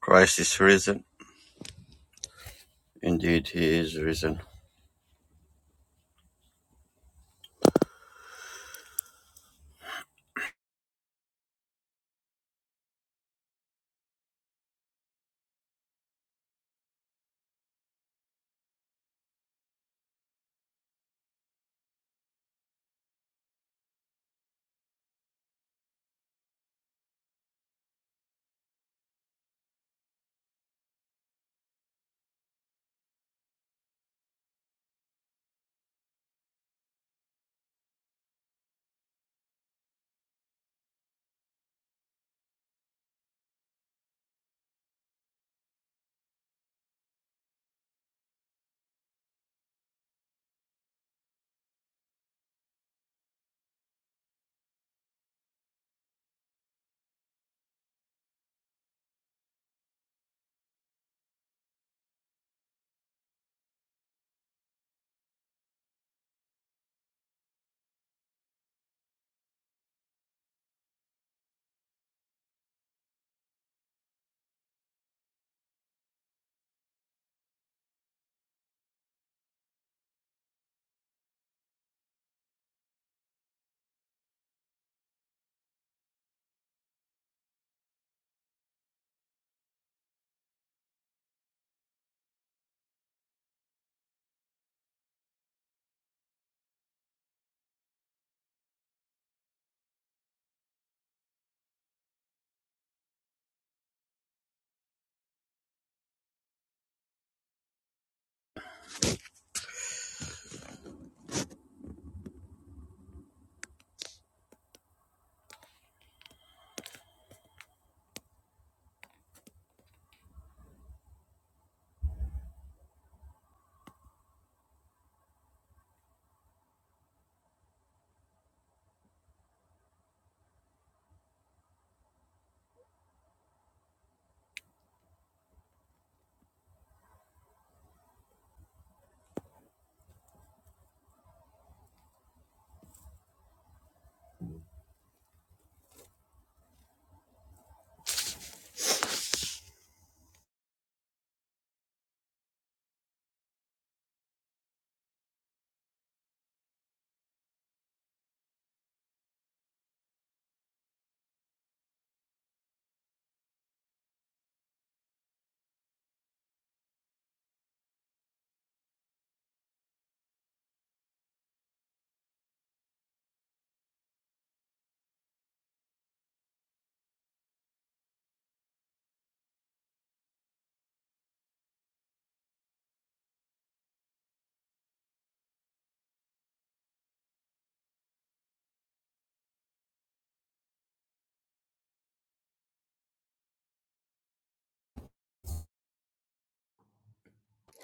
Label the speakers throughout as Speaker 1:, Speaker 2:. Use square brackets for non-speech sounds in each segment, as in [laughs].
Speaker 1: Christ is risen. Indeed, he is risen.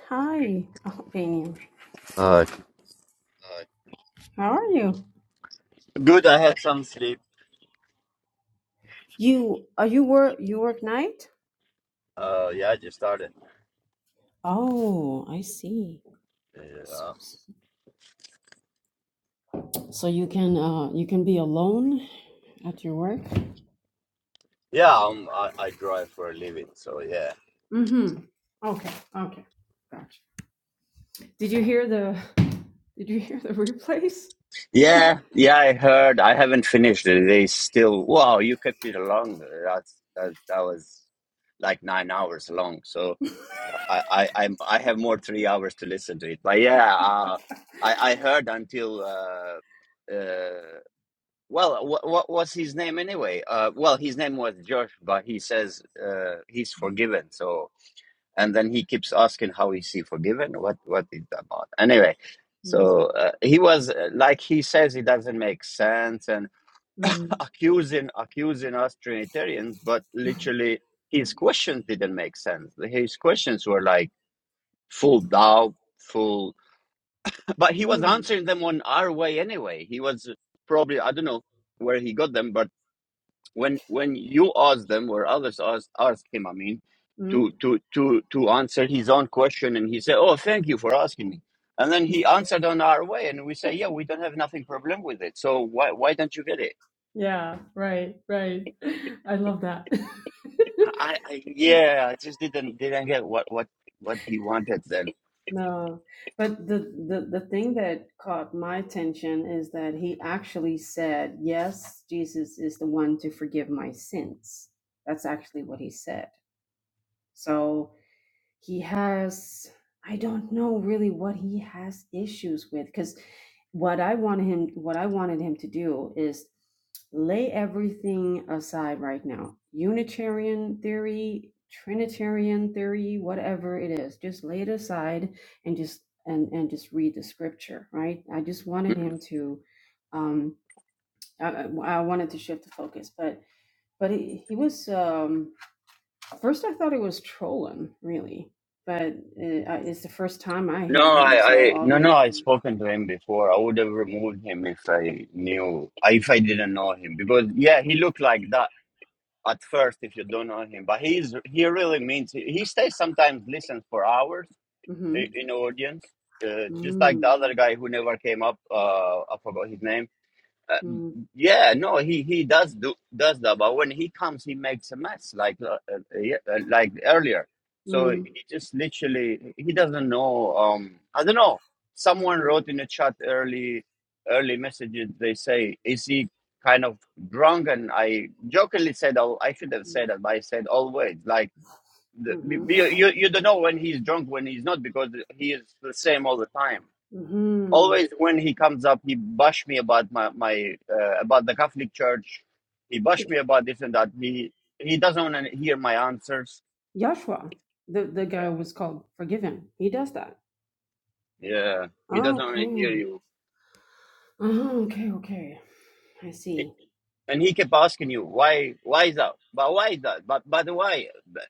Speaker 2: Hi, Albanian.
Speaker 1: Uh,
Speaker 2: How are you?
Speaker 1: good. I had some sleep.
Speaker 2: You are you work you work night?
Speaker 1: Uh, yeah, I just started.
Speaker 2: Oh, I see. S-
Speaker 1: Uh,
Speaker 2: So you can uh you can be alone at your work?
Speaker 1: yeah, um, I, I drive for a living, so yeah.
Speaker 2: Mm-hmm. Okay, okay. Gotcha. Did you hear the did you hear the replays?
Speaker 1: Yeah, yeah. I heard. I haven't finished it. They still. Wow, you kept it long. That's that. That was like nine hours long. So I, I, I'm, I have more three hours to listen to it. But yeah, uh, I, I heard until uh, uh, Well, uh, what, what was his name anyway? Uh, well, his name was Josh, but he says uh, he's forgiven. So, and then he keeps asking, "How is he forgiven? What what is that about?" Anyway,
Speaker 2: Mm,
Speaker 1: so uh, he was uh, like he says it doesn't make sense and
Speaker 2: mm,
Speaker 1: [laughs] accusing accusing us Trinitarians, but literally his questions didn't make sense. His questions were like full doubt, full, [laughs] but he was
Speaker 2: mm,
Speaker 1: answering them on our way anyway. He was probably I don't know where he got them, but when when you ask them or others ask ask him i mean
Speaker 2: mm.
Speaker 1: to to to to answer his own question and he said oh thank you for asking me and then he answered on our way and we say yeah we don't have nothing problem with it so why why don't you get it
Speaker 2: Yeah, right, right. [laughs] I love that. [laughs]
Speaker 1: i, I
Speaker 2: Yeah.
Speaker 1: yeah i just didn't didn't get what what what he wanted then
Speaker 2: No, but the, the the thing that caught my attention is that he actually said, "Yes, Jesus is the one to forgive my sins." That's actually what he said. So he has, I don't know really what he has issues with because what I wanted him, what I wanted him to do is lay everything aside right now. Unitarian theory, Trinitarian theory, whatever it is, just lay it aside and just and and just read the scripture, right? I just wanted
Speaker 1: Mm.
Speaker 2: him to, um, I, I I wanted to shift the focus, but but he, he was um First, I thought he was trolling, really, but it, I, it's the first time I
Speaker 1: no
Speaker 2: hear
Speaker 1: i
Speaker 2: him, so
Speaker 1: i no no i
Speaker 2: obviously.
Speaker 1: spoken to him before i would have removed him if i knew if i didn't know him because yeah he looked like that at first if you don't know him. But he's he really means he stays sometimes listens for hours
Speaker 2: Mm-hmm.
Speaker 1: i- in audience, uh, just like the
Speaker 2: Mm,
Speaker 1: other guy who never came up. Uh, I forgot his name uh,
Speaker 2: mm,
Speaker 1: yeah, no, he he does do does that, but when he comes, he makes a mess like uh, uh, yeah, uh, like earlier. So he
Speaker 2: mm,
Speaker 1: just literally he doesn't know. Um, I don't know. Someone
Speaker 2: mm, mm,
Speaker 1: wrote in the chat early early messages. They say, "Is he kind of drunk?" And I jokingly said, "Oh, I shouldn't say that," but I said always like the,
Speaker 2: mm-hmm.
Speaker 1: you you you don't know when he's drunk when he's not because he is the same all the time
Speaker 2: Mm-hmm.
Speaker 1: always when he comes up, he bash me about my my uh, about the Catholic Church. He bash me about this and that. He he doesn't want to hear my answers.
Speaker 2: Joshua, the, the guy was called Forgiven. He does that.
Speaker 1: Yeah, he doesn't want to hear
Speaker 2: Okay.
Speaker 1: you.
Speaker 2: Uh-huh, okay, okay. I see.
Speaker 1: And he kept asking you why why is that? But why is that? But but why? But,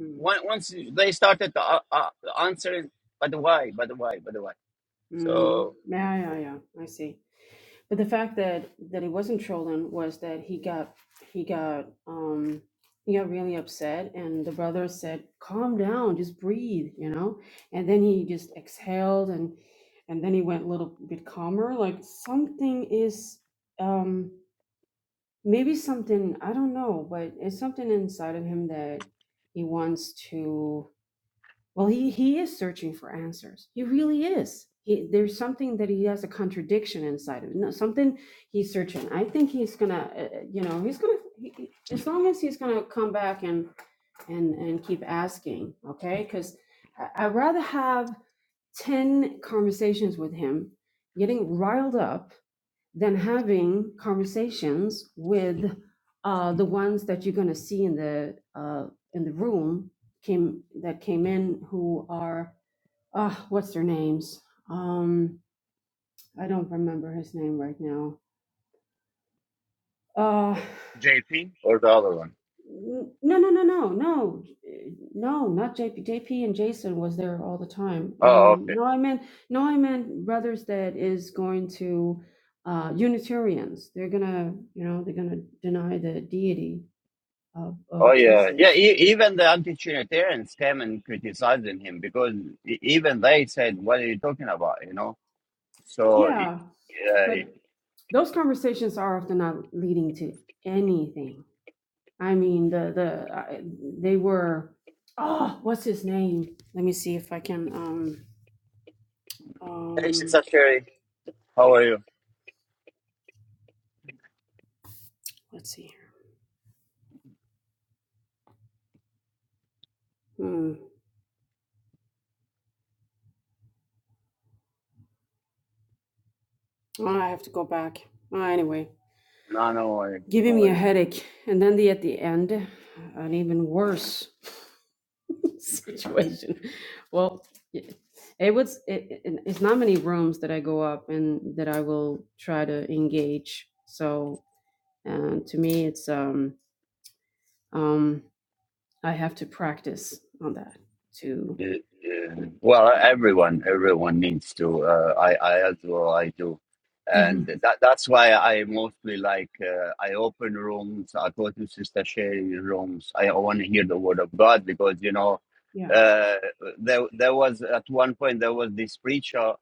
Speaker 2: Mm,
Speaker 1: on- Once they started to, uh, uh, answering, but why? But why? But why?
Speaker 2: mm,
Speaker 1: So
Speaker 2: yeah, yeah, yeah. I see. But the fact that that he wasn't trolling was that he got he got um he got really upset and the brother said, Calm down, just breathe, you know? And then he just exhaled and and then he went a little bit calmer. Like something is um maybe something I don't know, but it's something inside of him that he wants to well, he he is searching for answers. He really is. He, there's something that he has a contradiction inside of. him. No, something he's searching. I think he's gonna, uh, uh, you know, he's gonna. He, he- as long as he's gonna come back and and and keep asking, okay? Because I'd rather have ten conversations with him, getting riled up than having conversations with uh, the ones that you're going to see in the uh, in the room came that came in who are uh, what's their names? Um, I don't remember his name right now. Uh,
Speaker 1: JP or the other one?
Speaker 2: no, no, no, no, no, eh, no, not JP. and Jason was there all the time.
Speaker 1: Oh,
Speaker 2: Um,
Speaker 1: okay.
Speaker 2: no, I meant no, I meant brothers that is going to uh, Unitarians. They're gonna, you know, they're gonna deny the deity of,
Speaker 1: Oh
Speaker 2: of
Speaker 1: yeah, yeah.
Speaker 2: Jesus.
Speaker 1: E- even the anti-Trinitarians came and criticizing him because e- even they said, "What are you talking about?" You know. So, e-
Speaker 2: Yeah, but
Speaker 1: uh,
Speaker 2: those conversations are often not leading to anything. I mean, the the I, they were. Oh, what's his name? Let me see if I can. Um,
Speaker 1: hey,
Speaker 2: um,
Speaker 1: Sister Sherry, how are you?
Speaker 2: let's see. Hmm. Oh, I have to go back. Uh, anyway,
Speaker 1: No, no worries, no
Speaker 2: giving me a
Speaker 1: worries.
Speaker 2: headache, and then the at the end, an even worse. [laughs] situation. Well, y- it was. It, it- it's not many rooms that I go up and that I will try to engage. So uh, to me, it's um um I have to practice on that to.
Speaker 1: Yeah, yeah. Well, everyone, everyone needs to. Uh, I, I as well, I do,
Speaker 2: hmm
Speaker 1: and that that's why I mostly like. Uh, I open rooms. I go to sister sharing rooms. I want to hear the word of God because you know,
Speaker 2: Yeah.
Speaker 1: uh, there there was at one point there was this preacher.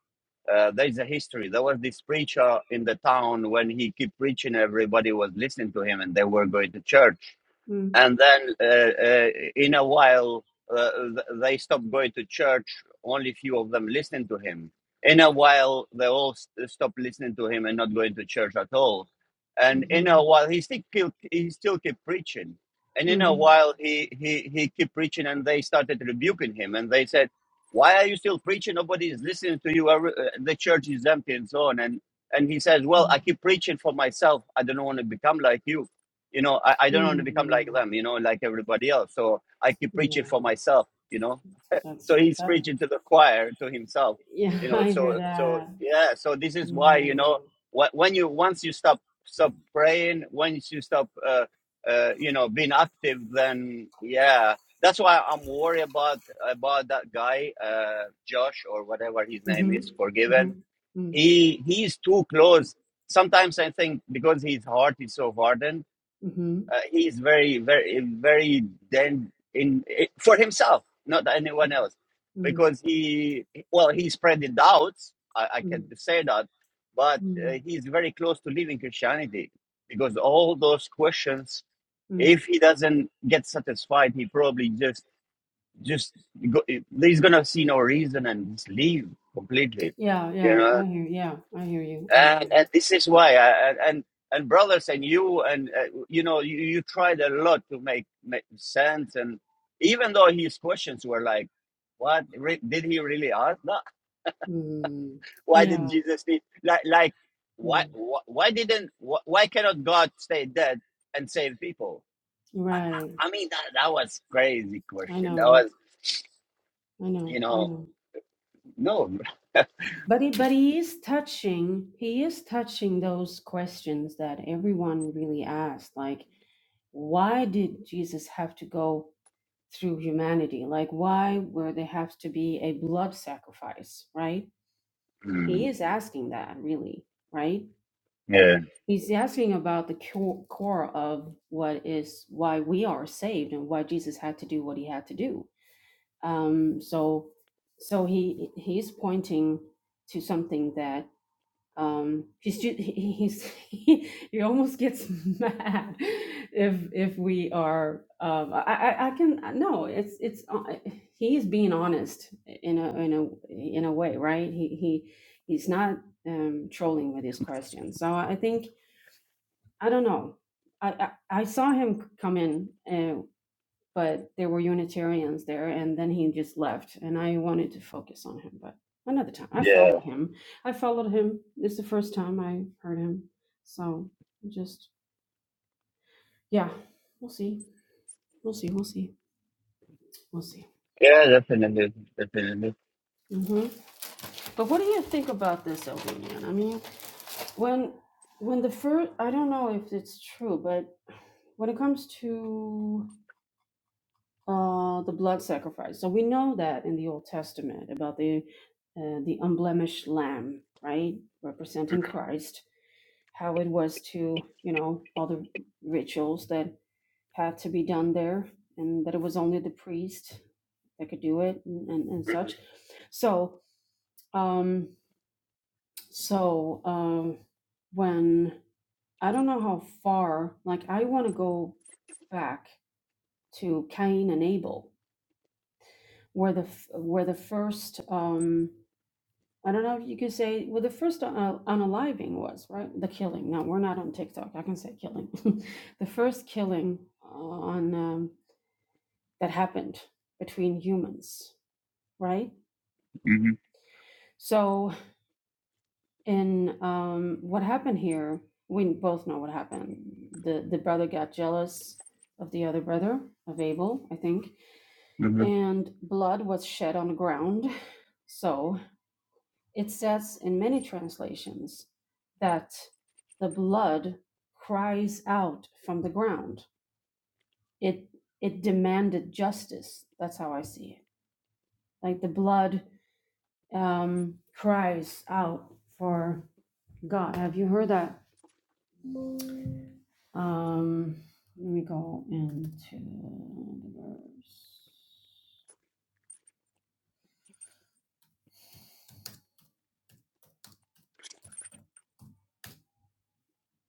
Speaker 1: Uh, there is a history. There was this preacher in the town when he kept preaching, everybody was listening to him, and they were going to church
Speaker 2: Mm-hmm.
Speaker 1: and then uh, uh, in a while uh, th- they stopped going to church only few of them listened to him in a while they all st- stopped listening to him and not going to church at all and in a while he still keep, he still keep preaching and in a
Speaker 2: hmm
Speaker 1: while he he he keep preaching and they started rebuking him and they said why are you still preaching nobody is listening to you Every- uh, the church is empty and so on and and he says well
Speaker 2: Oh.
Speaker 1: i keep preaching for myself i don't want to become like you you know I, I don't want to become
Speaker 2: mm
Speaker 1: like them you know like everybody else so i keep preaching for
Speaker 2: Yeah.
Speaker 1: myself you know [laughs] so
Speaker 2: That's
Speaker 1: he's
Speaker 2: that.
Speaker 1: preaching to the choir to himself
Speaker 2: Yeah,
Speaker 1: you
Speaker 2: [laughs]
Speaker 1: know
Speaker 2: I hear
Speaker 1: so so
Speaker 2: that.
Speaker 1: yeah so this is why
Speaker 2: Yeah.
Speaker 1: you know wh- when you once you stop stop praying once you stop uh, uh, you know being active then yeah that's why i'm worried about about that guy uh, josh or whatever his name
Speaker 2: Mm-hmm.
Speaker 1: is
Speaker 2: Mm-hmm.
Speaker 1: forgiven he he's too close sometimes i think because his heart is so hardened uh, he's very very very then in it, for himself not anyone else
Speaker 2: Mm-hmm.
Speaker 1: because he well he spread the doubts i, I
Speaker 2: Mm,
Speaker 1: can say that but uh,
Speaker 2: mm,
Speaker 1: he's very close to leaving christianity because all those questions
Speaker 2: mm.
Speaker 1: if he doesn't get satisfied he probably just just go, he's gonna see no reason and just leave completely
Speaker 2: Yeah,
Speaker 1: you
Speaker 2: yeah,
Speaker 1: know
Speaker 2: I hear. Yeah, I hear you. I hear
Speaker 1: and
Speaker 2: you.
Speaker 1: and this is why I, and and brothers and you and uh, you know you, you tried a lot to make, make sense and even though his questions were like what re- did he really ask no
Speaker 2: Mm,
Speaker 1: why didn't
Speaker 2: yeah,
Speaker 1: jesus need like like why
Speaker 2: mm,
Speaker 1: why, why didn't why, why cannot god stay dead and save people i, I
Speaker 2: right.
Speaker 1: mean that, that was crazy
Speaker 2: I
Speaker 1: question that
Speaker 2: know.
Speaker 1: was
Speaker 2: I know.
Speaker 1: you
Speaker 2: I
Speaker 1: know
Speaker 2: know.
Speaker 1: no
Speaker 2: But he, but he is touching. He is touching those questions that everyone really asked. Like, why did Jesus have to go through humanity? Like, why were there have to be a blood sacrifice? Right? He
Speaker 1: Mm,
Speaker 2: is asking that, really. Right?
Speaker 1: yeah
Speaker 2: He's asking about the co- core of what is why we are saved and why Jesus had to do what he had to do. Um, so, so he he's pointing to something that um, he's ju- he, he [laughs] almost gets mad if if we are. Um, I, I I can no, it's it's uh, he's being honest in a in a in a way, right? He he he's not um, trolling with his questions. So I think I don't know. I, I I saw him come in, uh, but there were Unitarians there, and then he just left, and I wanted to focus on him. But another time, I
Speaker 1: yeah
Speaker 2: followed him. I followed him. It's the first time I heard him, so just yeah, we'll see, we'll see, we'll see, we'll see.
Speaker 1: yeah definitely definitely
Speaker 2: hmm But what do you think about this, Albanian? I mean, when when the first, I don't know if it's true, but when it comes to uh, the blood sacrifice. So we know that in the Old Testament about the uh, the unblemished lamb, right, representing Christ, how it was to you know all the rituals that had to be done there, and that it was only the priest that could do it and, and, and such. So um, so um, when I don't know how far, like I want to go back to Cain and Abel were the f- were the first um I don't know if you could say well the first uh, unaliving was right the killing no we're not on TikTok I can say killing [laughs] the first killing on um, that happened between humans right
Speaker 1: hmm
Speaker 2: so in um what happened here we both know what happened the the brother got jealous of the other brother of Abel I think and blood was shed on the ground so It says in many translations that the blood cries out from the ground. It it demanded justice. That's how I see it. Like the blood um, cries out for God. Have you heard that? Um, let me go into the verse.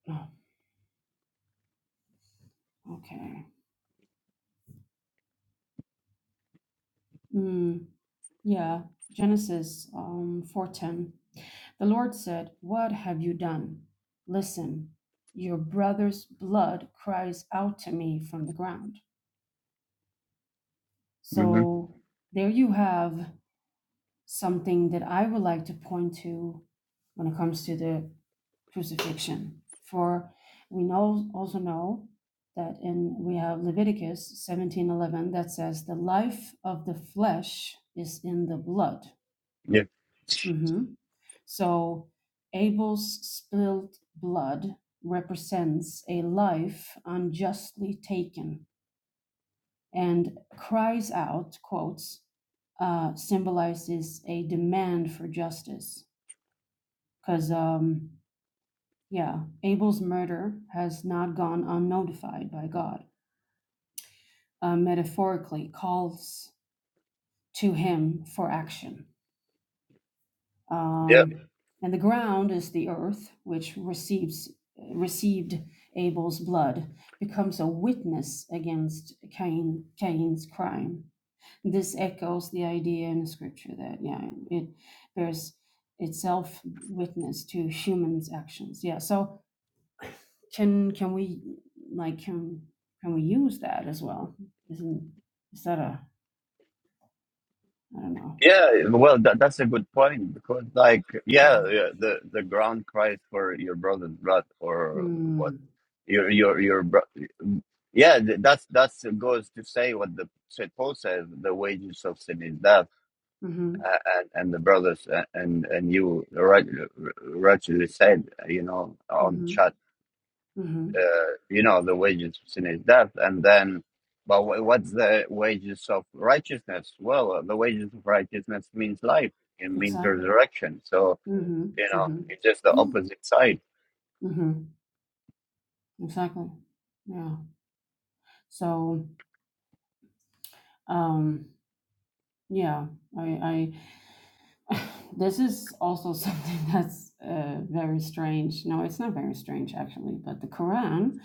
Speaker 2: Oh, okay. Mm. Yeah, Genesis um, 4:10. The Lord said, "What have you done? Listen, your brother's blood cries out to me from the ground."
Speaker 1: hmm
Speaker 2: So there you have something that I would like to point to when it comes to the crucifixion. For we know also know that in we have Leviticus 17:11 that says, "The life of the flesh is in the blood." Mhm. So Abel's spilled blood represents a life unjustly taken and cries out, quotes, uh, symbolizes a demand for justice. Because, um, yeah, Abel's murder has not gone unnotified by God, uh, metaphorically calls to him for action.
Speaker 1: Yeah,
Speaker 2: Um, and the ground is the earth, which receives received Abel's blood, becomes a witness against Cain Cain's crime. This echoes the idea in scripture that yeah, it bears itself witness to humans' actions. Yeah. So can can we like can can we use that as well? Isn't is that a I don't know.
Speaker 1: yeah. Well, that, that's a good point because, like, yeah, yeah, the the ground cries for your brother's blood,
Speaker 2: Mm-hmm.
Speaker 1: or what? Your your your bro- Yeah, th- that's that's goes to say what the Saint Paul says: the wages of sin is death,
Speaker 2: Mm-hmm.
Speaker 1: uh, and and the brothers uh, and and you right rightly said, you know, on the chat
Speaker 2: Mm-hmm.
Speaker 1: uh, you know, the wages of sin is death. And then, but wh- what's the wages of righteousness? Well, uh, the wages of righteousness means life, it means
Speaker 2: Exactly.
Speaker 1: resurrection. So,
Speaker 2: Mm-hmm.
Speaker 1: you know, it's just the
Speaker 2: Mm-hmm. [gasps]
Speaker 1: opposite side.
Speaker 2: Mm-hmm. Exactly. Yeah. So, um, yeah, I, I, [sighs] this is also [laughs] something that's uh, very strange. No, it's not very strange actually, but the Quran,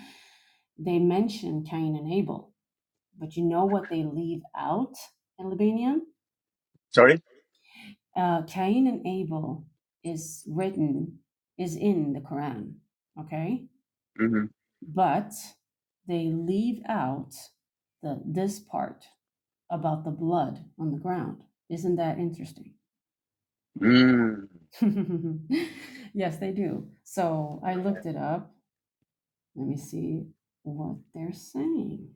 Speaker 2: they mention Cain and Abel, but you know what they leave out in Libanian?
Speaker 1: Sorry?
Speaker 2: Uh, Cain and Abel is written, is in the Quran, okay?
Speaker 1: hmm
Speaker 2: But they leave out the this part about the blood on the ground. Isn't that interesting?
Speaker 1: Mm.
Speaker 2: [laughs] yes, they do. So I looked it up. Let me see what they're saying.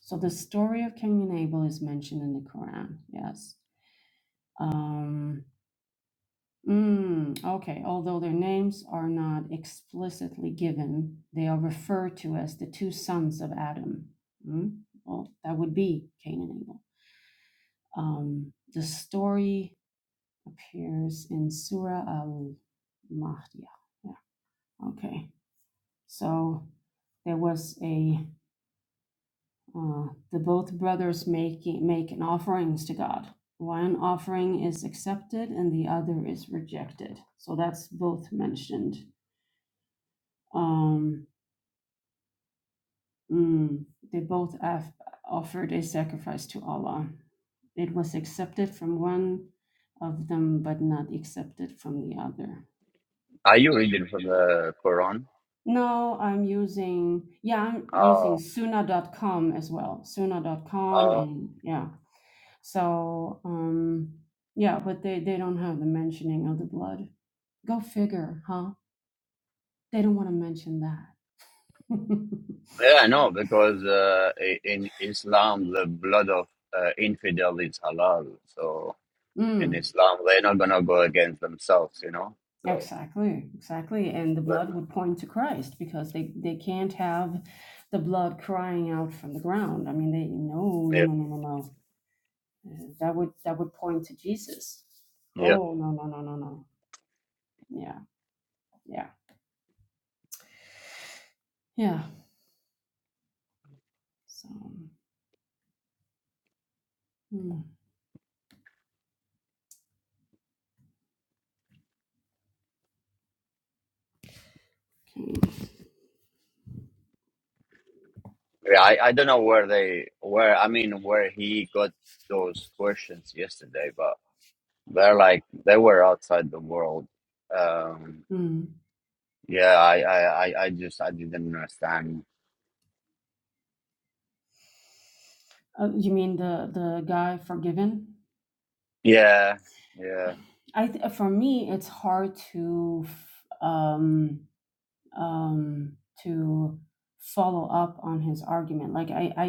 Speaker 2: So the story of Cain and Abel is mentioned in the Quran. Yes. Um, mm, okay. Although their names are not explicitly given, they are referred to as the two sons of Adam. Mm, well, that would be Cain and Abel. Um, the story appears in Surah Al Mahdiya. Yeah, okay. So there was a uh, the both brothers making making offerings to God. One offering is accepted and the other is rejected. So that's both mentioned. Um, mm, they both af- offered a sacrifice to Allah. It was accepted from one of them, but not accepted from the other.
Speaker 1: Are you reading from the Quran?
Speaker 2: No, I'm using, yeah, I'm using
Speaker 1: Oh,
Speaker 2: Suna.com as well. Suna.com
Speaker 1: uh,
Speaker 2: and yeah. So, um, yeah, but they, they don't have the mentioning of the blood. Go figure, huh? They don't want to mention that. [laughs]
Speaker 1: yeah, no, because uh, i- in Islam, the blood of uh, infidel is halal. So in
Speaker 2: Mm,
Speaker 1: Islam, they're not gonna go against themselves, you know. So
Speaker 2: exactly, exactly. And the
Speaker 1: they're
Speaker 2: blood
Speaker 1: not.
Speaker 2: would point to Christ because they, they can't have the blood crying out from the ground. I mean, they no, no,
Speaker 1: Yeah,
Speaker 2: no, no, no, no. Uh, That would that would point to Jesus.
Speaker 1: yeah.
Speaker 2: Oh no, no, no, no, no. yeah, yeah, yeah. So, mm, okay.
Speaker 1: Yeah, I, I don't know where they where I mean where he got those questions yesterday, but they're like they were outside the world. Um,
Speaker 2: Mm.
Speaker 1: yeah, I, I, I, I just I didn't understand.
Speaker 2: Uh, you mean the the guy forgiven?
Speaker 1: Yeah, yeah,
Speaker 2: I th- uh, for me, it's hard to f- um um to follow up on his argument. Like I I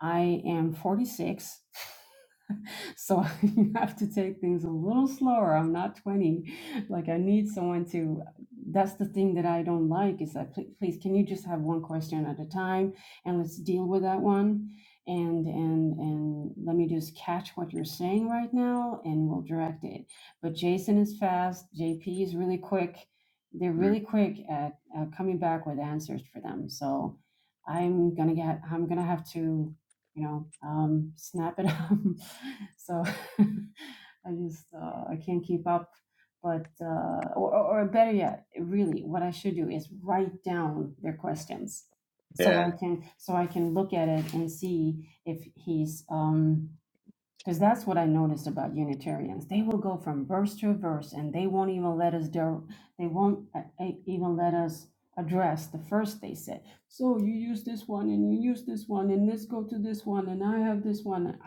Speaker 2: I am forty six. [laughs] [laughs] so [laughs] you have to take things a little slower. I'm not 20. Like I need someone to that's the thing that I don't like is that please, please can you just have one question at a time and let's deal with that one and and and let me just catch what you're saying right now and we'll direct it. But Jason is fast, JP is really quick. They're
Speaker 1: mm,
Speaker 2: really quick at, at coming back with answers for them. So I'm gonna get I'm gonna have to you know, um, snap it [laughs] up so [laughs] I just uh, I can't keep up. But uh, or, or better yet, really, what I should do is write down their questions, so
Speaker 1: yeah.
Speaker 2: I can so I can look at it and see if he's um because that's what I noticed about Unitarians. They will go from verse to verse, and they won't even let us der- they won't uh, uh, even let us address the first they said. So you use this one, and you use this one, and let's go to this one, and I have this one.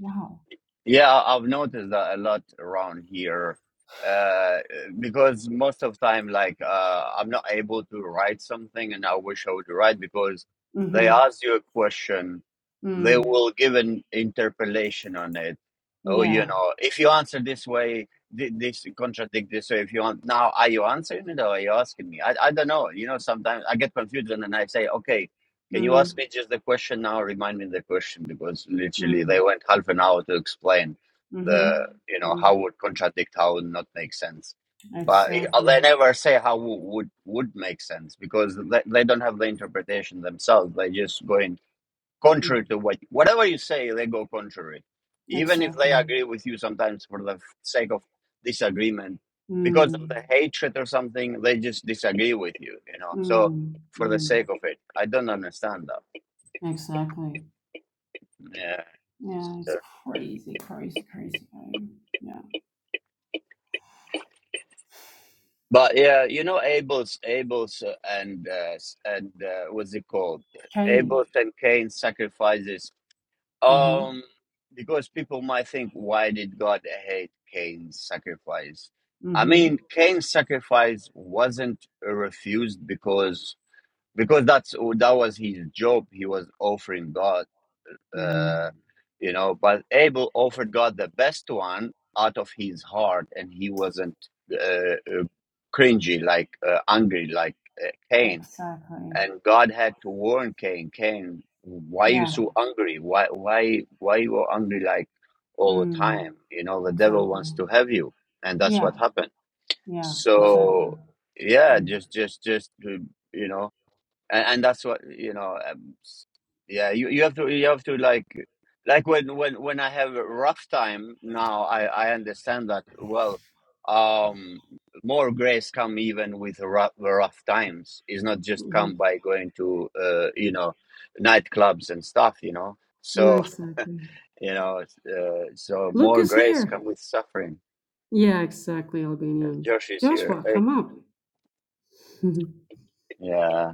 Speaker 2: Wow.
Speaker 1: Yeah, I- I've noticed that a lot around here uh, because most of time, like, uh, I'm not able to write something and I wish I would write because they ask you a question, they
Speaker 2: Mm,
Speaker 1: will give an interpolation on it. Oh, you
Speaker 2: yeah.
Speaker 1: know, if you answer this way, thi- this contradict this way. If you want, now, are you answering it or are you asking me? I, I don't know. You know, sometimes I get confused and then I say, okay, can you
Speaker 2: Mm,
Speaker 1: ask me just the question now? Remind me the question because literally
Speaker 2: mm,
Speaker 1: they went half an hour to explain the,
Speaker 2: mm-hmm.
Speaker 1: you know,
Speaker 2: Mm,
Speaker 1: how would contradict, how would not make sense. But it- uh,
Speaker 2: exactly.
Speaker 1: they never say how would would would make sense because they, they don't have the interpretation themselves. They just go in
Speaker 2: Mm,
Speaker 1: contrary to what whatever you say they go contrary even if they
Speaker 2: exactly.
Speaker 1: agree with you sometimes for the sake of disagreement because of
Speaker 2: Mm,
Speaker 1: the hatred or something they just disagree with you you know so
Speaker 2: mm,
Speaker 1: for the
Speaker 2: mm,
Speaker 1: sake of it i don't understand that
Speaker 2: exactly.
Speaker 1: yeah
Speaker 2: Yeah, it's
Speaker 1: Sure.
Speaker 2: crazy, crazy, crazy. I, yeah.
Speaker 1: but yeah you know abel's abel's uh, and uh, s- and uh, what's it called
Speaker 2: Change.
Speaker 1: abel's and cain's sacrifices
Speaker 2: Mm-hmm.
Speaker 1: Um, because people might think, why did God hate Cain's sacrifice? I
Speaker 2: Mm-hmm.
Speaker 1: mean, Cain's sacrifice wasn't refused because because that's oh, that was his job. He was offering God,
Speaker 2: Mm-hmm.
Speaker 1: uh, you know. But Abel offered God the best one out of his heart, and he wasn't uh, uh, cringy like uh, angry like uh, Cain
Speaker 2: Exactly.
Speaker 1: and God had to warn Cain, Cain, why you
Speaker 2: Yeah.
Speaker 1: so angry? Why why why you are angry like all the
Speaker 2: Mm,
Speaker 1: time? You know, the devil
Speaker 2: exactly.
Speaker 1: wants to have you, and that's
Speaker 2: Yeah.
Speaker 1: what happened.
Speaker 2: Yeah. Exactly.
Speaker 1: So yeah,
Speaker 2: Mm,
Speaker 1: just just just to, you know and, and that's what you know um, yeah you, you have to you have to like like when when when i have a rough time now i i understand that well um more grace come even with rough, rough times It's not just
Speaker 2: mm-hmm.
Speaker 1: come by going to uh you know nightclubs and stuff you know
Speaker 2: mm,
Speaker 1: so
Speaker 2: Exactly.
Speaker 1: you know it's, uh, so
Speaker 2: Look
Speaker 1: more
Speaker 2: is
Speaker 1: grace
Speaker 2: here.
Speaker 1: come with suffering
Speaker 2: Yeah, exactly, Albanian.
Speaker 1: josh is here
Speaker 2: Joshua,
Speaker 1: eh?
Speaker 2: come up. [laughs]
Speaker 1: yeah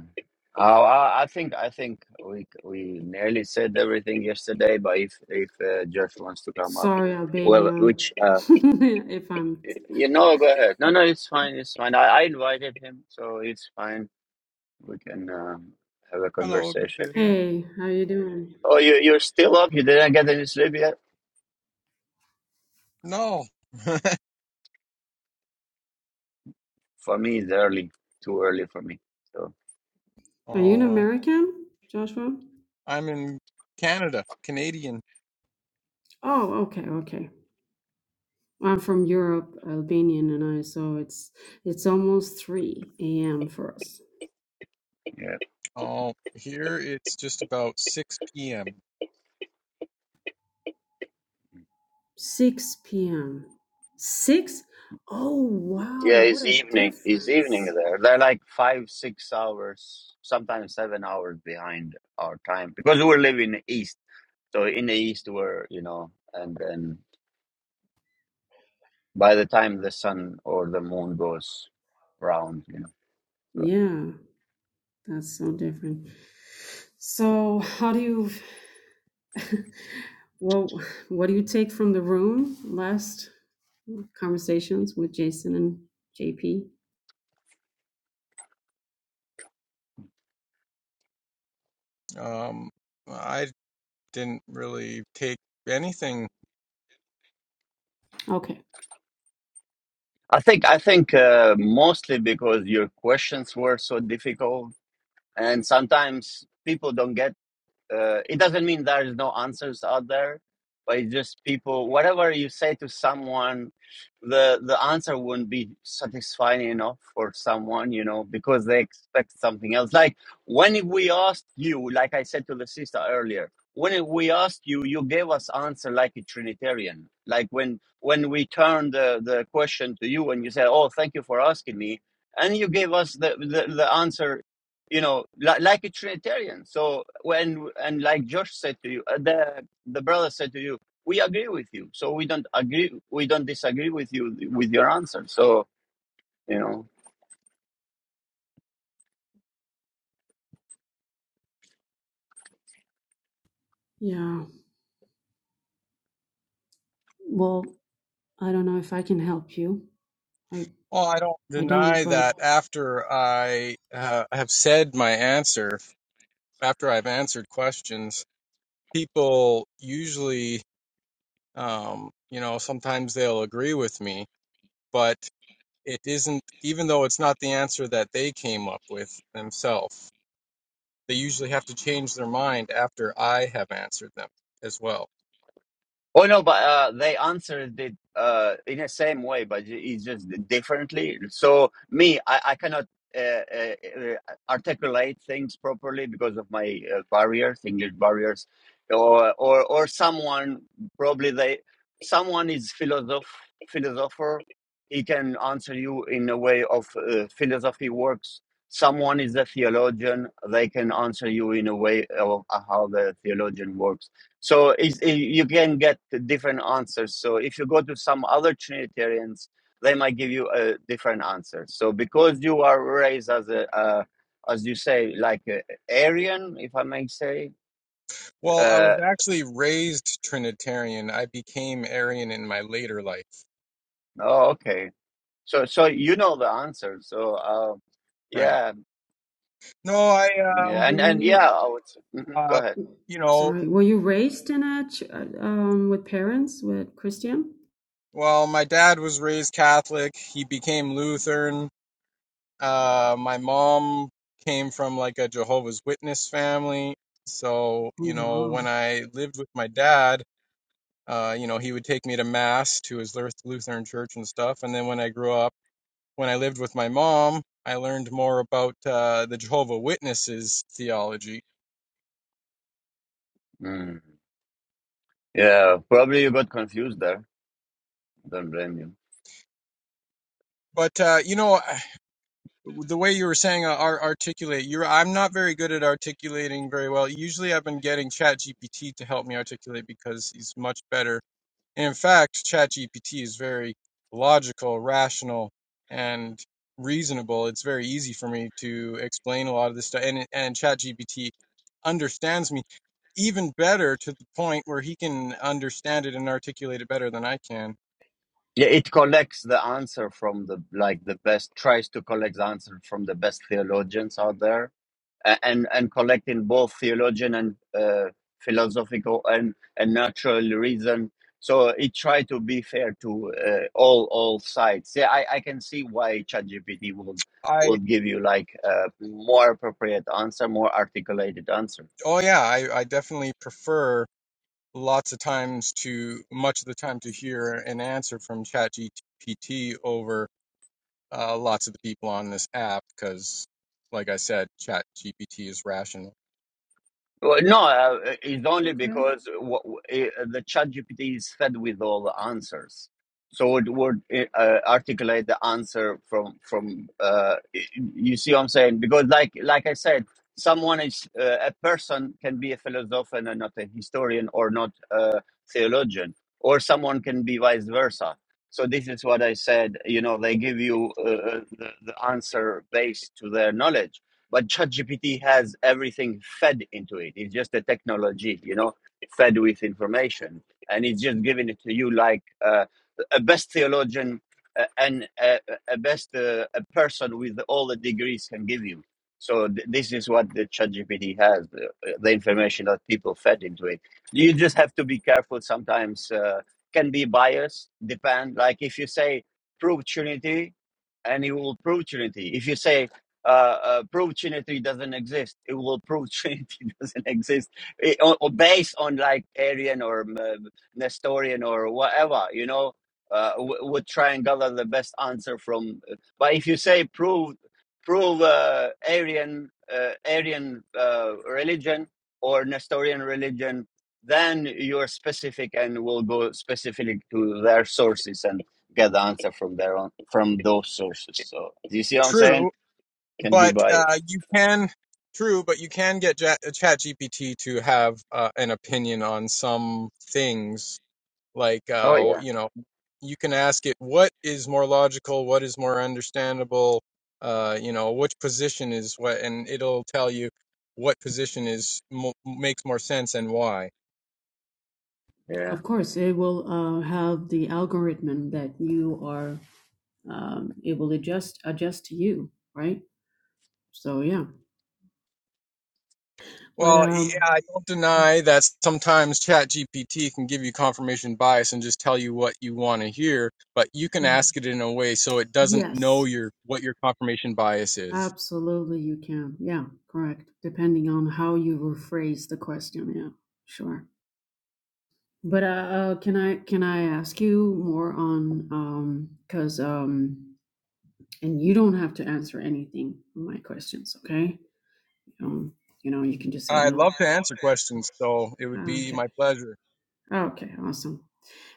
Speaker 1: Oh, I I think I think we we nearly said everything yesterday. But if if uh, Josh wants to come up,
Speaker 2: Sorry,
Speaker 1: well,
Speaker 2: Albanian.
Speaker 1: which uh,
Speaker 2: [laughs] if I'm.
Speaker 1: you know, go ahead. No, no, it's fine. It's fine. I, I invited him, so it's fine. We can um, have a
Speaker 3: Hello, good
Speaker 1: conversation.
Speaker 3: day.
Speaker 2: Hey, how you doing?
Speaker 1: Oh, you you're still up? You didn't get any sleep yet?
Speaker 3: No. [laughs]
Speaker 1: For me, it's early. Too early for me. So
Speaker 2: Are you an
Speaker 3: Oh, well,
Speaker 2: American, Joshua?
Speaker 3: I'm in Canada, Canadian.
Speaker 2: Oh, okay, okay. I'm from Europe, Albanian, and I. So it's it's almost three a.m. for us.
Speaker 1: yeah,
Speaker 3: Oh, here it's just about 6 p.m.
Speaker 2: Six p.m. Six? Oh
Speaker 1: yeah.
Speaker 2: wow, what
Speaker 1: It's
Speaker 2: a
Speaker 1: evening. It's evening
Speaker 2: difference!
Speaker 1: there. They're like five, six hours, sometimes seven hours behind our time because we're living east So in the east were, you know, and then by the time the sun or the moon goes round, you know. So
Speaker 2: Yeah, that's so different. So how do you? [laughs] well, what do you take from the room last conversations with Jason and JP.
Speaker 3: Um, I didn't really take anything.
Speaker 2: Okay.
Speaker 1: I think I think uh, mostly because your questions were so difficult, and sometimes people don't get. uh, it doesn't mean there is no answers out there but it's just people whatever you say to someone the the answer wouldn't be satisfying enough for someone you know because they expect something else like when we asked you like i said to the sister earlier when we asked you you gave us answer like a trinitarian like when when we turned the, the question to you and you said oh thank you for asking me and you gave us the, the, the answer you know, li- like a Trinitarian. So when and like Josh said to you, uh, the the brother said to you, we agree with you. So we don't agree, we don't disagree with you with your answer. So you know.
Speaker 2: Yeah. Well, I don't know if I can help you. I
Speaker 3: Well, I don't
Speaker 2: I don't.
Speaker 3: deny
Speaker 2: But
Speaker 3: that after I uh, have said my answer, after I've answered questions, people usually, um, you know, sometimes they'll agree with me, but it isn't even though it's not the answer that they came up with themselves they usually have to change their mind after i have answered them as well
Speaker 1: Oh no, but uh, they answered it uh, in the same way, but ju- it's just differently. So me, I, I cannot uh, uh, uh, articulate things properly because of my uh, barriers, English barriers, or or or someone probably they someone is philosoph philosopher. He can answer you in a way of uh, philosophy works. Someone is a theologian. They can answer you in a way of uh, how the theologian works so is, i- you can get different answers. So if you go to some other Trinitarians, they might give you a different answer. So because you are raised as a, uh, as you say, like a Aryan, if I may say,
Speaker 3: well i was
Speaker 1: uh,
Speaker 3: actually raised trinitarian i became arian in my later life
Speaker 1: oh, okay. So so you know the answer. So uh,
Speaker 3: right
Speaker 1: yeah,
Speaker 3: no i um
Speaker 1: yeah,
Speaker 2: you
Speaker 1: and
Speaker 2: mean
Speaker 1: and yeah,
Speaker 2: you?
Speaker 1: I would. s- mhm, go
Speaker 3: uh
Speaker 1: ahead.
Speaker 3: you know
Speaker 2: Sorry. Were you raised in a ch- uh, um with parents with Christian?
Speaker 3: well my dad was raised catholic he became lutheran uh my mom came from like a jehovah's witness family so
Speaker 2: Oh
Speaker 3: you know when
Speaker 2: wow.
Speaker 3: i lived with my dad Uh, you know, he would take me to mass to his Lutheran church and stuff. And then when I grew up, when I lived with my mom, I learned more about uh, the Jehovah Witnesses theology.
Speaker 1: Mm. Yeah, probably you got confused there. Don't blame you.
Speaker 3: But uh, you know, the way you were saying uh, articulate, you're I'm not very good at articulating very well. Usually, I've been getting Chat GPT to help me articulate because he's much better In fact, ChatGPT is very logical, rational, and reasonable. It's very easy for me to explain a lot of this stuff, and and ChatGPT understands me even better to the point where he can understand it and articulate it better than I can.
Speaker 1: Yeah, it collects the answer from the like the best tries to collect the answer from the best theologians out there, a- and and collecting both theologian and uh, philosophical and and natural reason. So it tried to be fair to uh, all all sides. Yeah, I, I can see why ChatGPT will
Speaker 3: I
Speaker 1: will give you like a more appropriate answer, more articulated answer.
Speaker 3: oh yeah, I, I definitely prefer lots of times to much of the time to hear an answer from ChatGPT over uh, lots of the people on this app because, like I said, ChatGPT is rational.
Speaker 1: Well, no, uh, it's
Speaker 2: It's
Speaker 1: only
Speaker 2: okay.
Speaker 1: because w- w- eh, the chat GPT is fed with all the answers. So it would eh, uh, articulate the answer from from. Uh, eh, you see what I'm saying? Because, like like I said, someone is uh, a person can be a philosopher and not a historian, or not a theologian, or someone can be vice versa. So this is what I said. You know, they give you uh, uh, the, the answer based to their knowledge but ChatGPT has everything fed into it. It's just a technology, you know, fed with information, and it's just giving it to you like uh, a best theologian uh, and a, a best uh, a person with all the degrees can give you. So th- this is what the ChatGPT has, the, the information that people fed into it. You just have to be careful. Sometimes uh, can be biased. Depend. Like if you say prove Trinity, and it will prove Trinity. If you say uh, uh, prove Trinity doesn't exist. It will prove [laughs] Trinity doesn't exist it, or, or based on like Arian or um, Nestorian or whatever, you know, uh, w- would try and gather the best answer from. uh, But if you say prove, prove uh, Arian, uh, Arian uh, religion or Nestorian religion, then you're specific and will go specifically to their sources and get the answer from their own from those sources. So do you see what I'm saying?
Speaker 3: True,
Speaker 1: can be
Speaker 3: but
Speaker 1: biased.
Speaker 3: uh, you can true, but you can get Ja-, Chat GPT to have uh, an opinion on some things. Like,
Speaker 1: Oh
Speaker 3: uh,
Speaker 1: yeah,
Speaker 3: you know, you can ask it what is more logical, what is more understandable. Uh, you know, which position is what, and it'll tell you what position is mo- makes more sense and why
Speaker 1: yeah.
Speaker 2: Of course, it will uh, have the algorithm that you are. Um, it will adjust adjust to you, right? So yeah. But
Speaker 3: Well, yeah,
Speaker 2: um,
Speaker 3: I don't deny that sometimes ChatGPT can give you confirmation bias and just tell you what you want to hear, but you can ask it in a way so it doesn't
Speaker 2: yes.
Speaker 3: know your what your confirmation bias is.
Speaker 2: Absolutely, you can. Yeah, correct. Depending on how you rephrase the question. Yeah, sure. But uh, uh can I can I ask you more on um because um and you don't have to answer anything on my questions, okay? Um, you know, you can just say
Speaker 3: I
Speaker 2: no.
Speaker 3: love to answer questions, so it would be
Speaker 2: Okay.
Speaker 3: my pleasure.
Speaker 2: Okay. Awesome.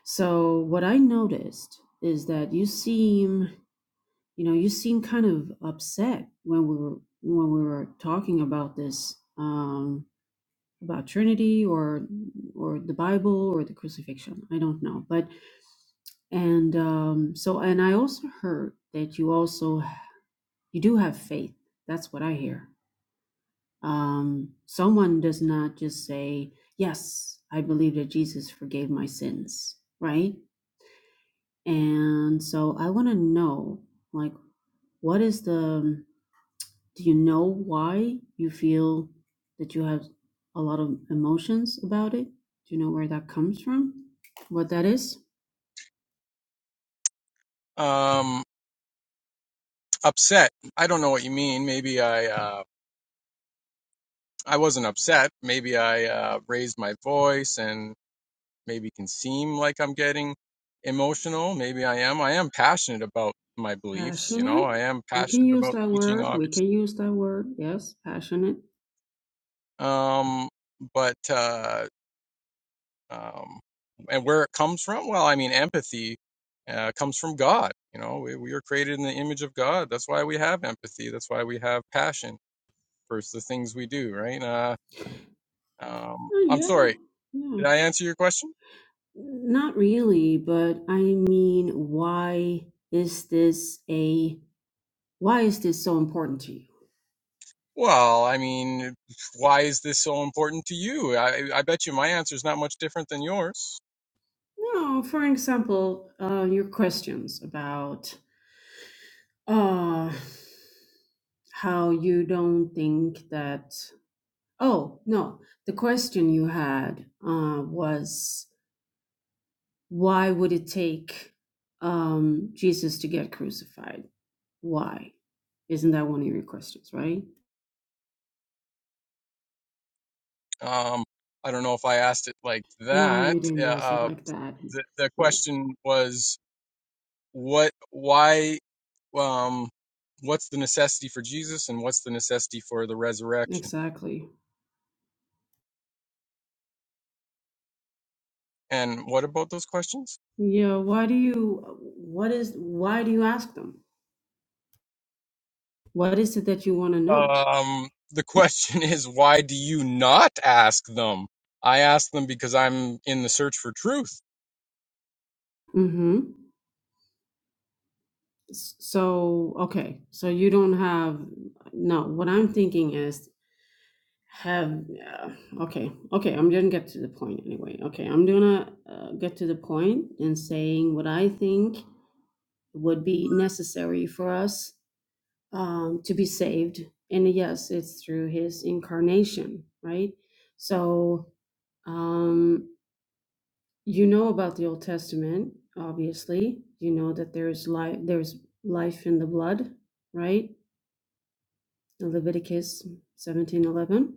Speaker 2: So what I noticed is that you seem, you know, you seem kind of upset when we were when we were talking about this. Um, about Trinity or or the Bible or the crucifixion. I don't know, but and um, so and I also heard that you also you do have faith. That's what I hear. Um, someone does not just say yes, I believe that Jesus forgave my sins, right? And so I want to know, like, what is the do you know why you feel that you have a lot of emotions about it? Do you know where that comes from? What that is?
Speaker 3: Um, upset. I don't know what you mean. Maybe I uh, I wasn't upset. Maybe I uh, raised my voice and. maybe can seem like I'm getting emotional. Maybe I am. I am passionate about my beliefs. You know,
Speaker 2: Passionate.
Speaker 3: I am
Speaker 2: We can
Speaker 3: passionate
Speaker 2: use
Speaker 3: about
Speaker 2: that
Speaker 3: teaching,
Speaker 2: word. We can
Speaker 3: obviously.
Speaker 2: use that word. Yes, passionate.
Speaker 3: Um, but uh, um, and where it comes from? Well, I mean, empathy uh, comes from God. You know, we, we are created in the image of God. That's why we have empathy. That's why we have passion for the things we do. Right? Uh, um,
Speaker 2: Oh,
Speaker 3: I'm
Speaker 2: yeah.
Speaker 3: sorry. Did
Speaker 2: Yes.
Speaker 3: I answer your question?
Speaker 2: Not really, but I mean, why is this a why is this so important to you?
Speaker 3: Well, I mean, why is this so important to you? I, I bet you my answer is not much different than yours.
Speaker 2: No, for example, uh, your questions about uh how you don't think that oh no the question you had uh was why would it take um jesus to get crucified why isn't that one of your questions right
Speaker 3: Um, I don't know if I asked it like
Speaker 2: no
Speaker 3: that.
Speaker 2: you
Speaker 3: Uh,
Speaker 2: didn't ask it
Speaker 3: uh,
Speaker 2: like that
Speaker 3: the, the
Speaker 2: right
Speaker 3: question was, what, why, um, what's the necessity for Jesus and what's the necessity for the resurrection?
Speaker 2: exactly
Speaker 3: And what about those questions?
Speaker 2: yeah why do you what is why do you ask them what is it that you want to know
Speaker 3: Um, the [laughs] question is, why do you not ask them? I ask them because I'm in the search for truth.
Speaker 2: Mm-hmm. So, okay, so you don't have, no, what I'm thinking is have, yeah, okay, okay, I'm gonna get to the point anyway. Okay, I'm gonna uh, get to the point in saying what I think would be necessary for us um, to be saved. And yes, it's through his incarnation, right? So, um, you know about the Old Testament, obviously. You know that there's life, there's life in the blood, right? Leviticus 17:11.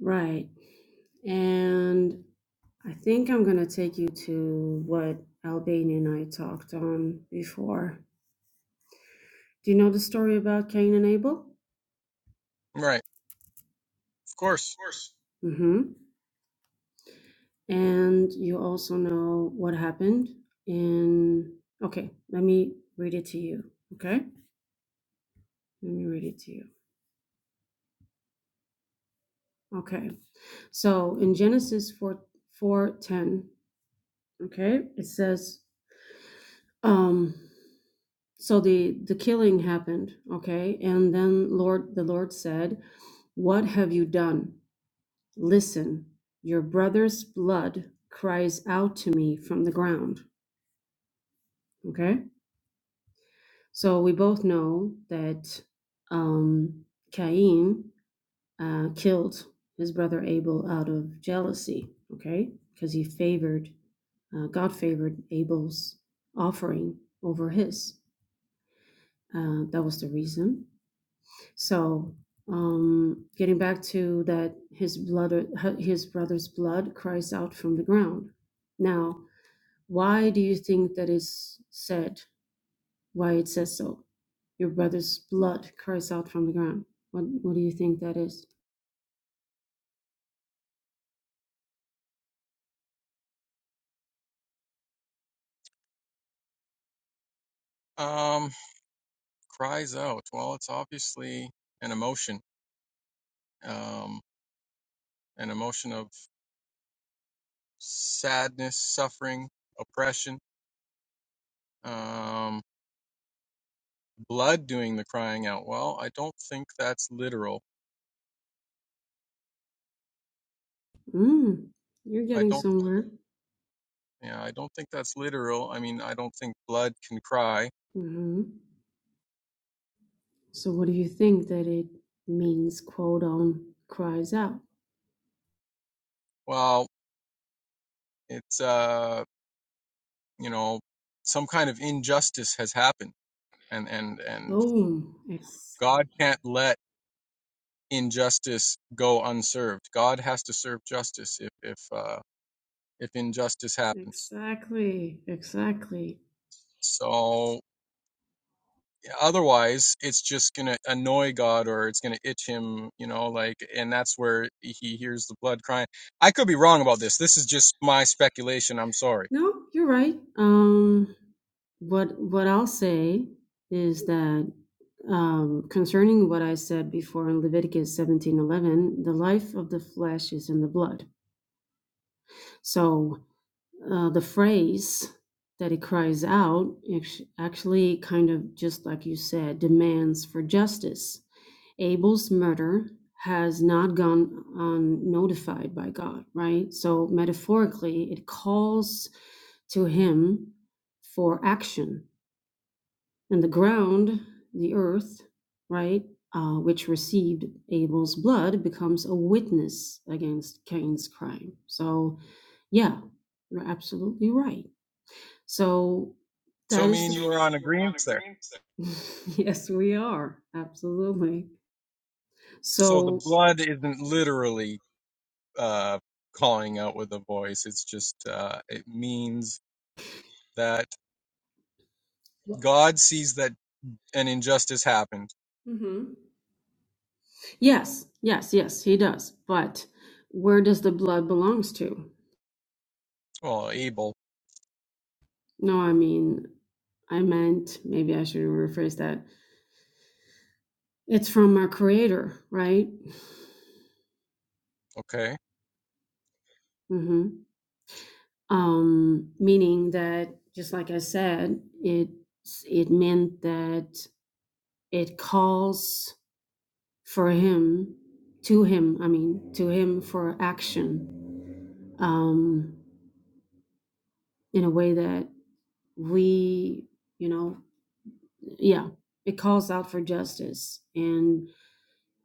Speaker 2: Right. And I think I'm going to take you to what Albania and I talked on before. Do you know the story about Cain and Abel?
Speaker 3: Right. Of course.
Speaker 2: Mm-hmm. And you also know what happened in. Okay, let me read it to you. Okay? Let me read it to you. Okay. So in Genesis 4 4 okay, it says, um so the the killing happened okay and then lord the lord said what have you done listen your brother's blood cries out to me from the ground okay so we both know that um cain uh, killed his brother abel out of jealousy okay because he favored uh, god favored abel's offering over his uh, that was the reason So, um, getting back to that, his blood, uh, his brother's blood cries out from the ground. Now, why do you think that is said? Why it says so? Your brother's blood cries out from the ground. What What do you think that is?
Speaker 3: Um, cries out. Well, it's obviously an emotion, um, an emotion of sadness, suffering, oppression, um, blood doing the crying out. Well, I don't think that's literal.
Speaker 2: Mm, you're
Speaker 3: I
Speaker 2: getting
Speaker 3: don't,
Speaker 2: somewhere.
Speaker 3: yeah, I don't think that's literal. I mean, I don't think blood can cry.
Speaker 2: hmm So, what do you think that it means? Quote on cries out.
Speaker 3: Well, it's, uh, you know, some kind of injustice has happened and, and, and
Speaker 2: Boom. Ex-
Speaker 3: God can't let injustice go unserved. God has to serve justice if, if, uh, if injustice happens.
Speaker 2: exactly. Exactly.
Speaker 3: So otherwise, it's just going to annoy God or it's going to itch him, you know, like, and that's where he hears the blood crying. I could be wrong about this. This is just my speculation. I'm sorry.
Speaker 2: No, you're right. Um, what what I'll say is that um, concerning what I said before in Leviticus seventeen eleven, the life of the flesh is in the blood. So uh, the phrase that he cries out actually kind of just like you said demands for justice abel's murder has not gone unnotified by god right so metaphorically it calls to him for action and the ground, the earth, right, uh, which received Abel's blood, becomes a witness against Cain's crime. So, yeah, you're absolutely right. So
Speaker 3: So
Speaker 2: that is
Speaker 3: me
Speaker 2: the.
Speaker 3: and you
Speaker 2: So me
Speaker 3: are
Speaker 2: and
Speaker 3: on
Speaker 2: you are on
Speaker 3: agreement there.
Speaker 2: agreement. [laughs] yes, we are absolutely.
Speaker 3: So the
Speaker 2: So.
Speaker 3: blood isn't literally, uh, calling out with a voice. It's just, uh, it means that God sees that an injustice happened.
Speaker 2: hmm Yes, yes, yes, he does. But where does the blood belongs to?
Speaker 3: Well, Abel.
Speaker 2: No, I mean, I meant maybe I should rephrase that It's from our creator, right?
Speaker 3: Okay.
Speaker 2: hmm Um, meaning that, just like I said, it it meant that it calls for him to him. I mean, to him for action um, in a way that we, you know, yeah, it calls out for justice. And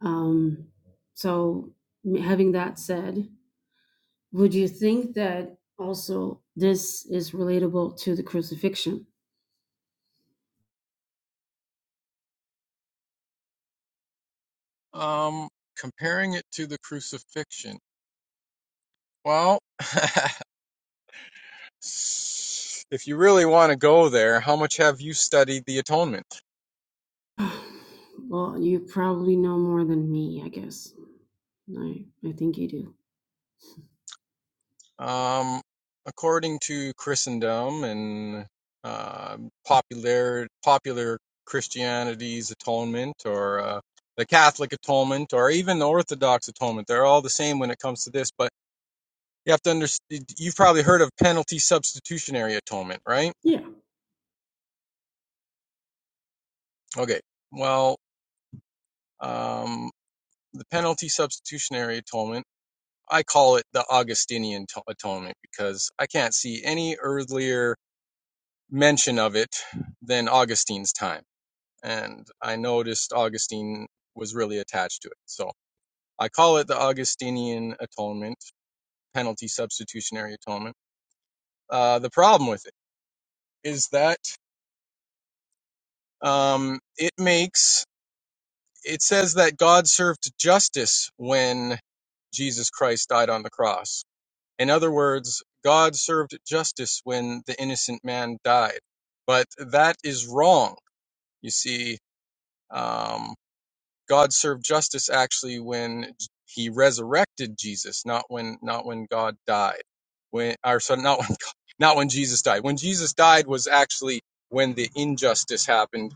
Speaker 2: um, so, having that said, Would you think that also this is relatable to the crucifixion?
Speaker 3: Um, comparing it to the crucifixion. Well, [laughs] if you really want to go there, how much have you studied the atonement?
Speaker 2: [sighs] Well, you probably know more than me, I guess. I, I think you do.
Speaker 3: Um, according to Christendom and uh, popular popular Christianity's atonement, or uh, the Catholic atonement, or even the Orthodox atonement, they're all the same when it comes to this. But you have to understand. You've probably heard of penalty substitutionary atonement, right?
Speaker 2: Yeah.
Speaker 3: Okay. Well, um, the penalty substitutionary atonement. I call it the Augustinian atonement because I can't see any earlier mention of it than Augustine's time. And I noticed Augustine was really attached to it. So I call it the Augustinian atonement, penalty substitutionary atonement. Uh, the problem with it is that um, it makes, it says that God served justice when Jesus Christ died on the cross In other words, God served justice when the innocent man died. But that is wrong. You see, um, God served justice actually when he resurrected Jesus, not when, not when God died. When, or so not when, [laughs] not when Jesus died. When Jesus died was actually when the injustice happened.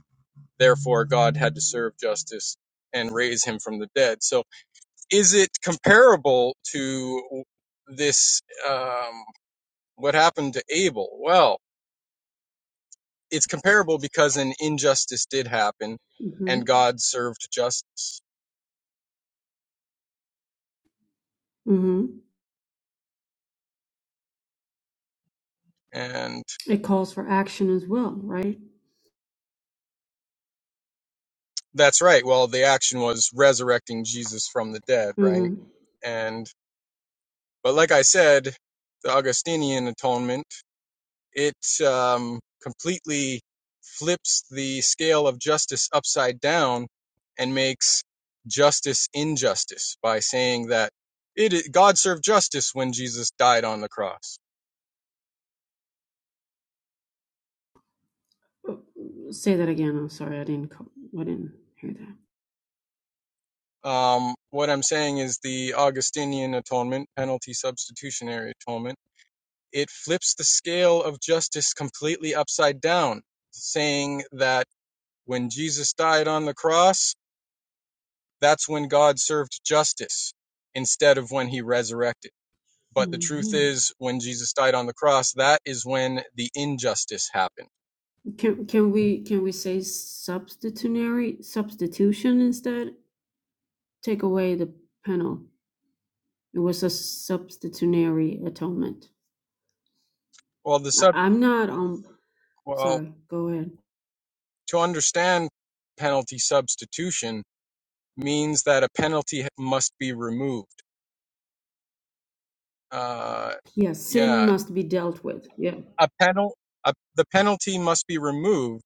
Speaker 3: Therefore, God had to serve justice and raise him from the dead. So is it comparable to this? Um, what happened to Abel? Well, it's comparable because an injustice did happen
Speaker 2: Mm-hmm.
Speaker 3: and God served justice.
Speaker 2: Mm-hmm.
Speaker 3: And
Speaker 2: It calls for action as well, right?
Speaker 3: that's right. Well, the action was resurrecting Jesus from the dead, right?
Speaker 2: Mm-hmm.
Speaker 3: And, but like I said, the Augustinian atonement, it um, completely flips the scale of justice upside down and makes justice injustice by saying that it, God served justice when Jesus died on the cross
Speaker 2: Oh, Say that again. I'm sorry, I didn't. co- I didn't hear that.
Speaker 3: Um, what I'm saying is the Augustinian atonement, penalty substitutionary atonement, it flips the scale of justice completely upside down, saying that when Jesus died on the cross, that's when God served justice instead of when he resurrected. But the truth
Speaker 2: hmm
Speaker 3: is, when Jesus died on the cross, that is when the injustice happened.
Speaker 2: Can can we can we say substitutionary substitution instead? Take away the penal. It was a substitutionary atonement.
Speaker 3: Well, the
Speaker 2: I,
Speaker 3: sub,
Speaker 2: I'm not um
Speaker 3: well,
Speaker 2: sorry. Go ahead.
Speaker 3: to understand penalty substitution means that a penalty must be removed uh,
Speaker 2: Yeah, sin
Speaker 3: yeah,
Speaker 2: must be dealt with. Yeah,
Speaker 3: a penal, a, the penalty must be removed.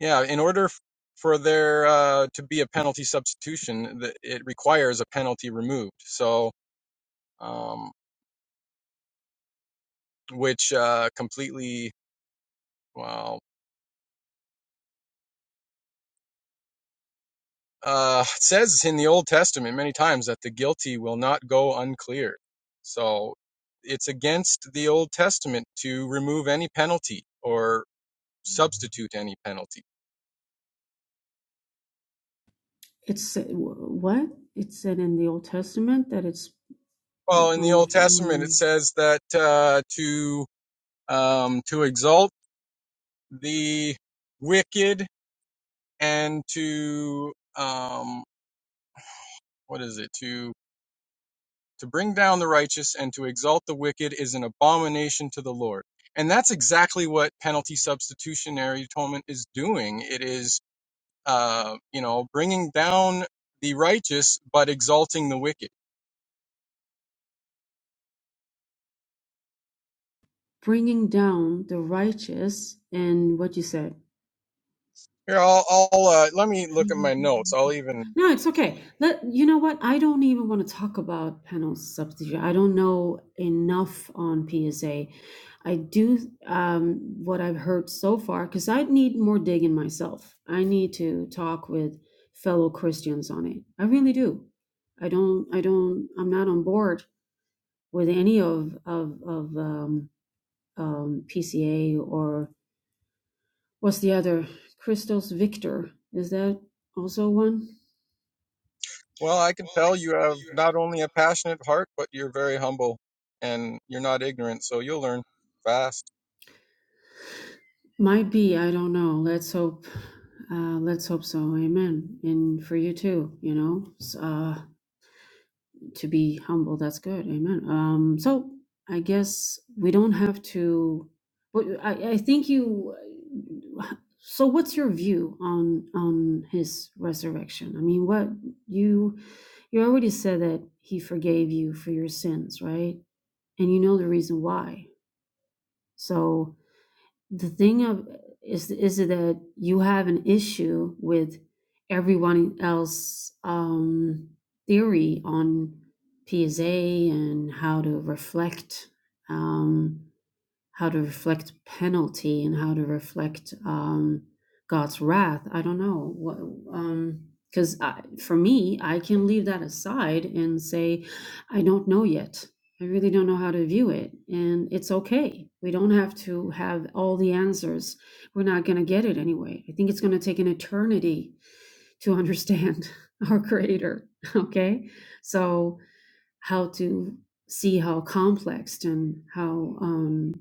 Speaker 3: Yeah, in order f- for there uh, to be a penalty substitution, the, it requires a penalty removed. So, um, which uh, completely, well, uh, [laughs] it says in the Old Testament many times that the guilty will not go unclear. So, it's against the Old Testament to remove any penalty or substitute any penalty.
Speaker 2: it's wh- what it said in the Old Testament that it's. I don't,
Speaker 3: Well, in
Speaker 2: I'm
Speaker 3: the Old
Speaker 2: not following
Speaker 3: Testament, it
Speaker 2: you.
Speaker 3: says that uh, to um, to exalt the wicked and to um, what is it to to bring down the righteous and to exalt the wicked is an abomination to the Lord, and that's exactly what penalty substitutionary atonement is doing. It is uh, you know bringing down the righteous but exalting the wicked.
Speaker 2: Bringing down the righteous and what you said.
Speaker 3: Here, I'll, I'll uh, let me look at my notes.
Speaker 2: Mm-hmm.
Speaker 3: I'll even
Speaker 2: No, it's okay. Let you know what? I don't even want to talk about panel substitute. I don't know enough on PSA. I do um, what I've heard so far because I need more digging myself. I need to talk with fellow Christians on it. I really do. I don't. I don't. I'm not on board with any of of of um, um, PCA or what's the other? Christos Victor. Is that also one?
Speaker 3: Well, I can tell you have not only a passionate heart, but you're very humble and you're not ignorant, so you'll learn fast.
Speaker 2: Might be, I don't know. Let's hope. Uh, let's hope so. Amen. And for you too, you know, s- uh, to be humble, that's good. Amen. Um, so I guess we don't have to. But I, I think you. So what's your view on on his resurrection? I mean, what you you already said that he forgave you for your sins, right? And you know the reason why. So the thing of is is that you have an issue with everyone else um theory on PSA and how to reflect. Um, how to reflect penalty and how to reflect um, God's wrath. I don't know what um, because for me, I can leave that aside and say, I don't know yet. I really don't know how to view it, and it's okay. We don't have to have all the answers. We're not going to get it anyway. I think it's going to take an eternity to [laughs] understand our Creator. Okay, so how to see how complex and how um,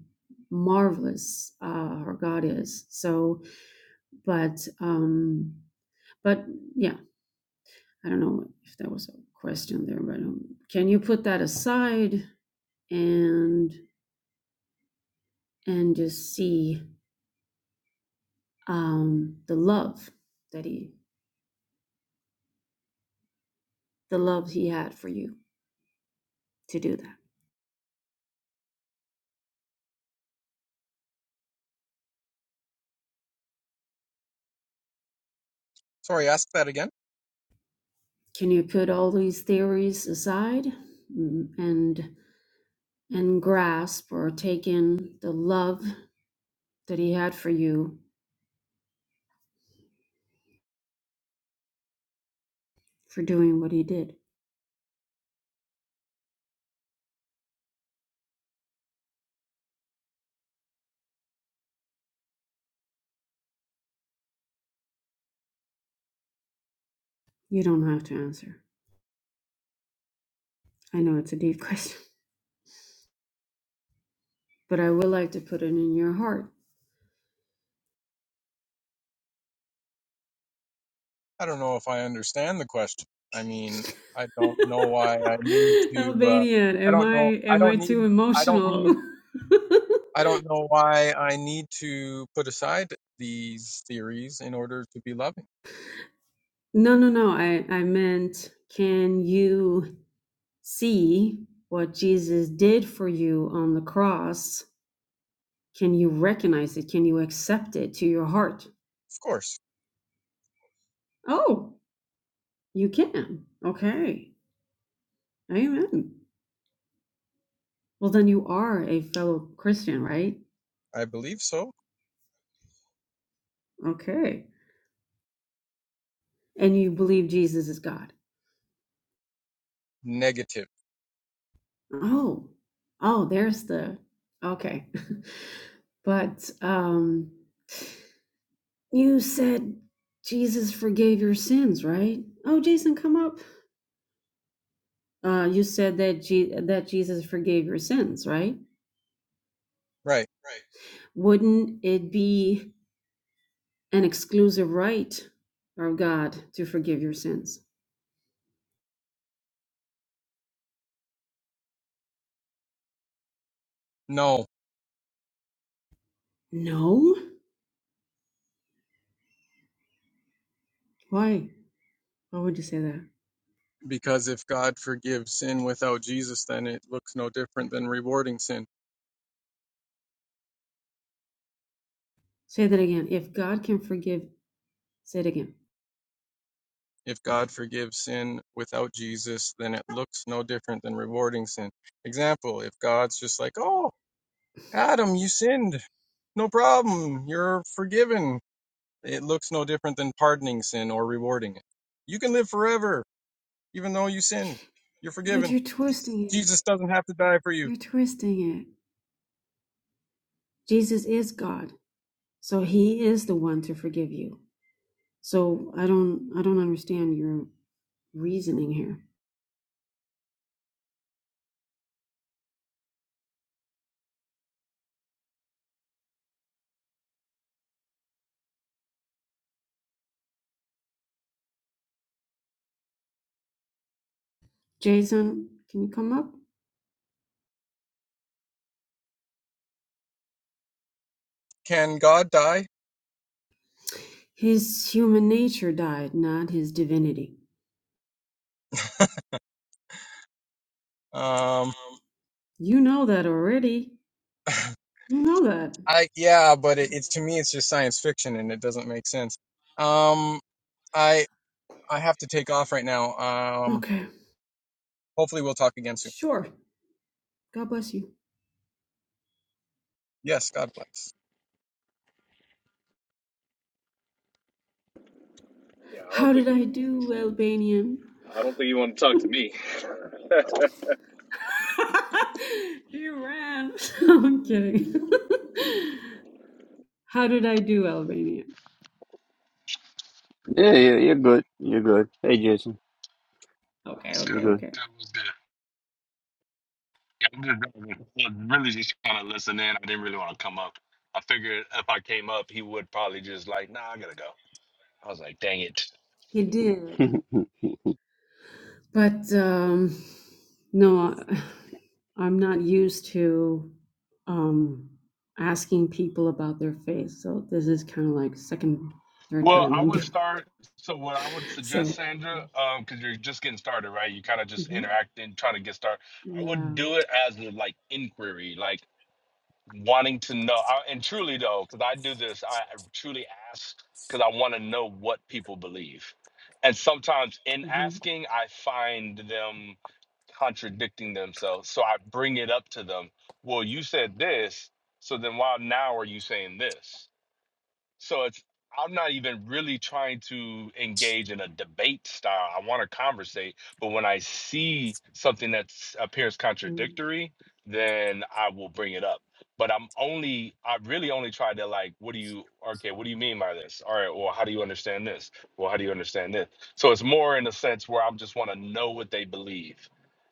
Speaker 2: marvelous uh, our God is. So, but um, but yeah, I don't know if that was a question there, but um, can you put that aside and and just see um, the love that he the love he had for you to do that?
Speaker 3: Sorry, ask that again.
Speaker 2: Can you put all these theories aside mm, and and grasp or take in the love that he had for you for doing what he did? You don't have to answer. I know it's a deep [laughs] question, but I would like to put it in your heart.
Speaker 3: I don't know if I understand the question. I mean, I don't know why I need
Speaker 2: [laughs]
Speaker 3: to uh
Speaker 2: Albanian,
Speaker 3: I
Speaker 2: am
Speaker 3: don't know
Speaker 2: I
Speaker 3: I
Speaker 2: am I
Speaker 3: don't need
Speaker 2: too
Speaker 3: I don't
Speaker 2: emotional?
Speaker 3: need
Speaker 2: [laughs]
Speaker 3: I don't know why I need to put aside these theories in order to be loving.
Speaker 2: no, no, no. I I meant can you see what Jesus did for you on the cross? Can you recognize it? Can you accept it to your heart?
Speaker 3: Of course,
Speaker 2: Oh, you can. Okay. Amen. Well, then you are a fellow Christian, right?
Speaker 3: I believe so.
Speaker 2: Okay. And you believe Jesus is God.
Speaker 3: Negative.
Speaker 2: Oh, oh, there's the okay. [laughs] But um, you said Jesus forgave your sins, right? Oh, Jason, come up. Uh, you said that Je- that Jesus forgave your sins, right?
Speaker 3: Right.
Speaker 2: Wouldn't it be an exclusive right of God to forgive your sins?
Speaker 3: No.
Speaker 2: No. Why? Why would you say that?
Speaker 3: because if God forgives sin without Jesus, then it looks no different than rewarding sin.
Speaker 2: Say that again. If God can forgive, say it again.
Speaker 3: If God forgives sin without Jesus, then it looks no different than rewarding sin. Example, if God's just like, oh, Adam, you sinned. No problem. You're forgiven. It looks no different than pardoning sin or rewarding it. You can live forever, even though you sinned. You're
Speaker 2: But
Speaker 3: forgiven.
Speaker 2: you're twisting it.
Speaker 3: Jesus doesn't have to die for you.
Speaker 2: You're twisting it. Jesus is God. So he is the one to forgive you. So I don't I don't understand your reasoning here. Jason, can you come up?
Speaker 3: Can God die?
Speaker 2: His human nature died, not his divinity.
Speaker 3: Um,
Speaker 2: You know that already.
Speaker 3: [laughs]
Speaker 2: You know that.
Speaker 3: I yeah, but it, it's to me it's just science fiction and it doesn't make sense. Um, I I have to take off right now. Um,
Speaker 2: Okay.
Speaker 3: hopefully we'll talk again soon.
Speaker 2: Sure. God bless you.
Speaker 3: Yes, God bless.
Speaker 4: Yeah, I don't
Speaker 2: How did
Speaker 4: think
Speaker 2: I do, Albanian?
Speaker 4: I don't think you want to talk to me. [laughs] What's good?
Speaker 2: [laughs] he ran. [laughs] I'm kidding. [laughs] How did I do, Albania?
Speaker 1: Yeah, yeah, you're good. You're good. Hey, Jason,
Speaker 2: Okay,
Speaker 4: What's
Speaker 1: you're
Speaker 2: okay,
Speaker 1: good.
Speaker 2: okay.
Speaker 4: good? What's good? Yeah, I'm just I'm really just trying to listen in. I didn't really want to come up. I figured if I came up, he would probably just like, nah, I gotta go. I was like, dang it.
Speaker 2: He did. But um, no, I- am not used to um, asking people about their faith. So this is kind of like second, third
Speaker 4: Well,
Speaker 2: time
Speaker 4: I
Speaker 2: I'm
Speaker 4: would
Speaker 2: doing.
Speaker 4: start. So, what I would
Speaker 2: it.
Speaker 4: suggest,
Speaker 2: So
Speaker 4: Sandra, um, because you're just getting started, right? You kind of just
Speaker 2: mhm.
Speaker 4: interacting, trying to get started. I would
Speaker 2: yeah.
Speaker 4: do it as a like inquiry. Like. wanting to know I, and truly though because i do this i I truly ask because i want to know what people believe and sometimes in
Speaker 2: hmm
Speaker 4: asking i find them contradicting themselves so i bring it up to them well you said this so then why now are you saying this so it's I'm not even really trying to engage in a debate style. I want to conversate, but when I see something that appears contradictory, then I will bring it up. But I'm only I really only try to like, what do you okay, what do you mean by this? All right, well, how do you understand this? Well, how do you understand this? So it's more in a sense where I just want to know what they believe.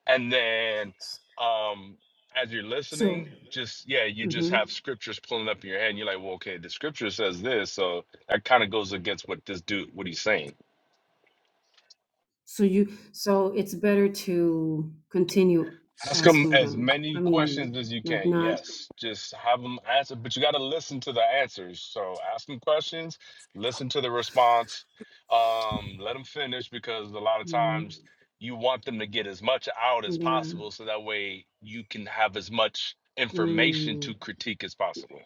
Speaker 4: And then um as you're
Speaker 2: So.
Speaker 4: listening, just yeah, you just
Speaker 2: hmm
Speaker 4: have scriptures pulling up in your head. And you're like, well, okay, the scripture says this, so that kind of goes against what this dude, what he's saying.
Speaker 2: So you, so it's better to continue
Speaker 4: Ask him
Speaker 2: asking
Speaker 4: as
Speaker 2: them. I
Speaker 4: many
Speaker 2: mean,
Speaker 4: questions as you
Speaker 2: like
Speaker 4: can.
Speaker 2: not,
Speaker 4: Yes, just have them answer, but you got to listen to the answers. So ask him questions, listen to the response, um, let them finish because a lot of
Speaker 2: mm,
Speaker 4: times you want them to get as much out as
Speaker 2: yeah,
Speaker 4: possible, so that way you can have as much information
Speaker 2: mm,
Speaker 4: to critique as possible.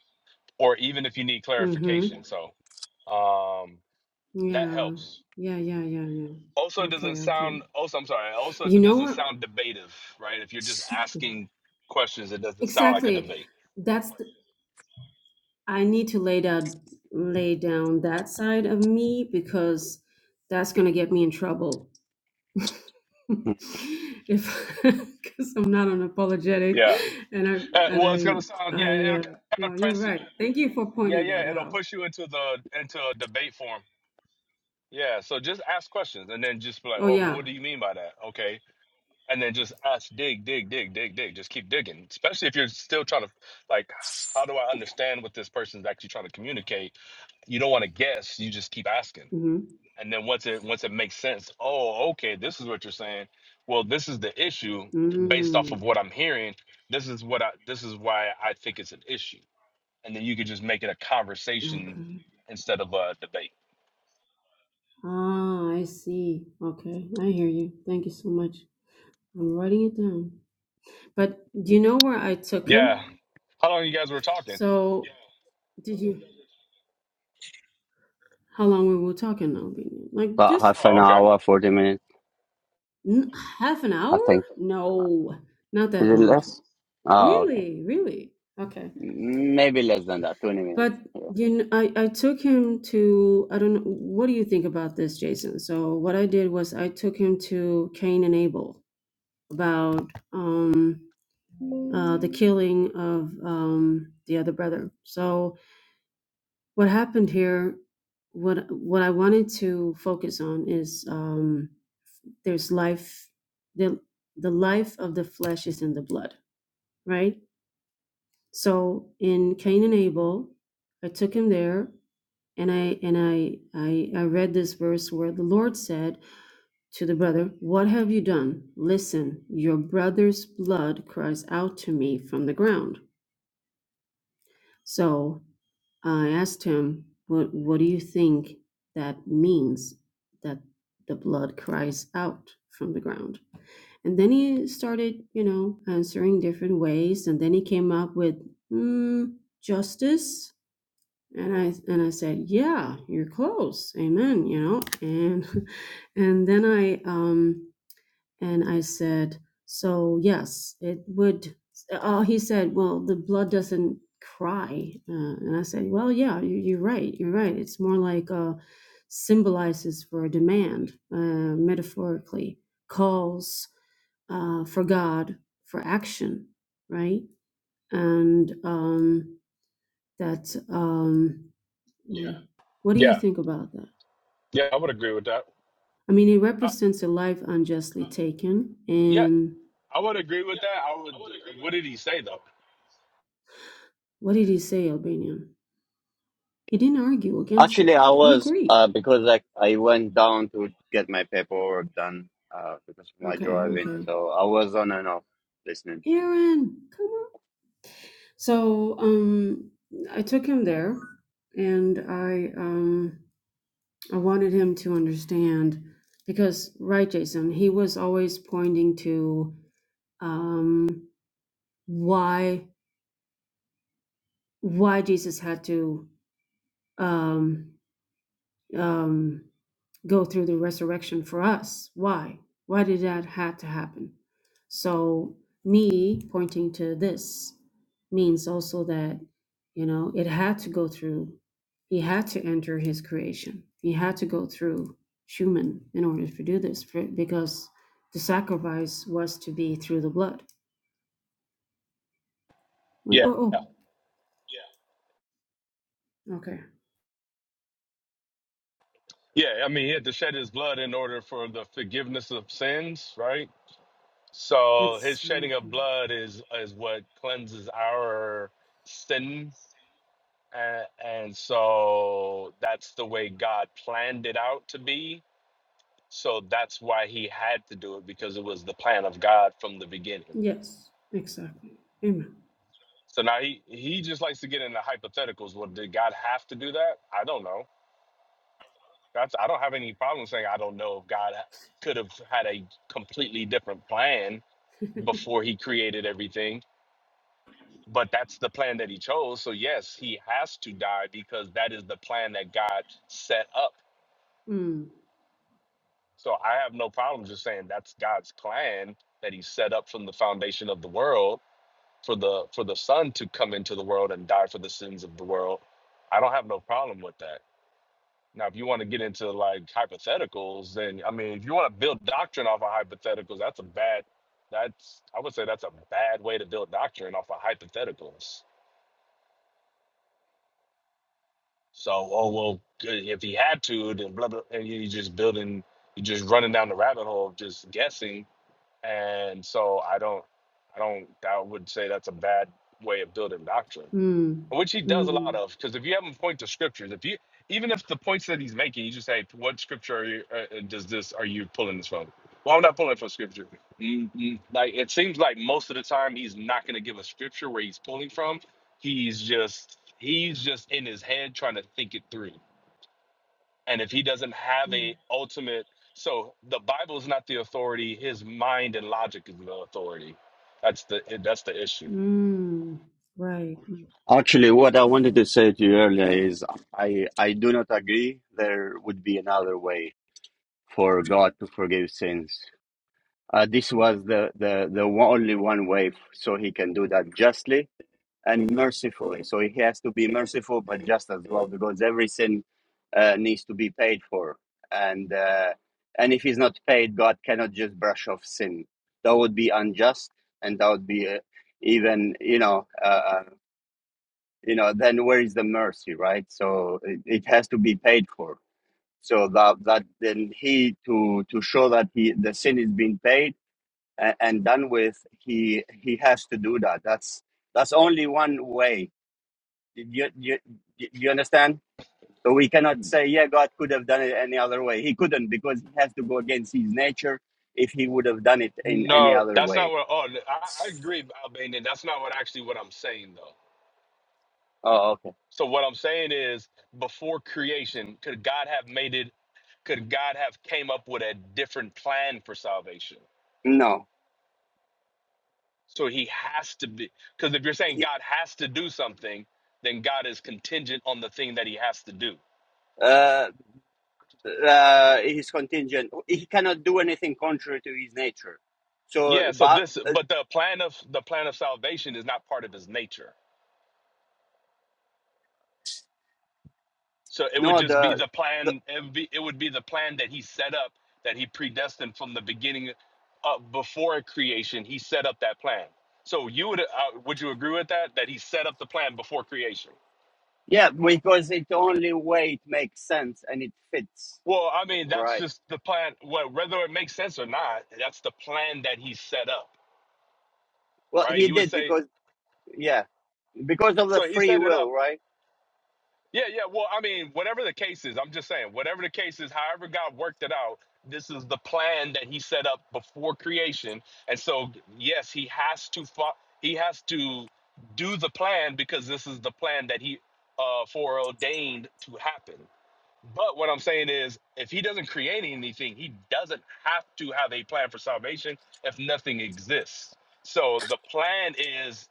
Speaker 4: or even if you need
Speaker 2: mm-hmm,
Speaker 4: clarification. So um, that
Speaker 2: yeah,
Speaker 4: helps.
Speaker 2: yeah, yeah, yeah, yeah.
Speaker 4: Also, it doesn't
Speaker 2: Okay, okay.
Speaker 4: sound. Also, I'm sorry. Also,
Speaker 2: You
Speaker 4: it
Speaker 2: know
Speaker 4: doesn't
Speaker 2: what?
Speaker 4: sound debative, right? If you're just asking questions, it doesn't sound like a
Speaker 2: Exactly.
Speaker 4: debate.
Speaker 2: That's the, I need to lay down, lay down that side of me because that's gonna get me in trouble [laughs] if [laughs] because I'm not unapologetic,
Speaker 4: Yeah.
Speaker 2: and I
Speaker 4: Uh,
Speaker 2: and
Speaker 4: well, it's gonna sound.
Speaker 2: I
Speaker 4: Yeah,
Speaker 2: I
Speaker 4: it'll
Speaker 2: uh,
Speaker 4: kind
Speaker 2: no,
Speaker 4: of
Speaker 2: you're
Speaker 4: press. You,
Speaker 2: right. Thank you for
Speaker 4: yeah,
Speaker 2: pointing
Speaker 4: yeah.
Speaker 2: that
Speaker 4: It'll
Speaker 2: out.
Speaker 4: push you into the into a debate form. Yeah. So just ask questions, and then just be like,
Speaker 2: Oh
Speaker 4: "Oh, well,
Speaker 2: yeah.
Speaker 4: what do you mean by that?" Okay. And then just ask, dig, dig, dig, dig, dig. Just keep digging, especially if you're still trying to like, how do I understand what this person's actually trying to communicate? you don't want to guess you just keep asking
Speaker 2: Mm-hmm.
Speaker 4: and then once it once it makes sense oh okay this is what you're saying well this is the issue based off of
Speaker 2: Mm,
Speaker 4: what i'm hearing this is what i this is why i think it's an issue and then you could just make it a conversation
Speaker 2: okay.
Speaker 4: instead of a debate
Speaker 2: Ah, I see. Okay, I hear you. Thank you so much. I'm writing it down. But do you know where I took
Speaker 4: yeah
Speaker 2: him?
Speaker 4: how long you guys were talking
Speaker 2: So did you? How long we were talking now? Like
Speaker 1: About
Speaker 2: just
Speaker 1: half
Speaker 4: oh
Speaker 1: an
Speaker 4: okay
Speaker 1: hour, 40 minutes,
Speaker 2: n- half an
Speaker 1: I
Speaker 2: hour?
Speaker 1: think.
Speaker 2: No, not
Speaker 1: Is
Speaker 2: that
Speaker 1: it
Speaker 2: long.
Speaker 1: less? Oh, okay.
Speaker 2: Really, really. Okay.
Speaker 1: Maybe less than that, 20 minutes.
Speaker 2: But
Speaker 1: Yeah.
Speaker 2: you know, I, I took him to, I don't know, what do you think about this, Jason? So what I did was I took him to Cain and Abel about um, uh, the killing of um, the other brother. So what happened here, what what I wanted to focus on is um, there's life, the the life of the flesh is in the blood, right? So in Cain and Abel, I took him there and I and I, I I read this verse where the Lord said to the brother, "What have you done? Listen, your brother's blood cries out to me from the ground." So I asked him, "What what do you think that means that the blood cries out from the ground?" And then he started, you know, answering different ways, and then he came up with mm, justice and I and I said, "Yeah, you're close, amen." You know, and [laughs] and then I um and I said, "So yes, it would." Oh, he said, "Well, the blood doesn't cry," uh, and I said, "Well, yeah, you, you're right. You're right. It's more like uh, symbolizes for a demand, uh, metaphorically calls uh, for God for action, right?" And um, that. Um, yeah. What do you
Speaker 4: yeah
Speaker 2: think about that?
Speaker 4: yeah i would agree with that
Speaker 2: I mean, it
Speaker 4: uh,
Speaker 2: represents a life unjustly taken.
Speaker 4: yeah
Speaker 2: And
Speaker 4: i would agree with that i would what did he say though
Speaker 2: what did he say, Albanian? He didn't argue against it.
Speaker 1: Actually, I
Speaker 2: He
Speaker 1: was,
Speaker 2: agreed.
Speaker 1: uh, because I, I went down to get my paperwork done, uh, because of my
Speaker 2: Okay,
Speaker 1: driving.
Speaker 2: okay.
Speaker 1: So I was on and off listening.
Speaker 2: Aaron, come on. So, um, I took him there, and I, um, I wanted him to understand because, right, Jason, he was always pointing to, um, why, why Jesus had to, um, um, go through the resurrection for us. Why? Why did that have to happen? So me pointing to this means also that, you know, it had to go through. He had to enter his creation. He had to go through Schumann in order to do this for, because the sacrifice was to be through the blood. When,
Speaker 4: yeah
Speaker 2: oh, oh, okay.
Speaker 4: yeah i mean he had to shed his blood in order for the forgiveness of sins right So his shedding of
Speaker 2: Exactly.
Speaker 4: blood is is what cleanses our sin, and, and so that's the way God planned it out to be. So that's why he had to do it because it was the plan of God from the beginning.
Speaker 2: Yes, exactly. Amen.
Speaker 4: So now he he just likes to get into hypotheticals. Well, did God have to do that? I don't know. That's I don't have any problem saying I don't know if God could have had a completely different plan
Speaker 2: [laughs]
Speaker 4: before he created everything but that's the plan that he chose. So yes, he has to die because that is the plan that God set up.
Speaker 2: Mm,
Speaker 4: So I have no problem just saying that's God's plan that he set up from the foundation of the world for the for the son to come into the world and die for the sins of the world. I don't have no problem with that. Now, if you want to get into like hypotheticals, then I mean, if you want to build doctrine off of hypotheticals, that's a bad. That's I would say that's a bad way to build doctrine off of hypotheticals. So, oh well, if he had to, then blah blah. And you're just building, you're just running down the rabbit hole of just guessing. And so, I don't, I don't, I would say that's a bad way of building doctrine
Speaker 2: mm,
Speaker 4: which he does a lot
Speaker 2: mm,
Speaker 4: of because if you have him point to scriptures if you even if the points that he's making you just say what scripture are you uh, uh, does this are you pulling this from well i'm not pulling it from scripture Mm, mm. like it seems like most of the time he's not going to give a scripture where he's pulling from he's just he's just in his head trying to think it through and if he doesn't have
Speaker 2: mm.
Speaker 4: a ultimate so the bible is not the authority his mind and logic is the authority that's the that's the issue
Speaker 2: Mm, right.
Speaker 1: Actually, what I wanted to say to you earlier is I, I do not agree there would be another way for God to forgive sins. Uh, this was the, the, the only one way so he can do that justly and mercifully. So he has to be merciful, but just as well, because every sin uh, needs to be paid for. And, uh, and if he's not paid, God cannot just brush off sin. That would be unjust, and that would be uh, even, you know, uh, uh, you know, then where is the mercy, right? So it, it has to be paid for. So that, that then he to to show that he the sin is being paid and, and done with he he has to do that that's that's only one way Do you, you, you you understand so we cannot say yeah god could have done it any other way he couldn't because he has to go against his nature if he would have done it in any
Speaker 4: No,
Speaker 1: other
Speaker 4: that's not
Speaker 1: way
Speaker 4: what. Oh, I, I agree, Albanian. That's not what actually what I'm saying though.
Speaker 1: Oh, okay.
Speaker 4: So what I'm saying is, before creation, could God have made it? Could God have came up with a different plan for salvation?
Speaker 1: no
Speaker 4: So He has to be. Because if you're saying
Speaker 1: he,
Speaker 4: God has to do something, then God is contingent on the thing that He has to do.
Speaker 1: uh, uh, he's contingent he cannot do anything contrary to his nature so
Speaker 4: Yeah. So
Speaker 1: but
Speaker 4: this,
Speaker 1: uh,
Speaker 4: but the plan of the plan of salvation is not part of His nature. So it would
Speaker 1: no
Speaker 4: just be
Speaker 1: the,
Speaker 4: the
Speaker 1: the
Speaker 4: plan. It would be, it would be the plan that he set up, that he predestined from the beginning, uh, before creation. He set up that plan. So you would uh, would you agree with that? That he set up the plan before creation.
Speaker 1: yeah because it's the only way it makes sense and it fits
Speaker 4: Well, I mean
Speaker 1: right
Speaker 4: that's just the plan. Well, whether it makes sense or not, that's the plan that he set up,
Speaker 1: Well,
Speaker 4: right?
Speaker 1: he
Speaker 4: You would
Speaker 1: did
Speaker 4: say
Speaker 1: because yeah, because of the
Speaker 4: so. He
Speaker 1: free
Speaker 4: set it up
Speaker 1: will, right?
Speaker 4: Yeah, yeah. Well, I mean, whatever the case is, I'm just saying, whatever the case is, however God worked it out, this is the plan that He set up before creation, and so yes, He has to fo- He has to do the plan because this is the plan that He uh, foreordained to happen. But what I'm saying is, if He doesn't create anything, He doesn't have to have a plan for salvation if nothing exists. So the plan is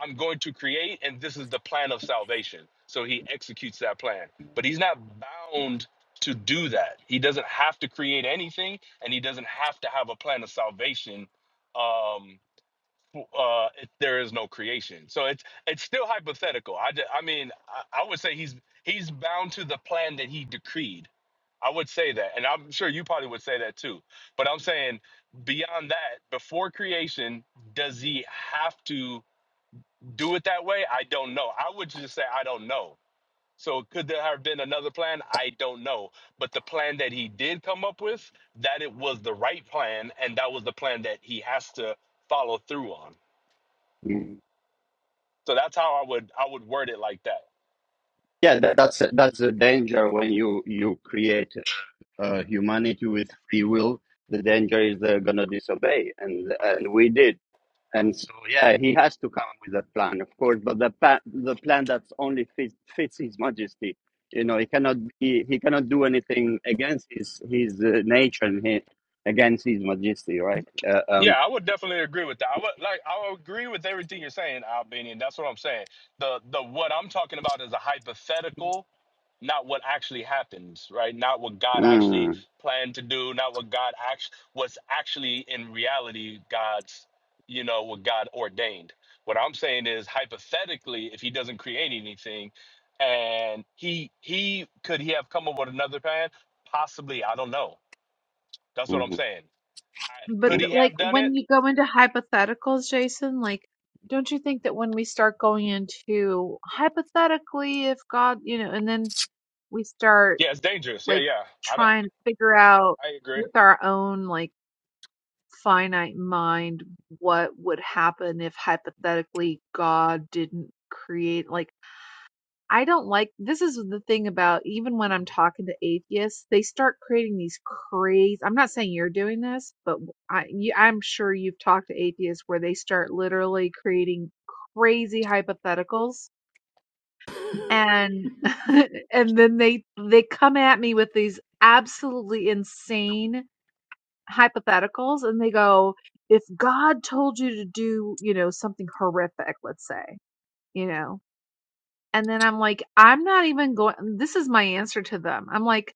Speaker 4: I'm going to create, and this is the plan of salvation. So he executes that plan. But he's not bound to do that. He doesn't have to create anything, and he doesn't have to have a plan of salvation. Um, w- uh, if there is no creation, so it's it's still hypothetical. I, ju- I mean, I, I would say he's he's bound to the plan that he decreed. I would say that, and I'm sure you probably would say that too. But I'm saying beyond that, before creation, does he have to? do it that way? I don't know. I would just say I don't know. So could there have been another plan? I don't know. But the plan that he did come up with, that it was the right plan, and that was the plan that he has to follow through on.
Speaker 1: Mm.
Speaker 4: So that's how I would I would word it like that.
Speaker 1: Yeah, that, that's that's the danger when you you create uh, humanity with free will. The danger is they're gonna disobey, and and we did. And so yeah, he has to come with a plan, of course, but the pa- the plan that's only fits fits his Majesty. You know, he cannot he, he cannot do anything against his his uh, nature and he, against his Majesty, right? Uh, um,
Speaker 4: Yeah, I would definitely agree with that. I would like I would agree with everything you're saying, Albanian. That's what I'm saying. The the what I'm talking about is a hypothetical not what actually happens, right? Not what God actually
Speaker 1: mm,
Speaker 4: planned to do, not what God act what's actually in reality God's, you know, what God ordained. What I'm saying is hypothetically, if he doesn't create anything and he he could he have come up with another plan? Possibly, I don't know. That's what I'm
Speaker 1: mhm,
Speaker 4: saying. I,
Speaker 5: But
Speaker 4: could
Speaker 1: mhm.
Speaker 5: th
Speaker 4: he
Speaker 5: like
Speaker 4: have done it?
Speaker 5: when you go into hypotheticals, Jason, like, don't you think that when we start going into hypothetically, if God, you know, and then we start
Speaker 4: Yeah, it's dangerous. Yeah,
Speaker 5: like
Speaker 4: yeah. I don't
Speaker 5: trying to figure out
Speaker 4: I agree.
Speaker 5: with our own like finite mind what would happen if hypothetically God didn't create, like, I don't like this is the thing about even when I'm talking to atheists, they start creating these crazy. I'm not saying you're doing this, but I, you, I'm sure you've talked to atheists where they start literally creating crazy hypotheticals,
Speaker 2: [laughs] Hi,
Speaker 5: and [laughs] and then they they come at me with these absolutely insane hypotheticals, and they go, if God told you to do, you know, something horrific, let's say, you know. And then I'm like, I'm not even going, this is my answer to them. I'm like,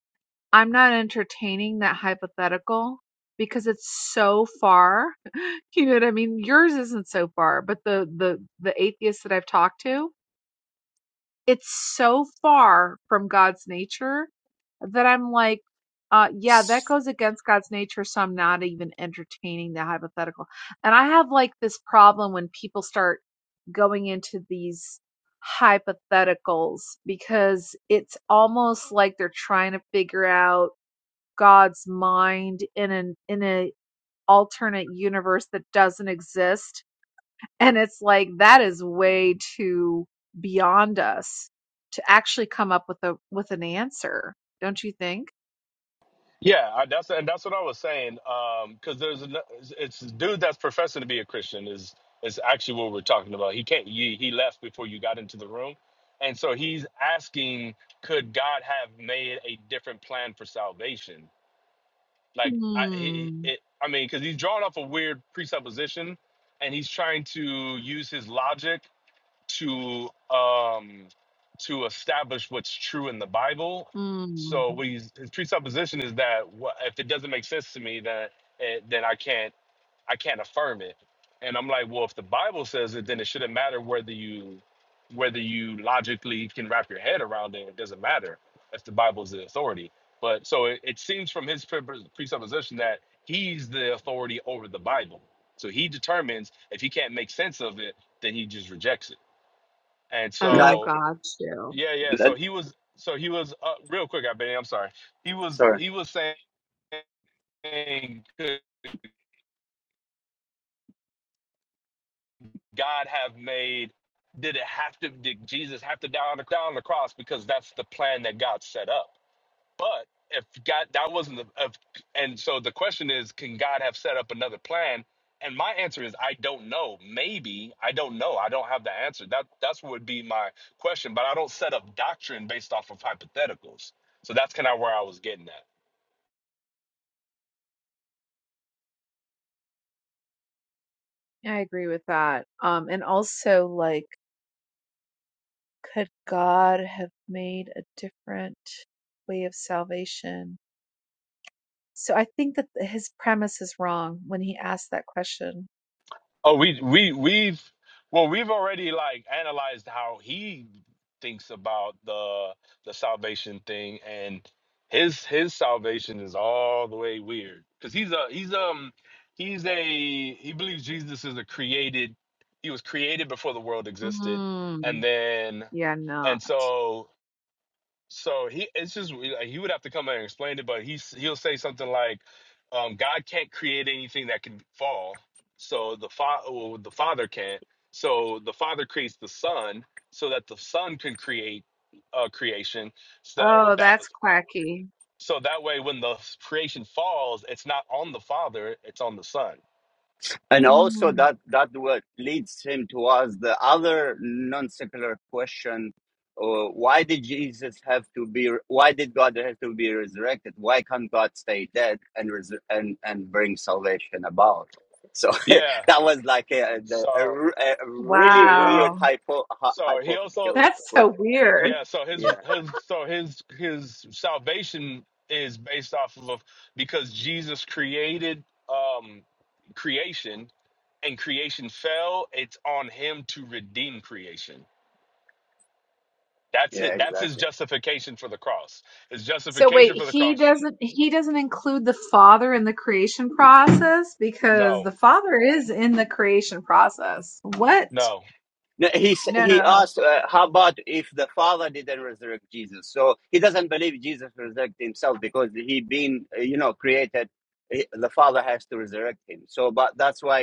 Speaker 5: I'm not entertaining that hypothetical because it's so far. [laughs] You know what I mean? Yours isn't so far, but the, the, the atheists that I've talked to, it's so far from God's nature that I'm like, uh, yeah, that goes against God's nature. So I'm not even entertaining the hypothetical. And I have like this problem when people start going into these hypotheticals because it's almost like they're trying to figure out God's mind in an, in a alternate universe that doesn't exist and it's like, that is way too beyond us to actually come up with a, with an answer. Don't you think?
Speaker 4: Yeah, I, that's and that's what I was saying. Um, because there's an, it's it's dude that's professing to be a Christian is is actually what we're talking about. He can't he, he left before you got into the room, and so he's asking, could God have made a different plan for salvation? Like I he,
Speaker 5: Hmm.
Speaker 4: he- it, I mean, because he's drawing off a weird presupposition, and he's trying to use his logic to um to establish what's true in the Bible.
Speaker 5: Hmm.
Speaker 4: So what he's, his presupposition is that what, if it doesn't make sense to me, then it, then I can't I can't affirm it. And I'm like, well, if the Bible says it, then it shouldn't matter whether you whether you logically can wrap your head around it. It doesn't matter if the Bible's the authority. But so it, it seems from his pre- presupposition that he's the authority over the Bible. So he determines if he can't make sense of it, then he just rejects it. And
Speaker 5: Oh,
Speaker 1: Like
Speaker 4: so,
Speaker 5: God, too.
Speaker 4: yeah, yeah. So he was, so he was, uh, real quick, I bet. I'm sorry. He was,
Speaker 1: Sorry.
Speaker 4: he was saying, could God have made, did it have to, did Jesus have to die on the, die on the cross? Because that's the plan that God set up. But if God, that wasn't the, if, and so the question is, can God have set up another plan? And my answer is, I don't know. Maybe I don't know. I don't have the answer. That that's what would be my question. But I don't set up doctrine based off of hypotheticals. So that's kind of where I was getting at.
Speaker 5: Yeah, I agree with that. Um, and also like, could God have made a different way of salvation? So I think that th- his premise is wrong when he asked that question.
Speaker 4: Oh, we we we've well, we've already like analyzed how he thinks about the the salvation thing, and his his salvation is all the way weird because he's a he's um he's a he believes Jesus is a created he was created before the world existed,
Speaker 5: Mm,
Speaker 4: and then
Speaker 5: yeah, no.
Speaker 4: and so so he, it's just like, he would have to come out and explain it, but he he'll say something like, um, "God can't create anything that can fall, so the fa, well, the father can't. So the father creates the son, so that the son can create uh, creation. So
Speaker 5: Oh,
Speaker 4: that
Speaker 5: that's quacky.
Speaker 4: so that way, when the creation falls, it's not on the father, it's on the son.
Speaker 1: And also
Speaker 5: Mm,
Speaker 1: that that what leads him to ask the other non-secular question: uh, Why did Jesus have to be? Why did God have to be resurrected? Why can't God stay dead and resur- and and bring salvation about? So
Speaker 4: Yeah.
Speaker 1: [laughs] that was like a, the- a,
Speaker 4: So
Speaker 1: r- a really
Speaker 4: yeah, yeah, yeah.
Speaker 1: weird
Speaker 5: wow.
Speaker 1: hypo, hy-
Speaker 4: So he also
Speaker 5: [laughs]
Speaker 1: hypothetical
Speaker 5: That's
Speaker 1: question.
Speaker 5: so weird.
Speaker 4: Yeah, so his
Speaker 1: Yeah,
Speaker 4: his so his his salvation is based off of because Jesus created um creation and creation fell, it's on him to redeem creation. That's
Speaker 1: yeah,
Speaker 4: it. That's his
Speaker 1: exactly.
Speaker 4: justification for the cross. His
Speaker 5: So wait,
Speaker 4: justification for the
Speaker 5: he
Speaker 4: cross.
Speaker 5: doesn't he doesn't include the father in the creation process because
Speaker 4: No,
Speaker 5: the father is in the creation process. What?
Speaker 4: no.
Speaker 1: No, He he
Speaker 5: No.
Speaker 1: asked, uh, "How about if the Father didn't resurrect Jesus?" So he doesn't believe Jesus resurrected himself because he been uh, you know created. eh, The Father has to resurrect him. So, but that's why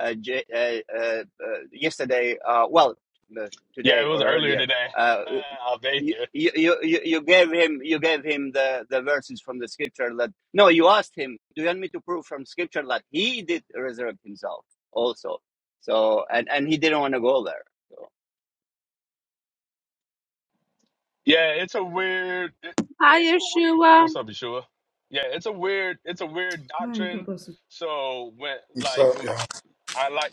Speaker 1: uh, J- uh, uh, uh, yesterday, uh, well, uh,
Speaker 4: Yeah,
Speaker 1: today
Speaker 4: it
Speaker 1: or
Speaker 4: was earlier
Speaker 1: earlier.
Speaker 4: today.
Speaker 1: uh,
Speaker 4: [laughs] I'll be
Speaker 1: you,
Speaker 4: here.
Speaker 1: you you you gave him you gave him the the verses from the scripture that no you asked him do you want me to prove from scripture that he did resurrect himself also so and and he didn't want to go there so
Speaker 4: Yeah, it's a weird
Speaker 5: Hi, Yeshua.
Speaker 4: what's up, Yeshua? Yeah, it's a weird it's a weird
Speaker 2: God
Speaker 4: doctrine.
Speaker 2: bless you.
Speaker 4: So when like
Speaker 6: So
Speaker 4: w-
Speaker 6: yeah,
Speaker 4: I like.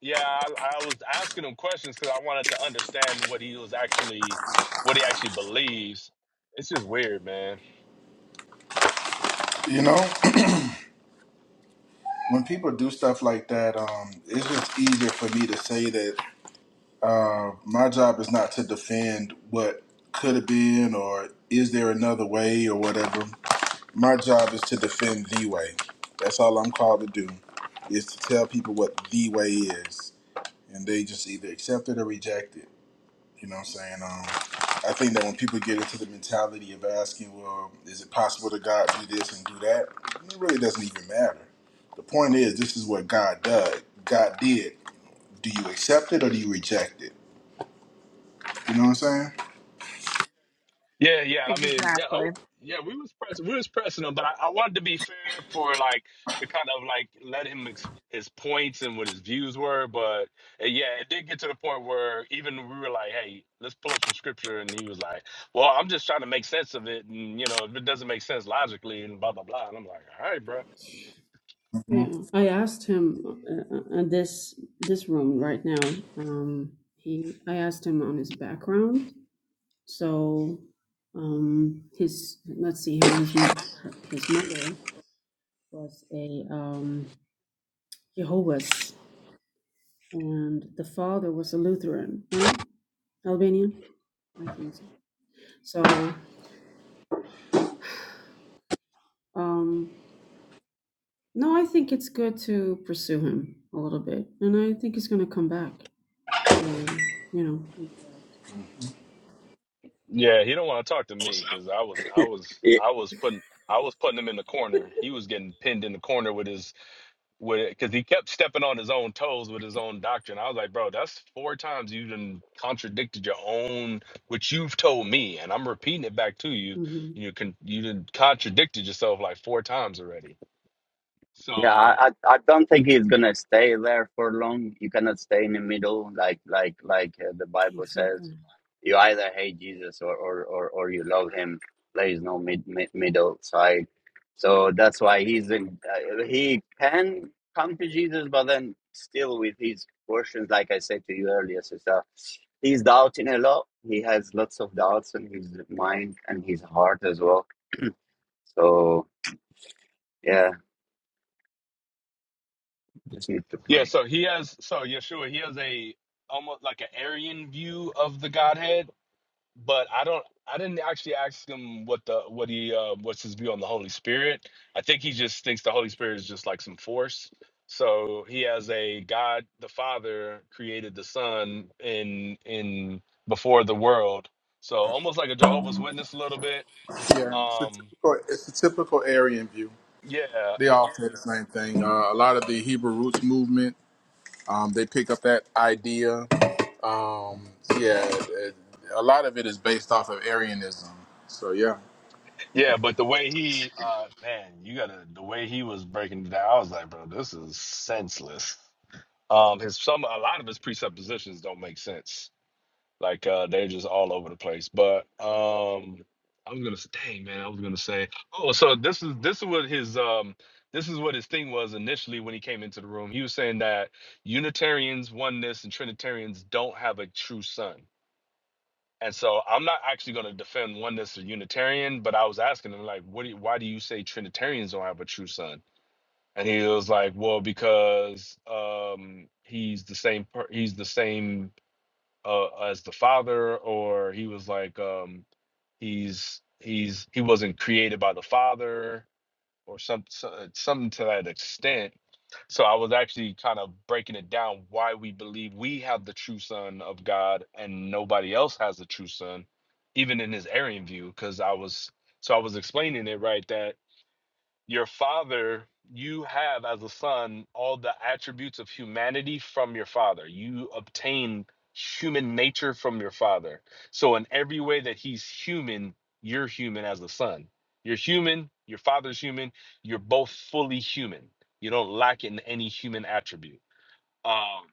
Speaker 4: Yeah, I, I was asking him questions because I wanted to understand what he was actually, what he actually believes. It's just weird, man.
Speaker 6: you know, [clears throat] when people do stuff like that, um, it's just easier for me to say that uh, my job is not to defend what could have been or is there another way or whatever. My job is to defend the way. That's all I'm called to do, is to tell people what the way is, and they just either accept it or reject it. You know what I'm saying? Um, I think that when people get into the mentality of asking, well, is it possible to God do this and do that? It really doesn't even matter. The point is, this is what God did. God did. Do you accept it or do you reject it? You know what I'm saying?
Speaker 4: Yeah, yeah. I mean, yeah, I
Speaker 5: Exactly.
Speaker 4: w yeah. We was pressing, we was pressing him, but I, I wanted to be fair for like to kind of like let him ex his points and what his views were. But uh, yeah, it did get to the point where even we were like, hey, let's pull up some scripture, and he was like, well, I'm just trying to make sense of it, and you know, if it doesn't make sense logically, and blah blah blah. And I'm like, all right, bro.
Speaker 2: Yeah,
Speaker 6: Mhm.
Speaker 2: I asked him uh, uh, uh, this this room right now. Um, he I asked him on his background. So, um, his let's see here. His m- her, his mother was a um, Jehovah's, and the father was a Lutheran, right? Albanian, I think so. So. Um, No, I think it's good to pursue him a little bit, and I think he's going to come back to you know.
Speaker 4: Yeah, he don't want to talk to me because I was I was I was putting I was putting him in the corner. He was
Speaker 2: [laughs]
Speaker 4: getting pinned in the corner with his with because he kept stepping on his own toes with his own doctrine. I was like, bro, that's four times you done contradicted your own which you've told me, and I'm repeating it back to you.
Speaker 2: hmm
Speaker 4: You can you done contradicted yourself like four times already.
Speaker 1: Yeah,
Speaker 4: So
Speaker 1: I, I I don't think he's gonna stay there for long. You cannot stay in the middle, like like like uh, the Bible says.
Speaker 2: Exactly.
Speaker 1: You either hate Jesus or or or, or you love him. There is no mid, mid middle side. So that's why he's in, uh, he can come to Jesus, but then still with his questions, like I said to you earlier, sister, he's doubting a lot. He has lots of doubts in his mind and his heart as well. So yeah, just need to
Speaker 4: yeah,
Speaker 1: pray.
Speaker 4: so he has so Yeshua he has a almost like an Aryan view of the Godhead but I don't. I didn't actually ask him what the what he uh, what's his view on the Holy Spirit. I think he just thinks the Holy Spirit is just like some force. So he has a God the Father created the Son in in before the world. So almost like a Jehovah's Witness a little bit.
Speaker 6: Yeah, it's a
Speaker 4: Um,
Speaker 6: typical it's a typical Aryan view.
Speaker 4: yeah,
Speaker 6: They
Speaker 4: uh,
Speaker 6: all say the same thing. Uh, a lot of the Hebrew roots movement, um, they pick up that idea. Um, yeah, it, a lot of it is based off of Aryanism. So yeah.
Speaker 4: yeah. But the way he, uh, man, you gotta the way he was breaking it down. I was like, bro, this is senseless. Um, his some a lot of his presuppositions don't make sense Like uh, they're just all over the place. But um, I was gonna s- dang man, I was gonna say oh, so this is this is what his um this is what his thing was initially when he came into the room. He was saying that Unitarians, oneness, and Trinitarians don't have a true son. And so I'm not actually going to defend oneness or Unitarian, but I was asking him like, what? Do you, why do you say Trinitarians don't have a true son? And he was like, well, because um, he's the same. Per- he's the same uh, as the father or he was like um he's he's he wasn't created by the father or some so- uh, something to that extent so i was actually kind of breaking it down why we believe we have the true son of god and nobody else has the true son even in his arian view because i was so i was explaining it right that your father you have as a son all the attributes of humanity from your father you obtain human nature from your father so in every way that he's human you're human as a son you're human your father's human you're both fully human you don't lack in any human attribute Um,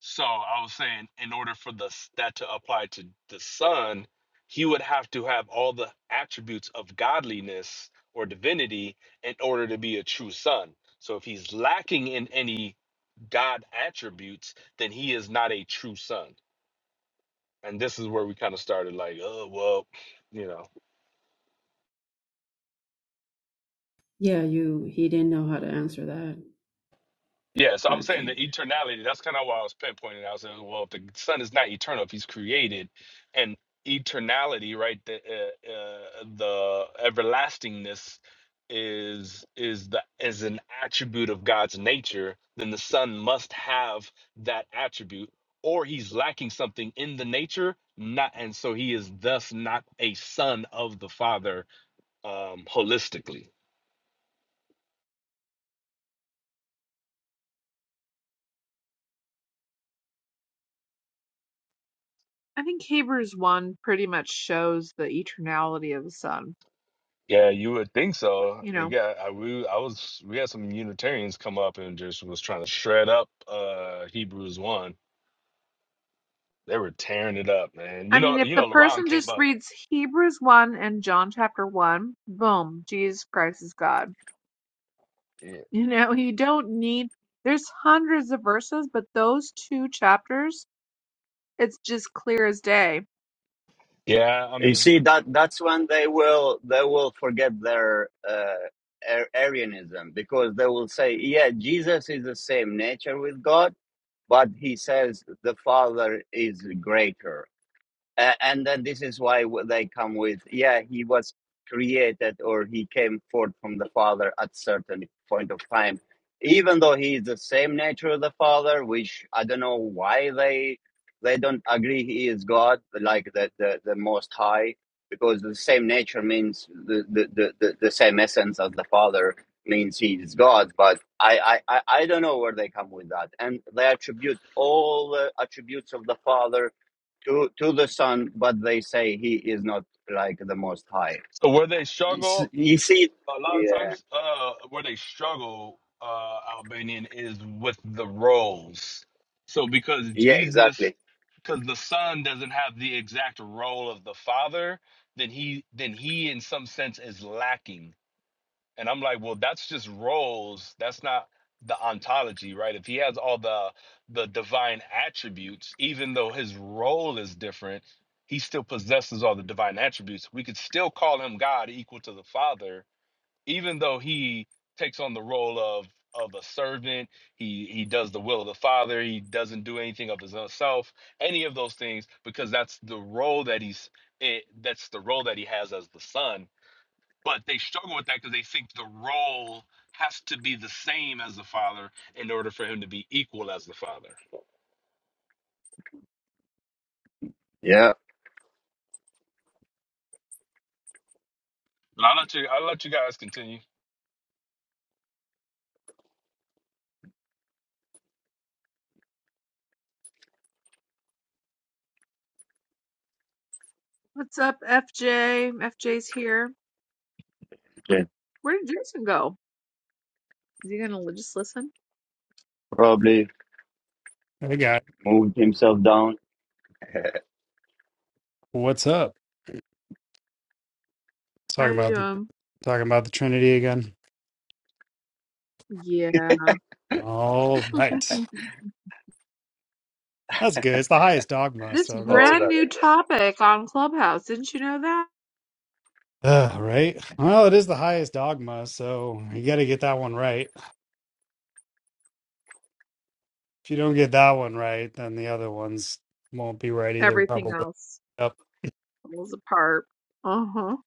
Speaker 4: so I was saying, in order for the s- that to apply to the Son, he would have to have all the attributes of godliness or divinity in order to be a true son. So if he's lacking in any God attributes, then he is not a true son. And this is where we kind of started, like, oh well, you know.
Speaker 2: Yeah, you. He didn't know how to answer that.
Speaker 4: Yeah, so I was saying the
Speaker 2: Actually,
Speaker 4: eternality, that's kind of why I was pinpointing. I was saying, well, if the son is not eternal, if he's created, and eternality, right, the uh, uh, the everlastingness is is the is an attribute of God's nature, then the son must have that attribute, or he's lacking something in the nature, not and so he is thus not a son of the father um holistically.
Speaker 5: I think Hebrews 1 pretty much shows the eternality of the Son.
Speaker 4: Yeah, you would think so.
Speaker 5: You
Speaker 4: Like,
Speaker 5: know,
Speaker 4: Yeah, I we I was we had some Unitarians come up and just was trying to shred up uh Hebrews one. They were tearing it up, man.
Speaker 5: I
Speaker 4: You know,
Speaker 5: mean, if
Speaker 4: you
Speaker 5: the
Speaker 4: know, LaRon
Speaker 5: person
Speaker 4: came
Speaker 5: just
Speaker 4: up.
Speaker 5: reads Hebrews 1 and John chapter 1, boom, Jesus Christ is God. [laughs]
Speaker 4: Yeah,
Speaker 5: You know, you don't need, there's hundreds of verses, but those two chapters It's just clear as day.
Speaker 4: yeah. I
Speaker 1: You
Speaker 4: mean,
Speaker 1: see that that's when they will they will forget their uh, Ar- Arianism because they will say, yeah, Jesus is the same nature with God, but he says the Father is greater. Uh, and then this is why they come with, yeah, he was created or he came forth from the Father at certain point of time, even though he is the same nature of the Father, which I don't know why they they don't agree he is God, like the the, the Most High, because the same nature means the the, the, the same essence as the Father means he is God, but I, I I I don't know where they come with that, and they attribute all the attributes of the Father to to the Son, but they say he is not like the Most High.
Speaker 4: so where they
Speaker 1: It's,
Speaker 4: struggle
Speaker 1: you see,
Speaker 4: a lot of
Speaker 1: yeah,
Speaker 4: times, uh, where they struggle, uh, Albanian is with the roles. So because
Speaker 1: yeah,
Speaker 4: Jesus,
Speaker 1: exactly.
Speaker 4: because the Son doesn't have the exact role of the Father, then he then he in some sense is lacking And I'm like, well, that's just roles. That's not the ontology, right? If he has all the the divine attributes, even though his role is different, he still possesses all the divine attributes. We could still call him God equal to the Father, even though he takes on the role of of a servant. He he does the will of the Father. He doesn't do anything of his own self, any of those things, because that's the role that he's it, that's the role that he has as the son but they struggle with that because they think the role has to be the same as the father in order for him to be equal as the father.
Speaker 1: Yeah,
Speaker 4: But I'll let you. I'll let you guys continue.
Speaker 5: What's up, FJ? FJ's here.
Speaker 1: okay.
Speaker 5: Where did Jason go? Is he gonna li- just listen?
Speaker 1: probably
Speaker 7: Hey guy,
Speaker 1: moved himself down.
Speaker 7: what's up?
Speaker 5: How
Speaker 7: Talking
Speaker 5: you
Speaker 7: about the
Speaker 5: doing?
Speaker 7: talking about the Trinity again.
Speaker 5: Yeah.
Speaker 7: All right,
Speaker 5: [laughs]
Speaker 7: that's good. It's the highest dogma,
Speaker 5: this
Speaker 7: so that's
Speaker 1: Hold
Speaker 5: brand
Speaker 7: good.
Speaker 1: on
Speaker 5: new
Speaker 1: again.
Speaker 5: topic on Clubhouse. Didn't you know that?
Speaker 7: Uh, right? Well, it is the highest dogma, so you got to get that one right. If you don't get that one right, then the other ones won't be right either,
Speaker 5: Everything
Speaker 7: probably.
Speaker 5: else
Speaker 7: Yep.
Speaker 5: falls apart. Uh-huh.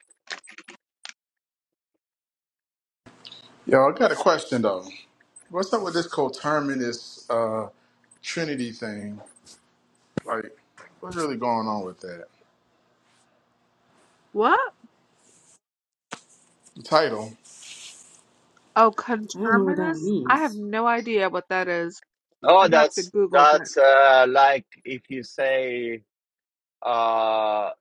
Speaker 6: Yo, I got a question though. What's up with this coterminous uh, Trinity thing? Like, what's really going on with that?
Speaker 5: What?
Speaker 6: The title,
Speaker 5: Oh,
Speaker 2: I don't know what that
Speaker 5: conterminous? I have
Speaker 2: means.
Speaker 5: no idea what that is.
Speaker 1: Oh,
Speaker 5: I'd have to
Speaker 1: that's
Speaker 5: Google that.
Speaker 1: that's uh, like if you say uh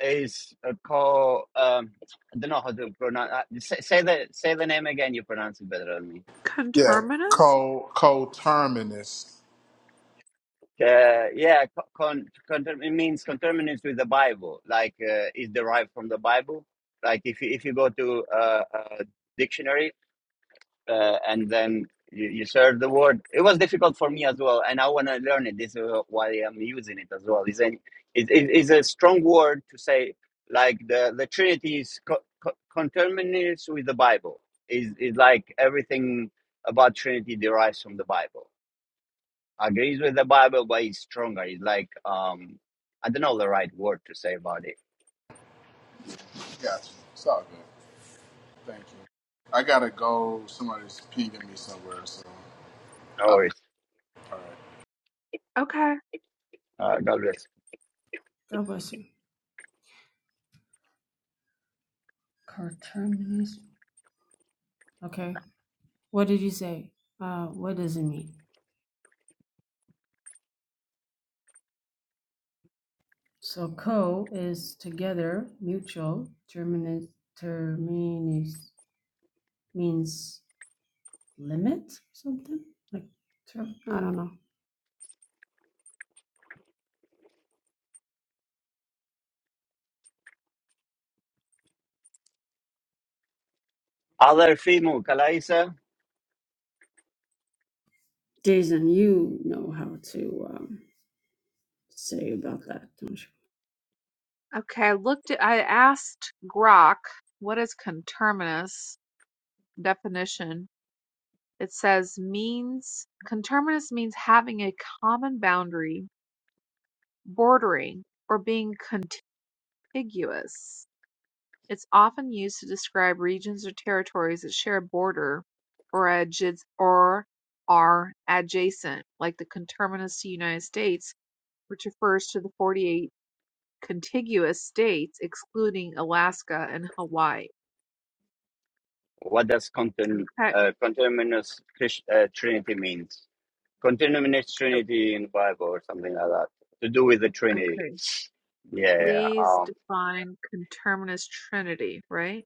Speaker 1: is a call um I don't know how to pronounce uh, say, say the say the name again you pronounce it better than me.
Speaker 6: yeah,
Speaker 5: Conterminous?
Speaker 6: co coterminous.
Speaker 1: Uh, yeah, co- con, conterm- it means conterminous with the Bible, like uh, is derived from the Bible. Like if you, if you go to uh, a dictionary uh, and then you, you search the word, it was difficult for me as well, and I want to learn it. This is why I'm using it as well. It's an it, it, it's a strong word to say like the the Trinity is co- co- conterminous with the Bible. Is is like everything about Trinity derives from the Bible agrees with the Bible, but he's stronger. It's like, um, I don't know the right word to say about it.
Speaker 6: Gotcha. It's all good. Thank you. I gotta go. Somebody's pinging me somewhere, so
Speaker 1: No
Speaker 6: I'll
Speaker 1: worries.
Speaker 5: Okay.
Speaker 1: Uh, God bless.
Speaker 2: God bless you. Coterminous. Okay. What did you say? Uh, what does it mean? So co is together, mutual. Terminus. Terminus means limit something like term. I don't know.
Speaker 1: Other female Kalaisa,
Speaker 2: Jason, you know how to um, say about that, don't you?
Speaker 5: Okay. I looked at I asked Grok what is conterminous definition, it says means conterminous means having a common boundary, bordering, or being contiguous. It's often used to describe regions or territories that share a border or adj or are adjacent, like the conterminous to the United States, which refers to the 48 contiguous states excluding Alaska and Hawaii.
Speaker 1: what does contin-
Speaker 5: Okay.
Speaker 1: uh, continuous Christ- uh, Trinity means? Continuous
Speaker 5: o-
Speaker 1: Trinity in the Bible or something like that. To do with the Trinity.
Speaker 5: Okay.
Speaker 1: Yeah, yeah. yeah.
Speaker 5: Please
Speaker 1: Um,
Speaker 5: define conterminous trinity, right?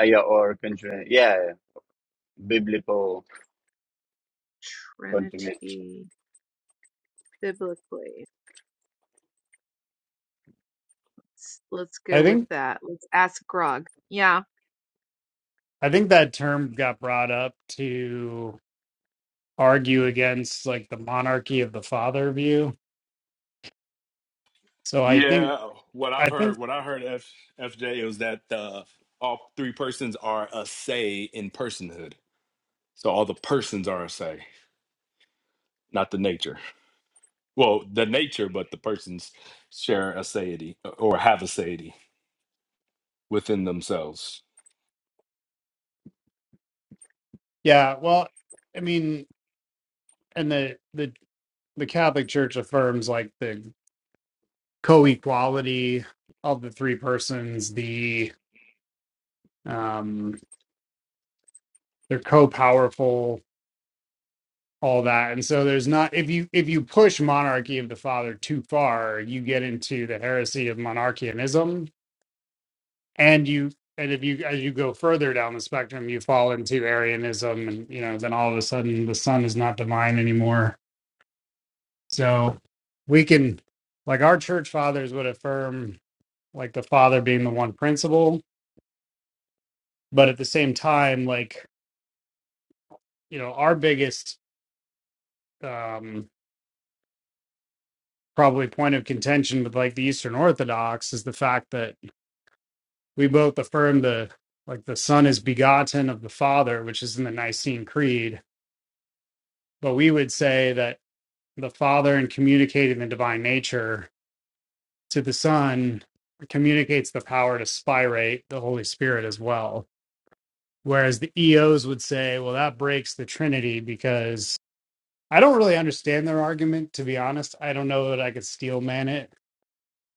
Speaker 1: uh, yeah or continu- yeah, biblical continuous.
Speaker 5: Trinity biblically. Let's, let's
Speaker 7: I
Speaker 5: go with
Speaker 7: think
Speaker 5: that. Let's ask Grog. Yeah.
Speaker 7: I think that term got brought up to argue against like the monarchy of the father view. So I think
Speaker 4: Yeah, what I've
Speaker 7: I
Speaker 4: heard,
Speaker 7: think
Speaker 4: what I heard F, FJ was that uh, all three persons are a say in personhood. So all the persons are a say, not the nature. Well, the nature, but the persons share a satiety or have a satiety within themselves.
Speaker 7: yeah. Well, I mean. and the the the Catholic Church affirms like the co-equality of the three persons, the um they're co-powerful, all that. And so there's not if you if you push monarchy of the father too far, you get into the heresy of monarchianism and you and if you as you go further down the spectrum, you fall into Arianism and you know, then all of a sudden the son is not divine anymore. So we can like our church fathers would affirm like the father being the one principle, but at the same time like you know our biggest um probably point of contention with like the eastern orthodox is the fact that we both affirm the like the son is begotten of the father which is in the nicene creed but we would say that the father in communicating the divine nature to the son communicates the power to spirate the holy spirit as well whereas the eos would say well that breaks the trinity because I don't really understand their argument, to be honest. I don't know that I could steel man it.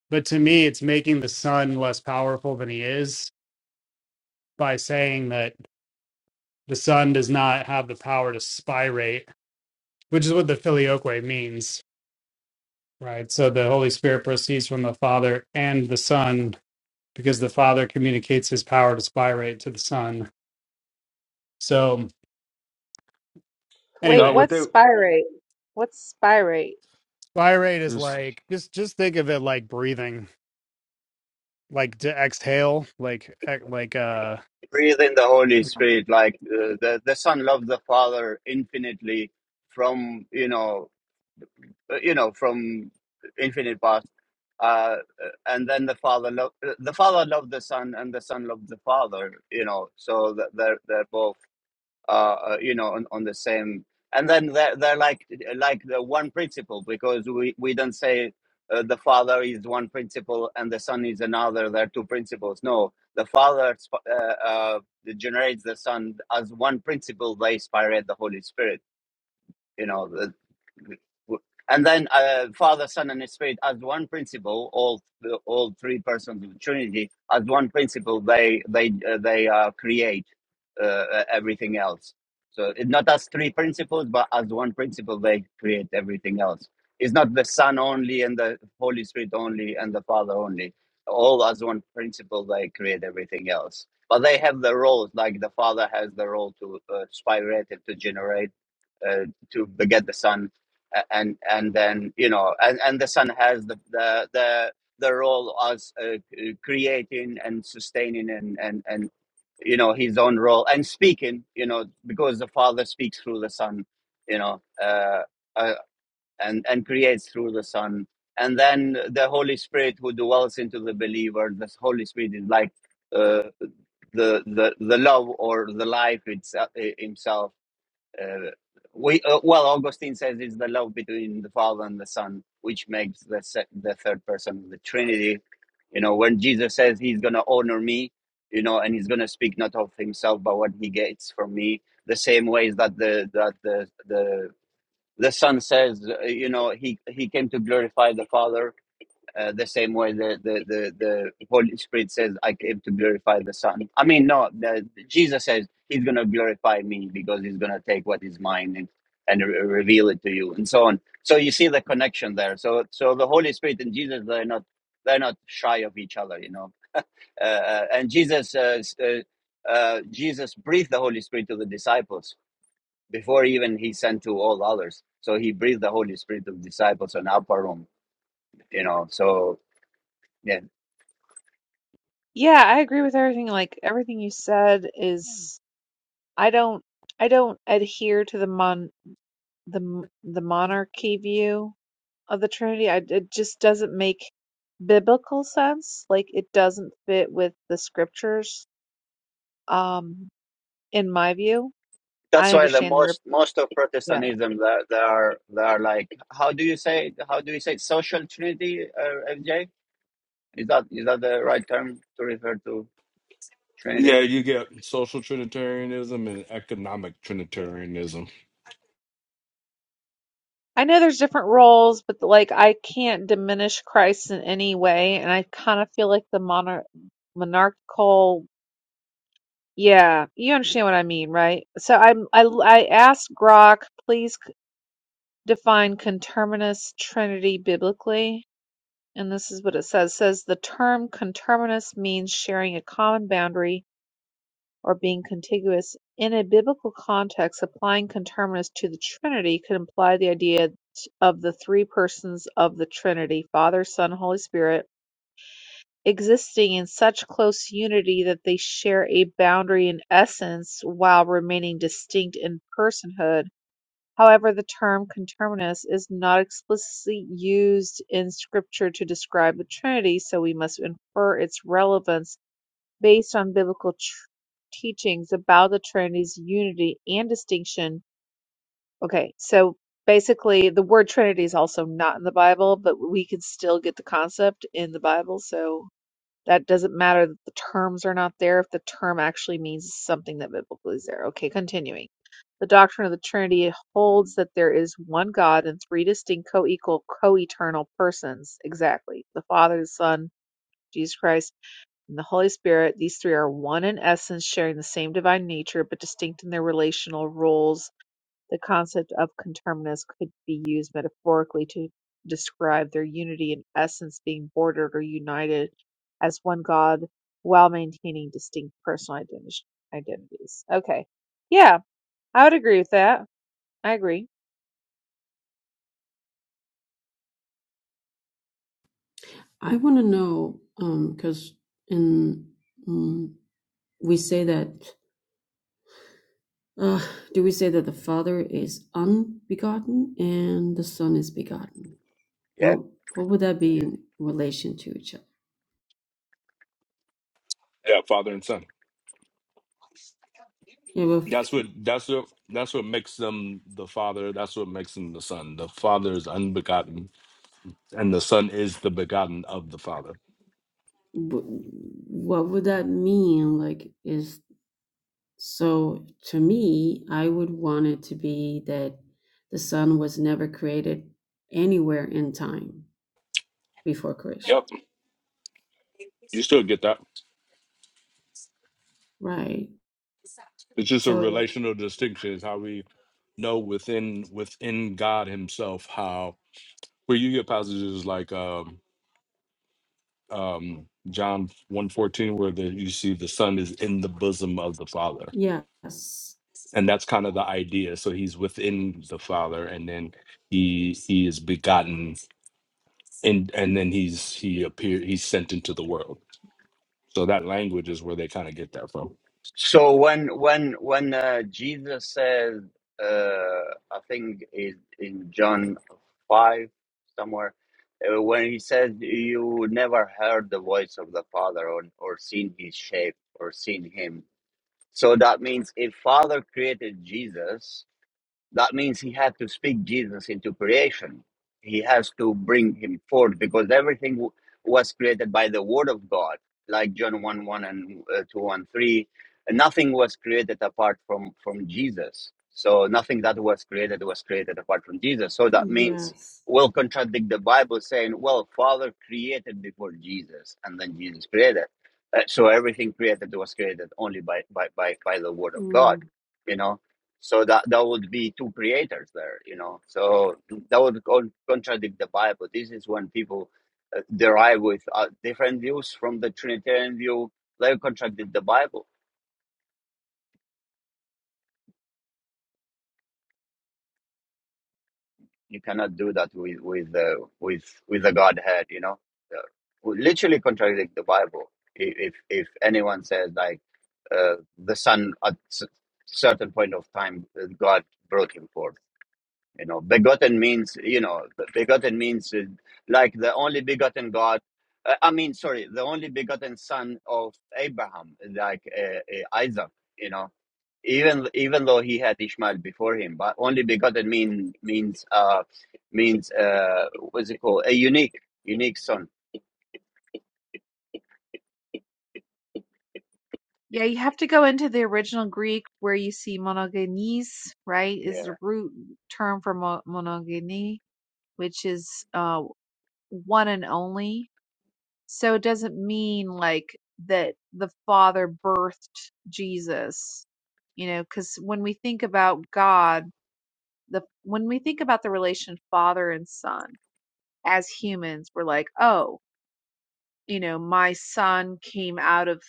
Speaker 7: But to me, it's making the sun less powerful than he is by saying that the sun does not have the power to spirate, which is what the filioque means, right? So the Holy Spirit proceeds from the Father and the Son because the Father communicates his power to spirate to the Son. So
Speaker 5: Wait,
Speaker 4: No,
Speaker 7: anyway,
Speaker 4: what they
Speaker 5: what's spirate? What's spirate?
Speaker 7: spirate is
Speaker 4: just
Speaker 7: like just just think of it like breathing, like to exhale, like ec- like uh
Speaker 1: Breathe in the Holy
Speaker 7: Okay.
Speaker 1: Spirit, like uh, the, the Son loves the Father infinitely from, you know, uh, you know, from infinite past. Uh, and then the father loved the father loved the son, and the son loved the father. You know, so that they're they're both uh, uh, you know on, on the same. And then they're they're like like the one principle because we we don't say. Uh, the father is one principle and the son is another. they are two principles. No, the father sp- uh, uh, generates the son as one principle. They inspire the Holy Spirit. You know, and then uh, Father, Son, and Spirit as one principle. All all three persons of the Trinity as one principle. They they uh, they uh, create uh, uh, everything else. So it's not as three principles, but as one principle, they create everything else. It's not the Son only and the Holy Spirit only and the Father only. All as one principle, they create everything else. But they have the roles, like the Father has the role to uh, spirate, to generate uh, to beget the son, A- and and then you know, and, and the son has the the the, the role as uh, c- creating and sustaining and and and you know his own role and speaking, you know, because the father speaks through the son, you know, uh, uh, and and creates through the son. And then the Holy Spirit, who dwells into the believer, the Holy Spirit is like uh, the the the love or the life it's uh, i- himself uh, we uh, well, Augustine says it's the love between the Father and the Son, which makes the se- the third person of the Trinity. You know, when Jesus says he's gonna honor me, you know, and he's gonna speak not of himself but what he gets from me. The same ways that the that the the the Son says, uh, you know, he he came to glorify the Father uh, the same way the, the, the, the Holy Spirit says, I came to glorify the Son. I mean, no, the, Jesus says, He's going to glorify me because He's going to take what is mine and, and re- reveal it to you, and so on. So you see the connection there. So, so the Holy Spirit and Jesus, they're not, they're not shy of each other, you know. Uh, uh, and Jesus, uh, s- uh, uh, Jesus breathed the Holy Spirit to the disciples before even He sent to all others. So He breathed the Holy Spirit to the disciples on upper room, you know. So yeah.
Speaker 5: Yeah, I agree with everything. Like everything you said is, I don't, I don't adhere to the mon the m- the monarchy view of the Trinity. I, it just doesn't make biblical sense. Like it doesn't fit with the scriptures. Um, in my view,
Speaker 1: That's
Speaker 5: I
Speaker 1: why the
Speaker 5: understand their.
Speaker 1: most most of Protestantism that they are they are like how do you say how do you say social Trinity uh, FJ is that is that the right term to refer to Trinity?
Speaker 4: Yeah, you get social Trinitarianism and economic Trinitarianism.
Speaker 5: I know there's different roles, but like I can't diminish Christ in any way, and I kind of feel like the monar monarchical. Yeah, you understand what I mean, right? So I'm I I asked Grok, please c- define conterminous trinity biblically, and this is what it says. It says the term conterminous means sharing a common boundary or being contiguous. In a biblical context, applying conterminous to the Trinity could imply the idea of the three persons of the Trinity, Father, Son, Holy Spirit, existing in such close unity that they share a boundary in essence while remaining distinct in personhood. However, the term conterminous is not explicitly used in Scripture to describe the Trinity, so we must infer its relevance Based on biblical tr- teachings about the Trinity's unity and distinction. Okay, so basically, the word Trinity is also not in the Bible, but we can still get the concept in the Bible. So that doesn't matter that the terms are not there if the term actually means something that biblically is there. Okay, continuing. The doctrine of the Trinity holds that there is one God and three distinct co equal, co eternal persons. Exactly. The Father, the Son, Jesus Christ in the Holy Spirit, these three are one in essence, sharing the same divine nature, but distinct in their relational roles. The concept of conterminous could be used metaphorically to describe their unity in essence being bordered or united as one God while maintaining distinct personal identi- identities. Okay. Yeah, I would agree with that. I agree.
Speaker 2: I want to know because in mm we say that uh, do we say that the Father is unbegotten and the Son is begotten? What what would that be in relation to each other?
Speaker 4: Yeah, father and son.
Speaker 2: Yeah, but
Speaker 4: That's
Speaker 2: f-
Speaker 4: what that's what that's what makes them the father. That's what makes them the son. The father is unbegotten, and the son is the begotten of the father.
Speaker 2: wh- what would that mean? Like, is So to me, I would want it to be that the sun was never created anywhere in time before creation,
Speaker 4: Yep, you still get that.
Speaker 2: right?
Speaker 4: It's just a
Speaker 2: So it,
Speaker 4: relational distinction. It's how we know within within God Himself how where you get passages like um, um, John one fourteen where the, you see the son is in the bosom of the father
Speaker 2: yes,
Speaker 4: and that's kind of the idea so he's within the father and then he he is begotten and and then he's he appear he's sent into the world so that language is where they kind of get that from
Speaker 1: So when when when uh, Jesus says uh, I think is in John five somewhere uh, when he says you never heard the voice of the Father or or seen his shape or seen him so that means if Father created Jesus That means he had to speak Jesus into creation. He has to bring him forth because everything w- was created by the word of God, like John 1 1 and uh, 2 and 3. Nothing was created apart from, from Jesus. So nothing that was created was created apart from Jesus. So that means
Speaker 2: yes,
Speaker 1: we'll contradict the Bible saying, well, Father created before Jesus and then Jesus created. Uh, so everything created was created only by, by, by, by the word of God,
Speaker 2: mm,
Speaker 1: you know? So that that would be two creators there, you know. So that would con- contradict the Bible. This is when people uh, derive with uh, different views from the Trinitarian view. They contradict the Bible. You cannot do that with with uh, with with the Godhead, you know. Uh, we literally contradict the Bible. I- If if anyone says like uh, the Son at s- certain point of time, uh, God brought him forth. You know, begotten means, you know, begotten means uh, like the only begotten God. Uh, I mean, sorry, the only begotten son of Abraham, like uh, uh, Isaac. You know, even even though he had Ishmael before him, but only begotten mean means uh means uh what's it called? A unique, unique son.
Speaker 5: Yeah, you have to go into the original Greek where you see monogenes, right? Is the
Speaker 1: Yeah.
Speaker 5: root term for mo- monogeny which is uh, one and only. So it doesn't mean like that the Father birthed Jesus, you know, because when we think about God, the when we think about the relation Father and Son as humans, we're like, oh, you know, my Son came out of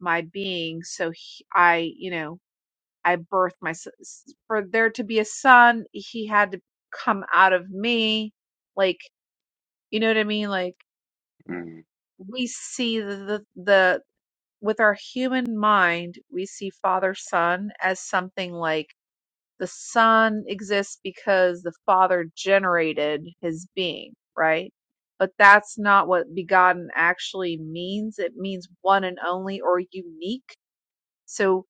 Speaker 5: my being, so he, I, you know, I birthed my s- s- for there to be a Son, he had to come out of me, like, you know what I mean, like
Speaker 1: Mm.
Speaker 5: we see the, the the with our human mind we see father son as something like the son exists because the father generated his being right but that's not what begotten actually means it means one and only or unique so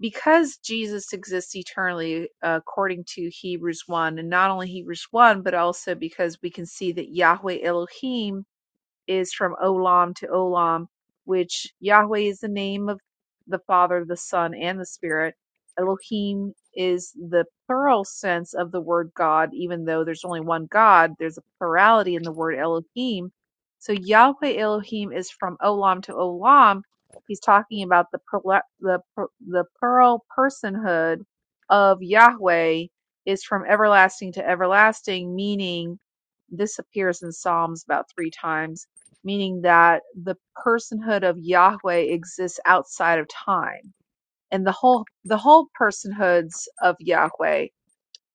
Speaker 5: because jesus exists eternally uh, according to hebrews 1 and not only hebrews 1 but also because we can see that yahweh elohim is from Olam to Olam, which Yahweh is the name of the Father, the Son, and the Spirit. Elohim is the plural sense of the word God, even though there's only one God, there's a plurality in the word Elohim. So Yahweh Elohim is from Olam to Olam. He's talking about the the the plural personhood of Yahweh is from everlasting to everlasting, meaning this appears in Psalms about three times meaning that the personhood of Yahweh exists outside of time. And the whole the whole personhoods of Yahweh,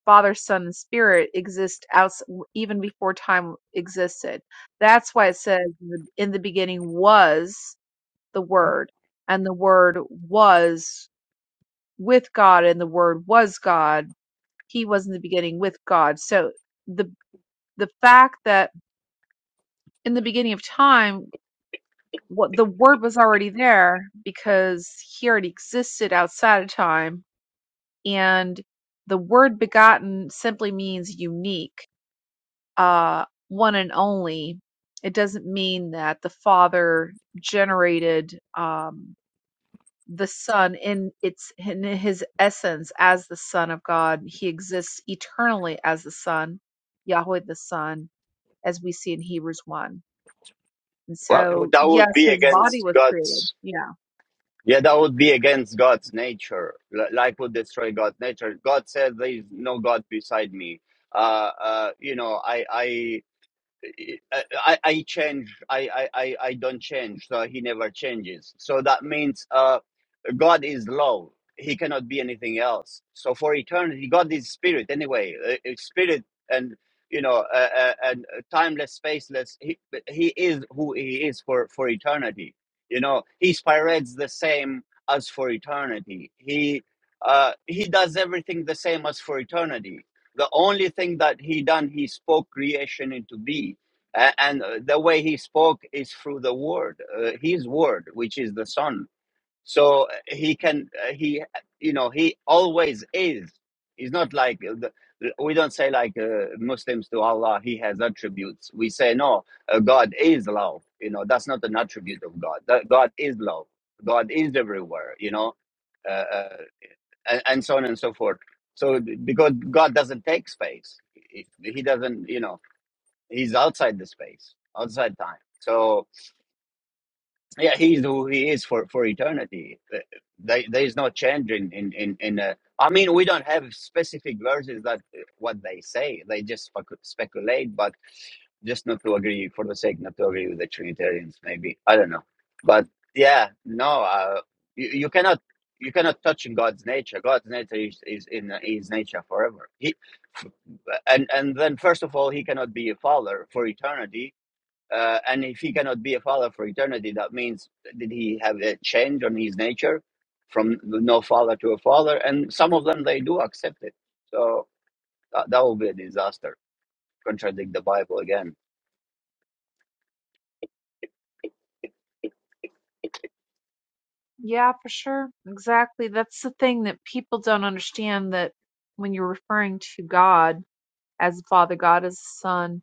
Speaker 5: Father, Son, and Spirit exist out even before time existed. That's why it says in the in the beginning was the word, and the word was with God, and the word was God. He was in the beginning with God. So the the fact that in the beginning of time what the word was already there because he already existed outside of time and the word begotten simply means unique uh one and only it doesn't mean that the father generated um the son in its in his essence as the son of god he exists eternally as the son yahweh the son as we see in hebrews 1 and
Speaker 1: Well, it would-
Speaker 5: so
Speaker 1: that
Speaker 5: yes
Speaker 1: would be
Speaker 5: his body
Speaker 1: against
Speaker 5: was created
Speaker 1: God's.
Speaker 5: yeah
Speaker 1: Yeah, that would be against God's nature. L- life would destroy God's nature. God said, "There is no God beside me." Uh, uh, you know, I, I, I change. I, I, I I don't change. So he never changes. So that means uh, God is love. He cannot be anything else. So for eternity, God is spirit anyway. Uh, it's spirit and you know uh, uh, and timeless, spaceless. He he is who he is for for eternity. You know he spirates the same as for eternity. He uh, he does everything the same as for eternity the only thing that he done he spoke creation into being a- and uh, the way he spoke is through the word uh, his word which is the son so uh, he can uh, he you know he always is he's not like uh, the- we don't say like uh, muslims to allah he has attributes we say no uh, god is love you know that's not an attribute of god that god is love god is everywhere you know uh, uh, and, and so on and so forth so because god doesn't take space he he doesn't you know He's outside the space, outside time. So yeah, he's who he is for for eternity. Uh, There, there is no change in in in. in uh, I mean, we don't have specific verses that uh, what they say. They just specu- speculate, but just not to agree for the sake not to agree with the Trinitarians. Maybe I don't know, but yeah, no, uh, you, you cannot you cannot touch in God's nature. God's nature is, is in His nature forever. He and and then first of all, He cannot be a father for eternity uh, and if he cannot be a father for eternity, that means did he have a change on his nature from no father to a father? And some of them they do accept it. So that, that will be a disaster. Contradict the Bible again.
Speaker 5: Yeah, for sure. Exactly. That's the thing that people don't understand that when you're referring to God as a father, God as a son,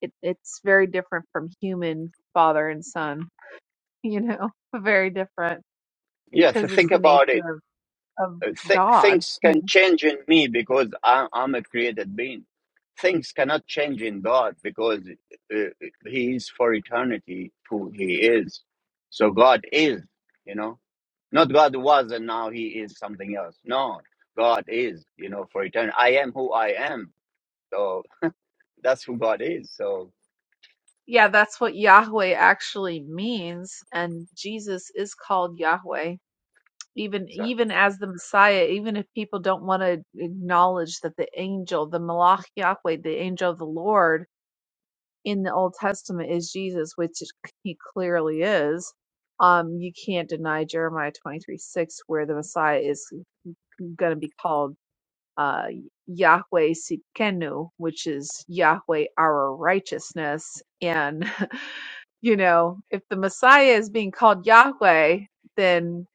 Speaker 5: it, it's very different from human father and son, [laughs] you know, very different
Speaker 1: Yeah,
Speaker 5: because
Speaker 1: th-
Speaker 5: it's
Speaker 1: think
Speaker 5: the
Speaker 1: about it
Speaker 5: nature of, of
Speaker 1: th-
Speaker 5: God.
Speaker 1: things
Speaker 5: Yeah.
Speaker 1: can change in me because I- I'm a created being. Things cannot change in God because uh, He is for eternity who He is. So God is, you know, not God was and now He is something else. No, God is, you know, for eternity. I am who I am. So that's who God is. So
Speaker 5: yeah, that's what Yahweh actually means. And Jesus is called Yahweh. Even
Speaker 1: so,
Speaker 5: even as the Messiah, even if people don't want to acknowledge that the angel, the Malach Yahweh, the angel of the Lord, in the Old Testament is Jesus, which he clearly is, um, you can't deny Jeremiah 23 6, where the Messiah is going to be called uh, Yahweh Sikenu, which is Yahweh our righteousness. And [laughs] you know, if the Messiah is being called Yahweh, then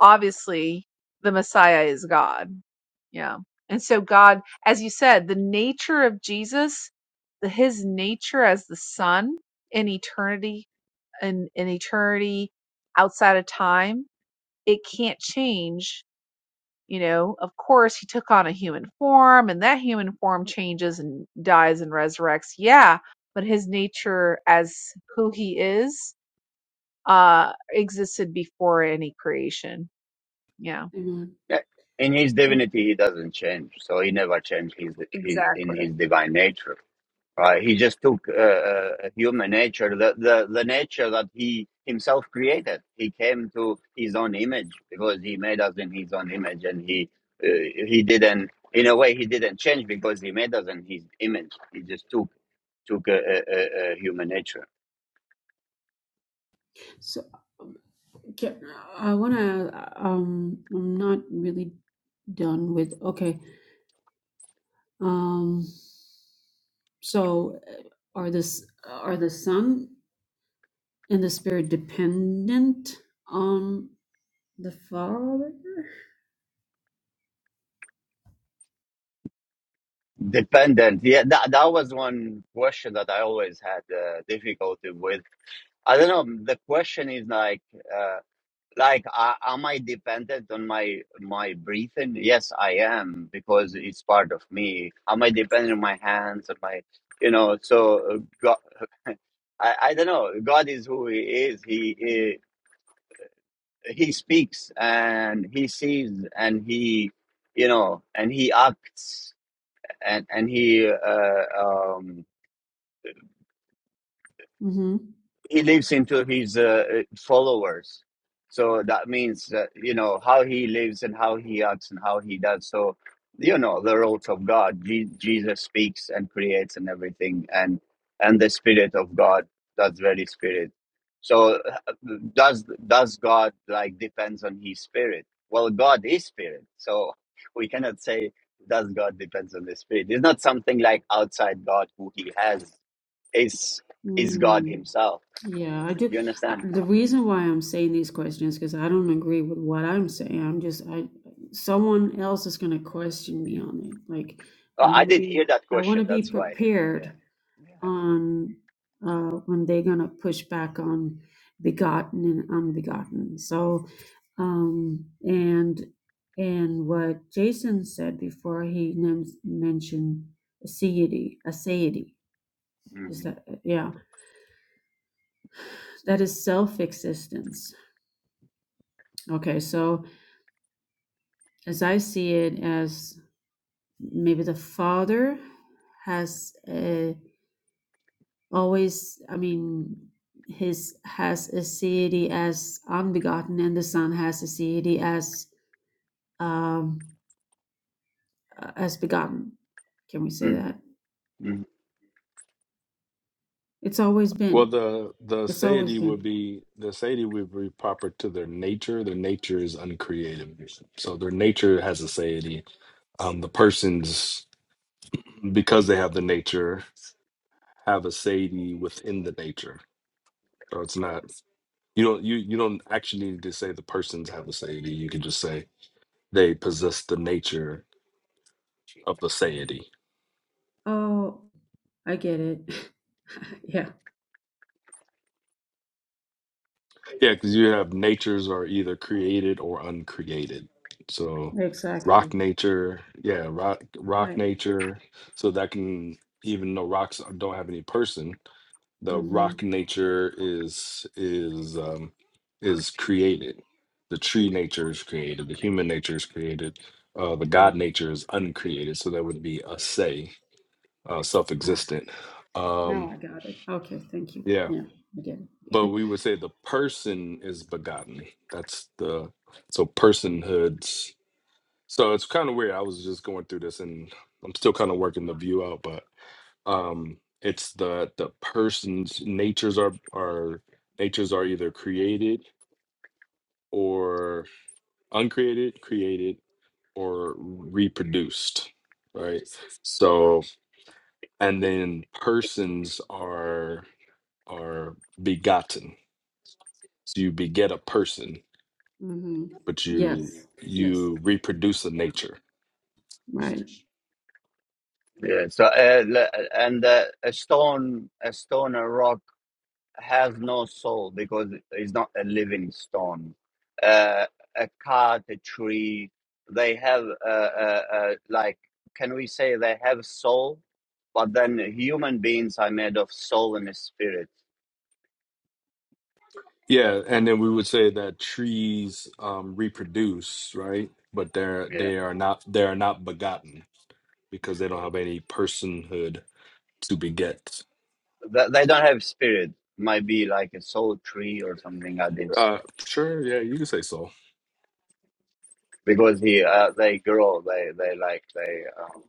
Speaker 5: obviously the Messiah is God. Yeah. And so God, as you said, the nature of Jesus, the his nature as the Son in eternity in, in eternity outside of time, it can't change. You know, of course he took on a human form and that human form changes and dies and resurrects. Yeah. But his nature as who he is uh existed before any creation. Yeah,
Speaker 2: amen.
Speaker 1: yeah, in His
Speaker 2: But
Speaker 1: divinity, He doesn't change. So He never changed his, his, in
Speaker 5: exactly.
Speaker 1: His divine nature. Right? He just took uh, uh, human nature, the, the, the nature that he himself created. He came to his own image because he made us in his own image, and he uh, he didn't, in a way, he didn't change because he made us in his image. He just took took a, a, a, human nature.
Speaker 2: so can, I want to. Um, I'm not really done with. Okay. Um. So, uh, are this are the sun and the spirit dependent? on? The father?
Speaker 1: Dependent, yeah, that that was one question that I always had uh, difficulty with. I don't know. The question is like. uh, like uh, am i dependent on my my breathing yes i am because it's part of me am i dependent on my hands on my you know so uh, god [laughs] I, I don't know god is who he is he, he he speaks and he sees and he you know and he acts and and he uh, um,
Speaker 2: Mm-hmm.
Speaker 1: he lives into his uh, followers so that means that you know how he lives and how he acts and how he does so you know the roles of god Je- jesus speaks and creates and everything and and the spirit of god that's very spirit so uh, does does god like depends on his spirit well god is spirit so [laughs] we cannot say does god depends on the spirit it's not something like outside god who he has is is god
Speaker 2: Mm.
Speaker 1: himself
Speaker 2: Yeah, I do.
Speaker 1: do You
Speaker 2: I,
Speaker 1: understand?
Speaker 2: the reason why I'm saying these questions because I don't agree with what I'm saying. I'm just I someone else is going to question me on it. Like
Speaker 1: Oh,
Speaker 2: I
Speaker 1: I
Speaker 2: want to
Speaker 1: did hear
Speaker 2: be
Speaker 1: that
Speaker 2: I want
Speaker 1: question.
Speaker 2: to be
Speaker 1: That's why.
Speaker 2: prepared
Speaker 1: Yeah.
Speaker 2: on uh when they're going to push back on begotten and unbegotten. So um and and what Jason said before he men- mentioned aseity, aseity.
Speaker 1: Yeah.
Speaker 2: Is that uh, yeah? That is self-existence. Okay, so as I see it, as maybe the father has uh, always, I mean, his has a deity as unbegotten, and the son has a deity as um, uh, as begotten. Can we say
Speaker 1: Mm-hmm. hmm
Speaker 2: that?
Speaker 1: hmm
Speaker 2: It's always
Speaker 4: well
Speaker 2: been.
Speaker 4: the the
Speaker 2: It's always
Speaker 4: deity would
Speaker 2: been.
Speaker 4: be the deity would be proper to their nature their nature is uncreated so their nature has a deity um the persons because they have the nature have a deity within the nature so it's not you don't you you don't actually need to say the persons have a deity you could just say they possess the nature of the satiety.
Speaker 2: Oh, I get it. [laughs] yeah,
Speaker 4: Yeah, because you have natures are either created or uncreated. So rock
Speaker 2: exactly.
Speaker 4: nature, yeah, rock rock
Speaker 2: Right.
Speaker 4: nature. So that can even though rocks don't have any person, the
Speaker 2: Mm-hmm.
Speaker 4: rock nature is is um is created. The tree nature is created, the human nature is created, uh the God
Speaker 2: Mm.
Speaker 4: nature is uncreated. So that would be a say, uh
Speaker 2: Ah.
Speaker 4: self-existent.
Speaker 2: Now
Speaker 4: Um
Speaker 2: I got it. Okay, thank you.
Speaker 4: yeah,
Speaker 2: Yeah, I get
Speaker 4: but
Speaker 2: it.
Speaker 4: we would say the person is begotten. That's the so personhoods. So it's kind of weird. I was just going through this, and I'm still kind of working the view out, but um, it's the the person's natures are are natures are either created or uncreated, created or reproduced, right? So and then persons are are begotten. So you beget a person
Speaker 2: [laughs] hmm
Speaker 4: but you
Speaker 2: Yes, yes,
Speaker 4: you reproduce the nature.
Speaker 2: right.
Speaker 1: Yeah. So, uh, le- uh, and uh, a stone, a stone, a rock has no soul because it's not a living stone. Uh, a cat, a tree, they have uh, uh, uh, like, can we say they have soul? But then human beings are made of soul and a spirit.
Speaker 4: Yeah, and then we would say that trees um, reproduce, right? But they're
Speaker 1: Yeah.
Speaker 4: they are not they are not begotten because they don't have any personhood to beget.
Speaker 1: They, they don't have spirit. Might be like a soul tree or something like this
Speaker 4: Uh, sure, yeah, you can say so.
Speaker 1: because he uh, they grow they they like they um,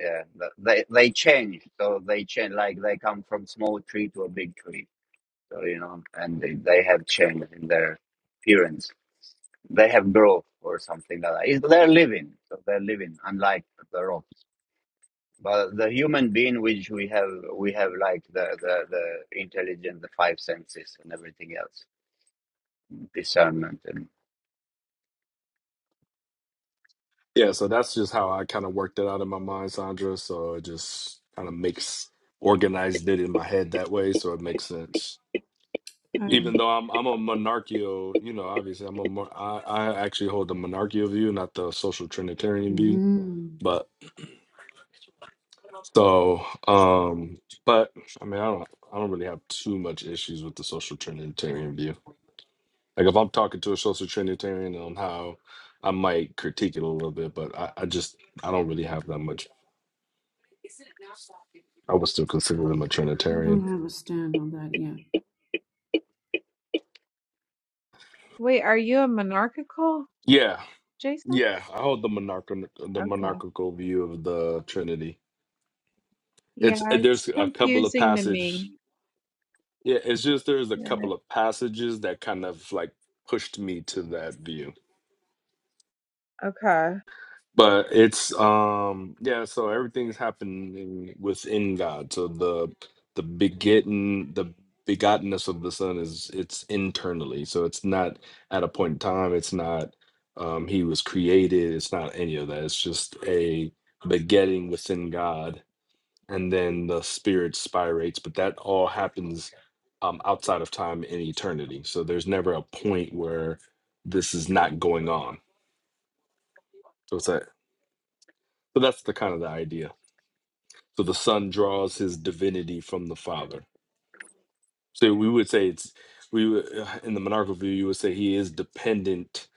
Speaker 1: yeah th- they they change so they change like they come from small tree to a big tree so you know and they, they have change in their appearance they have growth or something like that It's- they're living so they're living unlike the rocks but the human being which we have we have like the the, the intelligence the five senses and everything else discernment and
Speaker 4: Yeah, so that's just how I kind of worked it out in my mind, Sandra. So it just kind of makes organized it in my head that way, so it makes sense.
Speaker 2: I,
Speaker 1: Mm.
Speaker 4: even though I'm I'm a monarchical, you know, obviously I'm a mon- I, I actually hold the monarchical view, not the social trinitarian view.
Speaker 2: hmm
Speaker 4: But so, um, but I mean, I don't I don't really have too much issues with the social trinitarian view. Like if I'm talking to a social trinitarian on how I might critique it a little bit, but I, I just I don't really have that much. I would still consider them a
Speaker 2: I
Speaker 4: trinitarian.
Speaker 2: don't have a stand on that yet.
Speaker 5: Wait, are you a monarchical,
Speaker 4: Yeah,
Speaker 5: Jason?
Speaker 4: yeah, I hold the monarchical the
Speaker 5: Okay.
Speaker 4: monarchical view of the Trinity.
Speaker 5: Yeah,
Speaker 4: It's
Speaker 5: it's
Speaker 4: there's a couple of
Speaker 5: confusing to
Speaker 4: passage
Speaker 5: me.
Speaker 4: Yeah, it's just there's a
Speaker 5: Yeah.
Speaker 4: couple of passages that kind of like pushed me to that view.
Speaker 5: Okay.
Speaker 4: But it's um yeah, so everything's happening within God. So the the begetting the begottenness of the Son is it's internally. So it's not at a point in time, it's not um he was created, it's not any of that. It's just a begetting within God and then the spirit spirates but that all happens um, outside of time and eternity so there's never a point where this is not going on so it's like so that's the kind of the idea so the son draws his divinity from the father so we would say it's we would, uh, in the monarchical view you would say he is dependent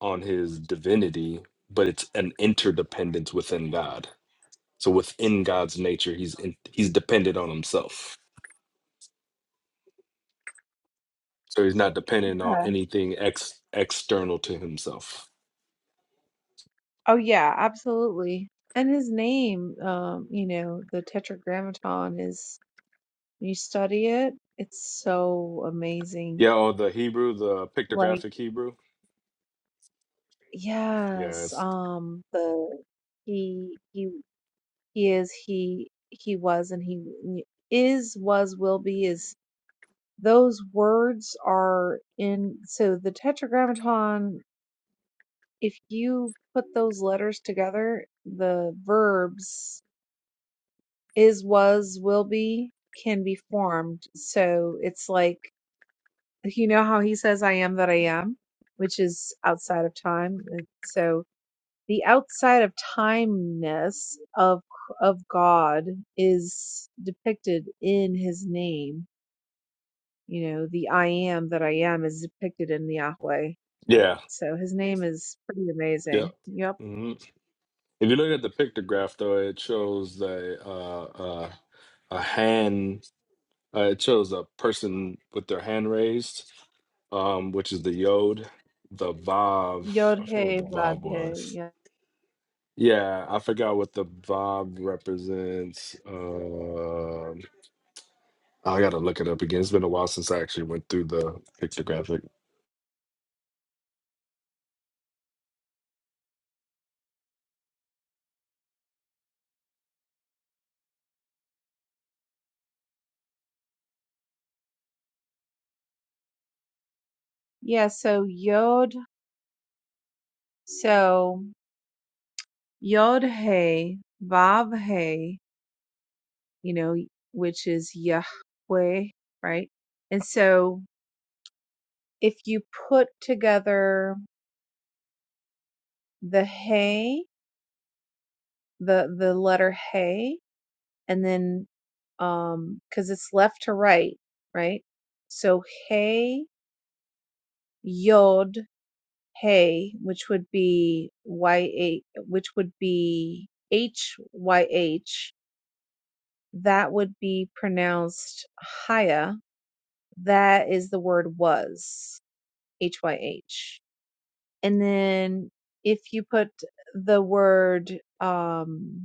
Speaker 4: on his divinity but it's an interdependence within god so within god's nature he's in, he's dependent on himself So he's not dependent on
Speaker 5: Okay.
Speaker 4: anything ex external to himself.
Speaker 5: Oh yeah, absolutely. And his name, um, you know, the Tetragrammaton is when you study it, it's so amazing.
Speaker 4: Yeah, or the Hebrew, the
Speaker 5: Like,
Speaker 4: pictographic Hebrew.
Speaker 5: yes,
Speaker 4: Yes.
Speaker 5: um, the he he he is he he was and he is was will be is those words are in so the tetragrammaton if you put those letters together the verbs is was will be can be formed so it's like you know how he says i am that i am which is outside of time uh, so The outside of timeness of of God is depicted in his name. You know, the I am that I am is depicted in the Yahweh. That-
Speaker 4: Yeah.
Speaker 5: So his name is pretty
Speaker 4: Yep.
Speaker 5: amazing. Yep.
Speaker 4: hmm If you look at the pictograph, though, it shows a uh, uh, a hand. Uh, it shows a person with their hand raised, um, which is the yod. The vav.
Speaker 5: Yod
Speaker 4: I forgot what
Speaker 5: He
Speaker 4: the vav
Speaker 5: Vav He.
Speaker 4: was.
Speaker 5: Yeah.
Speaker 4: Yeah, I forgot what the vav represents. Um I gotta look it up again. It's been a while since I actually went through the pictographic.
Speaker 5: Yeah, so Yod so Yod He Vav He, you know, which is Yahweh, right? And so if you put together the He the the letter hey and then um because it's left to right right so hey yod hey which would be y a, which would be h y h that would be pronounced haya that is the word was h y h and then if you put the word um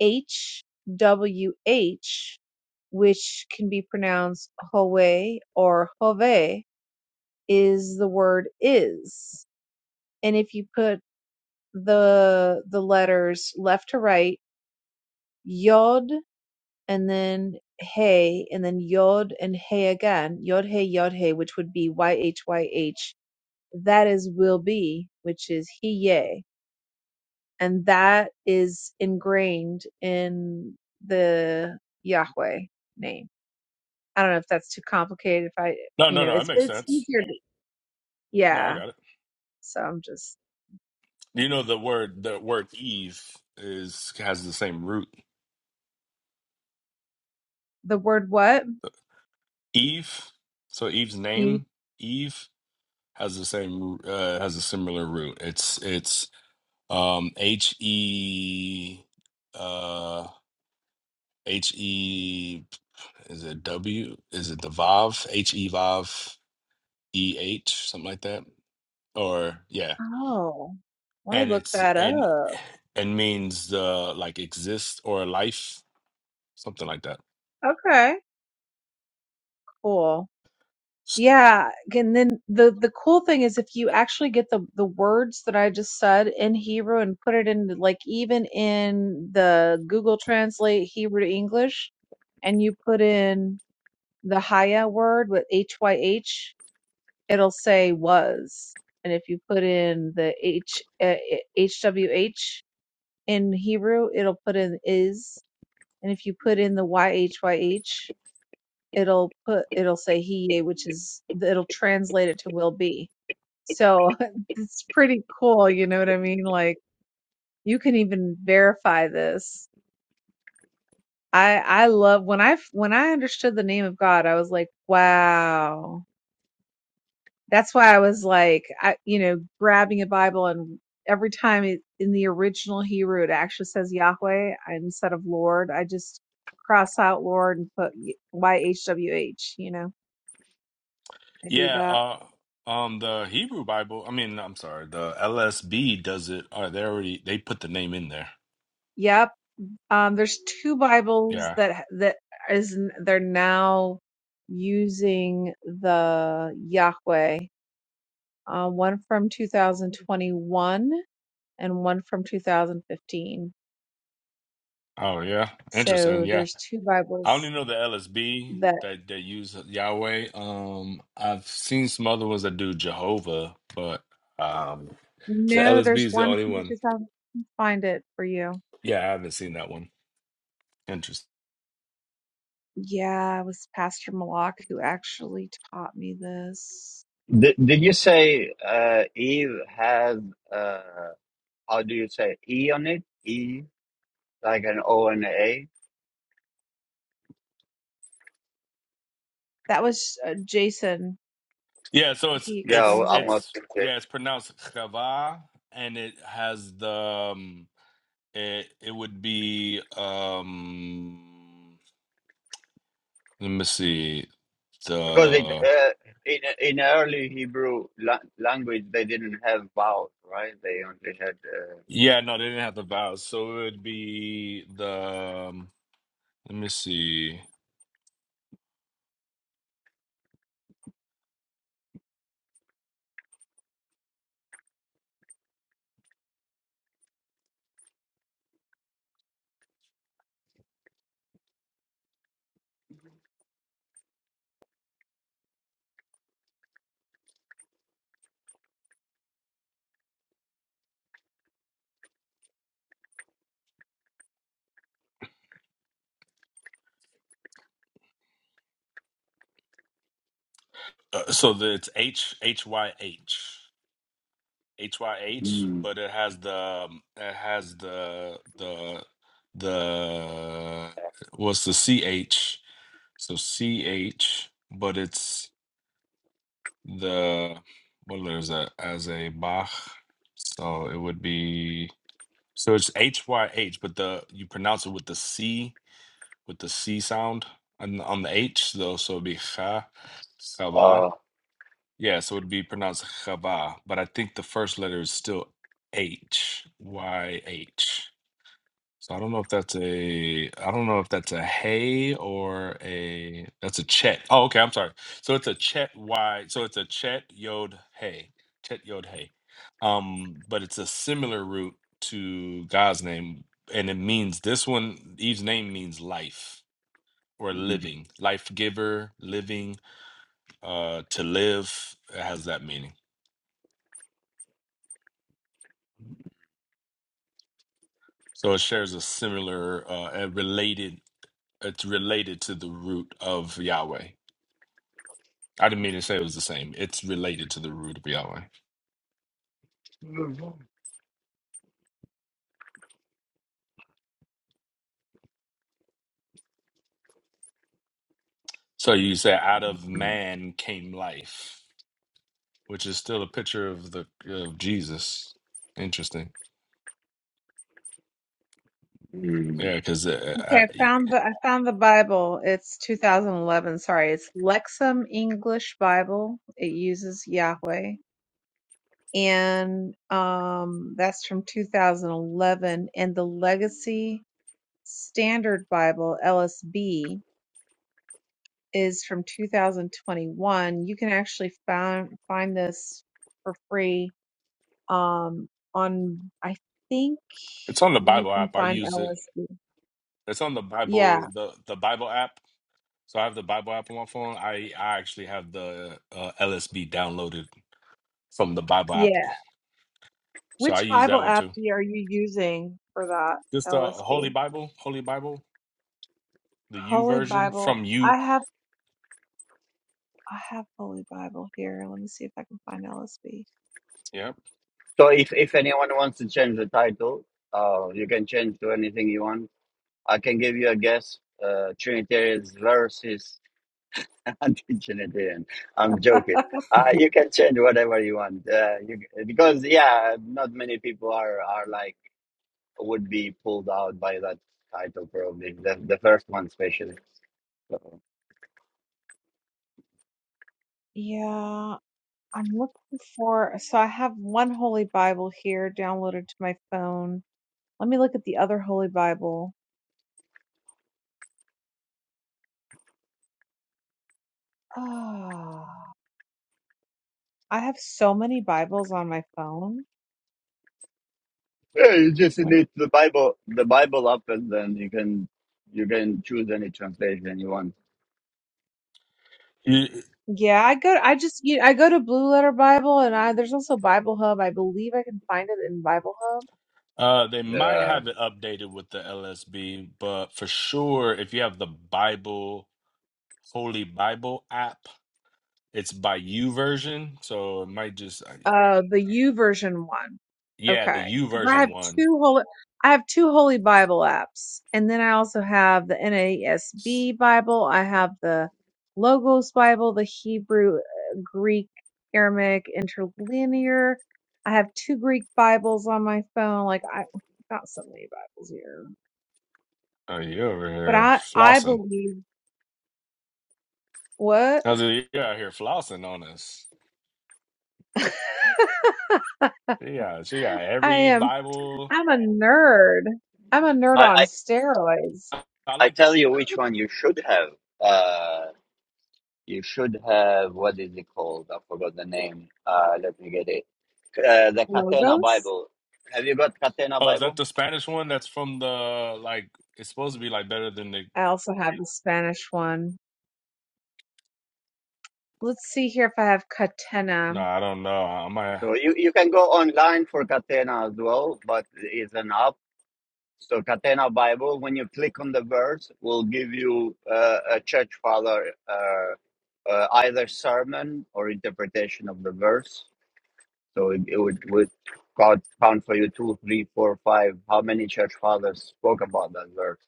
Speaker 5: HWH, which can be pronounced Howe or Hove, is the word is. And if you put the the letters left to right, Yod and then Hey and then Yod and Hey again, Yod Hey Yod Hey, which would be Y H Y H. That is will be, which is "hiye," And that is ingrained in the Yahweh name. I don't know if that's too complicated. If I,
Speaker 4: No,
Speaker 5: you
Speaker 4: no,
Speaker 5: know,
Speaker 4: no. It
Speaker 5: it's
Speaker 4: makes
Speaker 5: it's
Speaker 4: sense.
Speaker 5: easier. To,
Speaker 4: No, I
Speaker 5: yeah.
Speaker 4: got it.
Speaker 5: So I'm just
Speaker 4: You know the word the word Eve is has the same root.
Speaker 5: the word what?
Speaker 4: Eve. So Eve's
Speaker 5: E-
Speaker 4: name Eve has the same uh, has a similar root. It's it's um H E uh H E is it W is it the Vav H E Vav E H something like that or yeah
Speaker 5: Oh, let me
Speaker 4: and
Speaker 5: look
Speaker 4: it's
Speaker 5: that
Speaker 4: and
Speaker 5: up.
Speaker 4: and means uh like exist or life something like that
Speaker 5: Okay, cool. Yeah, and then the the cool thing is if you actually get the the words that I just said in Hebrew and put it into like even in the Google Translate Hebrew to English, and you put in the Haya word with H Y H it'll say was. And if you put in the H, uh, HWH in Hebrew, it'll put in is. And if you put in the YHYH, it'll put, it'll say he, yea, which is, it'll translate it to will be. So [laughs] it's pretty cool. You know what I mean? Like you can even verify this. I, I love when I, when I understood the name of God, I was like, wow that's why I was like, I, you know, grabbing a Bible and every time it, in the original Hebrew it actually says Yahweh instead of Lord. I just cross out Lord and put Y H W H. You know, I do
Speaker 4: yeah
Speaker 5: that.
Speaker 4: uh um the hebrew bible i mean i'm sorry the lsb does it uh, they already they put the name in there
Speaker 5: Yep. Um, there's two Bibles
Speaker 4: yeah
Speaker 5: that that is they're now using the Yahweh. Uh, one from 2021 and one from 2015.
Speaker 4: oh yeah interesting
Speaker 5: So
Speaker 4: yeah
Speaker 5: there's two
Speaker 4: i only
Speaker 5: Bibles
Speaker 4: know the lsb
Speaker 5: that.
Speaker 4: that that use uh, yahweh um i've seen some other ones that do jehovah but um the
Speaker 5: No,
Speaker 4: lsb
Speaker 5: there's
Speaker 4: is the
Speaker 5: one
Speaker 4: only
Speaker 5: from
Speaker 4: one
Speaker 5: 2000. Find it for you.
Speaker 4: yeah i haven't seen that one interesting
Speaker 5: Yeah, it was Pastor Malak who actually taught me this.
Speaker 1: did, did you say uh, eve had Uh, How do you say E on it? E like an O and a A?
Speaker 5: That was uh, Jason.
Speaker 4: Yeah, so it's
Speaker 5: He
Speaker 1: Yeah,
Speaker 4: it's
Speaker 1: well,
Speaker 5: explains
Speaker 1: I
Speaker 5: it.
Speaker 1: must
Speaker 4: it's
Speaker 1: say
Speaker 4: yeah, it's pronounced chava, and it has the um, it it would be um let me see
Speaker 1: because it
Speaker 4: the
Speaker 1: uh, in in early Hebrew la- language they didn't have vowels, right? They only had uh,
Speaker 4: yeah no they didn't have the vowels so it would be the um, let me see uh, so the, it's h h y h h y h
Speaker 1: mm,
Speaker 4: but it has the um, it has the the the what's the ch So CH, but it's the what letter is that as a Bach? So it would be so it's H Y H, but the you pronounce it with the C with the C sound on on the H though, so it'd be ha, chava.
Speaker 1: uh,
Speaker 4: Yeah, so it'd be pronounced chava, but I think the first letter is still H Y H. So I don't know if that's a I don't know if that's a hay or a that's a chet. Oh, okay, I'm sorry. So it's a chet y so it's a chet yod hay. Chet yod hay. Um, but it's a similar root to God's name, and it means this one Eve's name means life or
Speaker 1: mm,
Speaker 4: living, life giver, living, uh to live. It has that meaning. So it shares a similar uh a related it's related to the root of Yahweh. I didn't mean to say it was the same. It's related to the root of Yahweh. So you say, out of man came life, which is still a picture of the of Jesus. Interesting.
Speaker 1: mm.
Speaker 4: Yeah, because uh,
Speaker 5: Okay, I
Speaker 4: I,
Speaker 5: found the I found the Bible. It's 2011. Sorry, it's Lexham English Bible. It uses Yahweh, and um, that's from 2011. And the Legacy Standard Bible (LSB) is from 2021. You can actually find find this for free um, on. I think
Speaker 4: it's on the
Speaker 5: you
Speaker 4: Bible
Speaker 5: can
Speaker 4: app. I
Speaker 5: find
Speaker 4: use it.
Speaker 5: LSB.
Speaker 4: It's on the
Speaker 5: Yeah,
Speaker 4: Bible the the Bible app. So I have the Bible app on my phone. I I actually have the uh, LSB downloaded from the Bible app.
Speaker 5: yeah.
Speaker 4: So I
Speaker 5: Which
Speaker 4: use that
Speaker 5: Bible
Speaker 4: one
Speaker 5: app
Speaker 4: too.
Speaker 5: do you- are you using for that
Speaker 4: Just the Holy
Speaker 5: LSB?
Speaker 4: Bible, Holy Bible, the U
Speaker 5: Holy
Speaker 4: version
Speaker 5: Bible.
Speaker 4: from you.
Speaker 5: I have I have Holy Bible here. Let me see if I can find LSB.
Speaker 4: Yeah.
Speaker 1: So if if anyone wants to change the title, uh, you can change to anything you want. I can give you a guess. Uh, Trinitarians versus I'm teaching it in. I'm joking. Uh,
Speaker 2: [laughs]
Speaker 1: you can change whatever you want. Uh, you, because yeah, not many people are are like would be pulled out by that title probably the, the first one especially. So,
Speaker 5: Yeah, I'm looking for. So I have one Holy Bible here downloaded to my phone. Let me look at the other Holy Bible. Oh, I have so many Bibles on my phone.
Speaker 1: yeah, you just
Speaker 5: It's like,
Speaker 1: need the Bible, the Bible up, and then you can you can choose any translation you want.
Speaker 5: yeah, I go. I just you I go to Blue Letter Bible, and I there's also Bible Hub. I believe I can find it in Bible Hub.
Speaker 4: Uh, they might
Speaker 1: Yeah,
Speaker 4: have it updated with the LSB, but for sure, if you have the Bible, Holy Bible app, it's by U version. So it might just, uh,
Speaker 5: Uh, the U version one.
Speaker 4: yeah, the
Speaker 5: Okay.
Speaker 4: U
Speaker 5: 'Cause I
Speaker 4: version
Speaker 5: have
Speaker 4: one.
Speaker 5: two holy, I have two Holy Bible apps, and then I also have the
Speaker 4: S-
Speaker 5: NASB Bible. I have the Logos Bible, the Hebrew, uh, Greek, Aramaic, Interlinear. I have two Greek Bibles on my phone. Like I got so many Bibles here,
Speaker 4: Oh, you over
Speaker 5: but
Speaker 4: here
Speaker 5: I I
Speaker 4: flossing.
Speaker 5: believe what
Speaker 4: I was like, you out here flossing on us.
Speaker 5: [laughs]
Speaker 4: She got, she got
Speaker 5: I
Speaker 4: every
Speaker 5: am.
Speaker 4: Bible.
Speaker 5: I'm a nerd. I'm a nerd
Speaker 1: I
Speaker 5: on
Speaker 1: I,
Speaker 5: steroids.
Speaker 4: I I
Speaker 1: I
Speaker 4: like the,
Speaker 1: tell you which one you should have. Uh, you should have what is it called? I forgot the name. Uh, let me get it uh, the Catena
Speaker 5: Logos.
Speaker 1: Bible. Have you got Catena
Speaker 4: oh, is that
Speaker 1: Bible?
Speaker 4: the Spanish one that's from the, like, it's supposed to be like better than the,
Speaker 5: I also have the Spanish one. Let's see here if I have Catena.
Speaker 4: no, I don't know. I might.
Speaker 1: So you, you can go online for Catena as well, but it's an app. So Catena Bible, when you click on the verse, will give you uh, a church father uh, uh, either sermon or interpretation of the verse. So it, it would, would count, count for you two, three, four, five, how many church fathers spoke about that verse.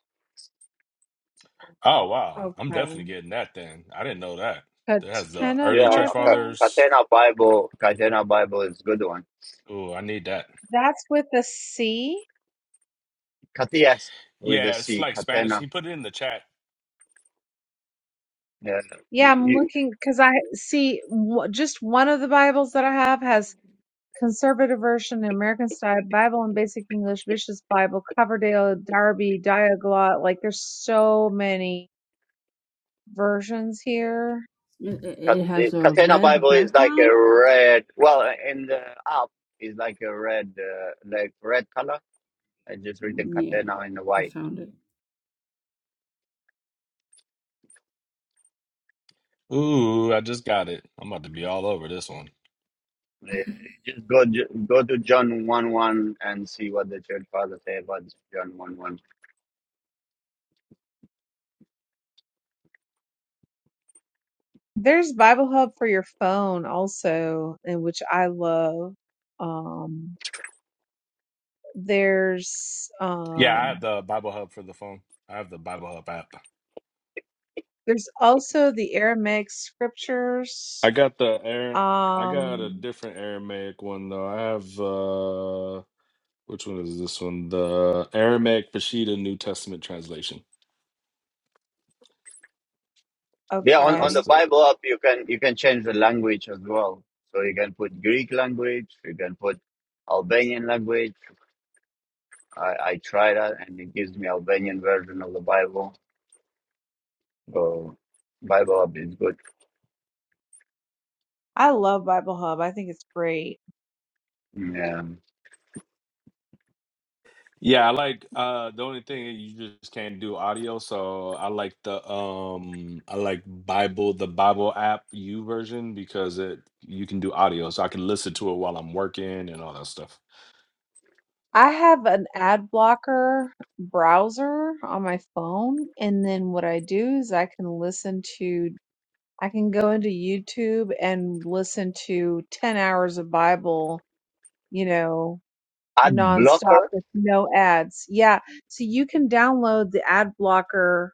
Speaker 4: Oh wow, I'm
Speaker 5: Okay.
Speaker 4: definitely getting that then. I didn't know that. That has the
Speaker 5: Catena
Speaker 4: early
Speaker 1: Yeah,
Speaker 4: church
Speaker 1: Ca-
Speaker 5: Bible.
Speaker 4: fathers.
Speaker 1: Catena Bible, Catena Bible is a good one.
Speaker 4: Ooh, I need that.
Speaker 5: That's with a C.
Speaker 1: Katias with a
Speaker 4: Yeah, it's
Speaker 1: C,
Speaker 4: like Spanish.
Speaker 1: Catena
Speaker 4: He put it in the chat.
Speaker 1: Yeah, you,
Speaker 5: Yeah, I'm
Speaker 1: you-
Speaker 5: looking because I see w- just one of the Bibles that I have has Conservative Version, American Style Bible, and Basic English, Bishop's Bible, Coverdale, Darby, Diaglot. Like, there's so many versions here.
Speaker 2: It, it,
Speaker 1: Cat-
Speaker 2: it has
Speaker 1: the
Speaker 2: a
Speaker 1: Catena
Speaker 2: red
Speaker 1: Bible is like
Speaker 2: background.
Speaker 1: a red. Well, in the app is like a red, uh, like red color. I just read the
Speaker 2: Yeah,
Speaker 1: Catena in the
Speaker 2: I
Speaker 1: white.
Speaker 2: found it.
Speaker 4: Ooh, I just got it. I'm about to be all over this one.
Speaker 1: Uh, Just go go to John one one and see what the church fathers say about John one one.
Speaker 5: There's Bible Hub for your phone also, and which I love. Um, There's
Speaker 4: Yeah, I have
Speaker 5: um,
Speaker 4: the Bible Hub for the phone. I have the Bible Hub app.
Speaker 5: there's also the Aramaic
Speaker 4: I
Speaker 5: scriptures.
Speaker 4: got the air. I got a
Speaker 5: Um,
Speaker 4: different Aramaic one though. I have uh, which one is this one? The Aramaic Peshitta New Testament translation.
Speaker 1: Yeah, on, on
Speaker 4: That's
Speaker 1: the
Speaker 4: the.
Speaker 5: okay.
Speaker 1: Bible app you can you can change the language as well. So you can put Greek language, you can put Albanian language. I, I try that and it gives me Albanian version of the Bible. So Bible app is good.
Speaker 5: I love Bible Hub. I think it's great.
Speaker 1: Yeah.
Speaker 4: Yeah, I like uh the only thing you just can't do audio, so I like the um I like Bible the Bible app U version because it you can do audio, so I can listen to it while I'm working and all that stuff.
Speaker 5: I have an ad blocker browser on my phone, and then what I do is I can listen to I can go into YouTube and listen to 10 hours of Bible, you know,
Speaker 1: Ad
Speaker 5: nonstop
Speaker 1: blocker.
Speaker 5: with no ads. Yeah. So you can download the ad blocker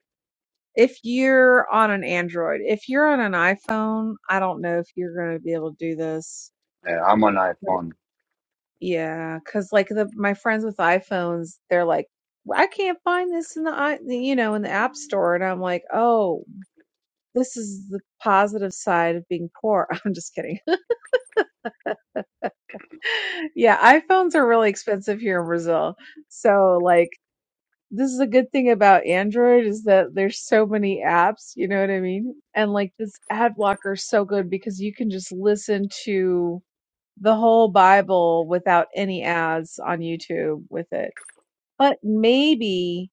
Speaker 5: if you're on an Android, if you're on an iPhone, I don't know if you're going to be able to do this.
Speaker 1: Yeah, I'm on
Speaker 5: But
Speaker 1: iPhone.
Speaker 5: yeah, cuz like the my friends with iPhones, they're like, "Well, I can't find this in the i- you know, in the App Store. And I'm like, "Oh, this is the positive side of being poor." [laughs] I'm just kidding. [laughs] yeah, iPhones are really expensive here in Brazil. So like this is a good thing about Android is that there's so many apps, you know what I mean? And like this ad blocker is so good because you can just listen to the whole Bible without any ads on YouTube with it. But maybe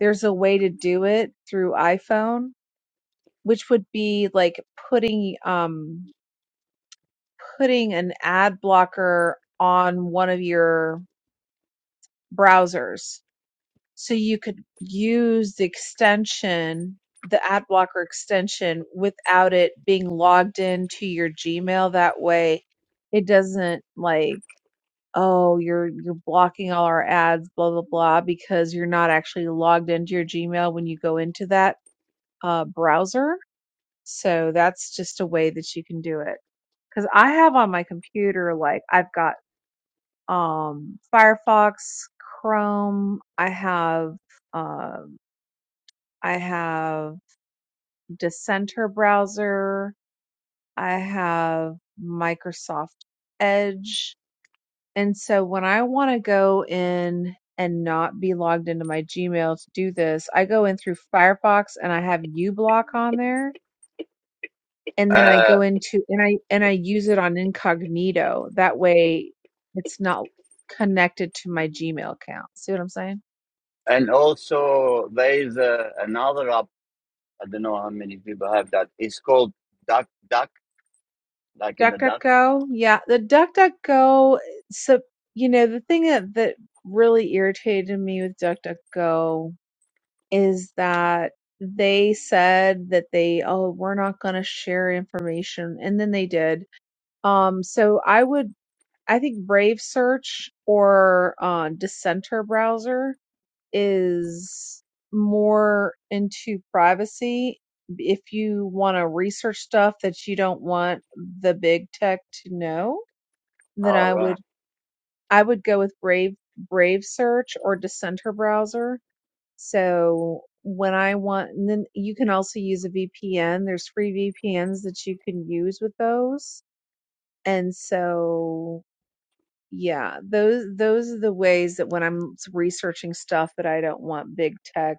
Speaker 5: there's a way to do it through iPhone, which would be like putting um putting an ad blocker on one of your browsers so you could use the extension, the ad blocker extension, without it being logged into your Gmail. That way, it doesn't like, oh, you're you're blocking all our ads, blah blah blah, because you're not actually logged into your Gmail when you go into that uh, browser. So that's just a way that you can do it. Because I have on my computer, like I've got um, Firefox, Chrome, I have. um I have Dissenter browser. I have Microsoft Edge. And so when I want to go in and not be logged into my Gmail to do this, I go in through Firefox and I have uBlock on there. And then I
Speaker 1: Uh,
Speaker 5: go into and I and I use it on incognito. That way it's not connected to my Gmail account. See what I'm saying?
Speaker 1: and also there is uh, another app. I don't know how many people have that. It's called Duck Duck, like in the duck.
Speaker 5: DuckDuckGo, yeah, the DuckDuckGo. So you know the thing that that really irritated me with DuckDuckGo is that they said that they oh we're not going to share information, and then they did. Um, so I would I think Brave Search or uh, Dissenter browser is more into privacy. If you want to research stuff that you don't want the big tech to know, then
Speaker 1: Oh
Speaker 5: I
Speaker 1: right.
Speaker 5: would I would go with Brave Brave Search or Dissenter browser. So when I want, and then you can also use a VPN. There's free VPNs that you can use with those. And so, yeah, those those are the ways that when I'm researching stuff that I don't want big tech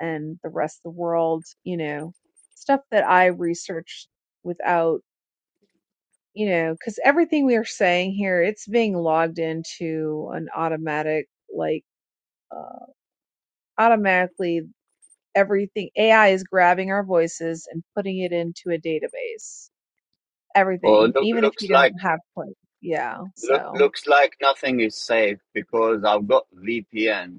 Speaker 5: and the rest of the world, you know, stuff that I researched without, you know, because everything we are saying here, it's being logged into an automatic, like, uh, automatically everything AI is grabbing our voices and putting it into a database.
Speaker 1: Well,
Speaker 5: Everything,
Speaker 1: look,
Speaker 5: even if you
Speaker 1: looks
Speaker 5: don't
Speaker 1: like
Speaker 5: have like, yeah.
Speaker 1: look,
Speaker 5: So
Speaker 1: looks like nothing is safe because I've got VPN.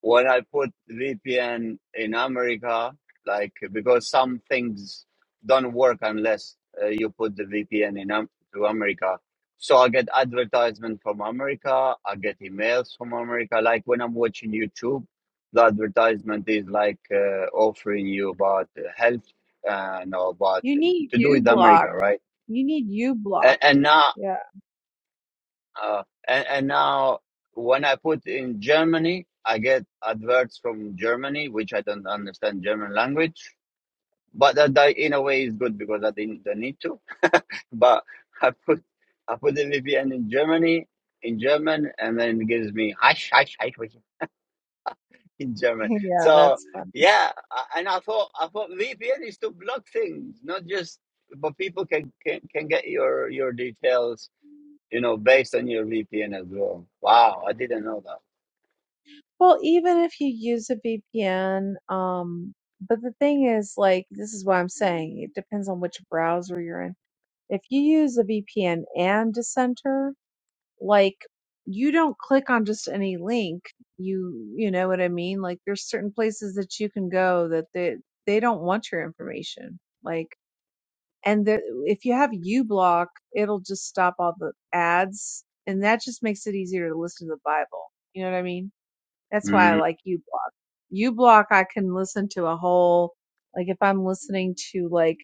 Speaker 1: when I put VPN in America, like because some things don't work unless uh, you put the VPN in um, to America. So I get advertisement from America. I get emails from America. Like when I'm watching YouTube, the advertisement is like uh, offering you about uh, health and about
Speaker 5: you need
Speaker 1: to do
Speaker 5: you
Speaker 1: with
Speaker 5: block.
Speaker 1: America, right?
Speaker 5: You need you block.
Speaker 1: And, and now
Speaker 5: Yeah,
Speaker 1: uh, and, and now when I put in Germany, I get adverts from Germany, which I don't understand German language. But that, that in a way is good because I didn't don't need to. [laughs] But I put I put the VPN in Germany in German, and then it gives me hush hush hush hush [laughs] in
Speaker 5: [laughs]
Speaker 1: German.
Speaker 5: yeah,
Speaker 1: So
Speaker 5: that's fun.
Speaker 1: yeah, I, and I thought I thought VPN is to block things, not just but people can can, can get your your details you know, based on your VPN as well. Wow, I didn't know that.
Speaker 5: Well, even if you use a VPN, um, but the thing is, like, this is what I'm saying. It depends on which browser you're in. If you use a VPN and Dissenter, like, you don't click on just any link. You, you know what I mean? Like, there's certain places that you can go that they they don't want your information. Like, and the, if you have uBlock, it'll just stop all the ads, and that just makes it easier to listen to the Bible. You know what I mean? That's why I
Speaker 1: Mm.
Speaker 5: like u block. u block I can listen to a whole like if I'm listening to like,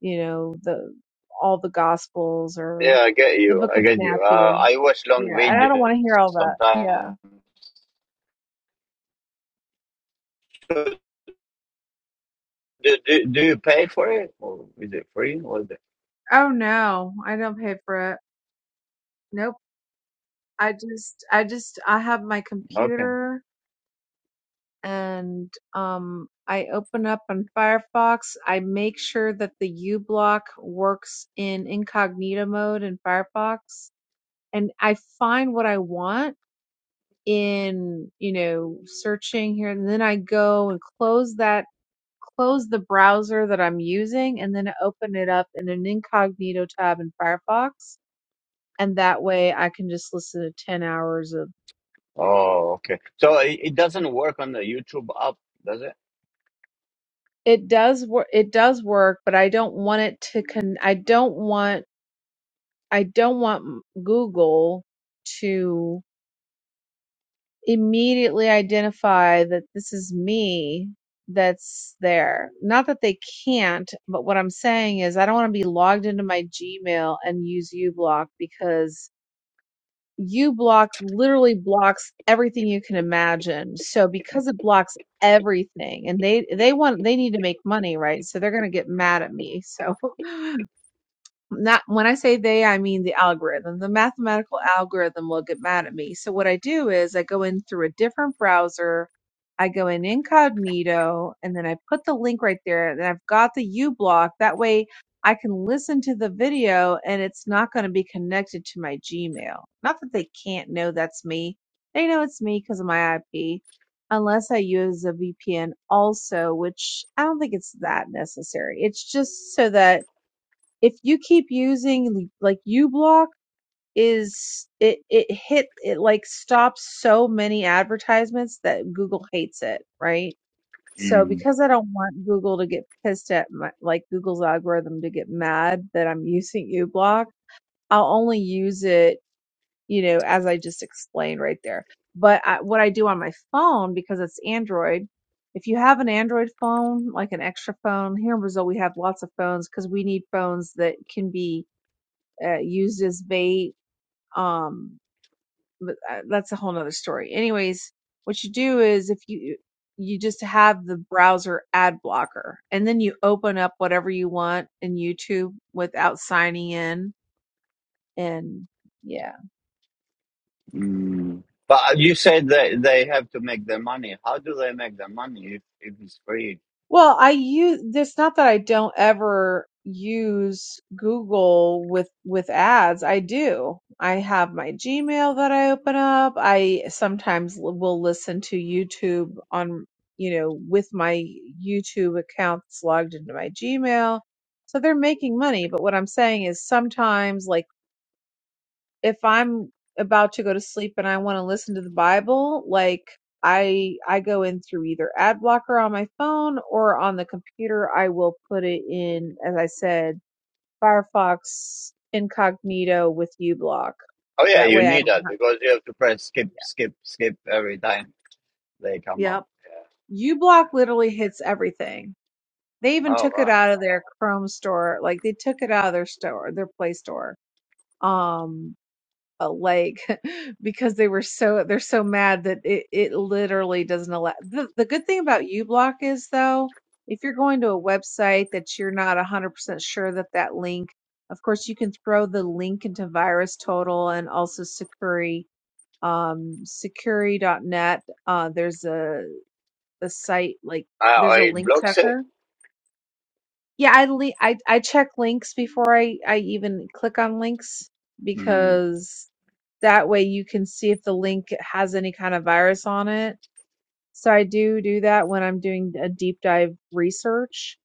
Speaker 5: you know, the all the gospels or
Speaker 1: Yeah, I get
Speaker 5: the
Speaker 1: you.
Speaker 5: book
Speaker 1: I
Speaker 5: of
Speaker 1: get you. Uh,
Speaker 5: Matthew.
Speaker 1: I watch long
Speaker 5: Yeah, and I don't want
Speaker 1: videos
Speaker 5: to hear all that. Yeah.
Speaker 1: sometimes. Do, do, do you pay for it or is it free? What is it?
Speaker 5: Oh no, I don't pay for it. Nope. I just I just I have my
Speaker 1: Okay.
Speaker 5: computer and um I open up on Firefox. I make sure that the u block works in incognito mode in Firefox and I find what I want in, you know, searching here. And then I go and close that, close the browser that I'm using and then I open it up in an incognito tab in Firefox. And that way I can just listen to 10 hours of
Speaker 1: Oh, okay. So it, it doesn't work on the YouTube app, does it?
Speaker 5: it does work. It does work, but I don't want it to con, I don't want, I don't want Google to immediately identify that this is me that's there. Not that they can't, but what I'm saying is I don't want to be logged into my Gmail and use uBlock because uBlock literally blocks everything you can imagine. So because it blocks everything and they they want they need to make money, right? So they're going to get mad at me. So not when I say they, I mean the algorithm. The mathematical algorithm will get mad at me. So what I do is I go in through a different browser, I go in incognito, and then I put the link right there, and I've got the U block. That way I can listen to the video and it's not going to be connected to my Gmail. Not that they can't know that's me. They know it's me because of my IP. Unless I use a VPN also, which I don't think it's that necessary. It's just so that if you keep using like uBlock, is it it hit it like stops so many advertisements that google hates it right so
Speaker 1: Mm.
Speaker 5: because i don't want google to get pissed at my like google's algorithm to get mad that i'm using uBlock, i'll only use it you know as i just explained right there but I, what i do on my phone because it's android if you have an Android phone, like an extra phone, here in Brazil we have lots of phones because we need phones that can be uh, used as bait. Um, but uh, that's a whole nother story. Anyways, what you do is if you you just have the browser ad blocker, and then you open up whatever you want in YouTube without signing in, and yeah.
Speaker 1: Mm. But uh, you said that they have to make their money. How do they make their money if, if it's free?
Speaker 5: Well, I use it's not that I don't ever use Google with with ads. I do. I have my Gmail that I open up. I sometimes l- will listen to YouTube on, you know, with my YouTube account that's logged into my Gmail. So they're making money, but what I'm saying is sometimes like if I'm about to go to sleep and I want to listen to the Bible, like I I go in through either ad blocker on my phone or on the computer. I will put it in, as I said, Firefox incognito with uBlock.
Speaker 1: Oh yeah,
Speaker 5: That
Speaker 1: you
Speaker 5: way I
Speaker 1: need
Speaker 5: don't
Speaker 1: that
Speaker 5: have
Speaker 1: because you have to press skip, skip, skip every time they come up.
Speaker 5: Yep.
Speaker 1: Yeah.
Speaker 5: uBlock literally hits everything. They even
Speaker 1: Oh,
Speaker 5: took it
Speaker 1: wow.
Speaker 5: out of their Chrome store. Like they took it out of their store, their Play store. Um a lake [laughs] because they were so they're so mad that it, it literally doesn't allow the, the good thing about uBlock is though if you're going to a website that you're not 100% sure that that link of course you can throw the link into virus total and also securi um Sucuri dot net. uh there's a a site like
Speaker 1: Uh,
Speaker 5: there's a
Speaker 1: it
Speaker 5: link
Speaker 1: blocks it.
Speaker 5: checker yeah, I li- I I check links before I I even click on links
Speaker 1: Mm,
Speaker 5: because that way you can see if the link has any kind of virus on it. So I do do that when I'm doing a deep dive research.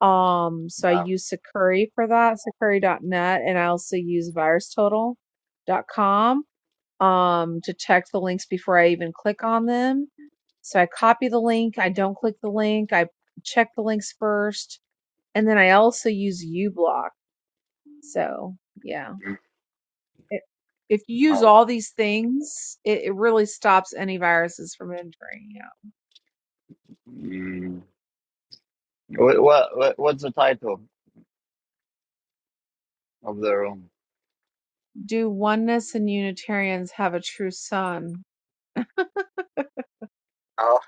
Speaker 5: Um, so I
Speaker 1: Um,
Speaker 5: use Sakuri for that, Sakuri.net, and I also use virus total dot com um to check the links before I even click on them. So I copy the link, I don't click the link, I check the links first and then I also use uBlock. So yeah,
Speaker 1: mm.
Speaker 5: it, if you use
Speaker 1: oh, wow.
Speaker 5: all these things, it, it really stops any viruses from entering. Yeah.
Speaker 1: mm. What, what, what's the title of the room?
Speaker 5: Do oneness and Unitarians have a true son?
Speaker 1: oh,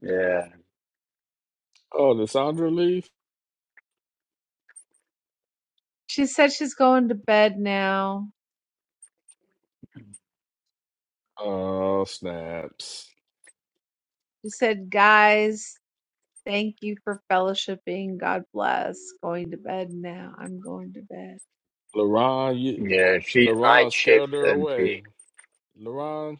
Speaker 1: Yeah,
Speaker 4: Oh, the Lissandra leave?
Speaker 5: She said she's going to bed now.
Speaker 4: Oh, snaps.
Speaker 5: She said, guys, thank you for fellowshipping. God bless. Going to bed now. I'm going to bed.
Speaker 4: LaRon, you,
Speaker 1: yeah, she's night
Speaker 4: LaRon scared
Speaker 1: shift.
Speaker 4: her
Speaker 1: and she,
Speaker 4: away. LaRon,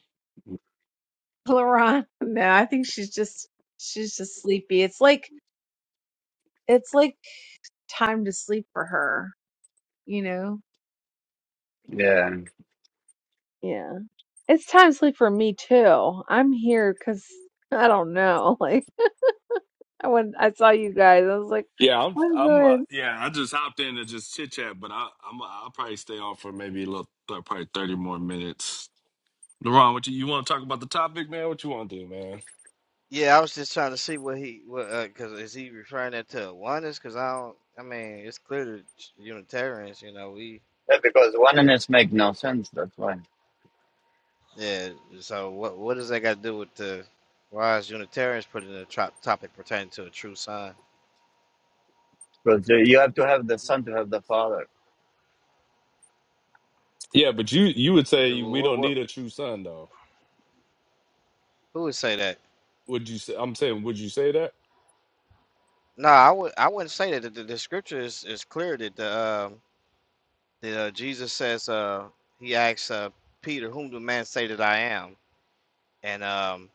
Speaker 5: [laughs] Laron, no, I think she's just she's just sleepy. It's like it's like time to sleep for her, you know
Speaker 1: yeah.
Speaker 5: Yeah. It's time to sleep for me too. I'm here because I don't know. [laughs] Like I went, I saw you guys. I was like,
Speaker 4: Yeah, I'm
Speaker 5: I'm
Speaker 4: I'm uh,
Speaker 5: good.
Speaker 4: yeah, I just hopped in to just chit chat, but I I'm I'll probably stay on for maybe a little probably 30 more minutes. LeBron, what you, you want to talk about the topic, man? What you want to do, man?
Speaker 8: Yeah, I was just trying to see what he what because is he referring that to oneness? Because I don't. I mean, it's clear that Unitarians. You know, we
Speaker 1: yeah because oneness make no sense, that's why.
Speaker 8: yeah. So what what does that got to do with the why is Unitarians put in a top topic pertaining to a true sign?
Speaker 1: Because you you have to have the Son to have the Father.
Speaker 4: Yeah, but you you would say
Speaker 8: Who
Speaker 4: we
Speaker 8: what,
Speaker 4: don't
Speaker 8: what
Speaker 4: need a true son, though.
Speaker 8: who would say that?
Speaker 4: Would you say? I'm saying, would you say that?
Speaker 8: No, I would I wouldn't say that. The, the, the scripture is, is clear that the um that uh, Jesus says uh he asks uh Peter whom do man say that I am and um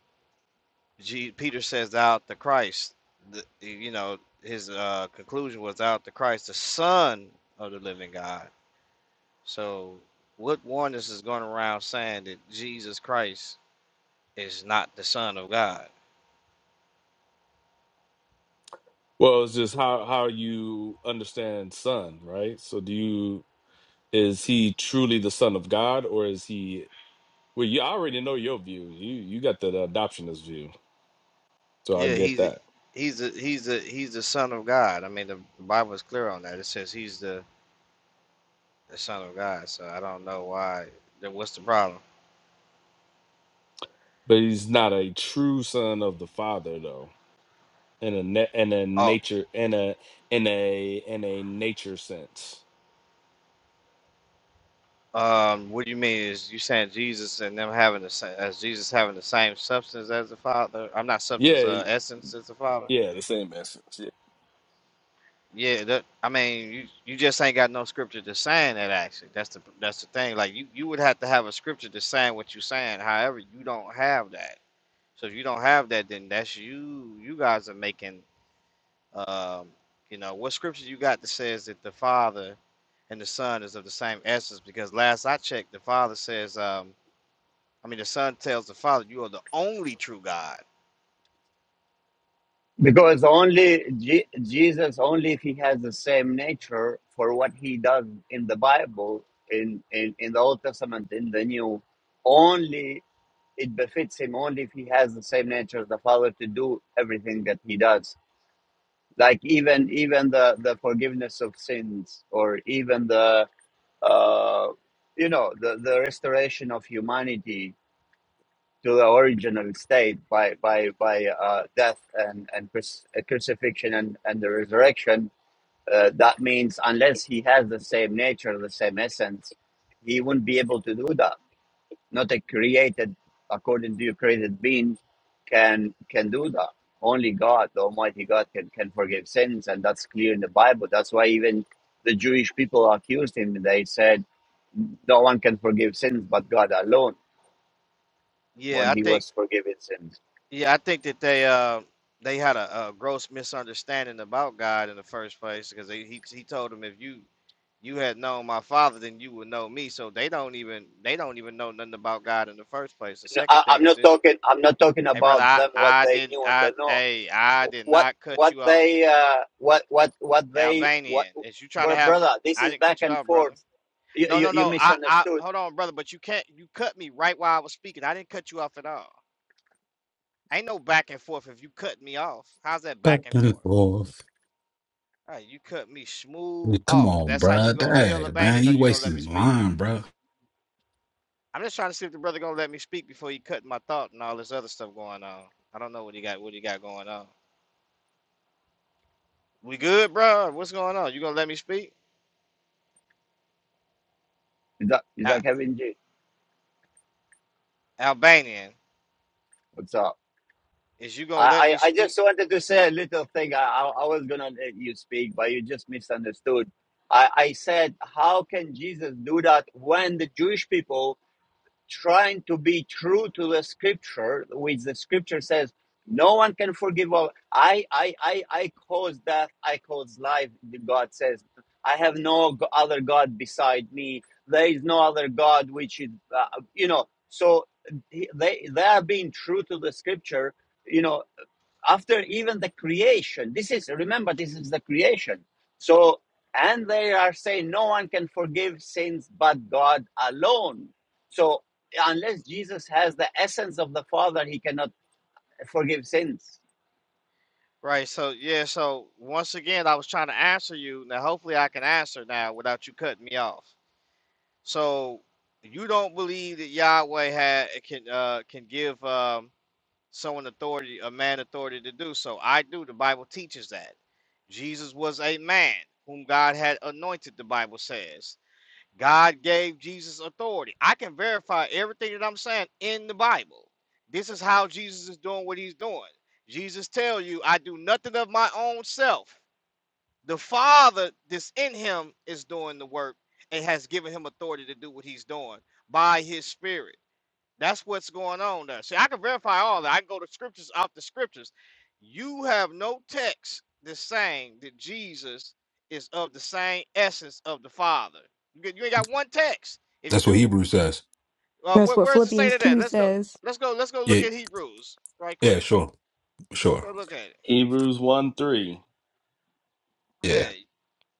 Speaker 8: G, Peter says out the Christ. The, you know, his uh, conclusion was out the Christ, the Son of the Living God. So, what oneness is going around saying that Jesus Christ is not the Son of God?
Speaker 4: Well, it's just how how you understand son, right? So, do you is he truly the son of God, or is he? Well, you I already know your view. You you got the adoptionist view, so I
Speaker 8: Yeah,
Speaker 4: get
Speaker 8: he's
Speaker 4: that.
Speaker 8: he's a, he's a, he's the Son of God. I mean, the Bible is clear on that. It says he's the, the Son of God. So I don't know why. what's the problem?
Speaker 4: But he's not a true son of the father, though, in a na- in a
Speaker 8: Oh,
Speaker 4: nature in a in a in a nature sense.
Speaker 8: Um, what do you mean? Is you saying Jesus and them having the same, as Jesus having the same substance as the Father? I'm not substance,
Speaker 4: Yeah,
Speaker 8: uh, essence as the Father.
Speaker 4: Yeah, the same message. Yeah.
Speaker 8: Yeah, that, I mean, you you just ain't got no scripture to saying that. Actually, that's the that's the thing. Like you you would have to have a scripture to saying what you're saying. However, you don't have that. So if you don't have that, then that's you. You guys are making, um, you know, what scripture you got that says that the Father and the Son is of the same essence? Because last I checked, the Father says, um I mean, the son tells the father, "You are the only true God."
Speaker 1: Because only Je- Jesus, only if he has the same nature for what he does in the Bible, in, in, in the Old Testament, in the New, only it befits him only if he has the same nature as the Father to do everything that he does. Like even even the the forgiveness of sins, or even the uh, you know the the restoration of humanity to the original state by by by uh, death and and cruci- uh, crucifixion and and the resurrection. Uh, that means unless he has the same nature, the same essence, he wouldn't be able to do that not a created according to your created being can can do that only god the almighty god can can forgive sins and that's clear in the bible that's why even the jewish people accused him they said no one can forgive sins but god alone
Speaker 8: Yeah,
Speaker 1: when
Speaker 8: I
Speaker 1: he
Speaker 8: think.
Speaker 1: was forgiving sins
Speaker 8: Yeah, I think that they uh they had a, a gross misunderstanding about God in the first place because he he he told them if you you had known my father, then you would know me. So they don't even they don't even know nothing about God in the first place. The
Speaker 1: No,
Speaker 8: second
Speaker 1: I, i'm
Speaker 8: thing is
Speaker 1: not
Speaker 8: this:
Speaker 1: talking i'm not talking
Speaker 8: Hey, brother,
Speaker 1: about
Speaker 8: I
Speaker 1: them what
Speaker 8: I
Speaker 1: they
Speaker 8: didn't
Speaker 1: knew and
Speaker 8: I
Speaker 1: don't know
Speaker 8: hey I did
Speaker 1: what
Speaker 8: not cut
Speaker 1: what
Speaker 8: you off,
Speaker 1: they uh what what what they what
Speaker 8: Albanian. Is you trying to
Speaker 1: bro-
Speaker 8: have?
Speaker 1: brother this
Speaker 8: I
Speaker 1: is
Speaker 8: didn't
Speaker 1: back
Speaker 8: cut you
Speaker 1: and
Speaker 8: off, brother.
Speaker 1: forth you,
Speaker 8: No,
Speaker 1: you,
Speaker 8: no,
Speaker 1: you
Speaker 8: no. I, I
Speaker 1: misunderstood
Speaker 8: hold on, brother, but you can't you cut me right while I was speaking. I didn't cut you off at all. Ain't no back and forth if you cut me off. How's that
Speaker 9: Back
Speaker 8: back and
Speaker 9: and
Speaker 8: forth?
Speaker 9: forth.
Speaker 8: Alright, you cut me smooth
Speaker 9: Come
Speaker 8: off. If
Speaker 9: on,
Speaker 8: that's how you
Speaker 9: bruh.
Speaker 8: gonna deal,
Speaker 9: Hey, man,
Speaker 8: Albanian, or
Speaker 9: you
Speaker 8: you gonna
Speaker 9: wasting
Speaker 8: let me
Speaker 9: his
Speaker 8: speak?
Speaker 9: line, bruh.
Speaker 8: I'm just trying to see if the brother gonna let me speak before he cut my thought and all this other stuff going on. I don't know what he got what he got going on. We good, bro? What's going on? You gonna let me speak?
Speaker 1: Is that is
Speaker 8: Al-
Speaker 1: that Kevin G?
Speaker 8: Albanian,
Speaker 1: What's up?
Speaker 8: is you gonna let
Speaker 1: I,
Speaker 8: me
Speaker 1: I, I
Speaker 8: speak?
Speaker 1: just wanted to say a little thing. I, I I was gonna let you speak, but you just misunderstood. I, I said, how can Jesus do that when the Jewish people trying to be true to the scripture which the scripture says no one can forgive all i i i, I cause death i cause life god says i have no other god beside me there is no other god which is uh, you know so they they are being true to the scripture you know after even the creation this is remember this is the creation so and they are saying no one can forgive sins but god alone so unless jesus has the essence of the father he cannot forgive sins
Speaker 8: Right. So yeah. So once again, I was trying to answer you. Now, hopefully, I can answer now without you cutting me off. So you don't believe that Yahweh had eh, can uh, can give um, someone authority, a man authority to do so. I do. The Bible teaches that Jesus was a man whom God had anointed. The Bible says. God gave Jesus authority. I can verify everything that I'm saying in the Bible. This is how Jesus is doing what he's doing. Jesus tells you, I do nothing of my own self. The Father that's in him is doing the work and has given him authority to do what he's doing by his spirit. That's what's going on there. See, I can verify all that. I can go to scriptures off the scriptures. You have no text that's saying that Jesus is of the same essence of the Father. You, get- you ain't got one text. If you
Speaker 9: That's what
Speaker 8: do,
Speaker 9: Hebrew says.
Speaker 8: uh,
Speaker 10: That's
Speaker 8: where,
Speaker 10: what
Speaker 8: where does it say
Speaker 10: Philippians
Speaker 8: that? at?
Speaker 10: 2
Speaker 8: Let's go.
Speaker 10: says.
Speaker 8: Let's go. Let's go look
Speaker 9: Yeah,
Speaker 8: at Hebrews right
Speaker 9: yeah,
Speaker 8: quick.
Speaker 9: sure, sure,
Speaker 8: Let's go look at it.
Speaker 4: Hebrews 1 3.
Speaker 9: yeah,
Speaker 8: Hey,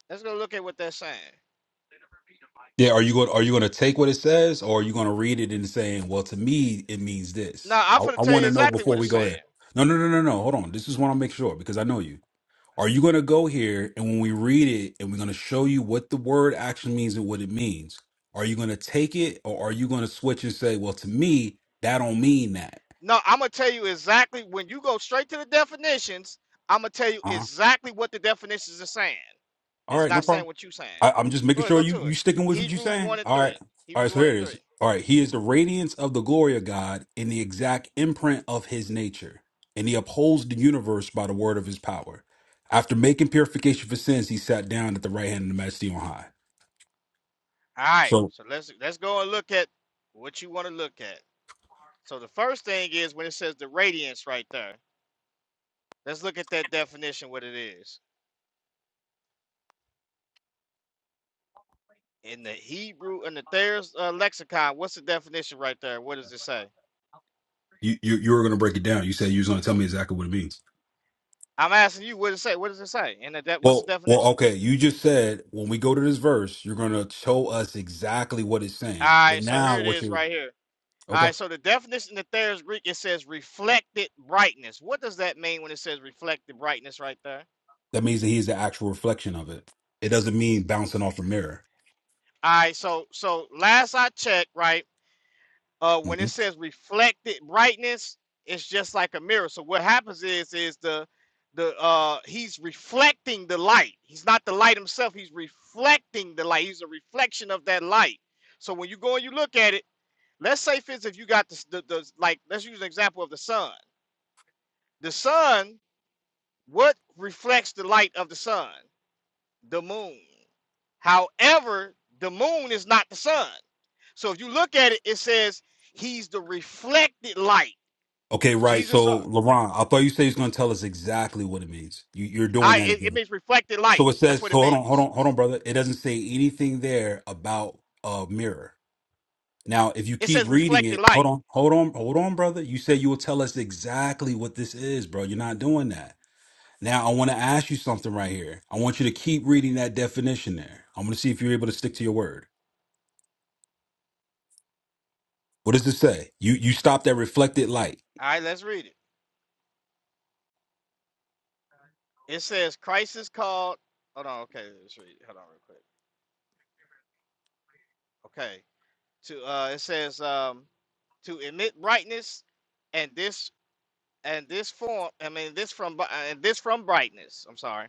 Speaker 8: let's go look at what that's saying.
Speaker 9: yeah. Are you going? Are you going to take what it says, or are you going to read it and saying, "Well, to me, it means this"?
Speaker 8: No, I'm
Speaker 9: I,
Speaker 8: gonna
Speaker 9: I
Speaker 8: tell
Speaker 9: want
Speaker 8: you
Speaker 9: to know
Speaker 8: exactly
Speaker 9: before
Speaker 8: what it's
Speaker 9: we
Speaker 8: saying.
Speaker 9: go here. No, no, no, no, no. Hold on. This is what I'll make sure because I know you. Are you going to go here and when we read it and we're going to show you what the word actually means and what it means? Are you going to take it, or are you going to switch and say, "Well, to me, that don't mean that"?
Speaker 8: No, I'm gonna tell you exactly when you go straight to the definitions. I'm gonna tell you
Speaker 9: huh?
Speaker 8: exactly what the definitions are saying. And
Speaker 9: All
Speaker 8: it's
Speaker 9: right, no
Speaker 8: not saying
Speaker 9: problem.
Speaker 8: what you are saying.
Speaker 9: I, I'm just
Speaker 8: Go
Speaker 9: making
Speaker 8: ahead,
Speaker 9: sure
Speaker 8: go
Speaker 9: you
Speaker 8: to
Speaker 9: you
Speaker 8: it.
Speaker 9: sticking with what you're
Speaker 8: Hebrews
Speaker 9: saying.
Speaker 8: one and
Speaker 9: All right,
Speaker 8: three.
Speaker 9: all right.
Speaker 8: Hebrews
Speaker 9: So
Speaker 8: one
Speaker 9: here it
Speaker 8: and three.
Speaker 9: is. All right, he is the radiance of the glory of God in the exact imprint of His nature, and he upholds the universe by the word of His power. After making purification for sins, he sat down at the right hand of the Majesty on high.
Speaker 8: All right.
Speaker 9: So
Speaker 8: So let's let's go and look at what you want to look at. So the first thing is when it says the radiance right there. Let's look at that definition. What it is in the Hebrew and the Thayer's uh, lexicon. What's the definition right there? What does it say?
Speaker 9: you you, you were going to break it down. You said you was going to tell me exactly what it means.
Speaker 8: I'm asking you. What does it say? What does it say? And that what's the
Speaker 9: Well, well,
Speaker 8: definition?
Speaker 9: okay. You just said when we go to this verse, you're going to show us exactly what it's
Speaker 8: All
Speaker 9: saying. But
Speaker 8: right. So here
Speaker 9: now,
Speaker 8: it
Speaker 9: what
Speaker 8: is
Speaker 9: you
Speaker 8: right here. All
Speaker 9: okay?
Speaker 8: right, so the definition in the Thayer's Greek, it says reflected brightness. What does that mean when it says reflected brightness right there?
Speaker 9: That means that he's the actual reflection of it. It doesn't mean bouncing off a mirror.
Speaker 8: All right, so so last I checked, right, uh, when
Speaker 9: hmm
Speaker 8: it says reflected brightness, it's just like a mirror. So what happens is is the the uh he's reflecting the light. He's not the light himself, he's reflecting the light. He's a reflection of that light. So when you go and you look at it, let's say for instance, if you got the, the, the like let's use an example of the sun. The sun What reflects the light of the sun? The moon. However, the moon is not the sun. So if you look at it, it says he's the reflected light.
Speaker 9: Okay, right.
Speaker 8: Jesus, are-
Speaker 9: So, LaRon, I thought you said he's going to tell us exactly what it means. You, you're doing
Speaker 8: I
Speaker 9: that
Speaker 8: it, it
Speaker 9: again.
Speaker 8: means reflected
Speaker 9: So
Speaker 8: light.
Speaker 9: it
Speaker 8: That's
Speaker 9: says,
Speaker 8: what
Speaker 9: so
Speaker 8: it
Speaker 9: hold on, hold
Speaker 8: means.
Speaker 9: on, hold on, brother. It doesn't say anything there about a mirror. Now, if you
Speaker 8: It says
Speaker 9: keep reading
Speaker 8: reflected
Speaker 9: it, hold
Speaker 8: light.
Speaker 9: on, hold on, hold on, brother. You said you will tell us exactly what this is, bro. You're not doing that. Now, I want to ask you something right here. I want you to keep reading that definition there. I want to see if you're able to stick to your word. What does it say? You you stop that reflected light.
Speaker 8: All right, let's read it. It says Christ is called. Hold on, okay, let's read. it. Hold on, real quick. Okay, to uh, it says um, to emit brightness, and this and this form i mean this from bri- and this from brightness i'm sorry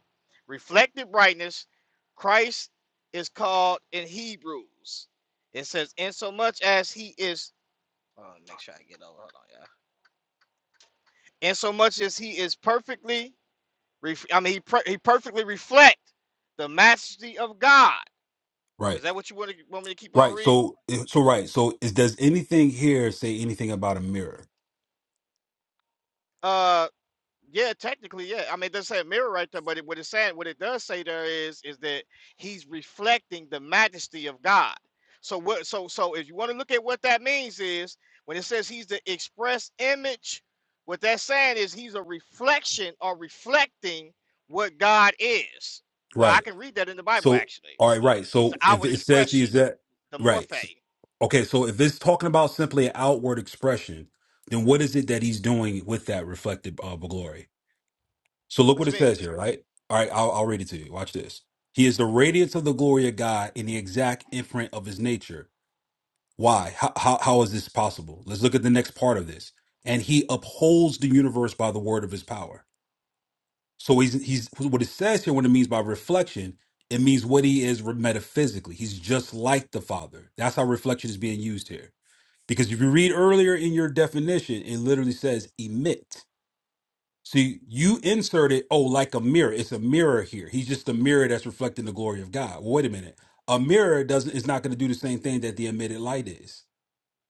Speaker 8: reflected brightness christ is called in hebrews it says insomuch as he is oh, make sure i get over hold on yeah insomuch as he is perfectly ref, i mean he, per, he perfectly reflect the majesty of god is
Speaker 9: Right.
Speaker 8: that what you want, to, want me to keep on
Speaker 9: Right.
Speaker 8: reading
Speaker 9: So eh, so right. So is does anything here say anything about a mirror?
Speaker 8: Uh, Yeah, technically, yeah. I mean, it doesn't say a mirror right there, but it, what it's saying, what it does say there is, is that he's reflecting the majesty of God. So what? So so if you want to look at what that means is when it says he's the express image, what that's saying is he's a reflection or reflecting what God is. Well, I
Speaker 9: Right.
Speaker 8: can read that in the Bible
Speaker 9: So
Speaker 8: actually.
Speaker 9: all right, right.
Speaker 8: He's the
Speaker 9: So if
Speaker 8: outward
Speaker 9: it says he
Speaker 8: expression,
Speaker 9: is that
Speaker 8: the
Speaker 9: right.
Speaker 8: morphe.
Speaker 9: s- Okay, so if it's talking about simply an outward expression, then what is it that he's doing with that reflected uh, glory? So look
Speaker 8: What
Speaker 9: what
Speaker 8: you
Speaker 9: it
Speaker 8: mean?
Speaker 9: says here, right? All right, I'll, I'll read it to you. Watch this. He is the radiance of the glory of God in the exact imprint of his nature Why? How, how, how is this possible? Let's look at the next part of this. And he upholds the universe by the word of his power. So he's, he's what it says here, what it means by reflection, it means what he is metaphysically. He's just like the Father. That's how reflection is being used here. Because if you read earlier in your definition, it literally says emit. See, you inserted, oh, like a mirror. It's a mirror here. He's just a mirror that's reflecting the glory of God. Well, Wait a minute. A mirror doesn't is not going to do the same thing that the emitted light is.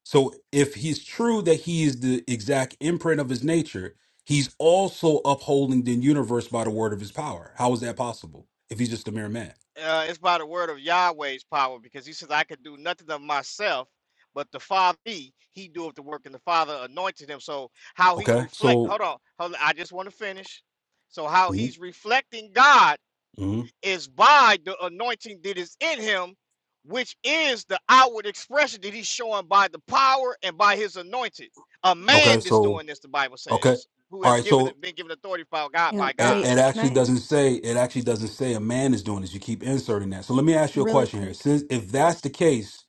Speaker 9: So if he's true that he is the exact imprint of his nature, he's also upholding the universe by the word of his power. How is that possible if he's just a mere man?
Speaker 8: uh, it's by the word of Yahweh's power, because he says, I could do nothing of myself, but the Father, he, he doeth the work, and the Father anointed him. So, how he's
Speaker 9: Okay,
Speaker 8: reflect,
Speaker 9: so
Speaker 8: hold on, hold on, I just want to finish. So, how
Speaker 9: mhm,
Speaker 8: he's reflecting God
Speaker 9: mhm.
Speaker 8: is by the anointing that is in him, which is the outward expression that he's showing by the power and by his anointed. A
Speaker 9: okay,
Speaker 8: man that's
Speaker 9: so
Speaker 8: doing this, the Bible
Speaker 9: okay,
Speaker 8: says, who
Speaker 9: all
Speaker 8: has
Speaker 9: right.
Speaker 8: given
Speaker 9: So
Speaker 8: been given authority by God
Speaker 10: And
Speaker 8: by
Speaker 9: it,
Speaker 8: God.
Speaker 10: wait,
Speaker 9: it
Speaker 10: can
Speaker 9: actually
Speaker 10: I
Speaker 9: doesn't say it actually doesn't say a man is doing this. You keep inserting that. So let me ask you a
Speaker 10: really
Speaker 9: question here.
Speaker 10: quick,
Speaker 9: Since if that's the case,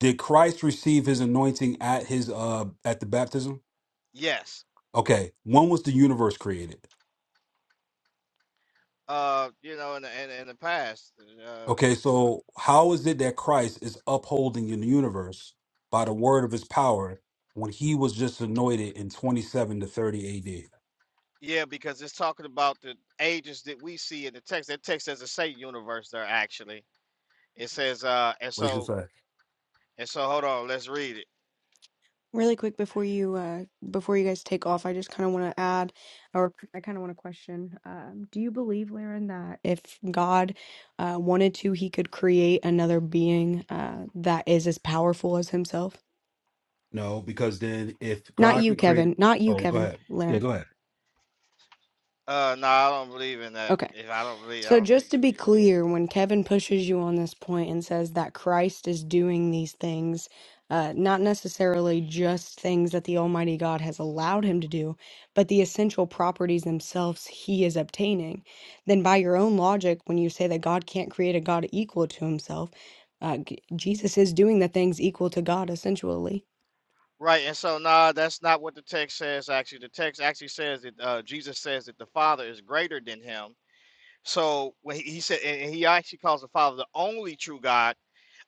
Speaker 9: did Christ receive his anointing at his uh at the baptism?
Speaker 8: Yes.
Speaker 9: Okay, when was the universe created?
Speaker 8: uh, you know, in the in, in the past, uh,
Speaker 9: Okay,
Speaker 8: you know,
Speaker 9: so how is it that Christ is upholding in the universe by the word of his power when he was just anointed in 27 to 30 AD?
Speaker 8: yeah, because it's talking about the ages that we see in the text. That text doesn't say universe there actually. It says, uh, and
Speaker 9: What does it
Speaker 8: so
Speaker 9: say?
Speaker 8: and so. Hold on, let's read it.
Speaker 10: really quick before you uh before you guys take off, I just kind of want to add or I kind of want to question. Um do you believe, Laren, that if God uh wanted to, he could create another being uh that is as powerful as himself?
Speaker 9: No, because then if
Speaker 10: Not
Speaker 9: God
Speaker 10: you,
Speaker 9: can create,
Speaker 10: Kevin. Not you,
Speaker 9: oh, go
Speaker 10: Kevin.
Speaker 9: ahead. Yeah,
Speaker 10: Laren.
Speaker 9: go ahead.
Speaker 8: Uh, no, I don't believe in that.
Speaker 10: Okay.
Speaker 8: If I don't believe, I
Speaker 10: So,
Speaker 8: don't think
Speaker 10: just to
Speaker 8: it
Speaker 10: be
Speaker 8: is. Yeah.
Speaker 10: clear, when Kevin pushes you on this point and says that Christ is doing these things, uh, not necessarily just things that the Almighty God has allowed him to do, but the essential properties themselves he is obtaining, then by your own logic, when you say that God can't create a God equal to himself, uh, G- Jesus is doing the things equal to God, essentially.
Speaker 8: Right, and so nah, that's not what the text says. Actually, the text actually says that uh, Jesus says that the Father is greater than him. So when he, he said, and and he actually calls the Father the only true God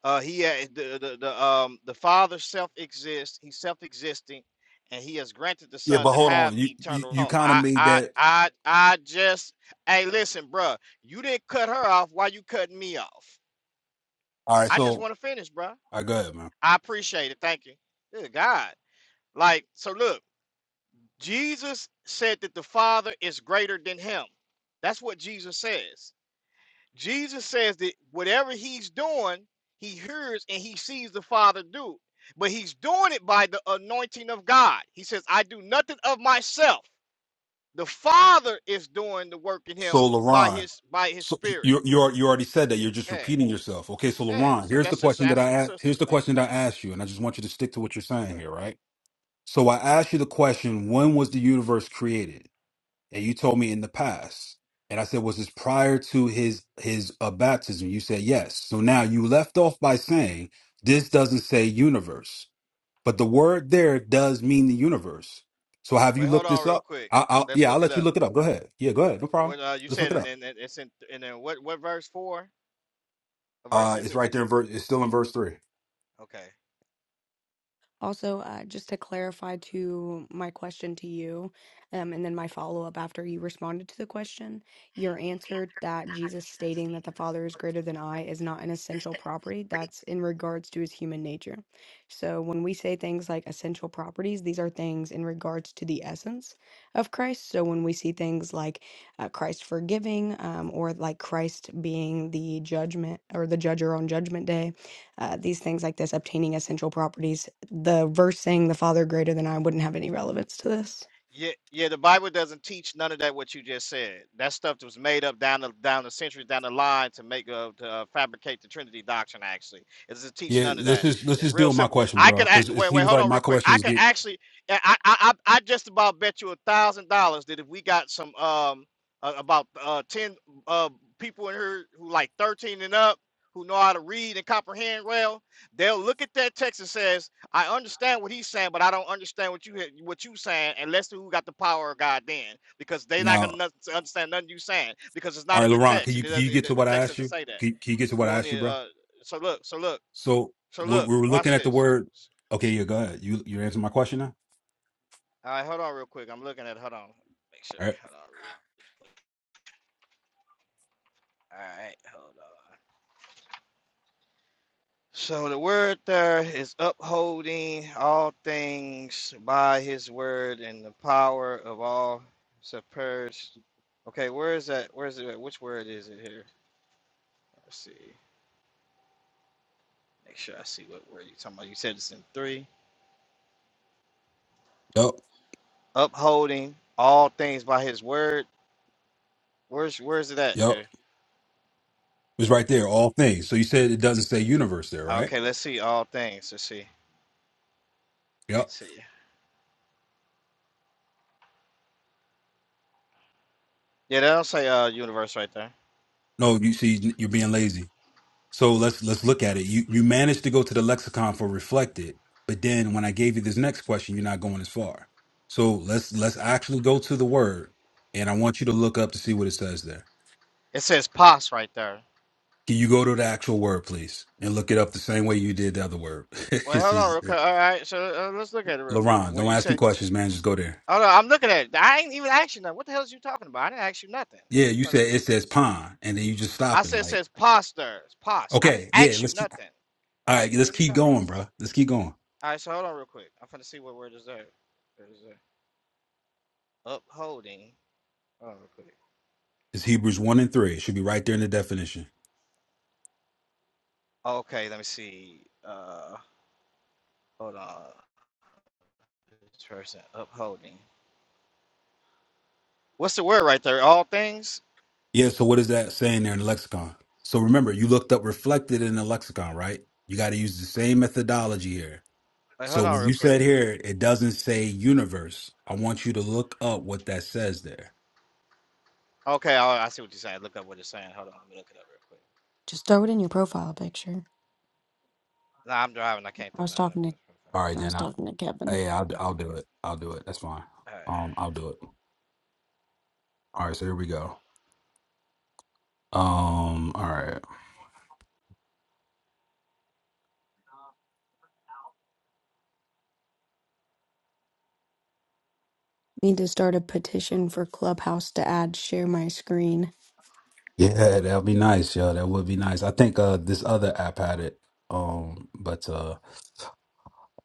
Speaker 8: Uh, he ha- the, the the um the Father self exists. He's self existing, and He has granted the
Speaker 9: Yeah,
Speaker 8: Son
Speaker 9: but
Speaker 8: to
Speaker 9: hold
Speaker 8: have
Speaker 9: on. You you,
Speaker 8: eternal.
Speaker 9: you
Speaker 8: life.
Speaker 9: kind of
Speaker 8: I
Speaker 9: made
Speaker 8: I
Speaker 9: that.
Speaker 8: I I just hey listen, bruh. You didn't cut her off. Why you cutting me off?
Speaker 9: All right,
Speaker 8: I just
Speaker 9: so
Speaker 8: want to finish, bruh.
Speaker 9: I go ahead, man.
Speaker 8: I appreciate it. Thank you. Good God. Like so, look. Jesus said that the Father is greater than Him. That's what Jesus says. Jesus says that whatever he's doing, he hears and he sees the Father do. But he's doing it by the anointing of God. He says, I do nothing of myself. The Father is doing the work in him
Speaker 9: So
Speaker 8: by
Speaker 9: LaRon,
Speaker 8: his by his
Speaker 9: so
Speaker 8: spirit.
Speaker 9: you you al- you already said that. You're just
Speaker 8: Yeah.
Speaker 9: repeating yourself. Okay, so
Speaker 8: Yeah.
Speaker 9: LaRon,
Speaker 8: So
Speaker 9: here's the
Speaker 8: that's just the
Speaker 9: question that
Speaker 8: answer
Speaker 9: I
Speaker 8: to the
Speaker 9: asked.
Speaker 8: sister.
Speaker 9: Here's the
Speaker 8: It ain't
Speaker 9: question that I asked you, and I just want you to stick to what you're saying
Speaker 8: uh,
Speaker 9: here, right? So I asked you the question, when was the universe created? And you told me in the past. And I said, was this prior to his his uh, baptism? You said yes. So now you left off by saying this doesn't say universe, but the word there does mean the universe. So have you
Speaker 8: wait, hold
Speaker 9: looked
Speaker 8: on
Speaker 9: this
Speaker 8: real
Speaker 9: up?
Speaker 8: quick.
Speaker 9: I, I'll
Speaker 8: Let's
Speaker 9: yeah, I'll
Speaker 8: look it
Speaker 9: let you
Speaker 8: up.
Speaker 9: look it up. Go ahead. Yeah, go ahead. No problem.
Speaker 8: What uh, you
Speaker 9: Let's look
Speaker 8: said
Speaker 9: it
Speaker 8: and
Speaker 9: up.
Speaker 8: then it's in and then what what verse four? What verse
Speaker 9: Uh,
Speaker 8: is
Speaker 9: it's
Speaker 8: it?
Speaker 9: right there in verse. It's still in verse three.
Speaker 8: Okay.
Speaker 10: Also, uh, just to clarify to my question to you, um, and then my follow up after you responded to the question, your answer that Jesus stating that the Father is greater than I is not an essential property. That's in regards to his human nature. So when we say things like essential properties, these are things in regards to the essence of Christ. So when we see things like uh, Christ forgiving, um, or like Christ being the judgment or the judger on Judgment Day, uh, these things like this, obtaining essential properties the verse saying the Father greater than I wouldn't have any relevance to this.
Speaker 8: Yeah, yeah, the Bible doesn't teach none of that what you just said. That stuff that was made up down the down the centuries down the line to make uh, to uh, fabricate the Trinity doctrine. Actually, it doesn't teach
Speaker 9: Yeah,
Speaker 8: none of
Speaker 9: let's
Speaker 8: that.
Speaker 9: just let's
Speaker 8: It's
Speaker 9: just deal
Speaker 8: real
Speaker 9: with my
Speaker 8: simple.
Speaker 9: question,
Speaker 8: I could
Speaker 9: bro,
Speaker 8: ac-
Speaker 9: because it
Speaker 8: wait, wait,
Speaker 9: seems
Speaker 8: hold
Speaker 9: like
Speaker 8: on,
Speaker 9: my
Speaker 8: real quick. I
Speaker 9: questions
Speaker 8: could
Speaker 9: get
Speaker 8: actually, I, I, I, I just about bet you a thousand dollars that if we got some um uh, about uh ten uh people in here who like thirteen and up who know how to read and comprehend well, they'll look at that text and says. I understand what he's saying, but I don't understand what you had- what you saying unless who got the power of God then, because they're not
Speaker 9: no.
Speaker 8: gonna noth- understand nothing you saying because it's
Speaker 9: All
Speaker 8: not
Speaker 9: right,
Speaker 8: in the
Speaker 9: Laurent, can
Speaker 8: text
Speaker 9: you
Speaker 8: and it
Speaker 9: can
Speaker 8: does
Speaker 9: you
Speaker 8: It,
Speaker 9: get
Speaker 8: the
Speaker 9: to
Speaker 8: the
Speaker 9: what I
Speaker 8: text
Speaker 9: asked
Speaker 8: doesn't
Speaker 9: you?
Speaker 8: say that.
Speaker 9: Can, can you get to what
Speaker 8: You
Speaker 9: I asked you,
Speaker 8: only
Speaker 9: bro?
Speaker 8: uh. So look. So look.
Speaker 9: So
Speaker 8: So
Speaker 9: we
Speaker 8: look.
Speaker 9: we were
Speaker 8: Watch
Speaker 9: looking at the
Speaker 8: this.
Speaker 9: word. Okay, yeah, go ahead. You you answering my question now?
Speaker 8: All right, hold on real quick. I'm looking at. Hold on. Make sure.
Speaker 9: All right.
Speaker 8: Hold on. real- All right, hold on. So the word there is upholding all things by his word and the power of all supers. Okay, where is that? Where is it? at? Which word is it here? Let's see. Make sure I see what word you're talking about. You said it's in three.
Speaker 9: Yep.
Speaker 8: Upholding all things by his word. Where's where is it at
Speaker 9: Yep.
Speaker 8: here?
Speaker 9: It's right there. All things. So you said it doesn't say universe there, right?
Speaker 8: Okay, let's see all things. Let's see.
Speaker 9: Yep.
Speaker 8: Let's see. Yeah, that don't say uh universe right there.
Speaker 9: No, you see, you're being lazy. So let's let's look at it. You you managed to go to the lexicon for reflected, but then when I gave you this next question, you're not going as far. So let's let's actually go to the word, and I want you to look up to see what it says there.
Speaker 8: It says pos right there.
Speaker 9: Can you go to the actual word, please, and look it up the same way you did the other word? [laughs]
Speaker 8: Wait,
Speaker 9: this
Speaker 8: hold on
Speaker 9: is
Speaker 8: real
Speaker 9: eh,
Speaker 8: quick. All right, so uh, let's look at it real quick.
Speaker 9: Laron.
Speaker 8: What
Speaker 9: Don't
Speaker 8: you
Speaker 9: ask
Speaker 8: say?
Speaker 9: me questions, man. Just go there.
Speaker 8: Oh no, I'm looking at it. I ain't even asked you nothing. What the hell is you talking about? I didn't ask you nothing.
Speaker 9: Yeah,
Speaker 8: You
Speaker 9: you
Speaker 8: must be.
Speaker 9: said it says pond, and then you just
Speaker 8: I
Speaker 9: stopping.
Speaker 8: said it
Speaker 9: Like,
Speaker 8: says posters. Pos. I didn't
Speaker 9: okay, yeah,
Speaker 8: ask you
Speaker 9: let's keep.
Speaker 8: nothing.
Speaker 9: All right,
Speaker 8: Right.
Speaker 9: let's
Speaker 8: What are you
Speaker 9: keep
Speaker 8: talking about?
Speaker 9: going, bro. Let's keep going.
Speaker 8: All right. So hold on real quick. I'm finna see what word is there. Where is there? Upholding. Hold on real quick.
Speaker 9: It's Hebrews one and three. It should be right there in the definition.
Speaker 8: Okay. Let me see. Uh. Hold on. This person upholding. What's the word right there? All things.
Speaker 9: Yeah. So what is that saying there in the lexicon? So remember, you looked up reflected in the lexicon, right? You got to use the same methodology here.
Speaker 8: Wait.
Speaker 9: So
Speaker 8: hold on
Speaker 9: when
Speaker 8: real
Speaker 9: you
Speaker 8: quick.
Speaker 9: said here, it doesn't say universe. I want you to look up what that says there.
Speaker 8: Okay. I, I see what you're saying. Look up what it's saying. Hold on. Let me look it up real quick.
Speaker 10: Just throw it in your profile picture.
Speaker 8: Nah, I'm driving. I can't
Speaker 10: I
Speaker 8: throw
Speaker 10: was
Speaker 8: none of them.
Speaker 10: talking to
Speaker 9: All right,
Speaker 10: I was
Speaker 9: then I
Speaker 10: talking to Kevin.
Speaker 9: hey, I'll I'll do it. I'll do it. That's fine.
Speaker 8: All right.
Speaker 9: Um, I'll do it. All right, so here we go. Um, all right.
Speaker 10: Need to start a petition for Clubhouse to add share my screen.
Speaker 9: Yeah, that'd be nice, yo. That would be nice. I think uh this other app had it. Um, but uh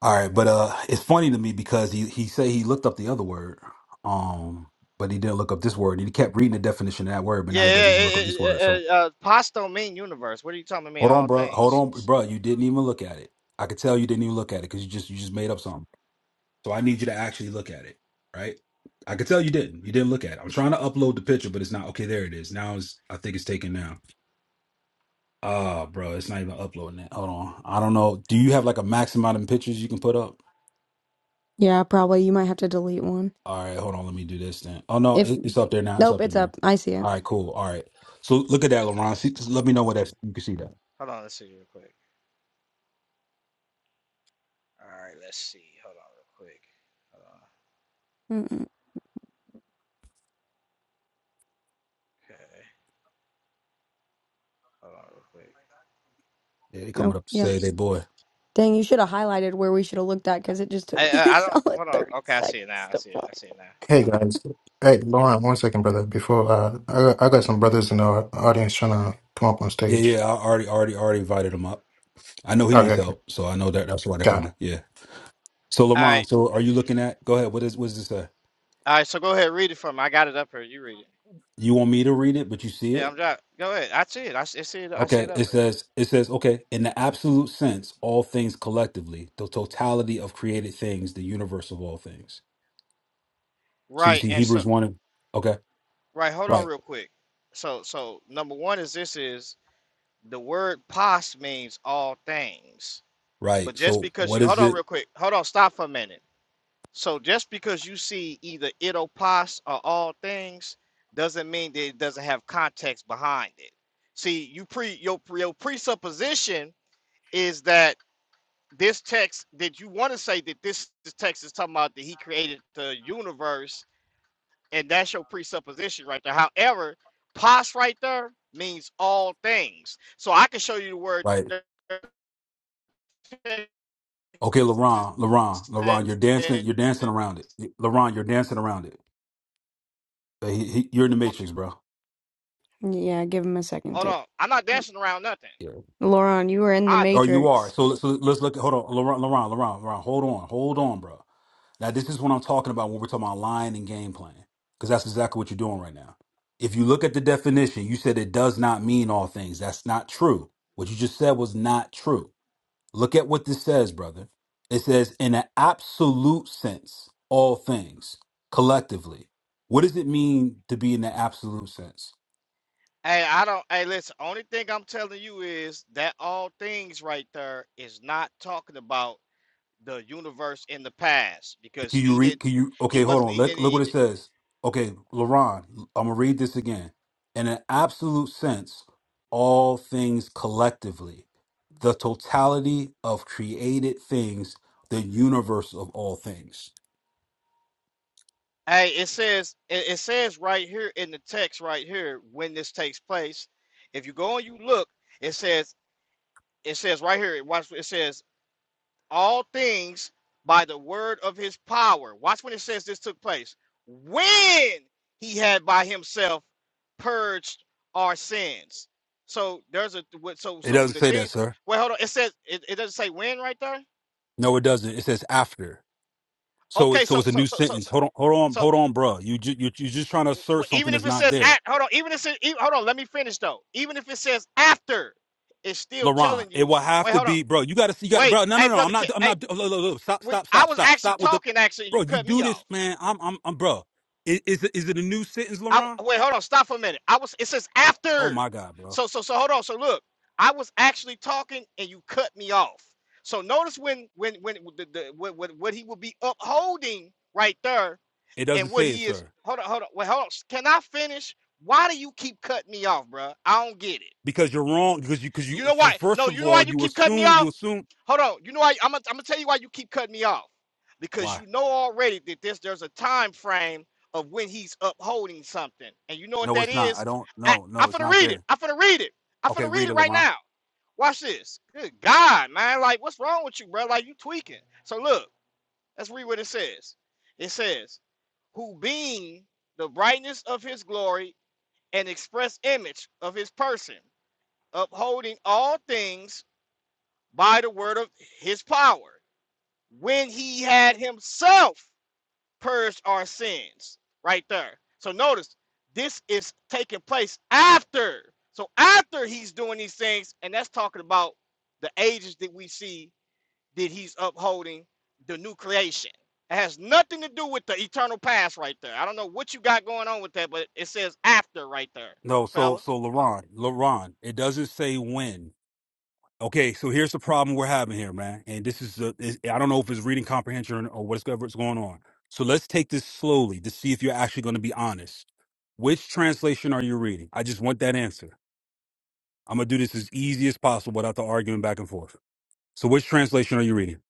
Speaker 9: all right, but uh it's funny to me because he he said he looked up the other word. Um, but he didn't look up this word. He kept reading the definition of that word, but
Speaker 8: Yeah,
Speaker 9: now he
Speaker 8: it,
Speaker 9: doesn't look up
Speaker 8: it,
Speaker 9: this
Speaker 8: it,
Speaker 9: word. So
Speaker 8: uh, pos don't mean universe. What are you talking about? Mean
Speaker 9: Hold on,
Speaker 8: all
Speaker 9: bro. Hold
Speaker 8: things.
Speaker 9: on, bro. You didn't even look at it. I could tell you didn't even look at it because you just you just made up something. So I need you to actually look at it, right? I could tell you didn't. You didn't look at it. I'm trying to upload the picture, but it's not. Okay, there it is. Now it's. I think it's taken now. Ah, bro, it's not even uploading it. Hold on. I don't know. Do you have like a max amount of pictures you can put up?
Speaker 10: Yeah, probably you might have to delete one.
Speaker 9: All right, hold on. Let me do this then. Oh no,
Speaker 10: If
Speaker 9: it, it's up there now. It's
Speaker 10: nope,
Speaker 9: up there
Speaker 10: it's
Speaker 9: now.
Speaker 10: up. I see it.
Speaker 9: All right, cool. All right. So look at that, LeBron. See, just let me know what that you can see that.
Speaker 8: Hold on, let's see real quick. All right, let's see. Hold on real quick. Hold on.
Speaker 10: Mm-mm.
Speaker 8: Okay. Hold on real quick.
Speaker 9: Yeah, they coming
Speaker 10: Oh,
Speaker 9: up to
Speaker 10: yep.
Speaker 9: say they boy.
Speaker 10: Dang, you should have highlighted where we should have looked at because it just took
Speaker 8: I
Speaker 10: me [laughs] a
Speaker 8: I, I don't.
Speaker 10: solid
Speaker 8: Hold on.
Speaker 10: thirty
Speaker 8: Okay, I see it now.
Speaker 10: seconds
Speaker 8: I
Speaker 10: to
Speaker 8: see it. I see it now.
Speaker 11: Hey guys, hey Lauren, one second, brother. Before uh, I got, I got some brothers in the audience trying to come up on
Speaker 9: Yeah,
Speaker 11: stage.
Speaker 9: yeah. I already, already, already invited them up. I know he
Speaker 11: Okay,
Speaker 9: needs
Speaker 11: okay.
Speaker 9: help, so I know that that's why they're
Speaker 11: got it.
Speaker 9: coming. Yeah. So
Speaker 8: All right.
Speaker 9: LeBron, so are you looking at? Go ahead. What is what does it say?
Speaker 8: All right. So go ahead, read it for me. I got it up here. You read it.
Speaker 9: You want me to read it, but you see
Speaker 8: Yeah, I'm
Speaker 9: it.
Speaker 8: dry. Go ahead. I see it. I see I see it. I see
Speaker 9: Okay.
Speaker 8: it up
Speaker 9: It
Speaker 8: here.
Speaker 9: says it says okay. In the absolute sense, all things collectively, the totality of created things, the universe of all things. So you
Speaker 8: Right.
Speaker 9: see
Speaker 8: And so
Speaker 9: Hebrews one. and- Okay.
Speaker 8: right. Hold on
Speaker 9: Right.
Speaker 8: real quick. So so number one is this is the word pos means all things But
Speaker 9: Right.
Speaker 8: just
Speaker 9: So
Speaker 8: because
Speaker 9: what
Speaker 8: you hold
Speaker 9: is
Speaker 8: on
Speaker 9: it?
Speaker 8: real quick, hold on, stop for a minute. So just because you see either itopos or all things doesn't mean that it doesn't have context behind it. See, you pre your, your presupposition is that this text that you want to say that this, this text is talking about that he created the universe, and that's your presupposition right there. However, pos right there means all things. So I can show you the word
Speaker 9: Right.
Speaker 8: there,
Speaker 9: Okay, LeBron, LeBron, LeBron, you're dancing, you're dancing around it. LeBron, you're dancing around it. Uh, he- he- you're in the matrix, bro.
Speaker 10: find. Yeah, give him a second
Speaker 8: Hold
Speaker 10: to.
Speaker 8: on. I'm not dancing around nothing.
Speaker 10: Lauren, you were in the
Speaker 8: I
Speaker 9: Or you
Speaker 10: Matrix.
Speaker 9: are. So, so let's look. Hold on, Laurent, Laurent, Laurent, Laurent. Hold on, hold on, bro. Now, this is what I'm talking about when we're talking about lying and game plan, because that's exactly what you're doing right now. If you look at the definition, you said it does not mean all things. That's not true. What you just said was not true. Look at what this says, brother. It says, in an absolute sense, all things collectively. What does it mean to be in the absolute sense?
Speaker 8: hey, I don't hey listen, only thing I'm telling you is that all things right there is not talking about the universe in the past because
Speaker 9: Can you
Speaker 8: he did
Speaker 9: read? Can you?
Speaker 8: he
Speaker 9: Okay, hold
Speaker 8: wasn't
Speaker 9: on.
Speaker 8: he
Speaker 9: Look,
Speaker 8: didn't
Speaker 9: look
Speaker 8: he
Speaker 9: what it
Speaker 8: did,
Speaker 9: says. Okay, Laron, I'm gonna read this again. In an absolute sense, all things collectively, the totality of created things, the universe of all things.
Speaker 8: hey it says it, it says right here in the text right here when this takes place. If you go and you look, it says it says right here, watch it says all things by the word of his power. Watch when it says this took place. When he had by himself purged our sins. So there's a what- so
Speaker 9: It
Speaker 8: so
Speaker 9: doesn't
Speaker 8: the
Speaker 9: say that,
Speaker 8: things.
Speaker 9: sir.
Speaker 8: Well, hold on. It says it, it doesn't say when right there.
Speaker 9: No, it doesn't. It says after. So, it,
Speaker 8: Okay,
Speaker 9: so
Speaker 8: so
Speaker 9: it's a
Speaker 8: so
Speaker 9: new
Speaker 8: so so
Speaker 9: sentence.
Speaker 8: so,
Speaker 9: Hold on, hold on,
Speaker 8: so
Speaker 9: hold on, bro. You, ju- you, you're just trying to
Speaker 8: w-
Speaker 9: assert something
Speaker 8: even
Speaker 9: that's
Speaker 8: if it
Speaker 9: not
Speaker 8: says
Speaker 9: there.
Speaker 8: at hold on, even if it says, e- hold on, let me finish though. Even if it says after, it's still
Speaker 9: LaRon,
Speaker 8: telling
Speaker 9: it
Speaker 8: you.
Speaker 9: will have
Speaker 8: Wait,
Speaker 9: to
Speaker 8: hold on.
Speaker 9: be, bro. You gotta see, you gotta,
Speaker 8: Wait,
Speaker 9: bro. No,
Speaker 8: hey
Speaker 9: no, no.
Speaker 8: brother,
Speaker 9: I'm
Speaker 8: K-
Speaker 9: not, I'm
Speaker 8: hey,
Speaker 9: not. Look, look, look, stop,
Speaker 8: we,
Speaker 9: stop,
Speaker 8: I
Speaker 9: stop,
Speaker 8: was
Speaker 9: stop,
Speaker 8: actually
Speaker 9: stop with the,
Speaker 8: talking actually, and you
Speaker 9: bro. You
Speaker 8: cut me
Speaker 9: do
Speaker 8: off.
Speaker 9: this, man. I'm, I'm, I'm, bro. Is, is it, is it a new sentence,
Speaker 8: I
Speaker 9: LaRon?
Speaker 8: wait, hold on, stop for a minute. I was it says
Speaker 9: Oh
Speaker 8: after.
Speaker 9: my God, bro.
Speaker 8: So so so hold on. So look, I was actually talking and you cut me off. So notice when when when the, the what, what what he would be upholding right there
Speaker 9: It doesn't
Speaker 8: and what
Speaker 9: say it,
Speaker 8: he is
Speaker 9: sir.
Speaker 8: hold on, hold on. Wait, hold on. Can I finish? Why do you keep cutting me off, bruh? I don't get it.
Speaker 9: Because you're wrong. Because you, because you.
Speaker 8: You know
Speaker 9: For,
Speaker 8: why?
Speaker 9: first
Speaker 8: No,
Speaker 9: of
Speaker 8: you know why
Speaker 9: all,
Speaker 8: you
Speaker 9: you
Speaker 8: keep cutting me
Speaker 9: assume, you
Speaker 8: off?
Speaker 9: assume.
Speaker 8: Hold on. You know I, I'm gonna I'm gonna tell you why you keep cutting me off because
Speaker 9: Why?
Speaker 8: you know already that this there's a time frame of when he's upholding something, and you know what
Speaker 9: No,
Speaker 8: that
Speaker 9: it's not.
Speaker 8: is.
Speaker 9: I don't.
Speaker 8: I
Speaker 9: No,
Speaker 8: I'm
Speaker 9: no, it's
Speaker 8: finna
Speaker 9: not
Speaker 8: read it.
Speaker 9: there.
Speaker 8: I'm finna read it. I'm
Speaker 9: Okay,
Speaker 8: finna read
Speaker 9: read
Speaker 8: it
Speaker 9: it,
Speaker 8: right
Speaker 9: LaRon.
Speaker 8: now. Watch this. Good God, man! Like what's wrong with you, bro? Like you tweaking. So look, let's read what it says. It says, "Who being the brightness of his glory and express image of his person, upholding all things by the word of his power." when he had himself purged our sins. Right there. So notice this is taking place after. So after he's doing these things, and that's talking about the ages that we see that he's upholding the new creation. It has nothing to do with the eternal past right there. I don't know what you got going on with that, but it says after right there,
Speaker 9: No,
Speaker 8: fella.
Speaker 9: so,
Speaker 8: All
Speaker 9: so LaRon, LaRon. It doesn't say when. Okay, so here's the problem we're having here, man. And this is, a, is I don't know if it's reading comprehension or what's what's going on. So let's take this slowly to see if you're actually going to be honest. Which translation are you reading? I just want that answer. I'm going to do this as easy as possible without the arguing back and forth. So which translation are you reading?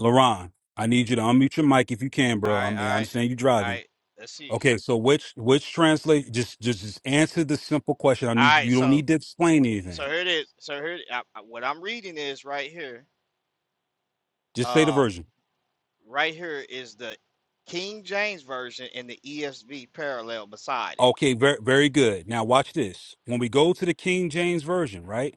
Speaker 9: LaRon, I need you to unmute your mic if you can, bro. I
Speaker 8: right,
Speaker 9: mean,
Speaker 8: all
Speaker 9: I
Speaker 8: right,
Speaker 9: understand you
Speaker 8: all
Speaker 9: driving.
Speaker 8: right. Let's see.
Speaker 9: Okay, so which which translate just just just answer the simple question. I
Speaker 8: All
Speaker 9: need
Speaker 8: right,
Speaker 9: you don't
Speaker 8: so
Speaker 9: need to explain
Speaker 8: so
Speaker 9: anything.
Speaker 8: here it is. So here I, I- what I'm reading is right here.
Speaker 9: Just say the
Speaker 8: Um,
Speaker 9: version.
Speaker 8: right here is the King James version and the ESV parallel beside it.
Speaker 9: Okay, very very good. Now watch this. When we go to the King James version, right?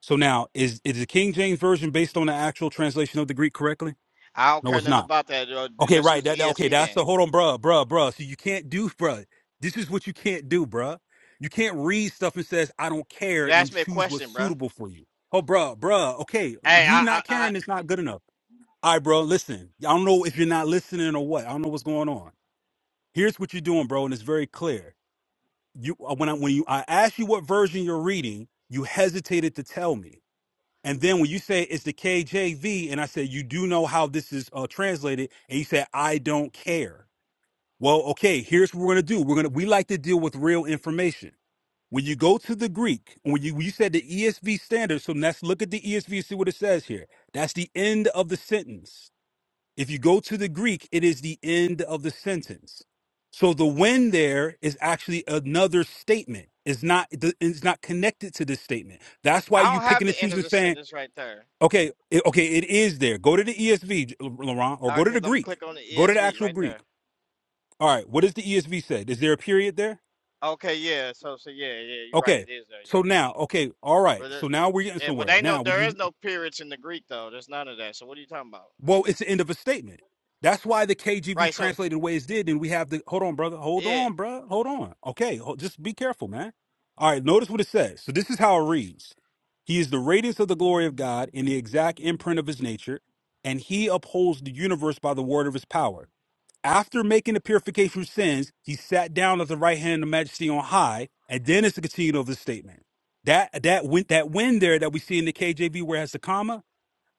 Speaker 9: So now is is the King James version based on the actual translation of the Greek correctly?
Speaker 8: I don't
Speaker 9: No,
Speaker 8: care
Speaker 9: it's
Speaker 8: nothing
Speaker 9: not.
Speaker 8: about that. uh,
Speaker 9: Okay,
Speaker 8: Let's
Speaker 9: right.
Speaker 8: use the
Speaker 9: That, that okay.
Speaker 8: ESV
Speaker 9: That's
Speaker 8: then.
Speaker 9: the hold on, bruh, bruh, bruh. So you can't do, bruh. This is what you can't do, bruh. You can't read stuff and says I don't care
Speaker 8: You
Speaker 9: and
Speaker 8: asked me a
Speaker 9: choose what's
Speaker 8: question, bro.
Speaker 9: suitable for you. Oh, bruh, bruh. Okay,
Speaker 8: Hey,
Speaker 9: you
Speaker 8: I I
Speaker 9: not
Speaker 8: I,
Speaker 9: caring is not good enough. All right, bro. Listen, I don't know if you're not listening or what. I don't know what's going on. Here's what you're doing, bro, and it's very clear you uh, when I when you I asked you what version you're reading, you hesitated to tell me. And then when you say it's the KJV, and I said you do know how this is uh, translated, and you said I don't care. Well, okay, here's what we're gonna do. We're gonna we like to deal with real information. When you go to the Greek, when you when you said the ESV standard, so let's look at the ESV and see what it says here. That's the end of the sentence. If you go to the Greek, it is the end of the sentence. So the when there is actually another statement. It's not it's not connected to this statement. That's why
Speaker 8: I
Speaker 9: you
Speaker 8: don't have
Speaker 9: picking and
Speaker 8: the end of
Speaker 9: choosing
Speaker 8: the
Speaker 9: saying,
Speaker 8: sentence right there.
Speaker 9: okay, it, okay, it is there. Go to the ESV, Laurent, or
Speaker 8: Uh,
Speaker 9: go to
Speaker 8: cause
Speaker 9: the
Speaker 8: I'm gonna
Speaker 9: Greek.
Speaker 8: click on the
Speaker 9: Go to the
Speaker 8: ESV
Speaker 9: actual
Speaker 8: right
Speaker 9: Greek.
Speaker 8: there.
Speaker 9: All right, what does the ESV say? Is there a period there?
Speaker 8: Okay, yeah. So so yeah yeah you're right.
Speaker 9: Okay.
Speaker 8: It is there.
Speaker 9: So
Speaker 8: Yeah,
Speaker 9: now, okay, all right.
Speaker 8: but there,
Speaker 9: So now we're getting
Speaker 8: yeah, but
Speaker 9: somewhere.
Speaker 8: ain't no
Speaker 9: Now, when
Speaker 8: there
Speaker 9: you
Speaker 8: is no periods in the Greek though. There's none of that. So what are you talking about?
Speaker 9: Well, it's the end of a statement. That's why the KJV
Speaker 8: Right. So
Speaker 9: translated ways did, and we have the hold on, brother, hold
Speaker 8: yeah.
Speaker 9: on, bro. hold on. Okay, ho- just be careful, man. All right, notice what it says. So this is how it reads: He is the radiance of the glory of God in the exact imprint of His nature, and He upholds the universe by the word of His power. After making the purification of sins, He sat down at the right hand of Majesty on high, and then it's the continuation of the statement. That that went that win there that we see in the KJV where it has the comma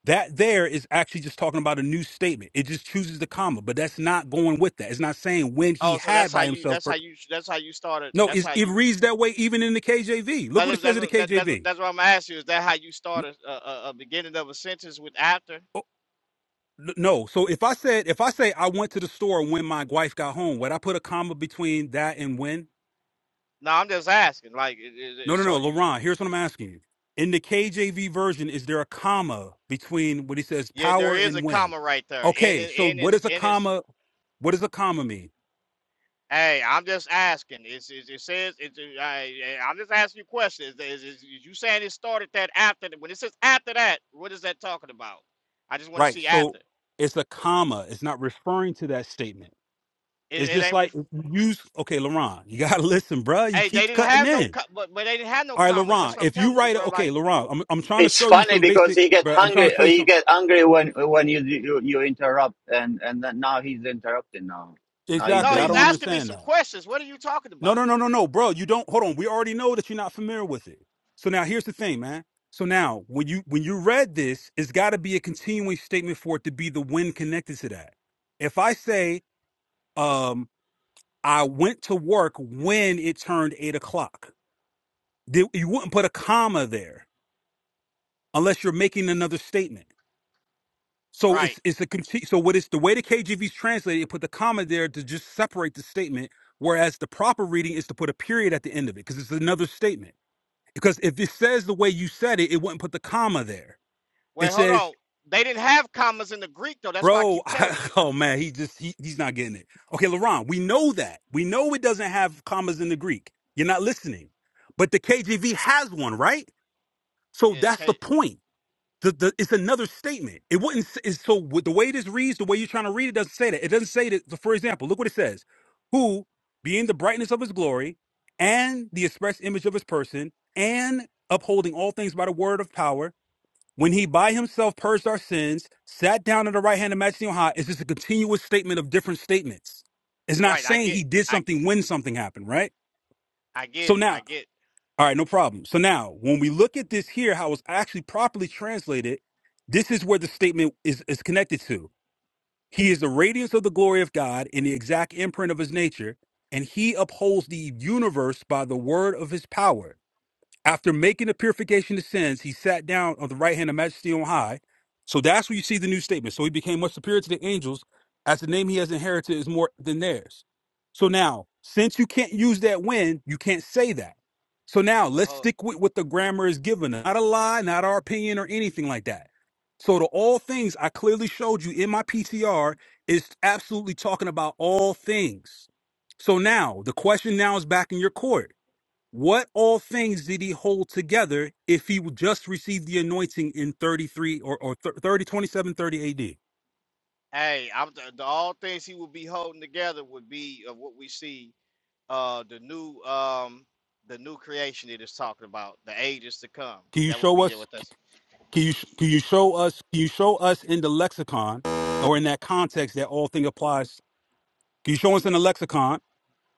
Speaker 9: that there is actually just talking about a new statement. It just chooses the comma, but that's not going with that. It's not saying when he
Speaker 8: Oh, so that's
Speaker 9: had
Speaker 8: how
Speaker 9: by
Speaker 8: you
Speaker 9: himself.
Speaker 8: that's how
Speaker 9: For,
Speaker 8: you that's how you started.
Speaker 9: no,
Speaker 8: That's
Speaker 9: it's,
Speaker 8: how
Speaker 9: it
Speaker 8: you
Speaker 9: reads that way even in the KJV. Look
Speaker 8: Now,
Speaker 9: what it
Speaker 8: that's
Speaker 9: says
Speaker 8: that's
Speaker 9: in the
Speaker 8: what that, that's what
Speaker 9: KJV.
Speaker 8: that's what I'm asking you. Is that how you
Speaker 9: N-
Speaker 8: start a, a, a beginning of a sentence with after?
Speaker 9: oh, n- No, so if I said if I say I went to the store when my wife got home, would I put a comma between that and when?
Speaker 8: No, I'm just asking. Like, it, it,
Speaker 9: No,
Speaker 8: it-
Speaker 9: no,
Speaker 8: so
Speaker 9: no,
Speaker 8: you,
Speaker 9: Laurent. Here's what I'm asking you. In the KJV version, is there a comma between what he says
Speaker 8: yeah, there
Speaker 9: power
Speaker 8: is a
Speaker 9: and when?
Speaker 8: comma right there, and
Speaker 9: Okay,
Speaker 8: it,
Speaker 9: so
Speaker 8: and
Speaker 9: what
Speaker 8: it's
Speaker 9: is a
Speaker 8: and it's.
Speaker 9: comma? What does a comma mean?
Speaker 8: Hey, I'm just asking. It's, it's it says it's. it- I, I'm just asking you questions. Is, is, is you saying it started that after the- when it says after that? What is that talking about? I just want to
Speaker 9: Right.
Speaker 8: see
Speaker 9: So
Speaker 8: after.
Speaker 9: it's a comma. It's not referring to that statement.
Speaker 8: It,
Speaker 9: It's
Speaker 8: it
Speaker 9: just
Speaker 8: ain't.
Speaker 9: like
Speaker 8: Ref-
Speaker 9: use okay, Laurent, you gotta [laughs] listen, bruh. You
Speaker 8: hey, they
Speaker 9: keep
Speaker 8: didn't
Speaker 9: cutting
Speaker 8: have no,
Speaker 9: in.
Speaker 8: co- but but they didn't have no
Speaker 9: All right,
Speaker 8: commas. That's
Speaker 9: Laurent,
Speaker 8: what I'm
Speaker 9: if you
Speaker 8: telling you,
Speaker 9: write
Speaker 8: bro.
Speaker 9: it, okay,
Speaker 8: Like,
Speaker 9: Laurent, I'm I'm trying to
Speaker 1: It's
Speaker 9: show you
Speaker 1: funny
Speaker 9: some
Speaker 1: because
Speaker 9: basic
Speaker 1: he get
Speaker 9: bro. I'm trying to
Speaker 1: hungry.
Speaker 9: show you
Speaker 1: He
Speaker 9: some
Speaker 1: get angry when when you you, you interrupt, and and then now he's interrupting now. Now he's
Speaker 8: no,
Speaker 9: exactly. I
Speaker 8: he's
Speaker 1: doing
Speaker 9: don't
Speaker 8: asking me
Speaker 9: understand
Speaker 8: some
Speaker 9: that.
Speaker 8: questions. What are you talking
Speaker 9: No,
Speaker 8: about?
Speaker 9: no, no, no, no, bro. You don't hold on. We already know that you're not familiar with it. So now here's the thing, man. So now when you when you read this, it's gotta be a continuing statement for it to be the when connected to that. If I say, um. I went to work when it turned eight o'clock. They- You wouldn't put a comma there unless you're making another statement. So
Speaker 8: Right.
Speaker 9: it's it's a conti- so what is the way the KJV's translated? It put the comma there to just separate the statement, whereas the proper reading is to put a period at the end of it because it's another statement. Because if it says the way you said it, it wouldn't put the comma there.
Speaker 8: Wait,
Speaker 9: It
Speaker 8: hold
Speaker 9: says.
Speaker 8: on. They didn't have commas in the Greek though. That's why I
Speaker 9: Bro,
Speaker 8: keep telling
Speaker 9: [laughs]
Speaker 8: you.
Speaker 9: oh man, he just he, he's not getting it. Okay, LaRon, we know that. We know it doesn't have commas in the Greek. You're not listening. But the KJV has one, right? So
Speaker 8: Yeah,
Speaker 9: that's
Speaker 8: okay.
Speaker 9: the point. The, the, it's another statement. It wouldn't. s- It's, so with the way this reads, the way you're trying to read it, doesn't say that. It doesn't say that. so For example, look what it says: "Who, being the brightness of his glory, and the express image of his person, and upholding all things by the word of power." When he by himself purged our sins, sat down at the right hand of Majesty on high, it's just a continuous statement of different statements. It's not
Speaker 8: Right. I
Speaker 9: saying
Speaker 8: get.
Speaker 9: he did
Speaker 8: I
Speaker 9: something when something happened, right?
Speaker 8: I get
Speaker 9: So
Speaker 8: it. I
Speaker 9: now,
Speaker 8: get.
Speaker 9: all right, no problem. So now, when we look at this here, how it's actually properly translated, this is where the statement is, is connected to. He is the radiance of the glory of God and the exact imprint of his nature, and he upholds the universe by the word of his power. After making the purification of sins, he sat down on the right hand of majesty on high. So that's where you see the new statement. So he became much superior to the angels, as the name he has inherited is more than theirs. So now, since you can't use that when, you can't say that. So now
Speaker 8: Well,
Speaker 9: let's
Speaker 8: hold,
Speaker 9: stick with what the grammar is given. us. Not a lie, not our opinion or anything like that. So to all things I clearly showed you in my PTR is absolutely talking about all things. So now the question now is back in your court. What all things did he hold together if he would just received the anointing in 33 or, or thir- 30, AD?
Speaker 8: hey, I'm the, the all things he would be holding together would be of what we see. Uh, the new um, the new creation it is talking about the ages to come.
Speaker 9: Can you
Speaker 8: That would
Speaker 9: show
Speaker 8: be
Speaker 9: us,
Speaker 8: what that's.
Speaker 9: can you, can you show us, can you show us in the lexicon or in that context that all thing applies? Can you show us in the lexicon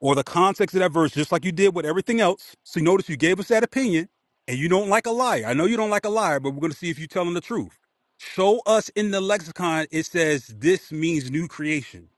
Speaker 9: or the context of that verse, just like you did with everything else? See, notice you gave us that opinion and you don't like a liar. I know you don't like a liar, but we're going to see if you're telling the truth. Show us in the lexicon, it says this means new creation.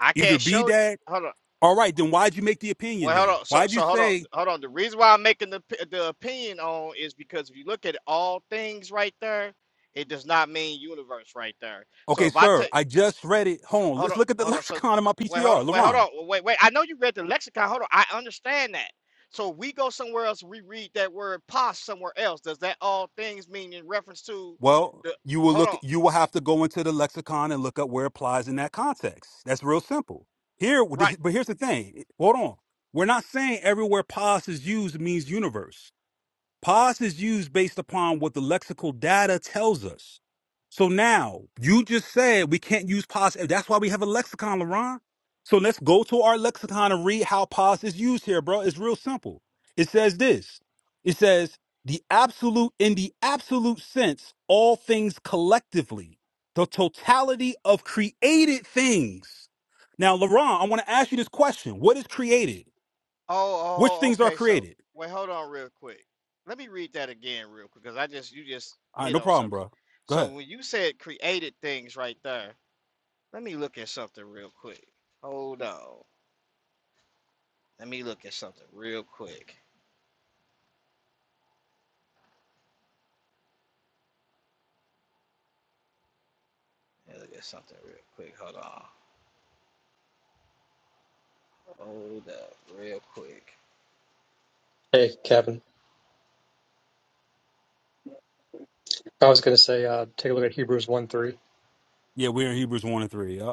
Speaker 8: I
Speaker 9: Either
Speaker 8: can't
Speaker 9: be
Speaker 8: show you.
Speaker 9: that
Speaker 8: Hold on.
Speaker 9: All right, then why'd you make the opinion
Speaker 8: Well, hold
Speaker 9: then?
Speaker 8: on. So,
Speaker 9: Why'd you
Speaker 8: so hold on,
Speaker 9: say,
Speaker 8: hold on. The reason why I'm making the p- the opinion on is because if you look at all things right there, it does not mean universe right there. So
Speaker 9: okay,
Speaker 8: if I
Speaker 9: sir,
Speaker 8: take,
Speaker 9: I just read it. Hold on,
Speaker 8: hold
Speaker 9: let's
Speaker 8: on,
Speaker 9: look at the [laughs]
Speaker 8: hold on. So,
Speaker 9: lexicon of my
Speaker 8: wait, hold on,
Speaker 9: PCR,
Speaker 8: wait, hold
Speaker 9: Laron.
Speaker 8: on, wait, wait. I know you read the lexicon. Hold on, I understand that. So we go somewhere else. We read that word "pos" somewhere else. Does that all things mean in reference to
Speaker 9: Well,
Speaker 8: the?
Speaker 9: you will
Speaker 8: Hold
Speaker 9: look
Speaker 8: on,
Speaker 9: you will have to go into the lexicon and look up where it applies in that context. That's real simple. Here
Speaker 8: right?
Speaker 9: but here's the thing. Hold on. We're not saying everywhere pos is used means universe. Pos is used based upon what the lexical data tells us. So now you just said we can't use pause. That's why we have a lexicon, LaRon. So let's go to our lexicon and read how pos is used here, bro. It's real simple. It says this. It says the absolute in the absolute sense, all things collectively, the totality of created things. Now, LaRon, I want to ask you this question. What is created? Which
Speaker 8: Oh, oh,
Speaker 9: things are
Speaker 8: okay. So
Speaker 9: created?
Speaker 8: wait, hold on real quick. Let me read that again real quick because I just you just
Speaker 9: All right,
Speaker 8: hit
Speaker 9: no
Speaker 8: on
Speaker 9: problem,
Speaker 8: something.
Speaker 9: bro. Go ahead.
Speaker 8: So when you said created things right there, let me look at something real quick. Hold on. Let me look at something real quick. Let me look at something real quick. Hold on. Hold up real quick.
Speaker 12: Hey, Kevin. I was going to say, uh, take a look at Hebrews 1 3.
Speaker 9: Yeah, we're in Hebrews 1 and 3. Yeah.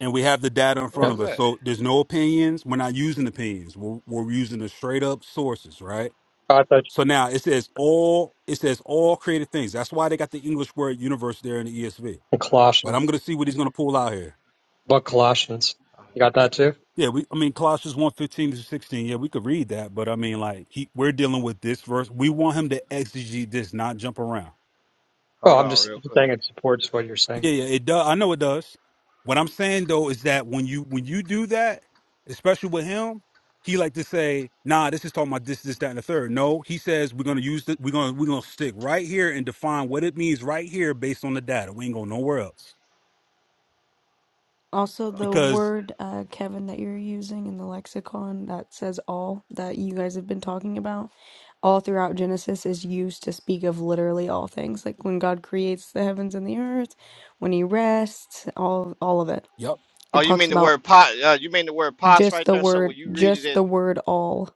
Speaker 9: And we have the data in
Speaker 8: Who
Speaker 9: front
Speaker 12: Yep.
Speaker 8: is
Speaker 9: of us.
Speaker 8: that?
Speaker 9: So there's no opinions. We're not using opinions. We're, we're using the straight up sources, right?
Speaker 12: I thought
Speaker 9: So now it says all it says all created things. That's why they got the English word universe there in the ESV.
Speaker 12: and
Speaker 9: But
Speaker 12: Colossians.
Speaker 9: I'm gonna see what he's gonna pull out here.
Speaker 12: But Colossians. You got that too?
Speaker 9: Yeah, we I mean Colossians one 15 to 16. Yeah, we could read that, but I mean like he, we're dealing with this verse. We want him to exegete this, not jump around.
Speaker 12: Oh,
Speaker 8: Hold
Speaker 12: I'm
Speaker 8: on
Speaker 12: just
Speaker 8: real quick.
Speaker 12: saying it supports what you're saying.
Speaker 9: Yeah, yeah, it does. I know it does. What I'm saying though is that when you when you do that, especially with him, he like to say, "Nah, this is talking about this, this, that, and the third." No, he says we're gonna use the, we're gonna we're gonna stick right here and define what it means right here based on the data. We ain't going nowhere else
Speaker 10: Also,
Speaker 8: Hold
Speaker 10: the
Speaker 8: on.
Speaker 9: because
Speaker 10: word, uh, Kevin, that you're using in the lexicon that says all that you guys have been talking about, all throughout Genesis is used to speak of literally all things. Like when God creates the heavens and the earth, when he rests, all all of it.
Speaker 9: yep.
Speaker 8: Oh,
Speaker 10: It
Speaker 8: you mean
Speaker 10: talks
Speaker 8: the
Speaker 10: about
Speaker 8: word pot? Uh, you mean the word pots
Speaker 10: just
Speaker 8: right
Speaker 10: the
Speaker 8: there? So when
Speaker 10: word,
Speaker 8: you read
Speaker 10: just
Speaker 8: it,
Speaker 10: the word all,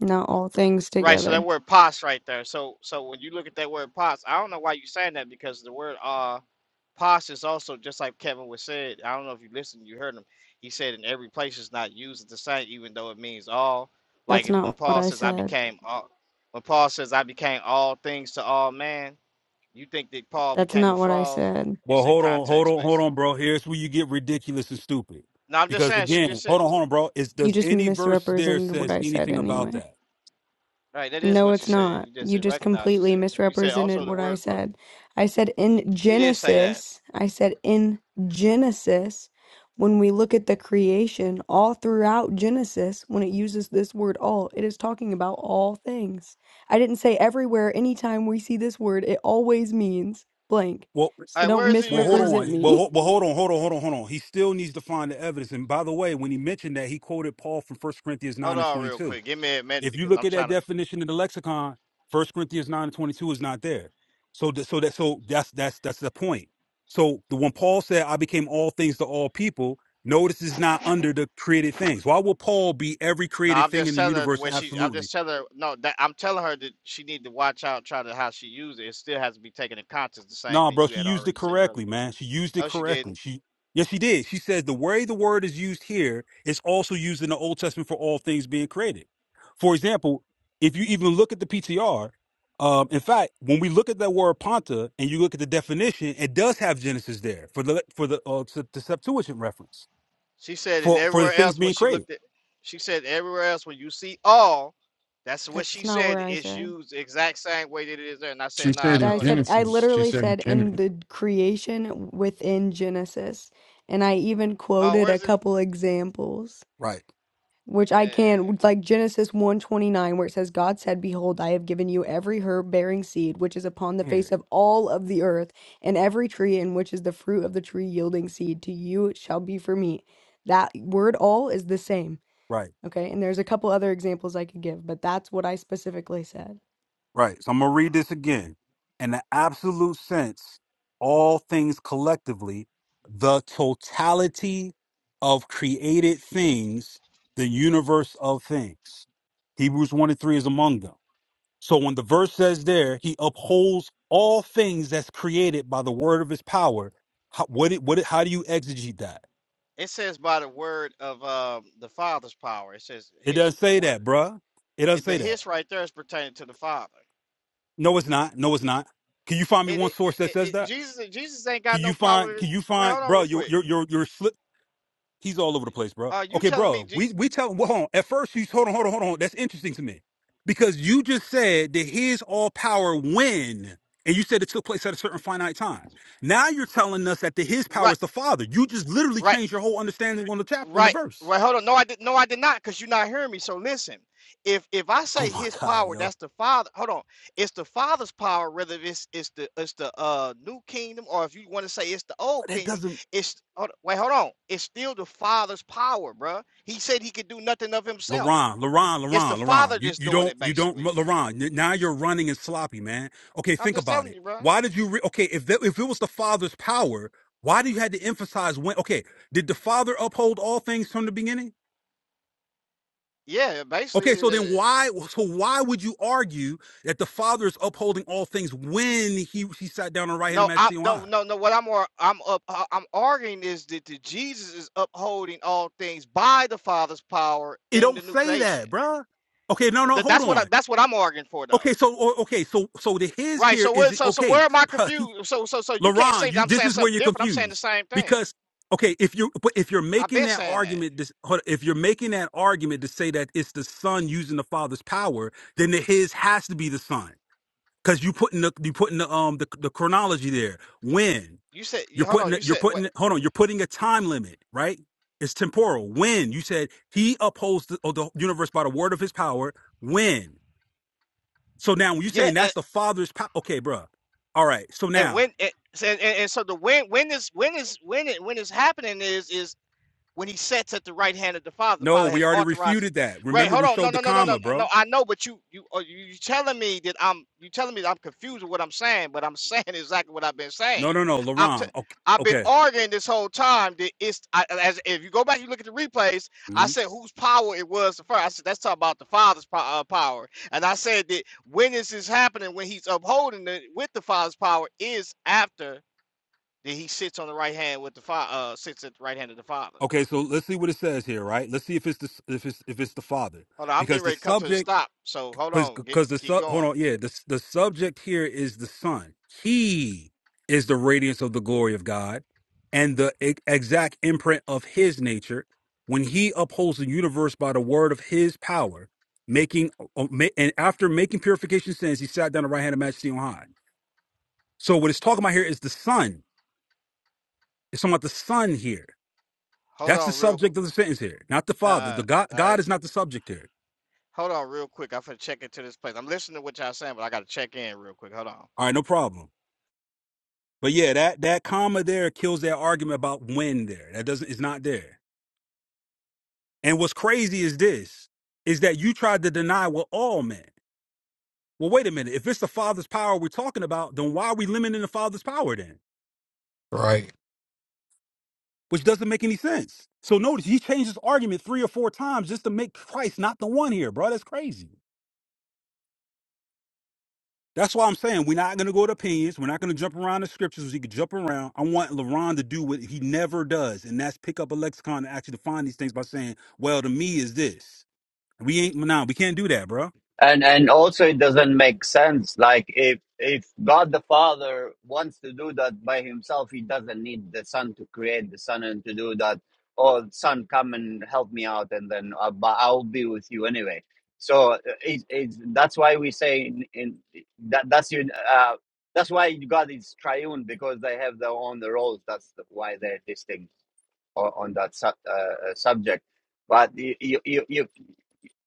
Speaker 10: not all things
Speaker 8: Right, so that
Speaker 10: together.
Speaker 8: word pos right there. So so when you look at that word pos, I don't know why you're saying that because the word uh pos is also just like Kevin was said. I don't know if you listened, you heard him. He said in every place it's not used the same, even though it means all. Like
Speaker 10: That's
Speaker 8: if when
Speaker 10: not what
Speaker 8: Paul
Speaker 10: I
Speaker 8: says I
Speaker 10: said.
Speaker 8: became all when Paul says I became all things to all man, you think that Paul
Speaker 10: That's
Speaker 8: became a
Speaker 10: not what I
Speaker 8: frog?
Speaker 10: said.
Speaker 8: It's
Speaker 9: Well,
Speaker 8: in
Speaker 9: hold on, hold
Speaker 8: context
Speaker 9: on, hold
Speaker 8: basically.
Speaker 9: on, bro. Here's where you get ridiculous and stupid.
Speaker 8: No, I'm just
Speaker 9: Because
Speaker 8: saying she
Speaker 9: again,
Speaker 8: just said
Speaker 9: hold on, hold on, bro. Is
Speaker 10: You
Speaker 9: does
Speaker 10: just
Speaker 9: any verse there
Speaker 10: misrepresented what
Speaker 9: says
Speaker 10: I said
Speaker 9: anything about
Speaker 10: anyway.
Speaker 9: that?
Speaker 8: right, that is
Speaker 10: No,
Speaker 8: what you
Speaker 10: it's
Speaker 8: said.
Speaker 10: not.
Speaker 8: You just
Speaker 10: You
Speaker 8: didn't
Speaker 10: just
Speaker 8: recognize you
Speaker 10: completely
Speaker 8: said that. You said
Speaker 10: misrepresented
Speaker 8: also the
Speaker 10: what I
Speaker 8: word for
Speaker 10: said. I said in
Speaker 8: you did say that.
Speaker 10: Genesis, I said in Genesis, when we look at the creation, all throughout Genesis, when it uses this word all, it is talking about all things. I didn't say everywhere, anytime we see this word, it always means blank.
Speaker 9: Well,
Speaker 8: All
Speaker 10: So
Speaker 8: right,
Speaker 10: don't
Speaker 8: where is it
Speaker 9: Well,
Speaker 8: used?
Speaker 9: hold
Speaker 10: misrepresent
Speaker 9: on. Well, ho-
Speaker 10: me.
Speaker 9: well, hold on, hold on, hold on, hold on. He still needs to find the evidence. And by the way, when he mentioned that, he quoted Paul from First Corinthians
Speaker 8: Hold
Speaker 9: 9 and
Speaker 8: on real
Speaker 9: 22.
Speaker 8: quick. Give me a minute
Speaker 9: If you
Speaker 8: because
Speaker 9: look
Speaker 8: I'm
Speaker 9: at that
Speaker 8: trying to.
Speaker 9: definition in the lexicon, First Corinthians 9 and 22 is not there. So, th- so that, so that's that's that's the point. So, the when Paul said, "I became all things to all people," notice is not under the created things. Why will Paul be every
Speaker 8: No,
Speaker 9: created
Speaker 8: I'm
Speaker 9: thing
Speaker 8: just
Speaker 9: in the
Speaker 8: telling her the
Speaker 9: universe?
Speaker 8: way she. I'm
Speaker 9: Absolutely.
Speaker 8: just telling her. No, that I'm telling her that she need to watch out. Try to how she use it. It still has to be taken in context. The same
Speaker 9: Nah,
Speaker 8: thing
Speaker 9: bro,
Speaker 8: you
Speaker 9: she
Speaker 8: had
Speaker 9: used it
Speaker 8: already said earlier.
Speaker 9: correctly, man. She used it
Speaker 8: No, she didn't.
Speaker 9: correctly. She yes, she did. She said the way the word is used here is also used in the Old Testament for all things being created. For example, if you even look at the PTR, um, in fact, when we look at that word "ponta" and you look at the definition, it does have Genesis there for the for the uh, Sep- the Septuagint reference
Speaker 8: She said in
Speaker 9: for for the
Speaker 8: everywhere
Speaker 9: things
Speaker 8: else when
Speaker 9: being
Speaker 8: she
Speaker 9: created.
Speaker 8: looked at. She said everywhere else when you see all. That's
Speaker 10: [laughs]
Speaker 8: what she
Speaker 10: That's not
Speaker 8: said.
Speaker 10: where I
Speaker 8: It's
Speaker 10: said.
Speaker 8: used the exact same way that it is there. And I said,
Speaker 13: She said
Speaker 8: Nah,
Speaker 13: in
Speaker 10: I
Speaker 8: no, it ain't.
Speaker 10: said, I
Speaker 13: Genesis. She
Speaker 10: literally
Speaker 13: said in
Speaker 10: said in
Speaker 13: Genesis.
Speaker 10: the creation within Genesis, and I even
Speaker 8: Oh,
Speaker 10: quoted a
Speaker 8: where's it?
Speaker 10: couple examples,
Speaker 9: Right
Speaker 10: which I
Speaker 8: Uh,
Speaker 10: can, like Genesis one twenty nine, where it says, God said, Behold, I have given you every herb bearing seed which is upon the face
Speaker 9: here,
Speaker 10: of all of the earth, and every tree in which is the fruit of the tree yielding seed, to you it shall be for meat. That word all is the same.
Speaker 9: right.
Speaker 10: Okay, and there's a couple other examples I could give, but that's what I specifically said.
Speaker 9: Right. So I'm going to read
Speaker 8: uh,
Speaker 9: this again. In the absolute sense, all things collectively, the totality of created things, the universe of things. Hebrews 1 and 3 is among them. So when the verse says there, he upholds all things that's created by the word of his power. How, what it, what it, how do you exegete that?
Speaker 8: it says by the word of um, the Father's power. It says
Speaker 9: It
Speaker 8: his
Speaker 9: doesn't
Speaker 8: the
Speaker 9: say
Speaker 8: word.
Speaker 9: that, bruh. It doesn't
Speaker 8: It- The
Speaker 9: say that.
Speaker 8: hiss right there is pertaining to the Father.
Speaker 9: No, it's not. No, it's not. Can you find me
Speaker 8: It,
Speaker 9: one
Speaker 8: it,
Speaker 9: source that
Speaker 8: it,
Speaker 9: says
Speaker 8: it-
Speaker 9: that?
Speaker 8: Jesus Jesus ain't
Speaker 9: Can
Speaker 8: got no
Speaker 9: you find?
Speaker 8: power.
Speaker 9: Can you
Speaker 8: Wait,
Speaker 9: find,
Speaker 8: hold on
Speaker 9: bro?
Speaker 8: real
Speaker 9: You're
Speaker 8: quick.
Speaker 9: you're you're you're slip. He's all over the place, bro.
Speaker 8: Uh, you
Speaker 9: Okay,
Speaker 8: telling me?
Speaker 9: bro.
Speaker 8: Je-
Speaker 9: We we tell. him. Well, hold on. At first, he's hold on, hold on, hold on. That's interesting to me because you just said that his all power when, and you said it took place at a certain finite time. Now you're telling us that the his power
Speaker 8: right,
Speaker 9: is the Father. You just literally
Speaker 8: right,
Speaker 9: changed your whole understanding on the chap on the
Speaker 8: right.
Speaker 9: verse.
Speaker 8: Wait, hold on. No, I did. No, I did not. Cause you're not hearing me. So listen. If if I say
Speaker 9: Oh my
Speaker 8: his
Speaker 9: God,
Speaker 8: power,
Speaker 9: yo!
Speaker 8: that's the Father. Hold on. It's the Father's power. Whether it's it's the it's the uh new kingdom, or if you want to say it's the old
Speaker 9: But That
Speaker 8: kingdom,
Speaker 9: doesn't.
Speaker 8: it's hold, wait, hold on. It's still the Father's power, bruh. He said he could do nothing of himself.
Speaker 9: LaRon, LaRon,
Speaker 8: It's the
Speaker 9: LaRon,
Speaker 8: Father
Speaker 9: LaRon. You
Speaker 8: that's
Speaker 9: you
Speaker 8: doing
Speaker 9: don't
Speaker 8: it,
Speaker 9: you don't
Speaker 8: basically.
Speaker 9: LaRon. Now you're running and sloppy, man. Okay,
Speaker 8: I'm
Speaker 9: think
Speaker 8: just
Speaker 9: about
Speaker 8: telling
Speaker 9: it.
Speaker 8: you, bro.
Speaker 9: Why did you re- okay, if that, if it was the father's power, why do you had to emphasize when okay, did the father uphold all things from the beginning?
Speaker 8: Yeah, basically.
Speaker 9: Okay,
Speaker 8: it-
Speaker 9: so then why so why would you argue that the father is upholding all things when he he sat down on the right hand of
Speaker 8: No, I
Speaker 9: majesty on
Speaker 8: no
Speaker 9: high?
Speaker 8: no no. What I'm ar- I'm up I- I'm arguing is that the Jesus is upholding all things by the Father's power
Speaker 9: It
Speaker 8: in the
Speaker 9: don't
Speaker 8: new
Speaker 9: say
Speaker 8: creation.
Speaker 9: that, bruh. Okay, no,
Speaker 8: Uh,
Speaker 9: no,
Speaker 8: Th-
Speaker 9: hold
Speaker 8: That's what I,
Speaker 9: on.
Speaker 8: that's what I'm arguing for,
Speaker 9: Okay,
Speaker 8: though.
Speaker 9: so o- okay, so so the his
Speaker 8: Right.
Speaker 9: here
Speaker 8: So what?
Speaker 9: is
Speaker 8: So so where
Speaker 9: okay,
Speaker 8: am I
Speaker 9: [laughs] bruh,
Speaker 8: confused? So so so you can't say
Speaker 9: Laron,
Speaker 8: that
Speaker 9: you
Speaker 8: I'm
Speaker 9: this
Speaker 8: saying
Speaker 9: is where
Speaker 8: something
Speaker 9: you're
Speaker 8: different. I'm saying the
Speaker 9: confused
Speaker 8: same thing.
Speaker 9: because okay, if you but if you're
Speaker 8: I've
Speaker 9: making
Speaker 8: been
Speaker 9: that
Speaker 8: saying that.
Speaker 9: argument, this hold- if you're making that argument to say that it's the son using the father's power, then the his has to be the son because you putting the you putting the um the, the chronology there. When
Speaker 8: You said you
Speaker 9: you're
Speaker 8: hold
Speaker 9: putting
Speaker 8: on.
Speaker 9: it-
Speaker 8: You
Speaker 9: you're
Speaker 8: said what?
Speaker 9: putting it- hold on, you're putting a time limit, right? It's temporal. When you said he upholds the, oh, the universe by the word of his power. When so now when you're
Speaker 8: Yeah.
Speaker 9: saying
Speaker 8: And,
Speaker 9: that's the father's power, okay, bruh. All right, so
Speaker 8: and
Speaker 9: now
Speaker 8: when and, and, and so the when when this when is when it when it's happening is is When he sits at the right hand of the Father, the
Speaker 9: No,
Speaker 8: Father
Speaker 9: we
Speaker 8: has
Speaker 9: already
Speaker 8: authorized.
Speaker 9: refuted that.
Speaker 8: Right,
Speaker 9: Remember,
Speaker 8: hold
Speaker 9: we
Speaker 8: on. No,
Speaker 9: showed the
Speaker 8: no, no, no, no,
Speaker 9: comma,
Speaker 8: no.
Speaker 9: bro.
Speaker 8: I know, but you, you, are you you telling me that I'm, you telling me that I'm confused with what I'm saying, but I'm saying [laughs] exactly what I've been saying.
Speaker 9: No, no, no,
Speaker 8: I'm, t-
Speaker 9: Laron. Okay,
Speaker 8: I've been
Speaker 9: okay,
Speaker 8: arguing this whole time that it's, I, as if you go back, you look at the replays. I
Speaker 9: Mhm.
Speaker 8: said whose power it was the first. I said that's talking about the Father's po- uh, power, and I said that when this is happening, when he's upholding it with the Father's power, is after that he sits on the right hand with the Father, uh, sits at the right hand of the Father.
Speaker 9: okay. So let's see what it says here, right? Let's see if it's the if it's if it's the father,
Speaker 8: Hold on, I'm
Speaker 9: because
Speaker 8: getting
Speaker 9: the
Speaker 8: ready to come to the
Speaker 9: subject,
Speaker 8: stop. So hold on, get
Speaker 9: because the
Speaker 8: keep
Speaker 9: sub. Hold
Speaker 8: going.
Speaker 9: on, yeah. The the subject here is the son. He is the radiance of the glory of God, and the e- exact imprint of His nature. When He upholds the universe by the word of His power, making uh, ma- and after making purification of sins, He sat down at the right hand of Majesty on high. So what it's talking about here is the son. It's talking about the son here.
Speaker 8: Hold
Speaker 9: That's the
Speaker 8: on, real.
Speaker 9: subject of the sentence here, not the father.
Speaker 8: Uh,
Speaker 9: The God,
Speaker 8: uh, uh,
Speaker 9: God is not the subject here.
Speaker 8: hold on, real quick. I'm finna check into this place. I'm listening to what y'all saying, but I gotta check in real quick. Hold on.
Speaker 9: All right, no problem. But yeah, that that comma there kills that argument about when there. That doesn't is not there. And what's crazy is this is that you tried to deny what all men. Well, wait a minute. If it's the father's power we're talking about, then why are we limiting the father's power then?
Speaker 13: Right.
Speaker 9: Which doesn't make any sense. So notice he changed his argument three or four times just to make Christ not the one here, bro. That's crazy. That's why I'm saying we're not going to go to opinions. We're not going to jump around the scriptures. 'Cause He could jump around. I want LaRon to do what he never does, and that's pick up a lexicon and actually define these things by saying, "Well, to me is this." We ain't now. we can't do that, bro.
Speaker 1: and and also it doesn't make sense like if if god the father wants to do that by himself he doesn't need the son to create the son and to do that oh son come and help me out and then uh, but i'll be with you anyway so uh, it's, it's that's why we say in, in that that's your uh that's why god is triune because they have their own roles that's why they're distinct on, on that su- uh, uh, subject but you, you you you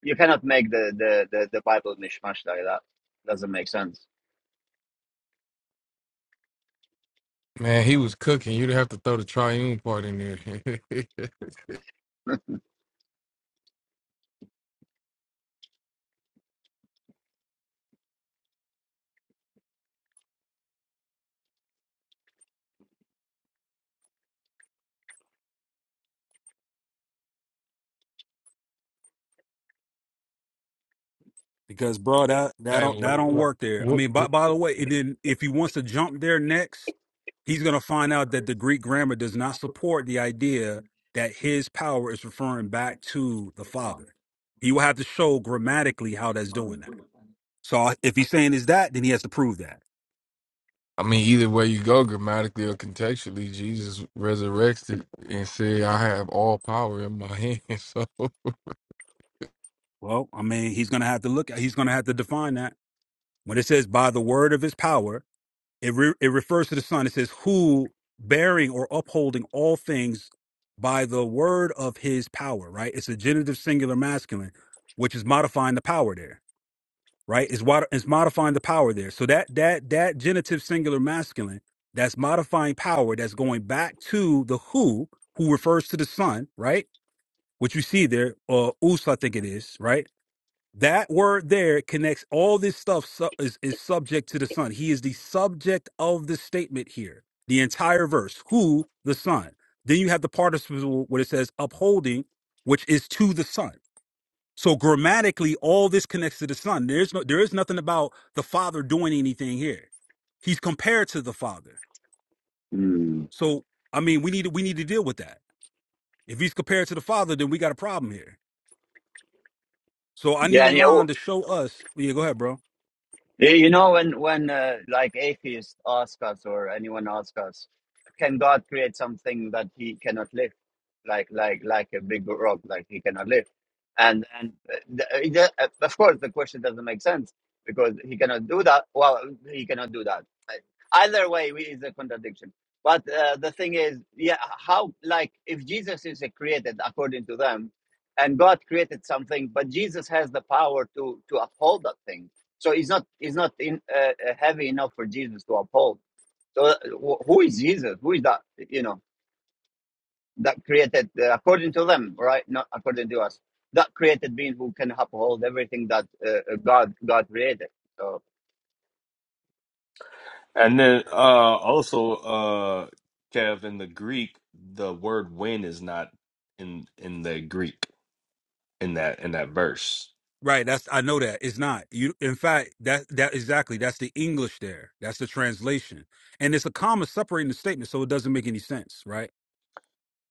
Speaker 1: you cannot make the the the, the Bible mishmash like that. Doesn't make sense.
Speaker 13: Man, he was cooking. You'd have to throw the triune part in there.
Speaker 9: Because bro, that
Speaker 13: [laughs]
Speaker 9: that
Speaker 13: hey, well,
Speaker 9: don't that don't
Speaker 13: What,
Speaker 9: work there. I
Speaker 13: what,
Speaker 9: mean, by by the way, and then if he wants to jump there next, he's going to find out that the Greek grammar does not support the idea that his power is referring back to the Father. He will have to show grammatically how that's doing that. So I- if he's saying is that, then he has to prove that.
Speaker 13: I mean, either way you go, grammatically or contextually, Jesus resurrected and said, I have all power in my hands. [laughs]
Speaker 9: Well, I mean, he's going to have to look at, he's going to have to define that. When it says by the word of his power, it, re- it refers to the Son. It says, who bearing or upholding all things by the word of his power, right? It's a genitive singular masculine, which is modifying the power there, right? It's, what, it's modifying the power there. So that, that, that genitive singular masculine that's modifying power, that's going back to the who, who refers to the Son, right? Which you see there, uh, us, I think it is, right? That word there connects all this stuff su- is, is subject to the Son. He is the subject of the statement here, the entire verse, who the Son. Then you have the participle where it says upholding, which is to the Son. So grammatically, all this connects to the Son. There's no, there is nothing about the Father doing anything here. He's compared to the Father.
Speaker 1: Mm.
Speaker 9: So I mean, we need to, we need to deal with that. If he's compared to the Father, then we got a problem here. So I need
Speaker 1: Yeah, and yeah.
Speaker 9: LaRon to show us. Yeah, go ahead, bro.
Speaker 1: Yeah, You know, when when uh, like atheists ask us or anyone ask us, can God create something that he cannot lift, like like like a big rock, like he cannot lift? And and uh, the, uh, the- uh, of course the question doesn't make sense because he cannot do that. Well, he cannot do that. I- Either way, we- is a contradiction. But uh, the thing is, yeah, how like if Jesus is a created according to them, and God created something, but Jesus has the power to to uphold that thing so it's not it's not in, uh, uh, heavy enough for Jesus to uphold. So uh, who is Jesus? Who is that? You know that created uh, according to them, right? Not according to us. That created being who can uphold everything that uh, uh, God God created. So
Speaker 4: And then uh also uh Kev in the Greek, the word when is not in in the Greek in that in that verse.
Speaker 9: Right, that's I know that it's not. You in fact that that exactly that's the English there. That's the translation. And it's a comma separating the statement, so it doesn't make any sense, right?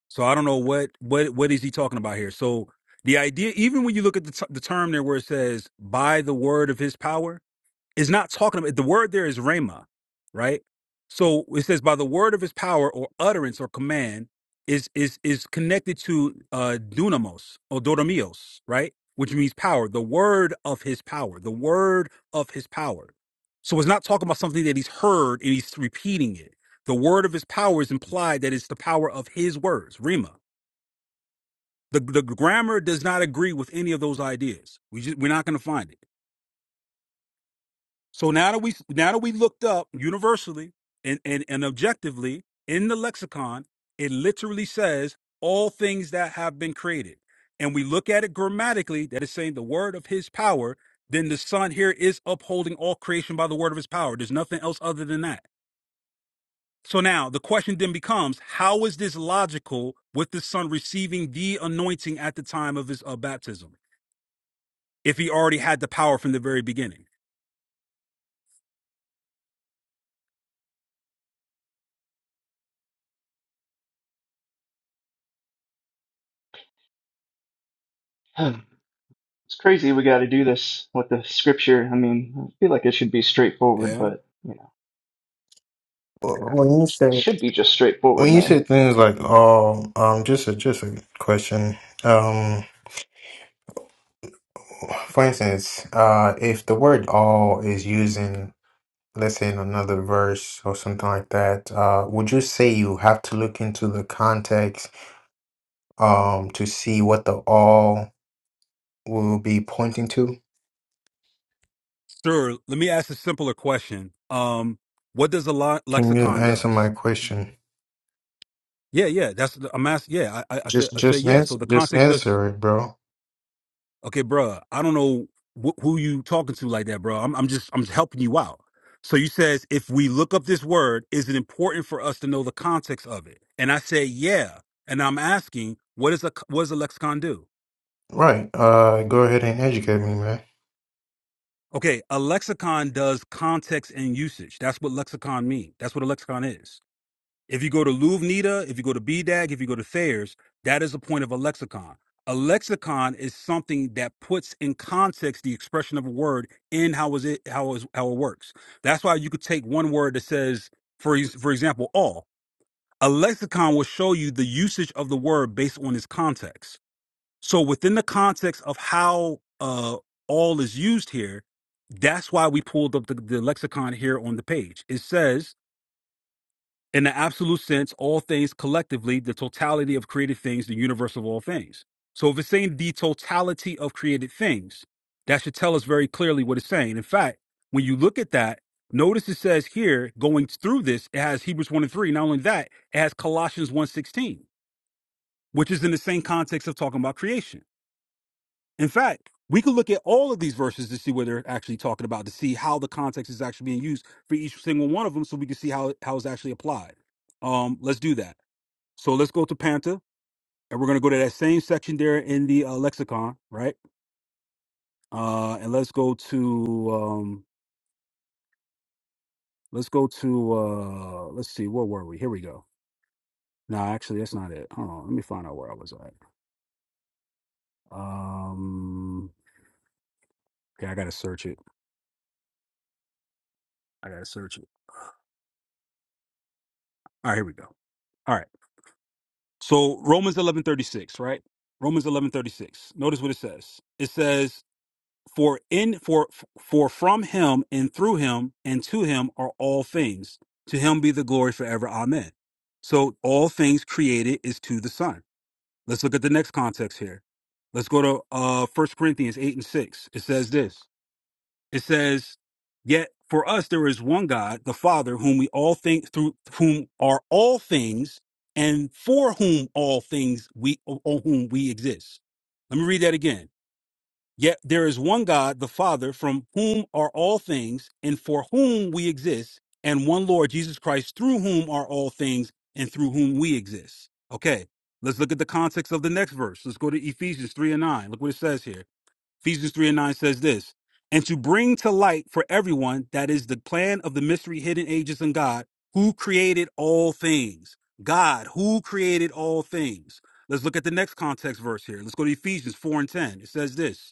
Speaker 9: So I don't know what what what is he talking about here. So the idea even when you look at the, t- the term there where it says by the word of his power, it's not talking about the word there is rhema, right? So it says by the word of his power or utterance or command is is is connected to uh dunamos or dodomios, right? Which means power, the word of his power, the word of his power. So it's not talking about something that he's heard and he's repeating it. The word of his power is implied that it's the power of his words, rhema. The the grammar does not agree with any of those ideas. We just we're not going to find it. So now that we now that we looked up universally and, and, and objectively in the lexicon, it literally says all things that have been created. And we look at it grammatically, that is saying the word of his power, then the son here is upholding all creation by the word of his power. There's nothing else other than that. So now the question then becomes how is this logical with the son receiving the anointing at the time of his uh, baptism if he already had the power from the very beginning?
Speaker 14: [sighs] It's crazy we got to do this with the scripture. I mean, I feel like it should be straightforward,
Speaker 9: Yeah.
Speaker 14: but you know,
Speaker 11: When you say
Speaker 14: it should be just straightforward,
Speaker 11: when you
Speaker 14: man.
Speaker 11: say things like "oh," um, just a just a question. Um, for instance, uh, if the word "all" is using, let's say, in another verse or something like that, uh, would you say you have to look into the context, um, to see what the "all" will be pointing to?
Speaker 9: Sure. Let me ask a simpler question. Um, what does a lo-
Speaker 11: Can you
Speaker 9: lexicon
Speaker 11: answer
Speaker 9: does?
Speaker 11: my question?
Speaker 9: Yeah, yeah. That's the- I'm asking. Yeah, I, I I said
Speaker 11: Just
Speaker 9: I said
Speaker 11: just
Speaker 9: yeah. So
Speaker 11: answer
Speaker 9: the
Speaker 11: just
Speaker 9: context is
Speaker 11: answer it, bro.
Speaker 9: okay, bruh, I don't know wh- who you talking to like that, bro. I'm I'm just I'm just helping you out. So you says if we look up this word, is it important for us to know the context of it? And I say yeah. And I'm asking, what is a what does a lexicon do?
Speaker 11: Right. Uh go ahead and educate me, man.
Speaker 9: Okay, a lexicon does context and usage. That's what lexicon mean. That's what a lexicon is. If you go to LouvNita, if you go to BDAG, if you go to Thayer's, that is the point of a lexicon. A lexicon is something that puts in context the expression of a word in how is it how is how it works. That's why you could take one word that says, for ex- for example, all. A lexicon will show you the usage of the word based on its context. So within the context of how uh, all is used here, that's why we pulled up the, the lexicon here on the page. It says in the absolute sense, all things collectively, the totality of created things, the universe of all things. So if it's saying the totality of created things, that should tell us very clearly what it's saying. In fact, when you look at that, notice it says here, going through this, it has Hebrews 1 and 3. Not only that, it has Colossians one sixteen, which is in the same context of talking about creation. In fact, we could look at all of these verses to see what they're actually talking about, to see how the context is actually being used for each single one of them so we can see how, how it's actually applied. Um, let's do that. So let's go to Panta, and we're going to go to that same section there in the uh, lexicon, right? Uh, and let's go to um, let's go to uh, let's see, where were we? Here we go. No, actually, that's not it. Hold on, let me find out where I was at. Um, okay, I gotta search it. I gotta search it. All right, here we go. All right, so Romans eleven thirty six, right? Romans eleven thirty six. Notice what it says. It says For in for for from him and through him and to him are all things. To him be the glory forever. Amen. So all things created is to the Son. Let's look at the next context here. Let's go to uh First Corinthians eight and six. It says this. It says, Yet for us there is one God, the Father, whom we all think through whom are all things, and for whom all things we on whom we exist. Let me read that again. Yet there is one God, the Father, from whom are all things, and for whom we exist, and one Lord, Jesus Christ, through whom are all things, and through whom we exist. Okay, let's look at the context of the next verse. Let's go to Ephesians 3 and 9. Look what it says here. Ephesians 3 and 9 says this And to bring to light for everyone that is the plan of the mystery hidden ages in God, who created all things. God, who created all things. Let's look at the next context verse here. Let's go to Ephesians 4 and 10. It says this.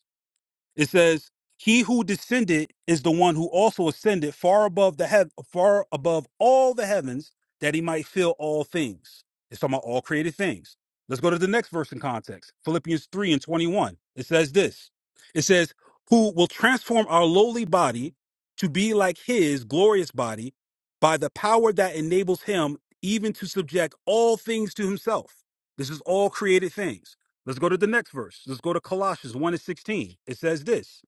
Speaker 9: It says, "He who descended is the one who also ascended far above the heav- far above all the heavens, that he might fill all things." It's talking about all created things. Let's go to the next verse in context. Philippians three and twenty-one. It says this. It says, "Who will transform our lowly body to be like His glorious body by the power that enables Him even to subject all things to Himself." This is all created things. Let's go to the next verse. Let's go to Colossians 1 and 16. It says this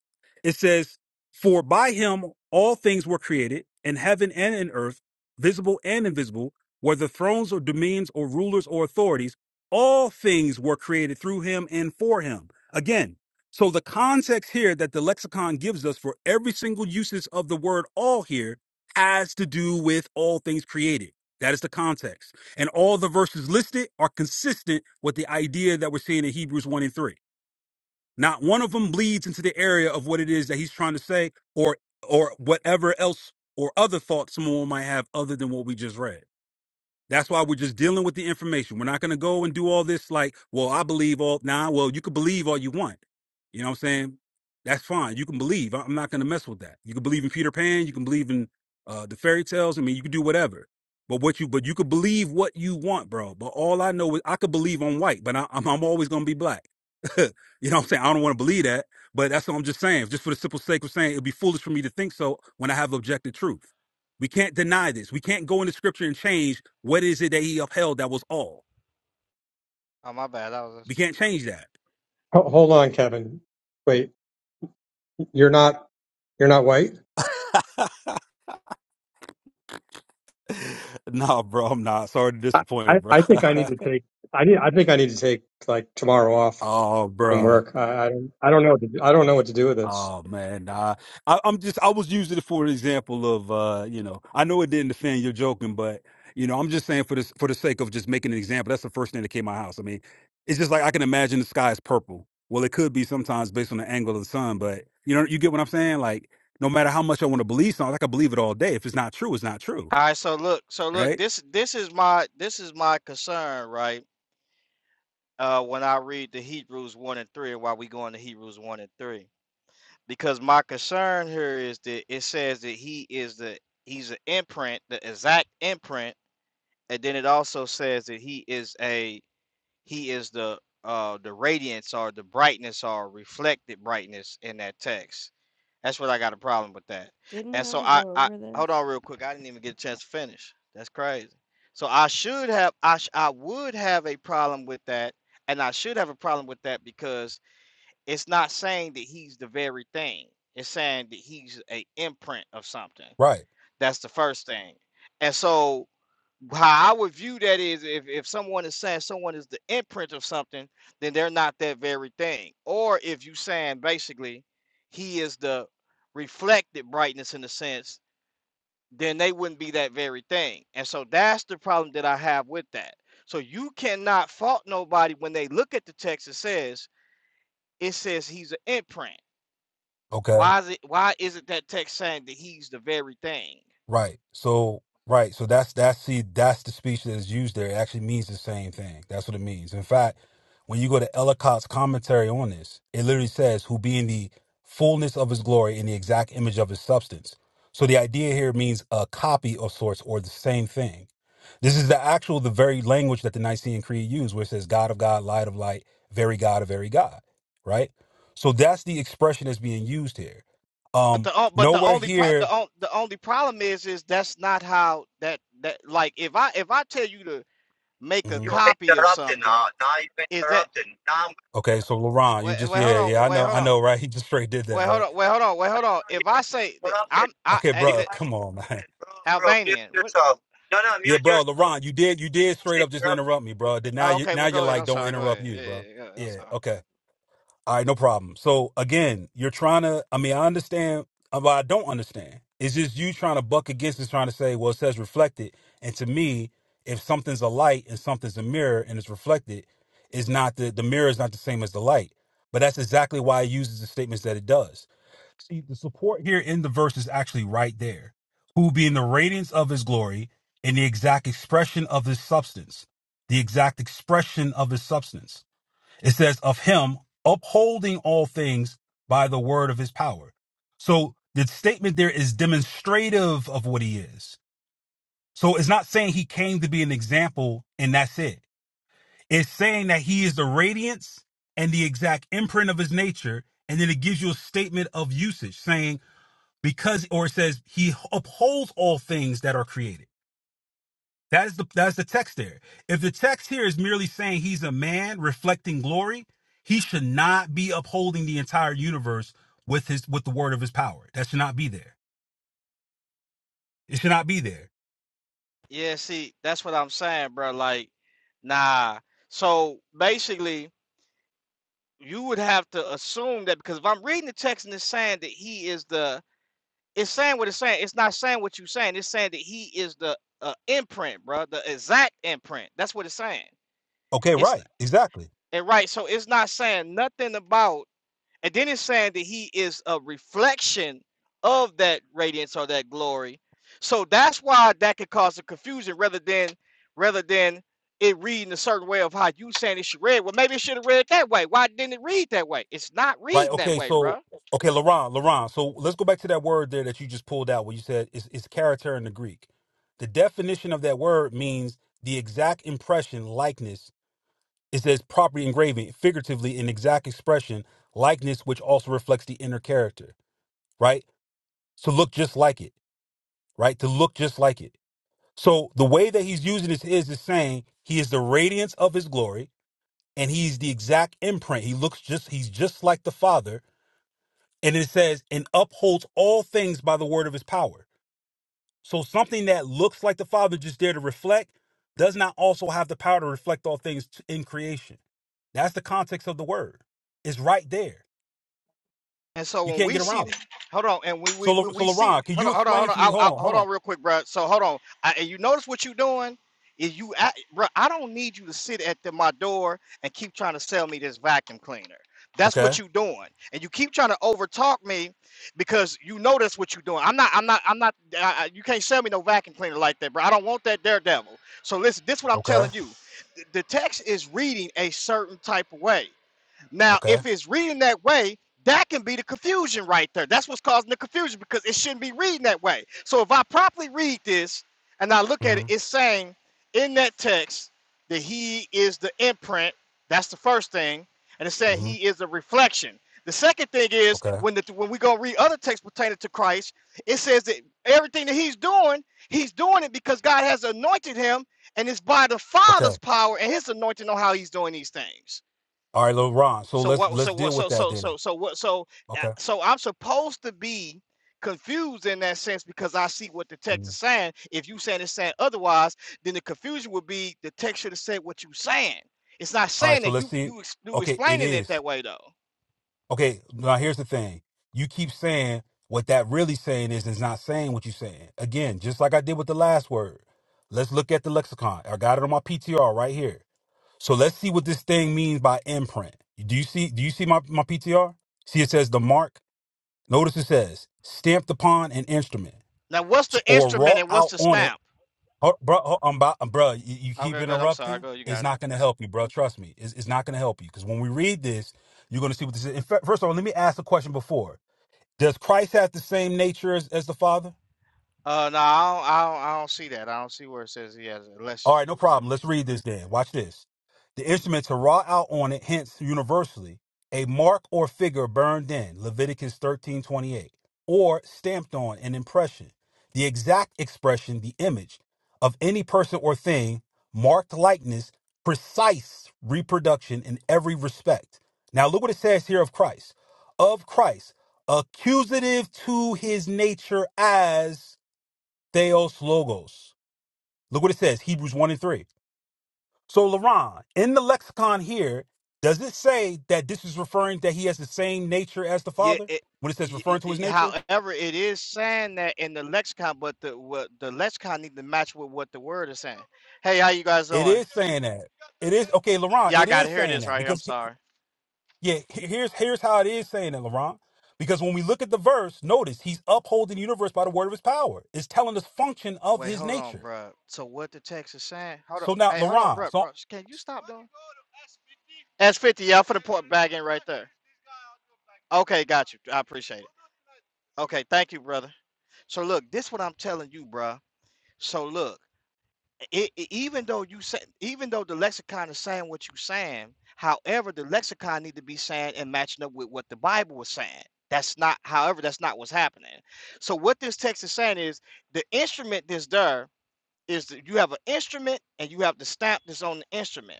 Speaker 9: It says, For by him all things were created, in heaven and in earth, visible and invisible, whether thrones or dominions or rulers or authorities, all things were created through him and for him. Again, so the context here that the lexicon gives us for every single usage of the word all here has to do with all things created. That is the context. And all the verses listed are consistent with the idea that we're seeing in Hebrews 1 and 3. Not one of them bleeds into the area of what it is that he's trying to say or or whatever else or other thoughts someone might have other than what we just read. That's why we're just dealing with the information. We're not going to go and do all this like, well, I believe all now. Nah, well, you can believe all you want. You know what I'm saying? That's fine. You can believe. I- I'm not going to mess with that. You can believe in Peter Pan. You can believe in uh, the fairy tales. I mean, you can do whatever. But what you but you could believe what you want, bro. But all I know is I could believe I'm white, but I, I'm I'm always going to be black. [laughs] you know what I'm saying? I don't want to believe that, but that's what I'm just saying. Just for the simple sake of saying it'd be foolish for me to think so when I have objective truth. We can't deny this. We can't go into scripture and change what is it that he upheld that was all.
Speaker 8: Oh my bad. That was.
Speaker 9: We can't change that.
Speaker 12: Ho- Hold on, Kevin. Wait, you're not you're not white?
Speaker 9: [laughs] nah, bro, I'm not. Sorry to
Speaker 12: I,
Speaker 9: disappoint,
Speaker 12: I,
Speaker 9: bro.
Speaker 12: I think I need to take I need I think I need to take like tomorrow
Speaker 9: [laughs]
Speaker 12: off
Speaker 9: oh,
Speaker 12: from
Speaker 9: bro.
Speaker 12: work. I, I don't I don't know what to do, I don't know what to do with this.
Speaker 9: Oh man, nah. I, I'm just I was using it for an example of uh, you know, I know it didn't offend you're joking, but you know, I'm just saying for this for the sake of just making an example, that's the first thing that came to my house. I mean, it's just like I can imagine the sky is purple. Well, it could be sometimes based on the angle of the sun, but you know, you get what I'm saying? Like, no matter how much I want to believe something, like, I can believe it all day. If it's not true, it's not true,
Speaker 8: All right. So look. So look.
Speaker 9: right?
Speaker 8: This this is my this is my concern, right? Uh, when I read the Hebrews one and three, and why we going to Hebrews one and three, because my concern here is that it says that he is the he's an imprint, the exact imprint, and then it also says that he is a he is the uh the radiance or the brightness or reflected brightness in that text. That's what I got a problem with that.
Speaker 10: Didn't
Speaker 8: And
Speaker 10: we
Speaker 8: so
Speaker 10: already
Speaker 8: I
Speaker 10: go
Speaker 8: I
Speaker 10: over
Speaker 8: hold
Speaker 10: this?
Speaker 8: on real quick. I didn't even get a chance to finish. That's crazy. So I should have I sh- I would have a problem with that, and I should have a problem with that because it's not saying that he's the very thing. It's saying that he's a imprint of something.
Speaker 9: Right.
Speaker 8: That's the first thing. And so how I would view that is if, if someone is saying someone is the imprint of something, then they're not that very thing. Or if you saying basically he is the reflected brightness in a sense, then they wouldn't be that very thing. And so that's the problem that I have with that. So you cannot fault nobody when they look at the text and says it says he's an imprint.
Speaker 9: Okay.
Speaker 8: Why is it why is it that text saying that he's the very thing?
Speaker 9: Right. So right. So that's that's see that's the speech that is used there. It actually means the same thing. That's what it means. In fact, when you go to Ellicott's commentary on this, it literally says, "Who being the fullness of his glory in the exact image of his substance." So the idea here means a copy of sorts or the same thing. This is the actual, the very language that the Nicene Creed used, where it says, "God of God, Light of Light, Very God of Very God." Right. So that's the expression that's being used here.
Speaker 8: But
Speaker 9: Um,
Speaker 8: the o- but the
Speaker 9: nowhere
Speaker 8: only pro the,
Speaker 9: here.
Speaker 8: on, the only problem is is that's not how that that like if I if I tell you to make a
Speaker 9: mm-hmm.
Speaker 1: you are
Speaker 8: copy of
Speaker 1: interrupting
Speaker 8: something
Speaker 1: now. Now you're
Speaker 8: is that
Speaker 1: interrupting. Now I'm-
Speaker 9: Okay, so LeBron, you
Speaker 8: wait
Speaker 9: just
Speaker 8: wait hold
Speaker 9: yeah, yeah,
Speaker 8: on
Speaker 9: I
Speaker 8: wait
Speaker 9: know,
Speaker 8: hold
Speaker 9: I
Speaker 8: on
Speaker 9: know, right? [laughs] He just straight did that,
Speaker 8: wait hold
Speaker 9: right?
Speaker 8: on wait hold on wait
Speaker 1: no
Speaker 8: hold
Speaker 1: no
Speaker 8: on
Speaker 1: no
Speaker 8: if
Speaker 1: you're
Speaker 8: I say that
Speaker 1: interrupting.
Speaker 8: I'm I,
Speaker 9: Okay,
Speaker 8: I
Speaker 1: You
Speaker 9: bro,
Speaker 8: that,
Speaker 1: are
Speaker 9: come on, [laughs] man.
Speaker 1: interrupting, bro bro. Mute
Speaker 8: Albanian what
Speaker 1: yourself. No no
Speaker 9: Yeah,
Speaker 1: mute yourself.
Speaker 9: bro, LeBron, you did, you did
Speaker 1: It's
Speaker 9: straight
Speaker 1: the
Speaker 9: up just
Speaker 1: problem.
Speaker 9: interrupt me, bro. Then now
Speaker 8: oh,
Speaker 9: you,
Speaker 8: okay
Speaker 9: now
Speaker 8: well
Speaker 9: you're
Speaker 8: go ahead
Speaker 9: like,
Speaker 8: I'm
Speaker 9: don't
Speaker 8: sorry go
Speaker 9: interrupt
Speaker 8: ahead yeah,
Speaker 9: you,
Speaker 8: yeah,
Speaker 9: bro.
Speaker 8: yeah, yeah, I'm
Speaker 9: Yeah,
Speaker 8: sorry
Speaker 9: okay, all right, no problem. So again, you're trying to, I mean, I understand, uh, but I don't understand. It's just you trying to buck against it, trying to say, well, it says reflected, and to me, if something's a light and something's a mirror and it's reflected, is not the the mirror is not the same as the light, but that's exactly why it uses the statements that it does See, the support here in the verse is actually right there. Who being the radiance of his glory and the exact expression of his substance, the exact expression of his substance. It says, of him upholding all things by the word of his power. So the statement there is demonstrative of what he is. So it's not saying he came to be an example and that's it. It's saying that he is the radiance and the exact imprint of his nature. And then it gives you a statement of usage saying, because or it says he upholds all things that are created that is the that's the text there if the text here is merely saying he's a man reflecting glory he should not be upholding the entire universe with his with the word of his power that should not be there it should not be there
Speaker 8: yeah see that's what I'm saying bro like nah so basically you would have to assume that because if I'm reading the text and it's saying that he is the it's saying what it's saying. It's not saying what you're saying. It's saying that he is the uh, imprint, bro, the exact imprint. That's what it's saying.
Speaker 9: okay
Speaker 8: It's
Speaker 9: right exactly
Speaker 8: and right. So it's not saying nothing about, and then it's saying that he is a reflection of that radiance or that glory. So that's why that could cause a confusion rather than rather than it reading a certain way of how you saying it should read. Well, maybe it should have read that way. Why didn't it read that way? It's not
Speaker 9: right
Speaker 8: reading that
Speaker 9: okay
Speaker 8: way, bro.
Speaker 9: so okay laurent laurent so let's go back to that word there that you just pulled out where you said it's, it's character in the greek the definition of that word means the exact impression likeness It says property engraving, figuratively an exact expression, likeness which also reflects the inner character, right? To look just like it, right? To look just like it. So the way that he's using this is is saying he is the radiance of his glory and he's the exact imprint. He looks just he's just like the Father. And it says, and upholds all things by the word of his power So something that looks like the Father just there to reflect does not also have the power to reflect all things t- in creation. That's the context of the word. It's right there.
Speaker 8: And so
Speaker 9: You
Speaker 8: when
Speaker 9: can't
Speaker 8: we
Speaker 9: get
Speaker 8: see,
Speaker 9: around it.
Speaker 8: hold on, and when we
Speaker 9: So, Lo-
Speaker 8: when
Speaker 9: so
Speaker 8: we see,
Speaker 9: LaRon, can
Speaker 8: hold
Speaker 9: you
Speaker 8: on, hold on, hold
Speaker 9: explain
Speaker 8: on,
Speaker 9: to me?
Speaker 8: I,
Speaker 9: Hold
Speaker 8: I,
Speaker 9: on, hold
Speaker 8: hold
Speaker 9: on.
Speaker 8: on, real quick, bro. So hold on, I, and you notice what you're doing is you, I, bro. I don't need you to sit at the, my door and keep trying to sell me this vacuum cleaner. That's
Speaker 9: Okay,
Speaker 8: what you're doing, and you keep trying to overtalk me because you know that's what you're doing. I'm not, I'm not, I'm not. I, I- you can't sell me no vacuum cleaner like that, bro. I don't want that daredevil. So listen, this is what I'm
Speaker 9: okay,
Speaker 8: telling you. The the text is reading a certain type of way. Now,
Speaker 9: okay.
Speaker 8: if it's reading that way, that can be the confusion right there. That's what's causing the confusion because it shouldn't be reading that way. So if I properly read this and I look at it,
Speaker 9: hmm
Speaker 8: it's saying in that text that he is the imprint. That's the first thing. And it's saying
Speaker 9: hmm
Speaker 8: he is a reflection. The second thing is
Speaker 9: Okay,
Speaker 8: when the when we go read other texts pertaining to Christ, it says that everything that he's doing, he's doing it because God has anointed him, and it's by the
Speaker 9: okay.
Speaker 8: Father's power and his anointing on how he's doing these things.
Speaker 9: All right, LaRon. So
Speaker 8: So
Speaker 9: let's
Speaker 8: what? So
Speaker 9: let's
Speaker 8: what?
Speaker 9: deal with
Speaker 8: So
Speaker 9: that
Speaker 8: so
Speaker 9: then.
Speaker 8: so so what? So uh,
Speaker 9: Okay.
Speaker 8: so I'm supposed to be confused in that sense because I see what the text
Speaker 9: Mhm.
Speaker 8: is saying. If you saying it's saying otherwise, then the confusion would be the text should have said what you saying. It's not
Speaker 9: All right.
Speaker 8: saying
Speaker 9: So
Speaker 8: that
Speaker 9: let's
Speaker 8: you
Speaker 9: see.
Speaker 8: you ex- you
Speaker 9: Okay, it
Speaker 8: explaining it
Speaker 9: is.
Speaker 8: that way though.
Speaker 9: Okay, now here's the thing. You keep saying what that really saying is is not saying what you're saying. Again, just like I did with the last word. Let's look at the lexicon. I got it on my PTR right here. So let's see what this thing means by imprint. Do you see do you see my, my PTR? See it says the mark. Notice it says stamped upon an instrument
Speaker 8: Now what's the
Speaker 9: or
Speaker 8: instrument
Speaker 9: wrought
Speaker 8: and what's
Speaker 9: out
Speaker 8: the
Speaker 9: on it
Speaker 8: stamp?
Speaker 9: Ho- bro, ho- um, bro, um, bro, you, you keep
Speaker 8: Okay, good. I'm sorry.
Speaker 9: interrupting.
Speaker 8: Go. You got.
Speaker 9: It's
Speaker 8: It.
Speaker 9: not going to help you, bro. Trust me. It's, it's not going to help you because when we read this, you're going to see what this is. In fact, First of all, let me ask the question before. Does Christ have the same nature as, as the Father?
Speaker 8: Uh, no, I don't, I don't. I don't see that. I don't see where it says he has unless.
Speaker 9: All right, no
Speaker 8: Yeah.
Speaker 9: problem. Let's read this then. Watch this. The instrument to raw out on it, hence universally, a mark or figure burned in, Leviticus thirteen twenty eight, or stamped on an impression, the exact expression, the image of any person or thing, marked likeness, precise reproduction in every respect. Now look what it says here of Christ. Of Christ, accusative to his nature as Theos Logos. Look what it says, Hebrews 1 and 3 so, Laron, in the lexicon here, does it say that this is referring that he has the same nature as the
Speaker 8: Yeah,
Speaker 9: Father?
Speaker 8: it,
Speaker 9: When it says
Speaker 8: y- y-
Speaker 9: referring to his
Speaker 8: y-
Speaker 9: nature,
Speaker 8: however, it is saying that in the lexicon, but the what the lexicon need to match with what the word is saying. Hey, how you guys
Speaker 9: it
Speaker 8: doing?
Speaker 9: is saying that. It is okay, Laron.
Speaker 8: Yeah, I
Speaker 9: It
Speaker 8: gotta
Speaker 9: is
Speaker 8: hear
Speaker 9: saying
Speaker 8: this
Speaker 9: that
Speaker 8: right here. I'm
Speaker 9: because he-
Speaker 8: sorry.
Speaker 9: yeah, he- here's here's how it is saying it, Laron. Because when we look at the verse, notice he's upholding the universe by the word of his power. It's telling us function of
Speaker 8: Wait,
Speaker 9: his
Speaker 8: hold on,
Speaker 9: nature.
Speaker 8: bruh. So what the text is saying? Hold on.
Speaker 9: So now,
Speaker 8: Hey, hold on,
Speaker 9: Laron.
Speaker 8: bruh.
Speaker 9: So
Speaker 8: Bro, Can you stop though? That's fifty. Y'all for the port back in right there. Okay, got you. I appreciate it. Okay, thank you, brother. So look, this what I'm telling you, bruh. So look. it, it- even though you say, even though the lexicon is saying what you're saying, however, the lexicon need to be saying and matching up with what the Bible was saying. That's not, however, that's not what's happening. So what this text is saying is the instrument that's there is that you have an instrument and you have the stamp that's on the instrument.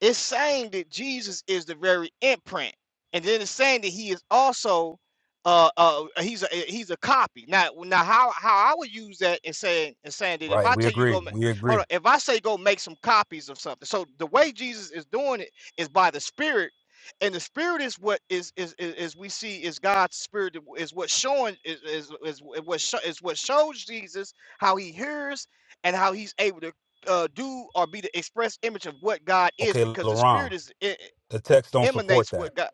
Speaker 8: It's saying that Jesus is the very imprint, and then it's saying that he is also uh uh he's a eh, he's a copy. Now now how how I would use that and saying and saying that if
Speaker 9: right,
Speaker 8: I
Speaker 9: we
Speaker 8: tell you to
Speaker 9: agree.
Speaker 8: go make
Speaker 9: We
Speaker 8: hold
Speaker 9: agree.
Speaker 8: on if I say go make some copies of something. So the way Jesus is doing it is by the Spirit. And the spirit is what is is is, is we see is God's spirit that is what showing is is is what sho- is what shows Jesus how he hears and how he's able to uh, do or be the express image of what God is,
Speaker 9: Okay,
Speaker 8: because the spirit
Speaker 9: Laron.
Speaker 8: is e- e,
Speaker 9: The text don't support
Speaker 8: emanates
Speaker 9: that.
Speaker 8: what God.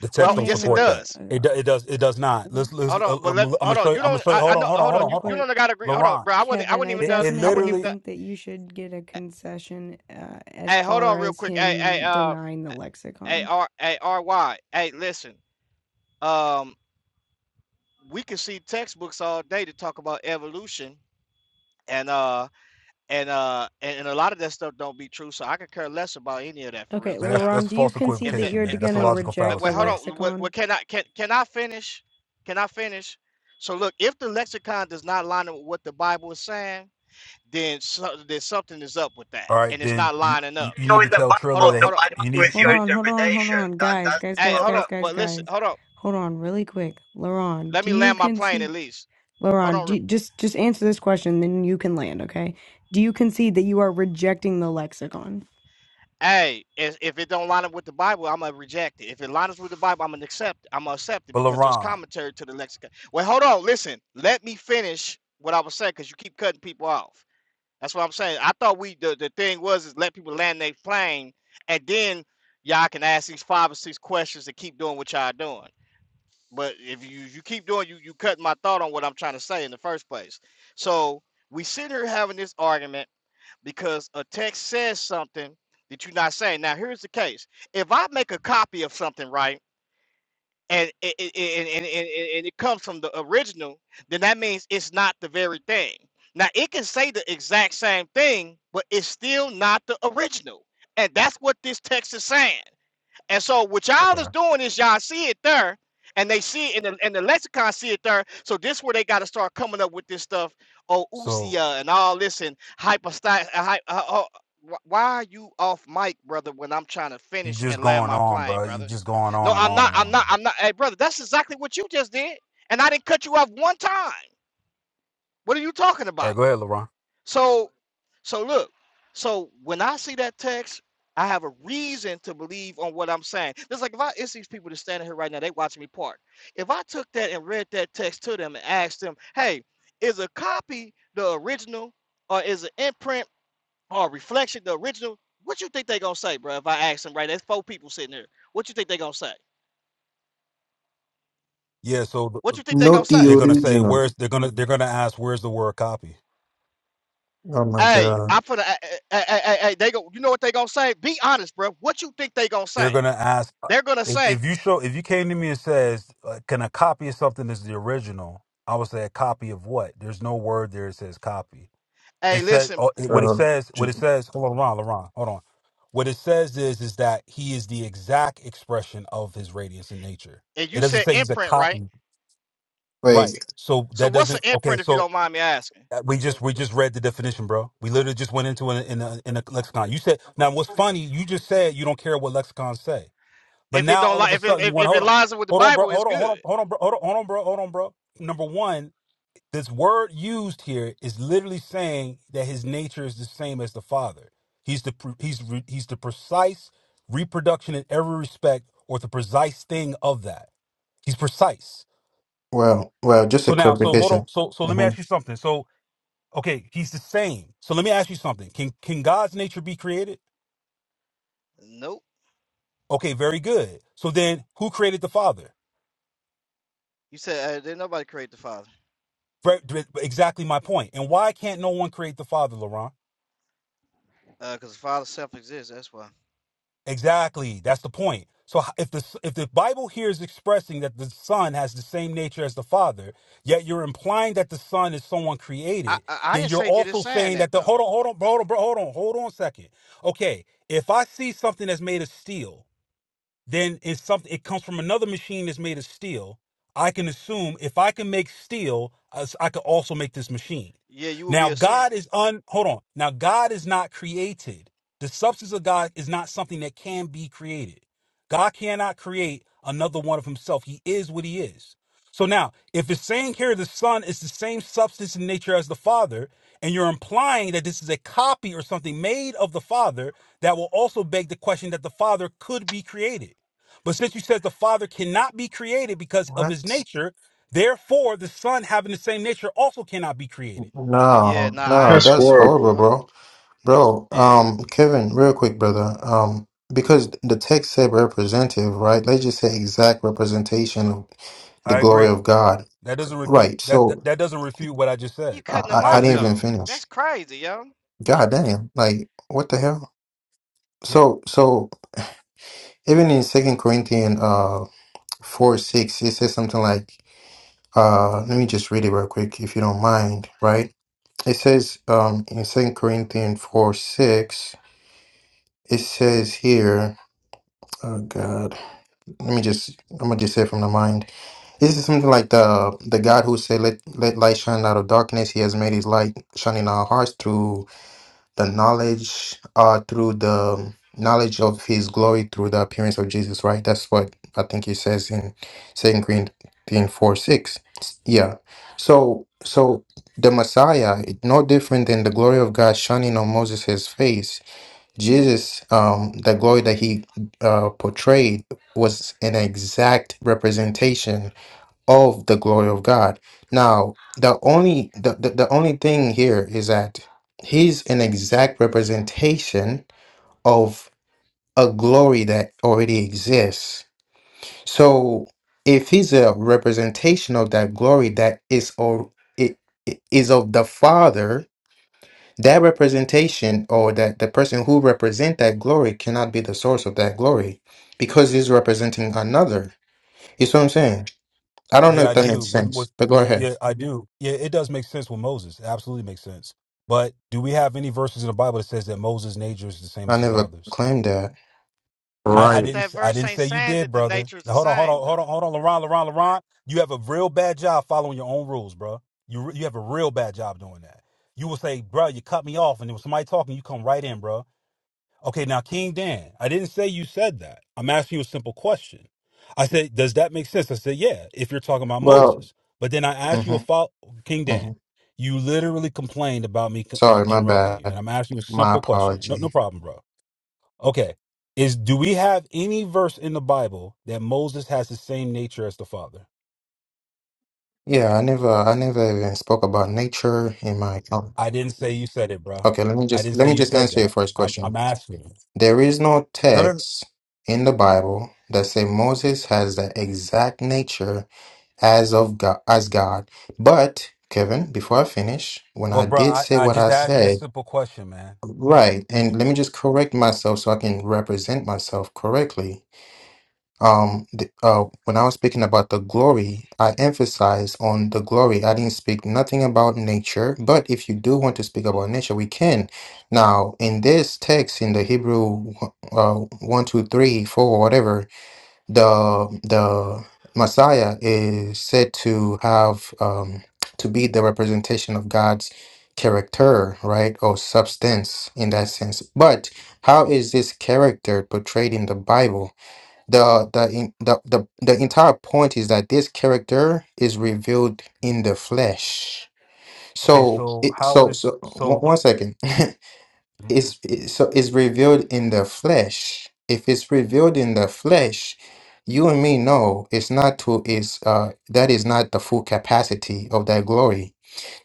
Speaker 9: The
Speaker 8: Well,
Speaker 10: Wait,
Speaker 9: text don't
Speaker 10: hang
Speaker 8: yes, it
Speaker 9: support that.
Speaker 8: does.
Speaker 10: on.
Speaker 9: It do, it does it does not.
Speaker 10: Mm,
Speaker 9: Let's let's.
Speaker 8: Hold
Speaker 9: Uh,
Speaker 8: on,
Speaker 9: uh,
Speaker 8: but
Speaker 9: I'm
Speaker 8: let
Speaker 9: gonna
Speaker 8: hold on.
Speaker 9: show you.
Speaker 8: You
Speaker 9: I'm gonna
Speaker 8: don't.
Speaker 9: show you.
Speaker 8: I, I
Speaker 9: Hold
Speaker 8: know.
Speaker 9: on. Hold on.
Speaker 8: Hold
Speaker 9: Hold
Speaker 8: on.
Speaker 9: on.
Speaker 10: Real
Speaker 8: You
Speaker 9: Hold on.
Speaker 8: you
Speaker 10: quick,
Speaker 8: don't gotta agree. Hold on,
Speaker 9: LaRon,
Speaker 8: bro. I wasn't. I
Speaker 10: Kevin,
Speaker 8: wasn't
Speaker 10: I
Speaker 8: even
Speaker 9: it,
Speaker 8: done.
Speaker 9: it
Speaker 8: I wasn't
Speaker 10: definitely
Speaker 8: even
Speaker 9: literally.
Speaker 8: done.
Speaker 10: think that you should get a concession uh, as
Speaker 8: Hey, hold
Speaker 10: far
Speaker 8: on, real
Speaker 10: as
Speaker 8: quick. Hey, hey,
Speaker 10: him
Speaker 8: uh,
Speaker 10: denying the
Speaker 8: hey,
Speaker 10: lexicon.
Speaker 8: R, hey, R Y. Hey, listen. Um, we can see textbooks all day to talk about evolution, and uh. and uh and, and a lot of that stuff don't be true so i could care less about any of that for real
Speaker 10: Okay,
Speaker 8: to
Speaker 9: Man,
Speaker 8: be
Speaker 9: that's that's
Speaker 10: Laurent, do
Speaker 8: honest
Speaker 10: you
Speaker 9: false
Speaker 8: if
Speaker 10: concede that
Speaker 8: that
Speaker 9: equivocation,
Speaker 10: you're
Speaker 8: if,
Speaker 9: man. That's
Speaker 10: going
Speaker 9: a
Speaker 8: hold
Speaker 10: to
Speaker 8: on
Speaker 9: logical
Speaker 8: uh,
Speaker 10: reject
Speaker 8: wait
Speaker 10: the
Speaker 9: fallacy,
Speaker 8: hold
Speaker 9: bro.
Speaker 8: on what,
Speaker 10: lexicon?
Speaker 8: what can i can can i finish can i finish so look if the lexicon does not line up with what the bible is saying then so, then something is up with that
Speaker 9: All right,
Speaker 8: and it's
Speaker 9: then
Speaker 8: not
Speaker 9: you,
Speaker 8: lining
Speaker 9: you
Speaker 8: up
Speaker 9: you
Speaker 1: You know,
Speaker 9: need
Speaker 8: Bec-
Speaker 9: to
Speaker 1: in the
Speaker 9: tell
Speaker 8: hold
Speaker 9: Triller
Speaker 1: Bible,
Speaker 8: on
Speaker 9: that
Speaker 1: the
Speaker 8: hold on
Speaker 9: he-
Speaker 1: Bible
Speaker 9: you need.
Speaker 1: with
Speaker 10: Hold
Speaker 1: your
Speaker 9: You,
Speaker 10: on, hold on, hold
Speaker 1: interpretation.
Speaker 10: on.
Speaker 1: That
Speaker 10: Guys,
Speaker 1: that's the
Speaker 10: guys,
Speaker 8: hey
Speaker 10: guys,
Speaker 8: hold on
Speaker 10: guys,
Speaker 1: problem.
Speaker 10: guys,
Speaker 8: but listen
Speaker 10: guys.
Speaker 8: hold on
Speaker 10: Hold on, really quick. Laurent,
Speaker 8: let
Speaker 10: do
Speaker 8: me
Speaker 10: you
Speaker 8: land my plane at
Speaker 10: concede?
Speaker 8: least hold
Speaker 10: Laurent, do
Speaker 8: on
Speaker 10: you- just just answer this question, then you can land, okay? Do you concede that you are rejecting the lexicon?
Speaker 8: Hey, if, if it don't line up with the Bible, I'm gonna reject it. If it lines up with the Bible, I'm gonna accept. I'm gonna accept it
Speaker 9: but
Speaker 8: because there's
Speaker 9: LaRon,
Speaker 8: commentary to the lexicon. Wait, hold on, listen. Let me finish what I was saying because you keep cutting people off. That's what I'm saying. I thought we the, the thing was is let people land their plane, and then y'all can ask these five or six questions and keep doing what y'all doing. But if you you keep doing you you cutting my thought on what I'm trying to say in the first place. So we sit here having this argument because a text says something that you're not saying. Now, here's the case: if I make a copy of something, right, and it, it, and, and, and, and it comes from the original, then that means it's not the very thing. Now, it can say the exact same thing, but it's still not the original, and that's what this text is saying. And so what y'all
Speaker 9: okay.
Speaker 8: is doing is y'all see it there, and they see it in the, in the lexicon, see it there. So this where they got to start coming up with this stuff, Ousia
Speaker 9: So
Speaker 8: and all this and hypostasis. Uh, uh, uh, why are you off mic, brother? When I'm trying to
Speaker 9: you
Speaker 8: finish
Speaker 9: just
Speaker 8: and land
Speaker 9: going
Speaker 8: my
Speaker 9: on,
Speaker 8: plane,
Speaker 9: bro. You
Speaker 8: brother.
Speaker 9: just going
Speaker 8: No,
Speaker 9: on and
Speaker 8: I'm
Speaker 9: on
Speaker 8: not.
Speaker 9: and
Speaker 8: I'm
Speaker 9: on.
Speaker 8: not. I'm not. Hey, brother, that's exactly what you just did, and I didn't cut you off one time. What are you talking
Speaker 9: All
Speaker 8: about?
Speaker 9: right, go ahead, LaRon.
Speaker 8: So, so look, so when I see that text, I have a reason to believe on what I'm saying. It's like if I it's these people that's standing here right now, they watching me park. If I took that and read that text to them and asked them, hey, is a copy the original or is an imprint or a reflection the original? What you think they gonna say, bro? If I ask them right, there's four people sitting here. What you think they gonna say?
Speaker 9: Yeah. So th-
Speaker 8: What you think they gonna
Speaker 11: Not the
Speaker 8: say?
Speaker 9: they're gonna say
Speaker 11: original.
Speaker 9: where's they're gonna they're gonna ask where's the word copy.
Speaker 11: Oh my
Speaker 8: Hey,
Speaker 11: god.
Speaker 8: I put a, hey, hey, hey, hey, they go. You know what they gonna say? Be honest, bro. What you think they gonna
Speaker 9: they're
Speaker 8: say?
Speaker 9: going to ask uh,
Speaker 8: They're gonna
Speaker 9: if,
Speaker 8: say,
Speaker 9: if you show if you came to me and says uh, can a copy of something is the original i would say a copy of what there's no word there that says copy it
Speaker 8: Hey,
Speaker 9: says
Speaker 8: listen,
Speaker 9: oh, it- what it
Speaker 11: Uh,
Speaker 9: says what
Speaker 11: j-
Speaker 9: it says hold on Laron, Laron, hold on what it says is is that he is the exact expression of his radiance in nature
Speaker 8: and
Speaker 9: it
Speaker 8: you
Speaker 9: doesn't
Speaker 8: said
Speaker 9: say he's a
Speaker 8: imprint, right?
Speaker 9: copy
Speaker 11: wait.
Speaker 9: right so
Speaker 8: So
Speaker 9: that
Speaker 8: what's an
Speaker 9: doesn't okay
Speaker 8: imprint if you
Speaker 9: so
Speaker 8: don't mind me asking?
Speaker 9: uh, we just we just read the definition bro we literally just went into it in a, in a lexicon you said now what's funny you just said you don't care what lexicons say but
Speaker 8: If it
Speaker 9: now
Speaker 8: don't
Speaker 9: all of
Speaker 8: like
Speaker 9: a
Speaker 8: if it
Speaker 9: sudden you
Speaker 8: if,
Speaker 9: want
Speaker 8: if it
Speaker 9: hold on,
Speaker 8: lines up with the
Speaker 9: hold on, bro,
Speaker 8: Bible, it's
Speaker 9: hold on,
Speaker 8: good.
Speaker 9: hold on, hold on, bro, hold on, hold on, bro, hold on, bro. Number one, this word used here is literally saying that his nature is the same as the Father. He's the pre- he's re- he's the precise reproduction in every respect, or the precise thing of that. He's precise.
Speaker 11: Well, well, just a
Speaker 9: So now, so hold on,
Speaker 11: clarification.
Speaker 9: so so let me
Speaker 11: hmm
Speaker 9: ask you something. So okay, he's the same. So let me ask you something. Can can God's nature be created?
Speaker 8: Nope.
Speaker 9: Okay, very good. So then, who created the Father?
Speaker 8: You said uh, did nobody create the Father?
Speaker 9: Exactly my point. And why can't no one create the Father, Laurent?
Speaker 8: Uh, cause the Father self-exists. That's why.
Speaker 9: Exactly. That's the point. So if the if the Bible here is expressing that the Son has the same nature as the Father, yet you're implying that the Son is someone
Speaker 8: I
Speaker 9: created,
Speaker 8: I, I
Speaker 9: then
Speaker 8: didn't
Speaker 9: you're
Speaker 8: say that it's
Speaker 9: also
Speaker 8: saying
Speaker 9: saying
Speaker 8: that
Speaker 9: that the
Speaker 8: though.
Speaker 9: hold on, hold on, bro, hold on, bro, hold on, hold on a second. Okay, if I see something that's made of steel then it's something it comes from another machine that's made of steel i can assume if i can make steel i I could also make this machine
Speaker 8: Yeah, you would
Speaker 9: now
Speaker 8: be assuming.
Speaker 9: god is un hold on now god is not created the substance of god is not something that can be created god cannot create another one of himself he is what he is so now if it's saying here the son is the same substance in nature as the father and you're implying that this is a copy or something made of the father that will also beg the question that the father could be created but since you says the Father cannot be created because of
Speaker 11: What?
Speaker 9: his nature, therefore the Son having the same nature also cannot be created.
Speaker 8: Yeah,
Speaker 11: No,
Speaker 8: nah, I
Speaker 11: no,
Speaker 15: That's
Speaker 8: ain't
Speaker 11: that's
Speaker 8: eh, hold, uh,
Speaker 15: horrible.
Speaker 11: horrible,
Speaker 8: hold,
Speaker 11: bro. Bro,
Speaker 8: yeah.
Speaker 11: um, Kevin, real quick, brother. Um, because the text said representative, right? Let's just say exact representation of the
Speaker 9: I
Speaker 11: glory
Speaker 9: agree.
Speaker 11: of God.
Speaker 9: That doesn't refute
Speaker 11: Right.
Speaker 9: that that
Speaker 11: So
Speaker 9: that doesn't refute what I just
Speaker 8: You
Speaker 9: said.
Speaker 8: cutting
Speaker 11: I,
Speaker 8: them
Speaker 9: I
Speaker 11: I I
Speaker 8: off
Speaker 9: agree
Speaker 11: didn't
Speaker 9: with
Speaker 11: even
Speaker 9: you.
Speaker 8: though.
Speaker 11: finish.
Speaker 8: That's crazy, yo.
Speaker 11: God damn. Like, what the hell?
Speaker 9: Yeah,
Speaker 11: So, so even in Second Corinthians uh four six, it says something like uh let me just read it real quick if you don't mind, right? It says um in Second Corinthians four six, it says here, oh God, let me just I'm gonna just say it from the mind. This is something like the the God who said let let light shine out of darkness. He has made His light shine in our hearts through the knowledge uh through the knowledge of his glory through the appearance of Jesus, right? That's what I think he says in Second Corinthians four six. Yeah. So so the Messiah, it- no different than the glory of God shining on Moses' face. Jesus, um, the glory that he uh, portrayed was an exact representation of the glory of God. Now, the only the, the, the only thing here is that he's an exact representation of a glory that already exists. So if he's a representation of that glory that is or it, it is of the Father, that representation or that the person who represent that glory cannot be the source of that glory because he's representing another. You see what I'm saying? I don't know
Speaker 9: yeah
Speaker 11: if
Speaker 9: I
Speaker 11: that
Speaker 9: do.
Speaker 11: makes
Speaker 9: With
Speaker 11: sense,
Speaker 9: with
Speaker 11: but go
Speaker 9: well, y-
Speaker 11: ahead.
Speaker 9: yeah, I do. Yeah, it does make sense with Moses. It absolutely makes sense. But do we have any verses in the Bible that says that Moses' nature is the same
Speaker 11: I
Speaker 9: as the
Speaker 11: never
Speaker 9: Father's?
Speaker 11: claimed that.
Speaker 13: So
Speaker 9: I, I
Speaker 13: right.
Speaker 9: didn't
Speaker 8: That
Speaker 9: I I
Speaker 8: verse
Speaker 9: didn't
Speaker 8: ain't
Speaker 9: say you
Speaker 8: saying
Speaker 9: did,
Speaker 8: that the
Speaker 9: brother.
Speaker 8: nature is the
Speaker 9: Hold on, hold
Speaker 8: same
Speaker 9: on,
Speaker 8: though.
Speaker 9: hold on, hold on, Laron, Laron, Laron. You have a real bad job following your own rules, bro. You re- you have a real bad job doing that. You will say, bro, you cut me off, and there was somebody talking. You come right in, bro. Okay, now King Dan, I didn't say you said that. I'm asking you a simple question. I said, does that make sense? I said, yeah. If you're talking about
Speaker 11: Well,
Speaker 9: Moses, but then I asked you
Speaker 11: hmm
Speaker 9: a follow, King
Speaker 11: hmm
Speaker 9: Dan. You literally complained about me co- uh,
Speaker 11: sorry, my
Speaker 9: interrupting you, and
Speaker 11: bad.
Speaker 9: I'm asking you a
Speaker 11: My
Speaker 9: simple question. No, no
Speaker 11: apology.
Speaker 9: problem, bro. Okay. Is do we have any verse in the Bible that Moses has the same nature as the Father?
Speaker 11: Yeah, I never, I never even spoke about nature in my. Oh,
Speaker 9: I didn't say you said it, bro.
Speaker 11: okay, let me
Speaker 9: I
Speaker 11: just
Speaker 9: didn't
Speaker 11: let
Speaker 9: say
Speaker 11: me
Speaker 9: you
Speaker 11: just
Speaker 9: said
Speaker 11: answer your
Speaker 9: that.
Speaker 11: first
Speaker 9: I'm I'm
Speaker 11: question.
Speaker 9: asking.
Speaker 11: There is no
Speaker 9: No, no. no.
Speaker 11: text in the Bible that say Moses has the exact nature as of God, as God. But Kevin, before I finish, when
Speaker 9: Well,
Speaker 11: I
Speaker 9: bro,
Speaker 11: did
Speaker 9: I,
Speaker 11: say
Speaker 9: I
Speaker 11: what
Speaker 9: just
Speaker 11: I
Speaker 9: asked you a
Speaker 11: said,
Speaker 9: simple question, man.
Speaker 11: right,
Speaker 9: You're
Speaker 11: and let me just correct myself so I can represent myself correctly. um the, uh when I was speaking about the glory, I emphasized on the glory. I didn't speak nothing about nature, but if you do want to speak about nature, we can. Now, in this text in the Hebrew uh one, two, three, four, whatever, the the Messiah is said to have um to be the representation of God's character, right? Or substance in that sense. But how is this character portrayed in the Bible? the the in the, the the entire point is that this character is revealed in the flesh
Speaker 9: okay.
Speaker 11: so
Speaker 9: So
Speaker 11: it
Speaker 9: how
Speaker 11: so
Speaker 9: is
Speaker 11: so one,
Speaker 9: so?
Speaker 11: one second [laughs]
Speaker 9: Mhm.
Speaker 11: it's it, so it's revealed in the flesh if it's revealed in the flesh you and me know it's not to is uh that is not the full capacity of that glory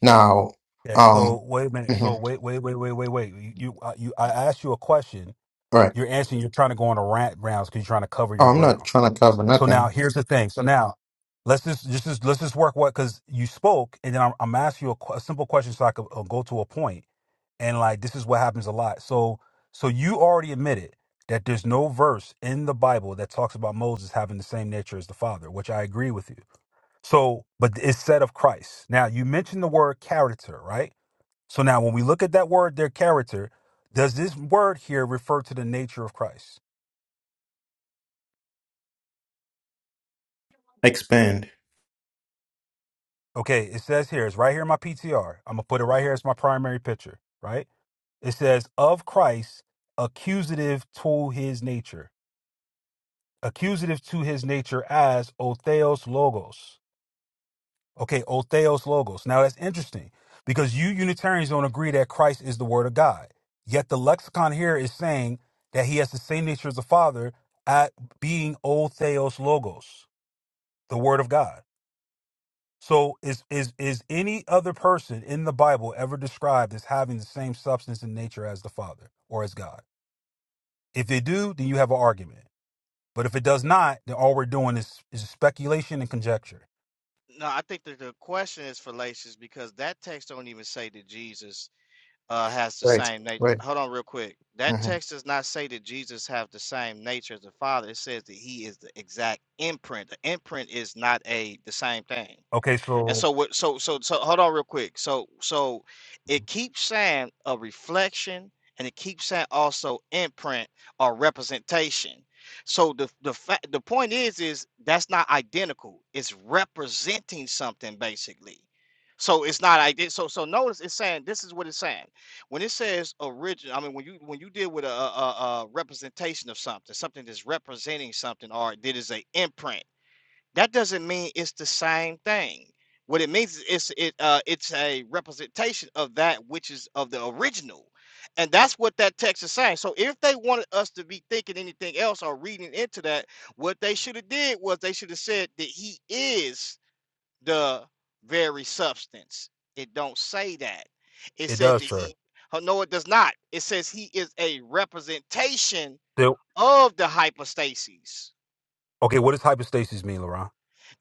Speaker 11: now
Speaker 9: Okay,
Speaker 11: um
Speaker 9: so wait a minute. So
Speaker 11: mhm,
Speaker 9: wait, wait, wait, wait, wait, wait. You, you, I- you I asked you a question.
Speaker 11: right
Speaker 9: You're answering. You're trying to go on a rant rounds because you're trying to cover
Speaker 11: oh,
Speaker 9: your
Speaker 11: i'm
Speaker 9: ground.
Speaker 11: not trying to cover
Speaker 9: So now
Speaker 11: nothing
Speaker 9: here's the thing. So now let's just just, just let's just work what because you spoke, and then I'm, I'm asking you a, qu- a simple question so I could uh, go to a point. And like this is what happens a lot. So so you already admitted that there's no verse in the Bible that talks about Moses having the same nature as the Father, which I agree with you. So, but it's said of Christ. Now you mentioned the word character, right? So now when we look at that word, their character, does this word here refer to the nature of Christ?
Speaker 11: expand
Speaker 9: Okay, it says here, it's right here in my PTR. I'm gonna put it right here as my primary picture, right? It says of Christ, accusative to his nature. Accusative to his nature as Otheos Logos. Okay, Otheos Logos. Now that's interesting because you Unitarians don't agree that Christ is the Word of God. Yet the lexicon here is saying that he has the same nature as the Father at being Otheos Logos, the Word of God. So is is is any other person in the Bible ever described as having the same substance and nature as the Father or as God? If they do, then you have an argument. But if it does not, then all we're doing is is speculation and conjecture.
Speaker 8: No, I think that the question is fallacious because that text don't even say that Jesus uh, has the
Speaker 11: right
Speaker 8: same nature.
Speaker 11: right
Speaker 8: Hold on, real quick. That
Speaker 11: mm-hmm.
Speaker 8: text does not say that Jesus have the same nature as the Father. It says that He is the exact imprint. The imprint is not a the same thing.
Speaker 9: Okay,
Speaker 8: And
Speaker 9: so
Speaker 8: so what so so so hold on real quick. So so it keeps saying a reflection and it keeps saying also imprint or representation. So the the fact the point is is that's not identical. It's representing something basically. So it's not ident so so notice it's saying this is what it's saying. When it says original, I mean when you when you deal with a, a, a a representation of something, something that's representing something or that is a imprint that doesn't mean it's the same thing. What it means is it's it uh it's a representation of that which is of the original. And that's what that text is saying. So if they wanted us to be thinking anything else or reading into that, what they should have did was they should have said that he is the very substance. It don't say that. It
Speaker 9: it
Speaker 8: says
Speaker 9: does,
Speaker 8: that
Speaker 9: sir.
Speaker 8: he oh, no, it does not. It says he is a representation
Speaker 9: So-
Speaker 8: of the hypostases.
Speaker 9: okay, what does hypostasis mean, Laurent?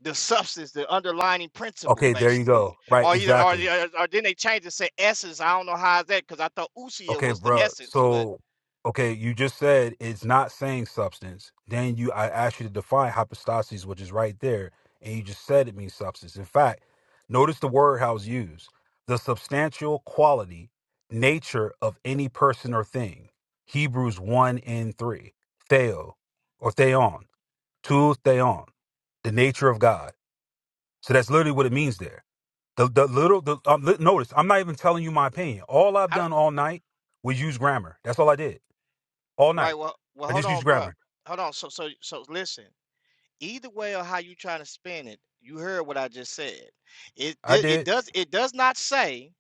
Speaker 8: the substance, the underlining principle,
Speaker 9: Okay, there you
Speaker 8: basically.
Speaker 9: go. Right,
Speaker 8: Or either, or,
Speaker 9: exactly.
Speaker 8: or, or then they changed it, to say essence. I don't know how is that because I thought usia
Speaker 9: Okay,
Speaker 8: was the
Speaker 9: bro.
Speaker 8: essence, but
Speaker 9: So, okay, you just said it's not saying substance. Then you, I asked you to define hypostasis, which is right there, and you just said it means substance. In fact, notice the word how it's used: the substantial quality, nature of any person or thing. Hebrews one and three. Theo or theon, tu theon, the nature of God. So that's literally what it means there. The the little the um, li- notice. I'm not even telling you my opinion. All I've
Speaker 8: I don't,
Speaker 9: done all night was use grammar. That's all I did all
Speaker 8: right.
Speaker 9: night.
Speaker 8: Well, well,
Speaker 9: I
Speaker 8: hold
Speaker 9: just used
Speaker 8: on, bro.
Speaker 9: grammar.
Speaker 8: Hold on. So, so, so, listen. Either way, or how you trying to spin it, you heard what I just said. It,
Speaker 9: I
Speaker 8: di- it
Speaker 9: did.
Speaker 8: does, it does not say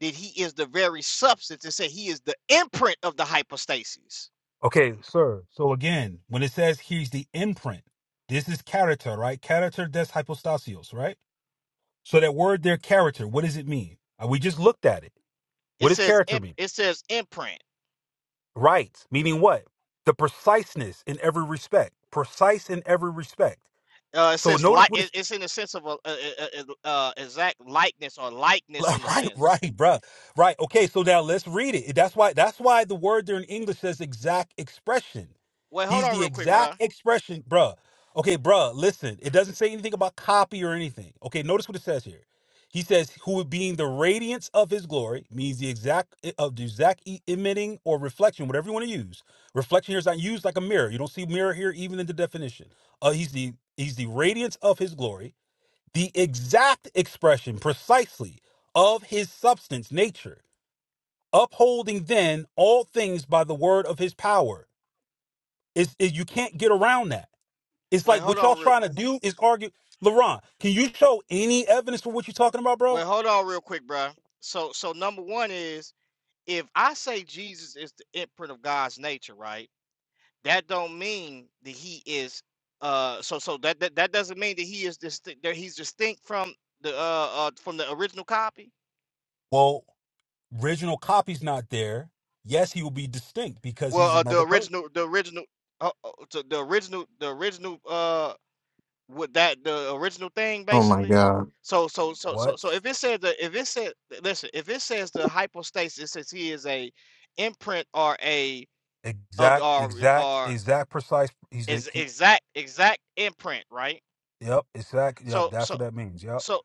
Speaker 8: that he is the very substance. It says he is the imprint of the hypostasis.
Speaker 9: Okay, sir. So again, when it says he's the imprint, this is character, right? Character des hypostasios, right? So that word there, character. What does it mean? Uh, We just looked at it. What
Speaker 8: It
Speaker 9: does
Speaker 8: says,
Speaker 9: character
Speaker 8: imp-
Speaker 9: mean?
Speaker 8: it says imprint.
Speaker 9: Right, meaning what? The preciseness in every respect. Precise in every respect.
Speaker 8: Uh, it
Speaker 9: So
Speaker 8: says
Speaker 9: notice
Speaker 8: like
Speaker 9: what it's.
Speaker 8: it, it's in the sense of a, a, a, a- uh exact likeness or
Speaker 9: [laughs]
Speaker 8: likeness in the
Speaker 9: Right,
Speaker 8: sense.
Speaker 9: right, bruh. Right. Okay, so now let's read it. That's why that's why the word there in English says exact expression.
Speaker 8: Wait, hold
Speaker 9: He's
Speaker 8: on
Speaker 9: the
Speaker 8: real quick,
Speaker 9: exact
Speaker 8: bruh.
Speaker 9: expression, bruh. Okay, bruh, listen. It doesn't say anything about copy or anything. Okay, notice what it says here. He says, who being the radiance of his glory means the exact eh, of the exact e- emitting or reflection, whatever you want to use. Reflection here is not used like a mirror. You don't see mirror here even in the definition. Uh, he's the he's the radiance of his glory the exact expression precisely of his substance nature upholding then all things by the word of his power is you can't get around that it's
Speaker 8: Wait,
Speaker 9: like
Speaker 8: hold
Speaker 9: what y'all
Speaker 8: on real.
Speaker 9: trying to
Speaker 8: qu-
Speaker 9: do is argue. LeBron, can you show any evidence for what you're talking about, bro?
Speaker 8: Wait, hold on real quick, bruh. So, so number one is if I say Jesus is the imprint of God's nature, right? That don't mean that he is. Uh, so, so that that, that doesn't mean that he is distinct. That he's distinct from the uh, uh from the original copy.
Speaker 9: Well, original copy's not there. Yes, he will be distinct because
Speaker 8: Well,
Speaker 9: he's
Speaker 8: uh, the
Speaker 9: another person.
Speaker 8: original, the original, uh, uh, so the original, the original. uh. with that the original thing
Speaker 11: Oh my
Speaker 8: basically
Speaker 11: god.
Speaker 8: so so so so
Speaker 9: What?
Speaker 8: so if it says that if it said listen if it says the hypostasis it says he is a imprint or a of the
Speaker 9: Exact,
Speaker 8: or,
Speaker 9: exact,
Speaker 8: or
Speaker 9: exact, precise. He's a,
Speaker 8: is
Speaker 9: he-
Speaker 8: exact exact imprint right
Speaker 9: Yep, exactly. Yep,
Speaker 8: so
Speaker 9: that's
Speaker 8: so
Speaker 9: what that means. Yep.
Speaker 8: so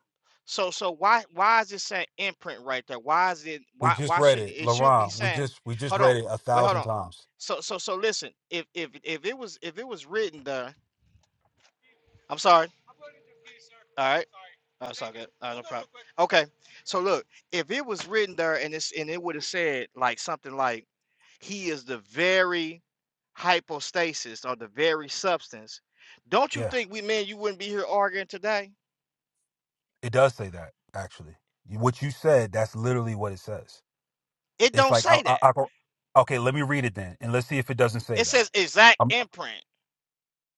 Speaker 8: so so why why is it saying imprint right there why is it
Speaker 9: We
Speaker 8: why
Speaker 9: just
Speaker 8: why
Speaker 9: read
Speaker 8: shouldn't
Speaker 9: it,
Speaker 8: it should be
Speaker 9: Laron. We
Speaker 8: saying
Speaker 9: just we just
Speaker 8: hold on
Speaker 9: read it a
Speaker 8: wait hold
Speaker 9: thousand
Speaker 8: on
Speaker 9: times.
Speaker 8: so so so listen if if if it was if it was written there i'm sorry all right Oh, it's all good. Uh, no problem. Okay, so look, if it was written there and it's and it would have said like something like, "He is the very hypostasis or the very substance," don't you
Speaker 9: Yeah,
Speaker 8: think we men you wouldn't be here arguing today?
Speaker 9: it does say that actually. You- What you said, that's literally what it says.
Speaker 8: It
Speaker 9: It's
Speaker 8: don't
Speaker 9: like I,
Speaker 8: say
Speaker 9: I,
Speaker 8: that.
Speaker 9: I don't- okay. Let me read it then, and let's see if it doesn't say
Speaker 8: It
Speaker 9: that.
Speaker 8: says exact
Speaker 9: Um,
Speaker 8: imprint.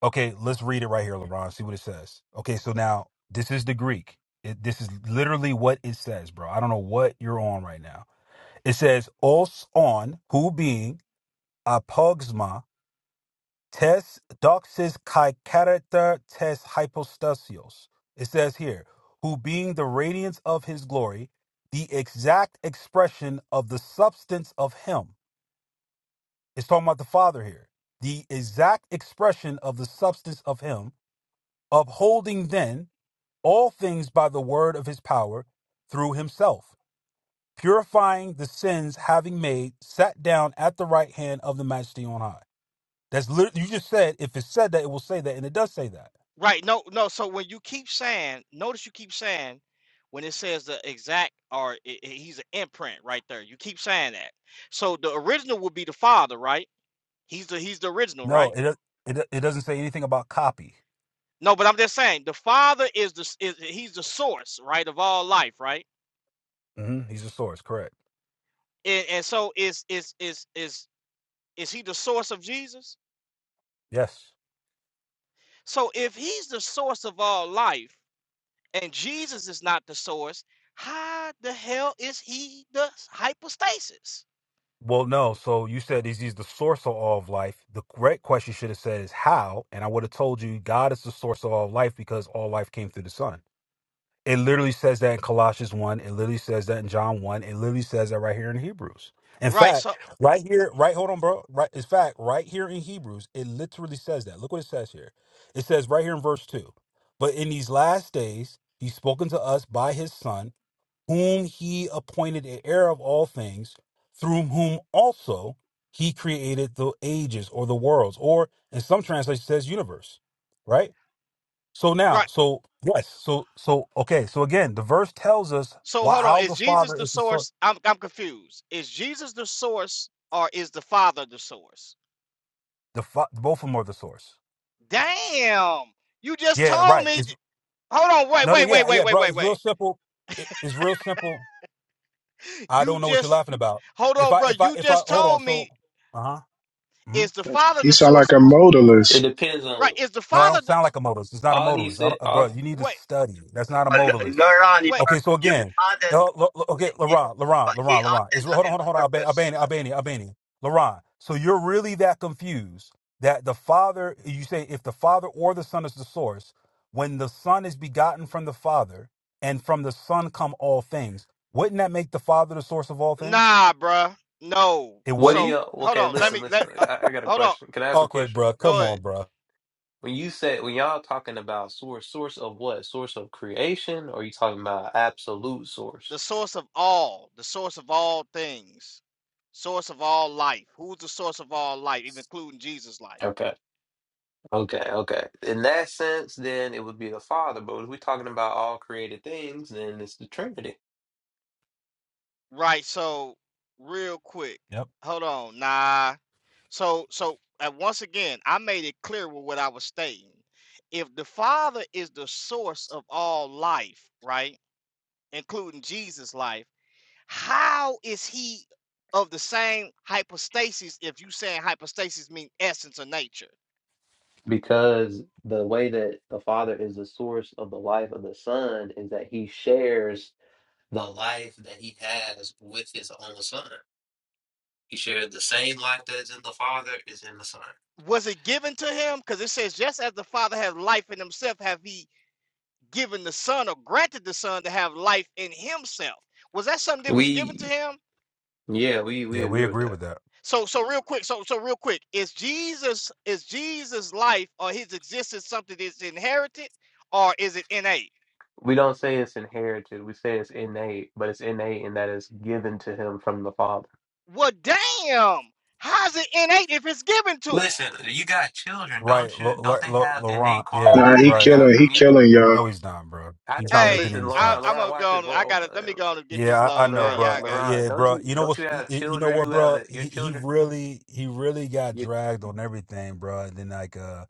Speaker 9: okay, let's read it right here, Laron. See what it says. Okay, so now this is the Greek. It, this is literally what it says, bro. I don't know what you're on right now. It says os on who being apogsma Tes doxis kai character tes hypostasios. It says here, who being the radiance of his glory, the exact expression of the substance of him. It's talking about the Father here. The exact expression of the substance of him, upholding then all things by the word of his power through himself, purifying the sins having made, sat down at the right hand of the majesty on high. That's literally, you just said, if it said that, it will say that, and it does say that.
Speaker 8: Right? No, no. So when you keep saying, notice you keep saying, when it says the exact or i i- he's an imprint right there. You keep saying that. So the original would be the father, right? He's the he's the original, right?
Speaker 9: No, it it it doesn't say anything about copy.
Speaker 8: No, but I'm just saying the Father is the is he's the source, right, of all life, right?
Speaker 9: hmm He's the source, correct?
Speaker 8: And, and so is is is is is he the source of Jesus?
Speaker 9: Yes.
Speaker 8: So if he's the source of all life and Jesus is not the source, how the hell is he the hypostasis?
Speaker 9: Well, no. So you said he's, he's the source of all of life. The correct question should have said is how, and I would have told you God is the source of all life because all life came through the Son. It literally says that in Colossians 1. It literally says that in John 1. It literally says that right here in Hebrews. In
Speaker 8: Right.
Speaker 9: fact,
Speaker 8: So
Speaker 9: right here, right, hold on, bro. Right, in fact, right here in Hebrews, it literally says that. Look what it says here. It says right here in verse 2. But in these last days, he's spoken to us by his son, whom he appointed an heir of all things, through whom also he created the ages or the worlds, or in some translations, it says universe, right? So now,
Speaker 8: right.
Speaker 9: so yes, so so okay, so again, the verse tells us
Speaker 8: So
Speaker 9: why,
Speaker 8: hold on.
Speaker 9: how
Speaker 8: Is
Speaker 9: the
Speaker 8: Jesus
Speaker 9: Father
Speaker 8: the
Speaker 9: is the source.
Speaker 8: source? I'm I'm confused. Is Jesus the source or is the Father the source?
Speaker 9: The fa- both of them are the source.
Speaker 8: Damn. You just
Speaker 9: Yeah,
Speaker 8: told
Speaker 9: right.
Speaker 8: me.
Speaker 9: It's
Speaker 8: Hold on. Wait.
Speaker 9: no, no,
Speaker 8: Wait. Wait.
Speaker 9: yeah,
Speaker 8: Wait.
Speaker 9: yeah,
Speaker 8: Wait.
Speaker 9: bro.
Speaker 8: Wait.
Speaker 9: It's
Speaker 8: Wait.
Speaker 9: real simple. It, it's real simple. I
Speaker 8: You
Speaker 9: don't know what you're
Speaker 8: just
Speaker 9: laughing about.
Speaker 8: hold
Speaker 9: If
Speaker 8: on,
Speaker 9: I,
Speaker 8: bro.
Speaker 9: if I,
Speaker 8: You
Speaker 9: if I,
Speaker 8: just
Speaker 9: hold on.
Speaker 8: told
Speaker 9: So,
Speaker 8: me
Speaker 9: uh huh.
Speaker 8: is the father
Speaker 15: He
Speaker 8: the
Speaker 15: sound
Speaker 8: source
Speaker 15: like a
Speaker 8: of
Speaker 16: It
Speaker 15: modalist.
Speaker 16: depends
Speaker 8: right?
Speaker 16: on
Speaker 8: Is the
Speaker 9: No, I
Speaker 8: father
Speaker 9: don't
Speaker 8: the
Speaker 9: sound like a modalist. It's not a
Speaker 16: all he
Speaker 9: modalist. I
Speaker 16: said.
Speaker 9: don't, uh, bro,
Speaker 16: All
Speaker 9: you need to
Speaker 8: wait
Speaker 9: study. That's
Speaker 1: No,
Speaker 9: not a
Speaker 1: L-
Speaker 9: modalist.
Speaker 1: Laurent, you
Speaker 8: wait?
Speaker 9: Okay, so
Speaker 1: you
Speaker 9: again,
Speaker 1: added,
Speaker 9: no, lo- lo- okay,
Speaker 1: it,
Speaker 9: Laurent, Laurent,
Speaker 1: but he
Speaker 9: Laurent, Laurent. Is
Speaker 1: added
Speaker 9: hold
Speaker 1: that
Speaker 9: on,
Speaker 1: in
Speaker 9: hold on, hold on, Alban-
Speaker 1: purpose.
Speaker 9: Albania, Albania, Albania, Laurent. So you're really that confused that the Father, you say, if the Father or the Son is the source, when the Son is begotten from the Father, and from the Son come all things, wouldn't that make the Father the source of all things?
Speaker 8: Nah, bro. No.
Speaker 9: It
Speaker 16: what do
Speaker 9: wouldn't.
Speaker 8: So
Speaker 16: y'all?
Speaker 8: hold
Speaker 16: Okay,
Speaker 8: on. Let
Speaker 16: listen,
Speaker 8: me let
Speaker 16: listen.
Speaker 8: uh,
Speaker 16: I, I got a
Speaker 8: hold on.
Speaker 16: question. Can I ask a
Speaker 9: Okay,
Speaker 16: question?
Speaker 9: bro.
Speaker 8: Go
Speaker 9: come
Speaker 8: ahead.
Speaker 9: on, bro.
Speaker 16: When you said when y'all talking about source, source of what? Source of creation, or you talking about absolute source?
Speaker 8: The source of all, the source of all things, source of all life. Who's the source of all life, even including Jesus' life?
Speaker 16: Okay, okay, okay. In that sense, then it would be the Father. But if we're talking about all created things, then it's the Trinity.
Speaker 8: Right, so real quick.
Speaker 9: Yep.
Speaker 8: Hold on. Nah. So so and once again, I made it clear with what I was stating. If the Father is the source of all life, right? Including Jesus' life, how is he of the same hypostasis if you saying hypostasis mean essence or nature?
Speaker 16: Because the way that the Father is the source of the life of the Son is that He shares the life that He has with His own Son. He shared the same life that is in the Father is in the Son.
Speaker 8: Was it given to him? Because it says, just as the Father has life in himself, have he given the Son or granted the Son to have life in Himself. Was that something that was given to
Speaker 16: We
Speaker 8: Him?
Speaker 16: yeah, we we
Speaker 9: Yeah, we
Speaker 16: agree with
Speaker 9: agree
Speaker 16: that.
Speaker 9: with that.
Speaker 8: So, so real quick, so so real quick, is Jesus is Jesus' life or His existence something that's inherited, or is it innate?
Speaker 16: We don't say it's inherited. We say it's innate, but it's innate in that it's given to him from the Father.
Speaker 8: Well, damn, how's it innate if it's given to Him?
Speaker 16: Listen, you got children,
Speaker 9: Right,
Speaker 16: don't you?
Speaker 9: Lo-
Speaker 16: Don't
Speaker 9: Lo-
Speaker 16: they
Speaker 9: Lo-
Speaker 16: have innate
Speaker 9: Laurent. Yeah,
Speaker 15: Nah,
Speaker 16: qualities that
Speaker 15: he
Speaker 16: they
Speaker 9: right.
Speaker 16: got
Speaker 15: killing he
Speaker 16: from you?
Speaker 15: killing y'all.
Speaker 9: No, he's not, bro.
Speaker 16: I,
Speaker 9: He's not
Speaker 16: hey,
Speaker 9: making
Speaker 8: Hey,
Speaker 16: listen,
Speaker 9: any
Speaker 8: I,
Speaker 16: Laurent,
Speaker 8: I'm
Speaker 9: sense.
Speaker 16: Laurent,
Speaker 8: gonna
Speaker 16: watch
Speaker 8: go.
Speaker 16: this.
Speaker 8: On, I
Speaker 16: Whoa, whoa,
Speaker 8: gotta let me
Speaker 16: uh,
Speaker 8: go on and get this
Speaker 9: Yeah, I, I
Speaker 8: low,
Speaker 9: know,
Speaker 8: man.
Speaker 16: Laurent,
Speaker 9: bro.
Speaker 8: Y'all
Speaker 9: Uh,
Speaker 8: got it.
Speaker 16: Laurent,
Speaker 9: Yeah,
Speaker 16: don't
Speaker 9: bro.
Speaker 16: you
Speaker 9: You know
Speaker 16: don't
Speaker 9: what?
Speaker 16: you have
Speaker 9: You you know
Speaker 16: children
Speaker 9: what,
Speaker 16: who have
Speaker 9: bro?
Speaker 16: a, your
Speaker 9: He, he
Speaker 16: children?
Speaker 9: really, he really got dragged on everything, bro. And then like, uh,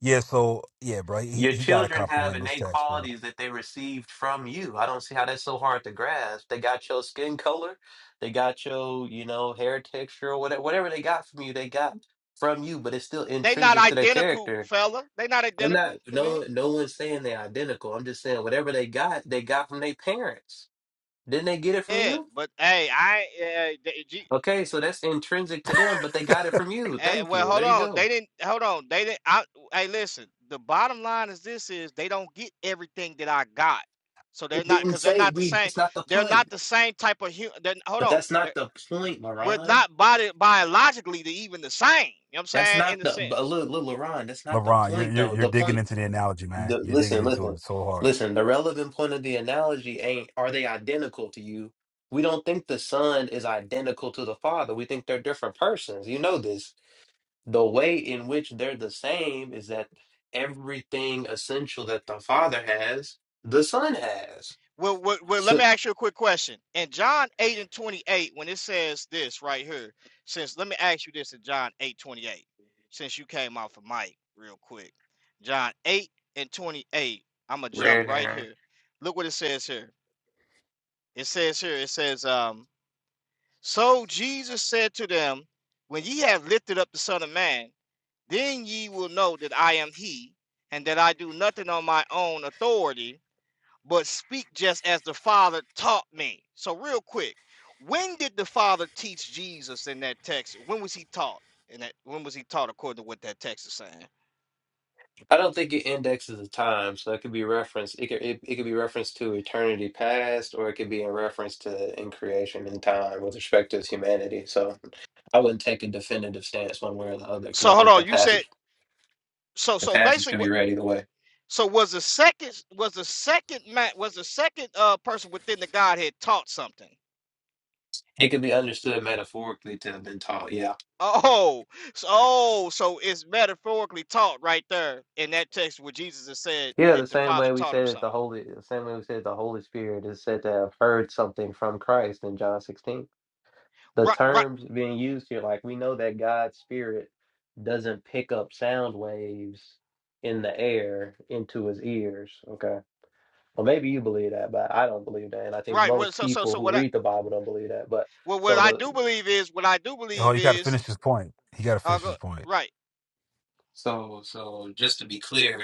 Speaker 9: yeah. So yeah, bro. He
Speaker 16: Your
Speaker 9: he got to
Speaker 16: children have
Speaker 9: comprehend this
Speaker 16: innate
Speaker 9: text, bro.
Speaker 16: qualities that they received from you. I don't see how that's so hard to grasp. They got your skin color, they got your, you know, hair texture or whatever, whatever they got from you, they got from you, but it's still
Speaker 8: They not
Speaker 16: intrinsic to their
Speaker 8: identical,
Speaker 16: character.
Speaker 8: fella. They not
Speaker 16: I'm
Speaker 8: identical
Speaker 16: not
Speaker 8: to me.
Speaker 16: no no one's saying they're identical. I'm just saying whatever they got, they got from their parents. Didn't they get it from
Speaker 8: Yeah,
Speaker 16: you?
Speaker 8: but hey, I uh,
Speaker 16: Okay, so that's intrinsic to them, but they got it from you.
Speaker 8: Eh,
Speaker 16: Thank
Speaker 8: well,
Speaker 16: you.
Speaker 8: hold
Speaker 16: There you
Speaker 8: on.
Speaker 16: go.
Speaker 8: They didn't. Hold on. They didn't. I, hey, listen. The bottom line is this: is they don't get everything that I got, so they're
Speaker 16: It
Speaker 8: not
Speaker 16: didn't
Speaker 8: because they're
Speaker 16: say
Speaker 8: not the
Speaker 16: we
Speaker 8: same.
Speaker 16: that's not the
Speaker 8: They're not
Speaker 16: point.
Speaker 8: the same type of human. Hold
Speaker 16: But
Speaker 8: on.
Speaker 16: that's
Speaker 8: They're,
Speaker 16: not the point,
Speaker 8: we're
Speaker 16: Moran.
Speaker 8: not body biologically the, even the same. You know what I'm
Speaker 16: That's
Speaker 8: saying?
Speaker 16: not
Speaker 8: In the
Speaker 16: the but
Speaker 8: sense.
Speaker 16: look, look, Ron. That's not the
Speaker 9: LeBron, you're
Speaker 16: point,
Speaker 9: you're
Speaker 16: though.
Speaker 9: you're
Speaker 16: The
Speaker 9: digging
Speaker 16: point.
Speaker 9: into the analogy, man.
Speaker 16: The
Speaker 9: You're digging
Speaker 16: listen,
Speaker 9: into
Speaker 16: listen,
Speaker 9: it so hard.
Speaker 16: listen. The relevant point of the analogy ain't are they identical to you? We don't think the son is identical to the father. We think they're different persons. You know this. The way in which they're the same is that everything essential that the father has, the son has.
Speaker 8: Well, well, well, let me
Speaker 16: So,
Speaker 8: ask you a quick question. In John 8 and 28, when it says this right here, since let me ask you this in John 8 28, since you came off of Mike real quick. John 8 and 28, I'm gonna jump right
Speaker 16: rare.
Speaker 8: here. Look what it says here. It says here, it says, um, so Jesus said to them, When ye have lifted up the Son of Man, then ye will know that I am he, and that I do nothing on my own authority but speak just as the Father taught me. So, real quick, when did the Father teach Jesus in that text? When was he taught? And that when was he taught according to what that text is saying?
Speaker 16: I don't think it indexes the time, so it could be referenced. It could it, it could be referenced to eternity past, or it could be in reference to in creation and time with respect to humanity. So I wouldn't take a definitive stance one way or the other because
Speaker 8: So
Speaker 16: I
Speaker 8: hold
Speaker 16: think the
Speaker 8: on, you said
Speaker 16: passage
Speaker 8: so.
Speaker 16: the
Speaker 8: So
Speaker 16: passage
Speaker 8: basically,
Speaker 16: could be
Speaker 8: what?
Speaker 16: read either way.
Speaker 8: So was the second was the second man was the second uh person within the Godhead taught something?
Speaker 16: It could be understood metaphorically to have been taught. Yeah,
Speaker 8: Oh, so oh, so it's metaphorically taught right there in that text where Jesus has said
Speaker 16: yeah.
Speaker 8: that
Speaker 16: The
Speaker 8: the
Speaker 16: same
Speaker 8: Father
Speaker 16: way we
Speaker 8: taught him
Speaker 16: say that
Speaker 8: something.
Speaker 16: the holy, the same way we say that the Holy Spirit is said to have heard something from Christ in John sixteen. the
Speaker 8: Right, right,
Speaker 16: terms being used here, like we know that God's spirit doesn't pick up sound waves in the air into his ears. Okay. Well, maybe you believe that, but I don't believe that. And I think
Speaker 8: right. Well,
Speaker 16: most
Speaker 8: so so
Speaker 16: people
Speaker 8: so
Speaker 16: who
Speaker 8: what? I,
Speaker 16: read the Bible don't believe that. But
Speaker 8: Well, what
Speaker 16: so
Speaker 8: I
Speaker 16: the
Speaker 8: do believe is, what I do
Speaker 9: Oh,
Speaker 8: believe
Speaker 9: you got to
Speaker 8: is,
Speaker 9: finish his point. He got to
Speaker 8: uh,
Speaker 9: finish
Speaker 8: go,
Speaker 9: his point.
Speaker 8: right,
Speaker 16: so so just to be clear,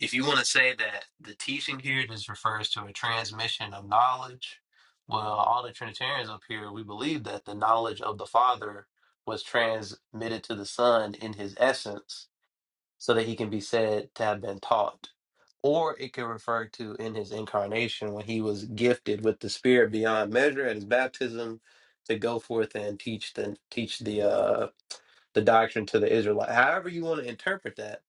Speaker 16: if you want to say that the teaching here just refers to a transmission of knowledge, well, all the Trinitarians up here, we believe that the knowledge of the Father was transmitted to the Son in his essence so that he can be said to have been taught. Or it could refer to in his incarnation when he was gifted with the Spirit beyond measure at his baptism to go forth and teach the teach the uh, the doctrine to the Israelite. However you want to interpret that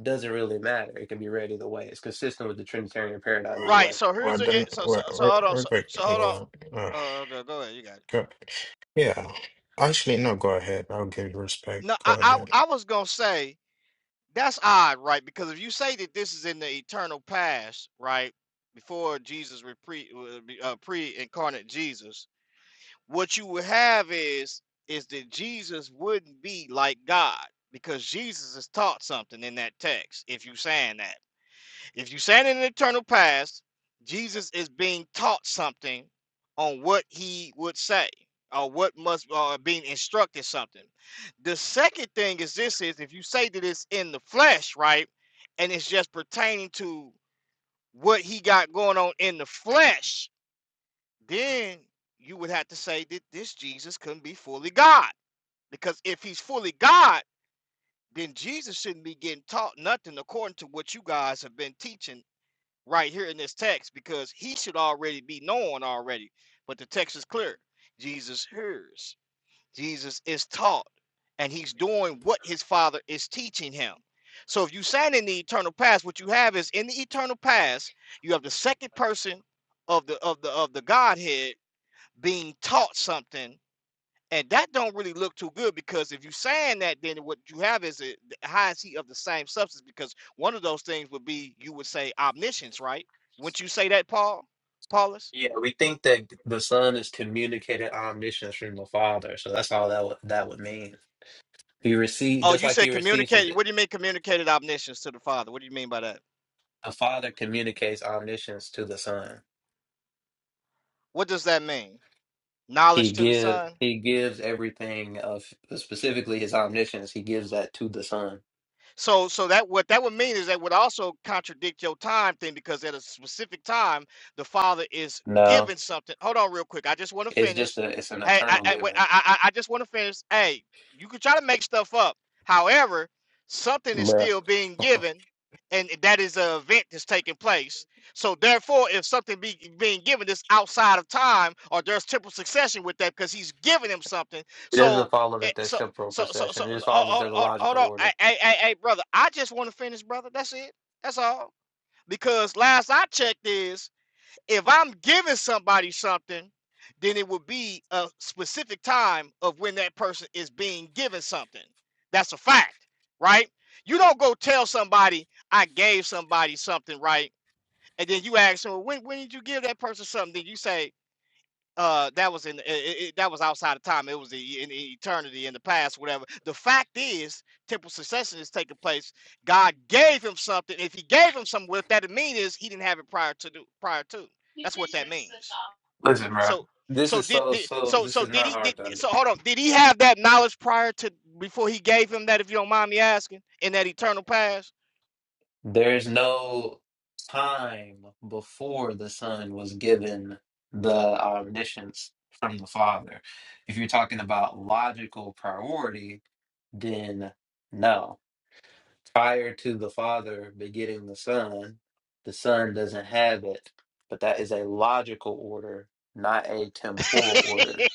Speaker 16: doesn't really matter. It can be read either way. It's consistent with the Trinitarian paradigm either
Speaker 11: Wow.
Speaker 8: right.
Speaker 16: way.
Speaker 8: So here's
Speaker 11: Well,
Speaker 8: the,
Speaker 11: then,
Speaker 8: it- so, so,
Speaker 11: we're,
Speaker 8: so
Speaker 11: we're,
Speaker 8: hold on,
Speaker 11: we're
Speaker 8: so,
Speaker 11: great.
Speaker 8: so hold on.
Speaker 11: Lord. Oh,
Speaker 8: Uh, go, go ahead, you got it.
Speaker 11: Yeah. Actually, no, go ahead. I'll give you respect.
Speaker 8: No,
Speaker 11: Go
Speaker 8: I, I,
Speaker 11: ahead.
Speaker 8: I was gonna say that's odd, right? Because if you say that this is in the eternal past, right, before Jesus was pre, uh, be- uh, pre-incarnate Jesus, what you would have is, is that Jesus wouldn't be like God because Jesus is taught something in that text. If you saying that. If you stand in an eternal past, Jesus is being taught something on what he would say or what must or being instructed something. The second thing is this is if you say that it's in the flesh, right? And it's just pertaining to what he got going on in the flesh, then you would have to say that this Jesus couldn't be fully God. Because if he's fully God, then Jesus shouldn't be getting taught nothing according to what you guys have been teaching right here in this text because he should already be known already. But the text is clear. Jesus hears, Jesus is taught, and he's doing what his father is teaching him. So if you sign in the eternal past, what you have is in the eternal past, you have the second person of the of the of the Godhead being taught something and that don't really look too good because if you're saying that, then what you have is a, how is he of the same substance? Because one of those things would be you would say omniscience, right? Wouldn't you say that, Paul? Paulus?
Speaker 16: Yeah, we think that the Son is communicated omniscience from the Father, so that's all that would that would mean. He received
Speaker 8: Oh,
Speaker 16: just
Speaker 8: you
Speaker 16: like he
Speaker 8: said
Speaker 16: receives his
Speaker 8: communicated. What do you mean communicated omniscience to the Father? What do you mean by that?
Speaker 16: a Father communicates omniscience to the Son.
Speaker 8: What does that mean?
Speaker 16: He
Speaker 8: Knowledge to the
Speaker 16: give
Speaker 8: Son?
Speaker 16: he gives everything of specifically his omniscience. He gives that to the Son.
Speaker 8: So, so that what that would mean is that would also contradict your time thing because at a specific time, the father is
Speaker 16: No,
Speaker 8: giving something. Hold on, real quick. I just want to
Speaker 16: it's just
Speaker 8: finish.
Speaker 16: a it's an
Speaker 8: Hey, I,
Speaker 16: eternal
Speaker 8: I, wait,
Speaker 16: giving,
Speaker 8: I, I, I I just want to finish. Hey, you can try to make stuff up. However, something is
Speaker 16: bruh.
Speaker 8: still being
Speaker 16: [laughs]
Speaker 8: given, and that is an event that's taking place. So, therefore, if something be being given that's outside of time, or there's temporal succession with that, because he's giving him something.
Speaker 16: It
Speaker 8: So,
Speaker 16: doesn't follow
Speaker 8: it,
Speaker 16: that there's
Speaker 8: so
Speaker 16: temporal
Speaker 8: so so so,
Speaker 16: procession. It just
Speaker 8: so
Speaker 16: follows that
Speaker 8: hold,
Speaker 16: there's a
Speaker 8: hold, hold
Speaker 16: logical
Speaker 8: on, hey,
Speaker 16: order.
Speaker 8: hey, hey, hey, brother. I just want to finish, brother. That's it. That's all. Because last I checked is if I'm giving somebody something, then it would be a specific time of when that person is being given something. That's a fact, right? You don't go tell somebody I gave somebody something, right? And then you ask them, well, when when did you give that person something? Then you say, uh that was in it, it, that was outside of time it was the, in e, eternity in the past whatever the fact is temporal succession is taking place god gave him something if he gave him something what that means is he didn't have it prior to do prior to that's what that means
Speaker 16: Listen, bruh.
Speaker 8: so
Speaker 16: This
Speaker 8: so
Speaker 16: is
Speaker 8: did,
Speaker 16: so
Speaker 8: did
Speaker 16: so.
Speaker 8: so
Speaker 16: This
Speaker 8: so
Speaker 16: is
Speaker 8: did
Speaker 16: not
Speaker 8: he did
Speaker 16: hard to
Speaker 8: did- so
Speaker 16: understand.
Speaker 8: hold on did he have that knowledge prior to before he gave him that if you don't mind me asking in that eternal past
Speaker 16: There's no time before the Son was given the omniscience from the Father. If you're talking about logical priority, then no. prior to the father begetting the son, the son doesn't have it. But that is a logical order, not a temporal
Speaker 8: [laughs]
Speaker 16: order.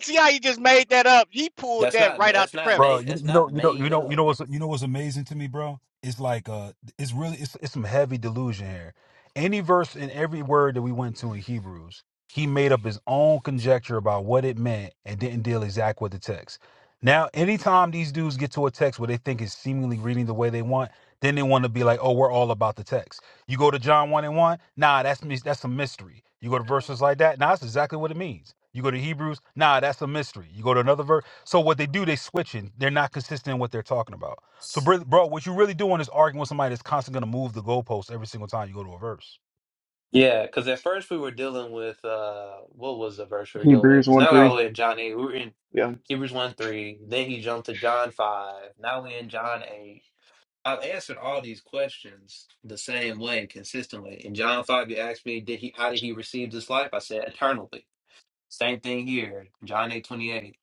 Speaker 8: see how you just made that up he pulled
Speaker 16: That's
Speaker 8: that
Speaker 16: not
Speaker 8: right out
Speaker 16: that's
Speaker 8: the
Speaker 16: not
Speaker 8: crevice
Speaker 9: bro.
Speaker 16: made
Speaker 9: You,
Speaker 16: that's
Speaker 9: you know,
Speaker 16: not
Speaker 9: you know, you
Speaker 16: made
Speaker 9: know, you
Speaker 16: up.
Speaker 9: know what's you know what's amazing to me, bro? It's like uh, it's really it's it's some heavy delusion here. Any verse and every word that we went to in Hebrews, he made up his own conjecture about what it meant and didn't deal exact with the text. Now, anytime these dudes get to a text where they think it's seemingly reading the way they want, then they want to be like, "Oh, we're all about the text." You go to John 1 and 1, nah, that's mys- that's a mystery. You go to verses like that, nah, that's exactly what it means. You go to Hebrews, nah, that's a mystery. You go to another verse. So what they do, they switching. They're not consistent in what they're talking about. So bro, bro what you really doing is arguing with somebody that's constantly gonna move the goalposts every single time you go to a verse.
Speaker 16: Yeah, because at first we were dealing with uh what was the verse we were dealing with?
Speaker 14: Hebrews
Speaker 16: Because
Speaker 14: one
Speaker 16: now we're all
Speaker 14: three.
Speaker 16: the way in John eight. We were in
Speaker 14: Yeah,
Speaker 16: Hebrews one three. Then he jumped to John five. Now we're in John eight. I've answered all these questions the same way consistently. In John five, you asked me, did he how did he receive this life? I said eternally. Same thing here. John eight twenty eight.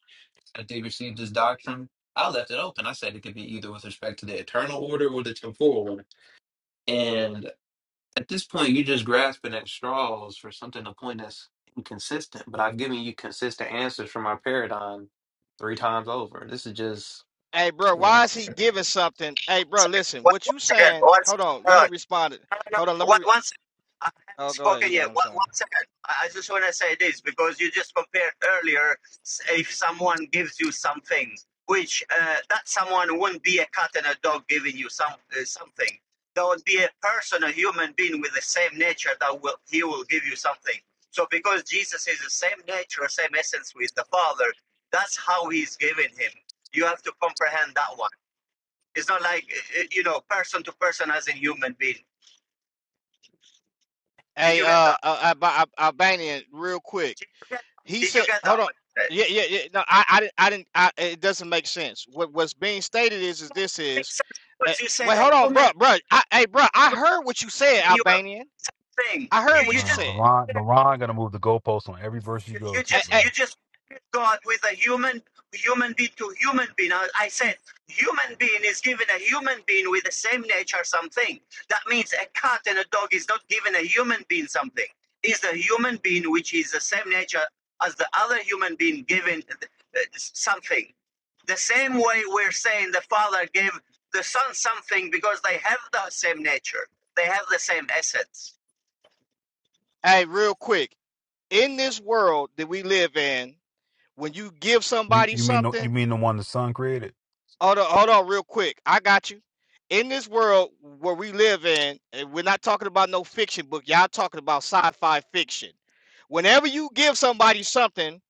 Speaker 16: That they received this doctrine. I left it open. I said it could be either with respect to the eternal order or the temporal order. And at this point, you're just grasping at straws for something to point us inconsistent. But I've given you consistent answers from our paradigm three times over. This is just,
Speaker 8: Hey, bro,
Speaker 16: you know.
Speaker 8: why is he giving something? Hey, bro, listen,
Speaker 1: One second,
Speaker 8: what you
Speaker 1: one second,
Speaker 8: saying?
Speaker 1: one
Speaker 8: Hold on, let me
Speaker 1: second.
Speaker 8: respond. to-
Speaker 1: no, no. no.
Speaker 8: Hold on, let me.
Speaker 1: One,
Speaker 8: Re-
Speaker 1: one second. I haven't
Speaker 8: oh, go ahead. You
Speaker 1: spoken
Speaker 8: got.
Speaker 1: yet.
Speaker 8: It, I'm
Speaker 1: One,
Speaker 8: sorry.
Speaker 1: one second. I, I just want to say this because you just compared earlier s- if someone gives you some things, which uh, that someone won't be a cat and a dog giving you some uh, something. There would be a person, a human being with the same nature that will he will give you something. So because Jesus is the same nature, same essence with the Father, that's how he's giving him. You have to comprehend that one. It's not like uh, uh, you know person to person as in human being. Did
Speaker 8: Hey,
Speaker 1: you get that?
Speaker 8: uh, uh, Alba- Al- Albanian, real quick.
Speaker 1: Did you get, that?
Speaker 8: He
Speaker 1: did you
Speaker 8: said,
Speaker 1: get that?
Speaker 8: "Hold on."
Speaker 1: But uh, it
Speaker 8: Yeah, yeah, yeah. No, I, I didn't. I didn't. I, it doesn't make sense. What what's being stated is, is this is.
Speaker 1: makes sense
Speaker 8: Uh,
Speaker 1: because you said
Speaker 8: wait,
Speaker 1: a
Speaker 8: hold on,
Speaker 1: human
Speaker 8: bro, bro. I, hey, bro, I heard what you said,
Speaker 1: doing your own
Speaker 8: Albanian.
Speaker 1: thing.
Speaker 8: I
Speaker 9: Hey,
Speaker 8: heard
Speaker 1: You
Speaker 8: what
Speaker 1: you
Speaker 9: bro,
Speaker 8: you
Speaker 1: just
Speaker 8: said.
Speaker 9: LeBron, LeBron gonna move the goalposts on every verse you go
Speaker 1: you
Speaker 9: to,
Speaker 8: Hey,
Speaker 1: just
Speaker 8: hey,
Speaker 9: bro.
Speaker 1: you just put God with a human human being to human being. I, I said human being is given a human being with the same nature something. That means a cat and a dog is not given a human being something. Is the human being which is the same nature as the other human being given uh, something. The same way we're saying the father gave the son something because they have the same nature. They have the same essence.
Speaker 8: hey, real quick. In this world that we live in, when you give
Speaker 9: You
Speaker 8: somebody
Speaker 9: you mean the,
Speaker 8: something
Speaker 9: you mean the one the sun created?
Speaker 8: Hold on, hold on, real quick. I got you. In this world where we live in, and we're not talking about no fiction book. Y'all talking about sci-fi fiction. Whenever you give somebody something,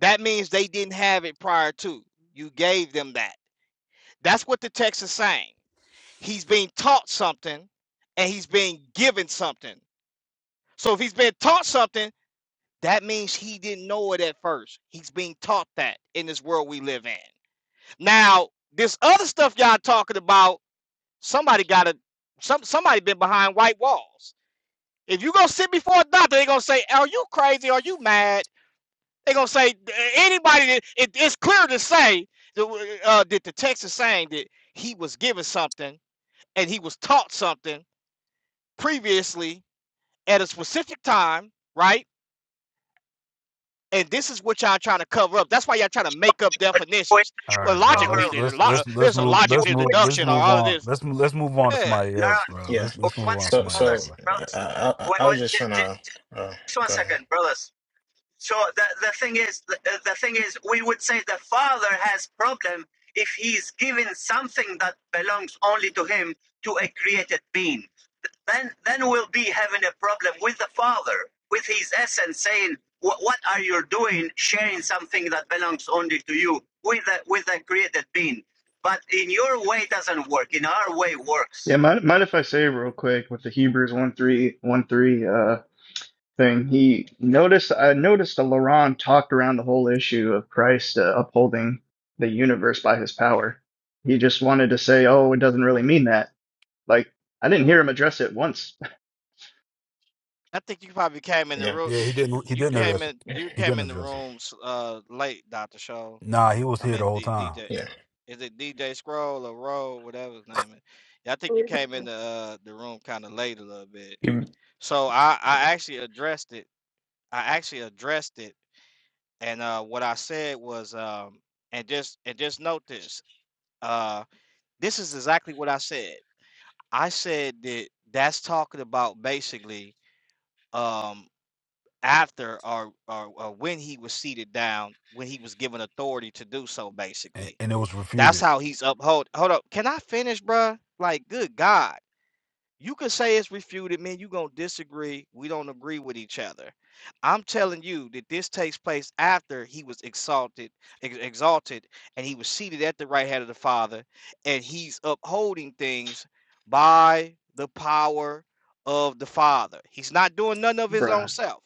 Speaker 8: that means they didn't have it prior to. You gave them that. That's what the text is saying. He's being taught something, and he's being given something. So if he's been taught something, that means he didn't know it at first. He's being taught that in this world we live in. Now, this other stuff y'all talking about. Somebody got to some somebody been behind white walls. If you go sit before a doctor, they gonna say, "Are you crazy? Are you mad?" They gonna say "Uh, anybody. That, it, it's clear to say that, uh, that the text is saying that he was given something and he was taught something previously at a specific time, right? And this is what y'all trying to cover up. That's why y'all trying to make up
Speaker 1: But we
Speaker 8: definitions.
Speaker 9: All
Speaker 8: Well,
Speaker 9: right, bro.
Speaker 1: cover
Speaker 8: logically,
Speaker 9: Let's
Speaker 8: there's a
Speaker 9: let's let's
Speaker 8: lot.
Speaker 9: let's
Speaker 8: There's a
Speaker 9: move
Speaker 8: logic,
Speaker 9: let's
Speaker 8: there's
Speaker 9: move let's
Speaker 8: deduction, or
Speaker 9: move
Speaker 8: all of
Speaker 9: on.
Speaker 8: this.
Speaker 9: Let's let's move on to
Speaker 8: Yeah.
Speaker 9: somebody
Speaker 1: No,
Speaker 9: else,
Speaker 1: no.
Speaker 9: bro. Let's
Speaker 1: Oh,
Speaker 9: let's move
Speaker 1: One
Speaker 9: on to
Speaker 1: second,
Speaker 9: somebody else, bro.
Speaker 1: brothers, brothers. Wait, wait, j- j-
Speaker 11: Uh,
Speaker 1: j-
Speaker 11: uh,
Speaker 1: just one
Speaker 11: go ahead.
Speaker 1: second, brothers. So the the thing is, the, uh, the thing is, we would say the father has problem if he's given something that belongs only to him to a created being. Then then we'll be having a problem with the father, with his essence, saying, "Wh- "What are you doing, sharing something that belongs only to you with a, with a created being?" But in your way doesn't work. In our way
Speaker 14: yeah.
Speaker 1: works.
Speaker 14: Mind, mind if I say real quick with the Hebrews one three one three uh thing? He noticed. I noticed that Laurent talked around the whole issue of Christ uh, upholding the universe by his power. He just wanted to say, "Oh, it doesn't really mean that." Like I didn't hear him address it once,
Speaker 8: I think you probably came in the
Speaker 11: Yeah.
Speaker 8: room.
Speaker 9: Yeah,
Speaker 8: You
Speaker 9: he didn't. He
Speaker 8: you
Speaker 9: didn't
Speaker 8: came
Speaker 9: address it.
Speaker 8: in you
Speaker 9: He
Speaker 8: came
Speaker 9: didn't
Speaker 8: in the
Speaker 9: address it.
Speaker 8: rooms uh late, Doctor Show.
Speaker 9: Nah, he was
Speaker 8: I
Speaker 9: here the
Speaker 8: mean
Speaker 9: whole
Speaker 8: D,
Speaker 9: time,
Speaker 8: DJ. Is it DJ Scroll or Roll, whatever his name is? Yeah, I think you came in the uh, the room kind of late a little bit.
Speaker 16: You-
Speaker 8: So I I actually addressed it. I actually addressed it, and uh, what I said was um and just and just note this. Uh, this is exactly what I said. I said that that's talking about basically. Um, after or, or or when he was seated down, when he was given authority to do so,
Speaker 9: and,
Speaker 8: basically.
Speaker 9: and it was
Speaker 8: That's
Speaker 9: refuted.
Speaker 8: how he's uphold. Hold up, can I finish, bruh? Like, good God. You can say it's refuted, man. You gonna disagree. We don't agree with each other. I'm telling you that this takes place after he was exalted, ex- exalted, and he was seated at the right hand of the Father, and he's upholding things by the power of the Father. He's not doing none of
Speaker 14: [laughs]
Speaker 8: his own
Speaker 14: bruh.
Speaker 8: self.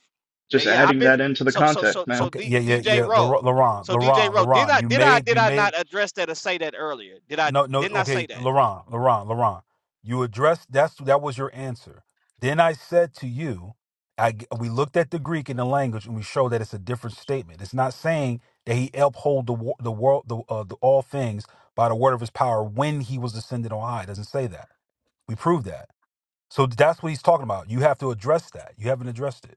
Speaker 8: Now,
Speaker 14: Just
Speaker 8: yeah, I've
Speaker 14: adding
Speaker 8: been
Speaker 14: that into the
Speaker 8: so so so
Speaker 14: context,
Speaker 8: so
Speaker 14: man.
Speaker 9: Okay,
Speaker 8: D,
Speaker 9: yeah, yeah,
Speaker 8: DJ
Speaker 9: yeah.
Speaker 8: Rowe.
Speaker 9: Lar- Laron,
Speaker 8: So DJ
Speaker 9: Laron,
Speaker 8: Rowe, did
Speaker 9: Laron,
Speaker 8: I
Speaker 9: you
Speaker 8: did I
Speaker 9: made,
Speaker 8: did
Speaker 9: you
Speaker 8: I not
Speaker 9: made.
Speaker 8: address that or say that earlier? Did I
Speaker 9: No, no.
Speaker 8: didn't I
Speaker 9: Okay,
Speaker 8: say that?
Speaker 9: Laron, Laron, Laron. You addressed. That's that was your answer. Then I said to you, I g- we looked at the Greek and the language, and we showed that it's a different statement. It's not saying that he uphold the wo- the world, the, uh, the all things by the word of his power when he was ascended on high. It doesn't say that. We proved that. So that's what he's talking about. You have to address that. You haven't addressed it.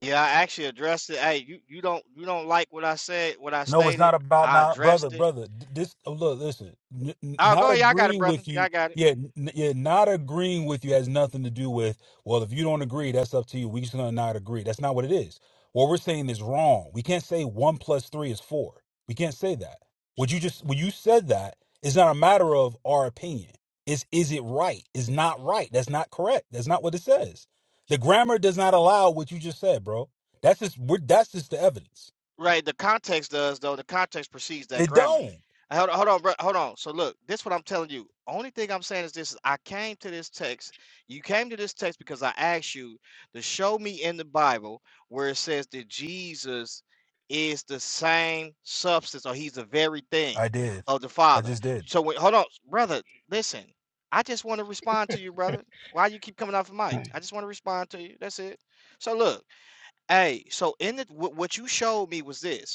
Speaker 8: Yeah, I actually addressed it. Hey, you, you don't you don't like what I said, what I
Speaker 9: No, it's
Speaker 8: stated.
Speaker 9: not about
Speaker 8: I
Speaker 9: not brother,
Speaker 8: addressed it.
Speaker 9: brother. th- This oh, look, listen. N- n-
Speaker 8: Oh, go
Speaker 9: not
Speaker 8: ahead. Y'all got it,
Speaker 9: agreeing
Speaker 8: brother.
Speaker 9: with
Speaker 8: Y'all
Speaker 9: you,
Speaker 8: got it.
Speaker 9: yeah, n- yeah. Not agreeing with you has nothing to do with. Well, if you don't agree, that's up to you. We just gonna not agree. That's not what it is. What we're saying is wrong. We can't say one plus three is four. We can't say that. What you just when you said that, it's not a matter of our opinion. It's is it right? It's not right. That's not correct. That's not what it says. The grammar does not allow what you just said, bro. That's just we're, that's just the evidence.
Speaker 8: Right, the context does though. The context precedes that
Speaker 9: It
Speaker 8: grammar.
Speaker 9: don't.
Speaker 8: Uh, Hold on, hold on, bro, hold on. So look, this what I'm telling you. Only thing I'm saying is this: is I came to this text. You came to this text because I asked you to show me in the Bible where it says that Jesus is the same substance, or He's the very thing
Speaker 9: I did.
Speaker 8: of the
Speaker 9: I
Speaker 8: Father.
Speaker 9: just did.
Speaker 8: So wait, hold on, brother. Listen, I just want to respond to you, brother. Why you keep coming off the mic? I just want to respond to you. That's it. So look. Hey, so in the what what you showed me was this.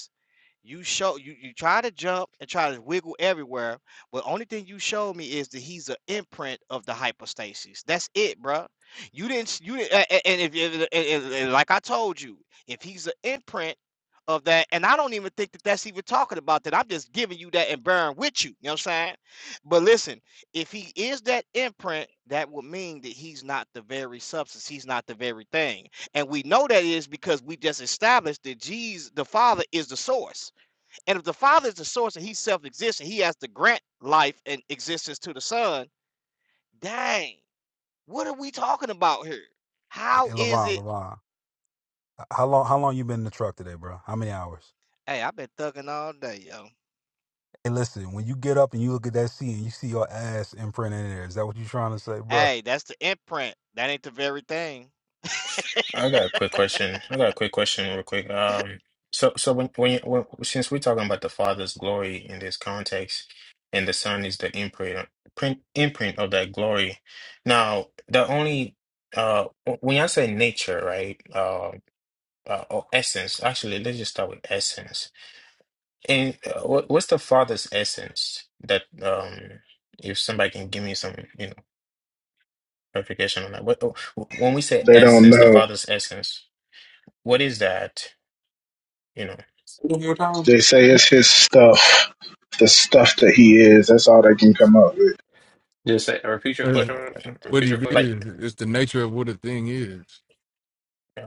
Speaker 8: You show you you try to jump and try to wiggle everywhere, but only thing you showed me is that he's an imprint of the hypostasis. That's it, bruh. You didn't you didn't, a- a- and if and- and- and like I told you, if he's an imprint of that, and I don't even think that that's even talking about that. I'm just giving you that and bearing with you. You know what I'm saying? But listen, if he is that imprint, that would mean that he's not the very substance. He's not the very thing, and we know that is because we just established that Jesus, the Father, is the source. And if the Father is the source and He's self-exists and He has to grant life and existence to the Son, dang, what are we talking about here? How
Speaker 9: Hey,
Speaker 8: is
Speaker 9: Laron,
Speaker 8: it?
Speaker 9: Laron, how long? How long you been in the truck today, bro? How many hours?
Speaker 8: Hey, I've been thugging all day, yo.
Speaker 9: Hey, listen. When you get up and you look at that seat and you see your ass imprint in there, is that what you trying to say, bro?
Speaker 8: Hey, that's the imprint. That ain't the very thing.
Speaker 11: I got a quick question. I got a quick question real quick. Um, so, so when, when, you- when since we're talking about the Father's glory in this context, and the Son is the imprint, print, imprint of that glory. Now, the only, uh, when I say nature, right, uh, uh, or essence, actually, let's just start with essence And uh, what what's the father's essence that um if somebody can give me some, you know, clarification on that. What oh, when we say
Speaker 15: They don't
Speaker 11: essence, the
Speaker 15: know.
Speaker 11: father's essence, what is that? You know,
Speaker 16: One more time.
Speaker 15: They say it's his stuff, the stuff that he is. That's all they can come up with.
Speaker 16: Just say, repeat your
Speaker 11: yeah,
Speaker 13: As
Speaker 16: question.
Speaker 13: what
Speaker 16: Repeat
Speaker 13: he
Speaker 16: your
Speaker 13: did
Speaker 16: question.
Speaker 11: like
Speaker 13: is it's the nature of what a thing is.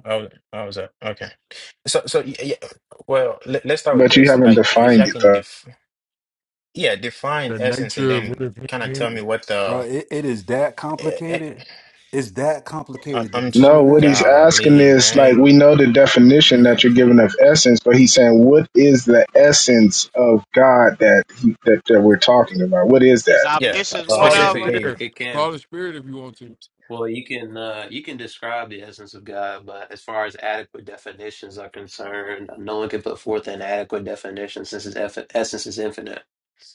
Speaker 11: how how was that? Okay. So so y- yeah, well, let, let's start with
Speaker 15: But you
Speaker 11: this.
Speaker 15: haven't
Speaker 11: Like if
Speaker 15: defined
Speaker 11: y'all
Speaker 15: it
Speaker 11: can
Speaker 15: though.
Speaker 11: def yeah, define
Speaker 13: The
Speaker 11: essence and
Speaker 13: nature of what
Speaker 11: then
Speaker 13: if thing
Speaker 11: kind of tell
Speaker 13: is.
Speaker 11: me what
Speaker 9: Bro,
Speaker 11: the
Speaker 9: it, it is that
Speaker 11: eh, eh,
Speaker 9: complicated. It's that
Speaker 11: I'm
Speaker 9: complicated to
Speaker 11: I'm just
Speaker 15: No,
Speaker 9: define
Speaker 15: what
Speaker 9: that.
Speaker 15: he's asking
Speaker 11: golly,
Speaker 15: is like
Speaker 11: man.
Speaker 15: we know the definition that you're giving of essence, but he's saying what is the essence of God that he, that, that we're talking about? What is
Speaker 8: Is
Speaker 15: that?
Speaker 11: Yeah,
Speaker 8: omniscience
Speaker 16: Uh,
Speaker 8: one
Speaker 13: call
Speaker 16: can
Speaker 13: the
Speaker 16: it
Speaker 8: of them?
Speaker 16: be?
Speaker 11: specifically.
Speaker 13: spirit.
Speaker 16: It can.
Speaker 13: Call the spirit if you want to.
Speaker 16: Well, you can uh, you can describe the essence of God, but as far as adequate definitions are concerned, no one can put forth an adequate definition since his eff essence is infinite.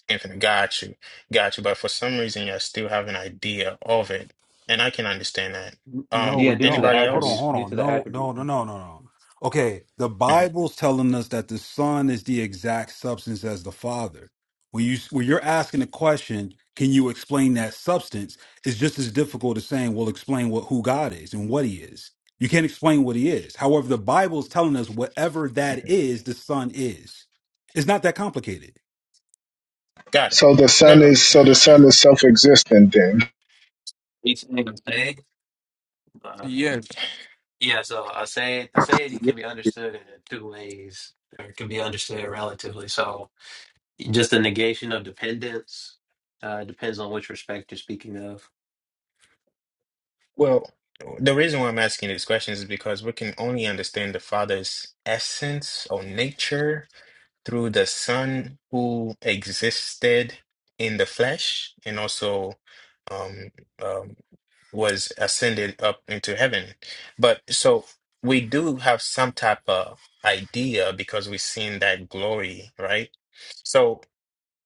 Speaker 11: Anthony, got you, got you. But for some reason, you still have an idea of it, and I can understand that.
Speaker 9: No,
Speaker 11: Um,
Speaker 16: Yeah,
Speaker 9: we
Speaker 16: due to the
Speaker 9: don't.
Speaker 11: anybody
Speaker 9: Hold on,
Speaker 16: attributes,
Speaker 11: else?
Speaker 9: hold
Speaker 16: due
Speaker 9: on.
Speaker 16: to the
Speaker 9: No, no,
Speaker 16: attribute.
Speaker 9: no, no, no, no. Okay, the
Speaker 11: Mhm.
Speaker 9: Bible's telling us that the Son is the exact substance as the Father. When you when you're asking a question, can you explain that substance? It's just as difficult as saying, "Well, explain what who God is and what He is." You can't explain what He is. However, the Bible's telling us whatever that is, the Son is. It's not that complicated.
Speaker 11: Got it.
Speaker 15: So the
Speaker 11: No,
Speaker 15: son
Speaker 11: no.
Speaker 15: is
Speaker 11: [sighs]
Speaker 15: so the son
Speaker 11: [laughs]
Speaker 15: is self-existent. Then
Speaker 16: Each thing I say, uh,
Speaker 13: Yes.
Speaker 16: yeah. So I say I say it.
Speaker 6: be.
Speaker 16: can be understood in two ways, or it can be understood relatively. So just the negation of dependence uh, depends on which respect you're speaking of,
Speaker 11: Well, the reason why I'm asking these questions is because we can only understand the Father's essence or nature through the Son who existed in the flesh and also um, um, was ascended up into heaven. But so we do have some type of idea because we've seen that glory, right? So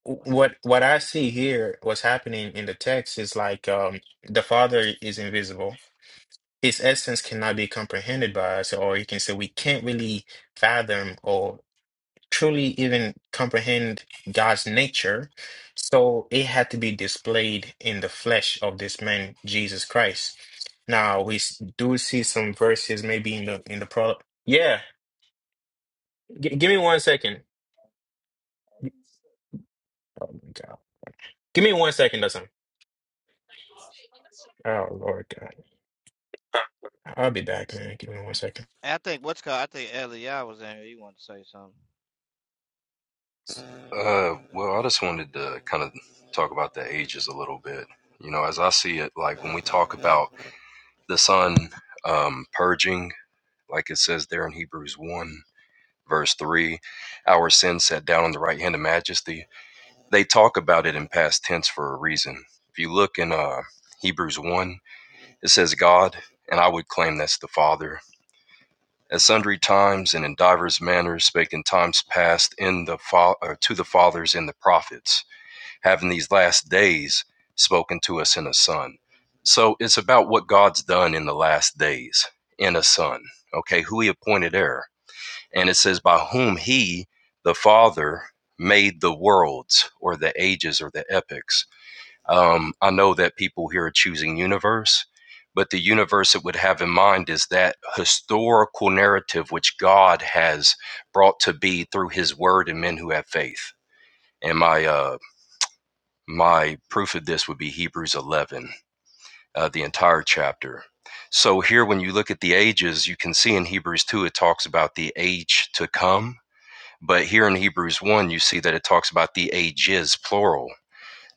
Speaker 11: what what I see here, what's happening in the text is like um, the Father is invisible. His essence cannot be comprehended by us, or you can say we can't really fathom, or truly even comprehend God's nature. So it had to be displayed in the flesh of this man, Jesus Christ. Now we s- do see some verses maybe in the in the pro. Yeah, G- give me one second. Oh my God, give me one second, doesn't? Oh Lord God, I'll be back, man. Give me one second.
Speaker 8: I think what's called. I think LeI was in here. He wanted to say something.
Speaker 17: Uh, well, I just wanted to kind of talk about the ages a little bit. You know, as I see it, like when we talk about the sun um, purging, like it says there in Hebrews 1, verse 3, our sin sat down on the right hand of majesty. They talk about it in past tense for a reason. If you look in uh, Hebrews 1, it says God, and I would claim that's the Father. At sundry times and in divers manners spake in times past in the fa- or to the fathers and the prophets having these last days spoken to us in a son. So it's about what God's done in the last days in a son, okay, who he appointed heir. And it says, by whom he, the Father, made the worlds or the ages or the epochs. Um, I know that people here are choosing universe, but the universe it would have in mind is that historical narrative which God has brought to be through his word and men who have faith. And my uh, my proof of this would be Hebrews 11, uh, the entire chapter. So here, when you look at the ages, you can see in Hebrews 2, it talks about the age to come. But here in Hebrews 1, you see that it talks about the ages, plural.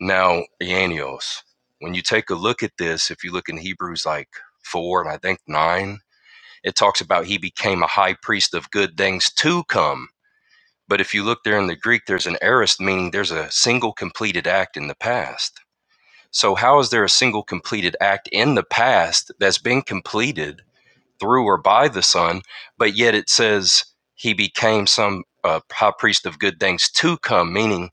Speaker 17: Now, Ianios, when you take a look at this, if you look in Hebrews like 4 and I think 9, it talks about he became a high priest of good things to come. But if you look there in the Greek, there's an aorist, meaning there's a single completed act in the past. So how is there a single completed act in the past that's been completed through or by the Son, but yet it says he became some uh, high priest of good things to come, meaning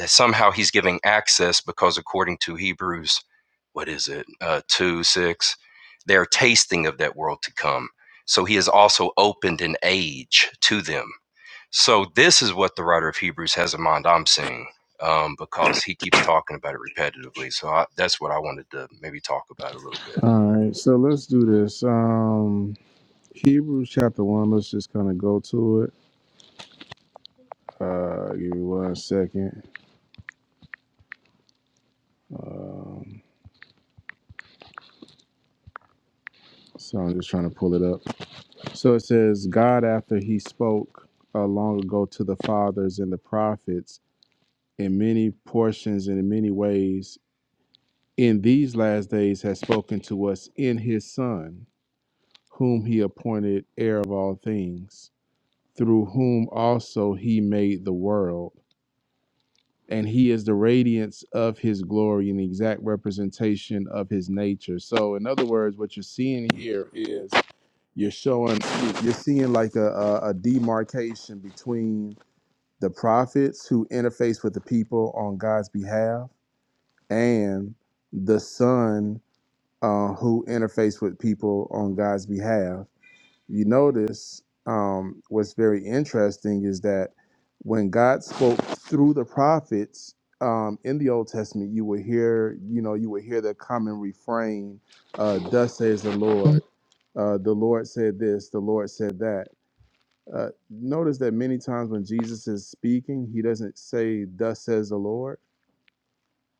Speaker 17: uh, somehow he's giving access because according to Hebrews, what is it, uh, two six, they're tasting of that world to come. So he has also opened an age to them. So this is what the writer of Hebrews has in mind. I'm seeing um, because he keeps talking about it repetitively. So I, that's what I wanted to maybe talk about a little bit.
Speaker 6: All right, so let's do this. Um, Hebrews chapter one. Let's just kind of go to it. Uh, give me one second. Um, so I'm just trying to pull it up. So it says, God, after he spoke uh, long ago to the fathers and the prophets in many portions and in many ways, in these last days has spoken to us in his Son, whom he appointed heir of all things, through whom also he made the world. And he is the radiance of his glory and the exact representation of his nature. So, in other words, what you're seeing here is you're showing you're seeing like a, a, a demarcation between the prophets who interface with the people on god's behalf and the son uh, who interface with people on god's behalf you notice um, what's very interesting is that when god spoke through the prophets um, in the old testament you would hear you know you would hear the common refrain uh, thus says the lord uh, the lord said this the lord said that uh, notice that many times when Jesus is speaking, he doesn't say, "Thus says the Lord,"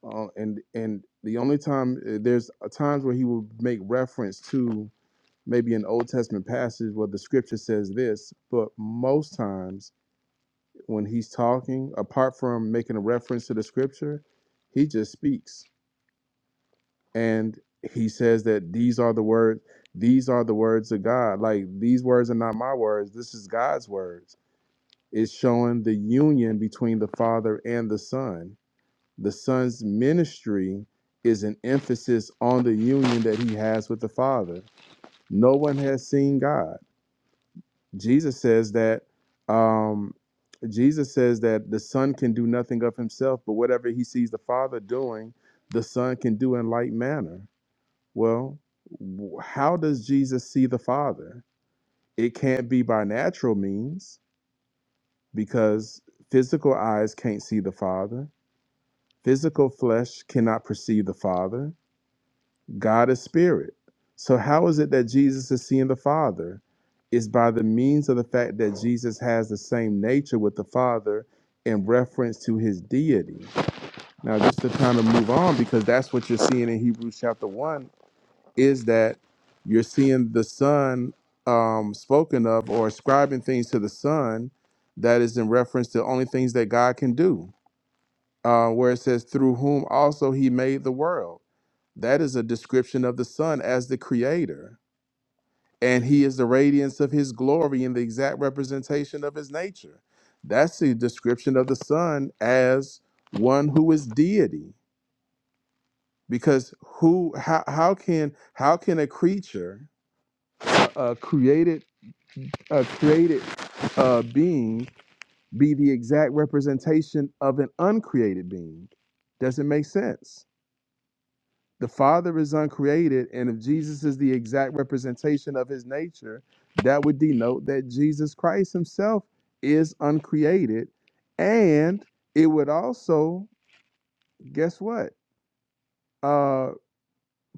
Speaker 6: uh, and and the only time uh, there's uh, times where he will make reference to maybe an Old Testament passage where the Scripture says this, but most times when he's talking, apart from making a reference to the Scripture, he just speaks and he says that these are the words. These are the words of God. Like these words are not my words. This is God's words Is showing the union between the Father and the Son. The Son's ministry is an emphasis on the union that he has with the Father. No one has seen God. Jesus says that um, Jesus says that the Son can do nothing of himself, but whatever he sees the Father doing, the Son can do in like manner. Well, how does Jesus see the Father? It can't be by natural means because physical eyes can't see the Father, physical flesh cannot perceive the Father. God is spirit. So, how is it that Jesus is seeing the Father? It's by the means of the fact that Jesus has the same nature with the Father in reference to his deity. Now, just to kind of move on, because that's what you're seeing in Hebrews chapter 1 is that you're seeing the son um, spoken of or ascribing things to the son that is in reference to only things that God can do, uh, where it says, through whom also he made the world. That is a description of the son as the creator. And he is the radiance of his glory and the exact representation of his nature. That's the description of the son as one who is deity. Because who how, how can how can a creature a created a created uh, being be the exact representation of an uncreated being? Doesn't make sense. The Father is uncreated, and if Jesus is the exact representation of his nature, that would denote that Jesus Christ himself is uncreated. And it would also, guess what? Uh,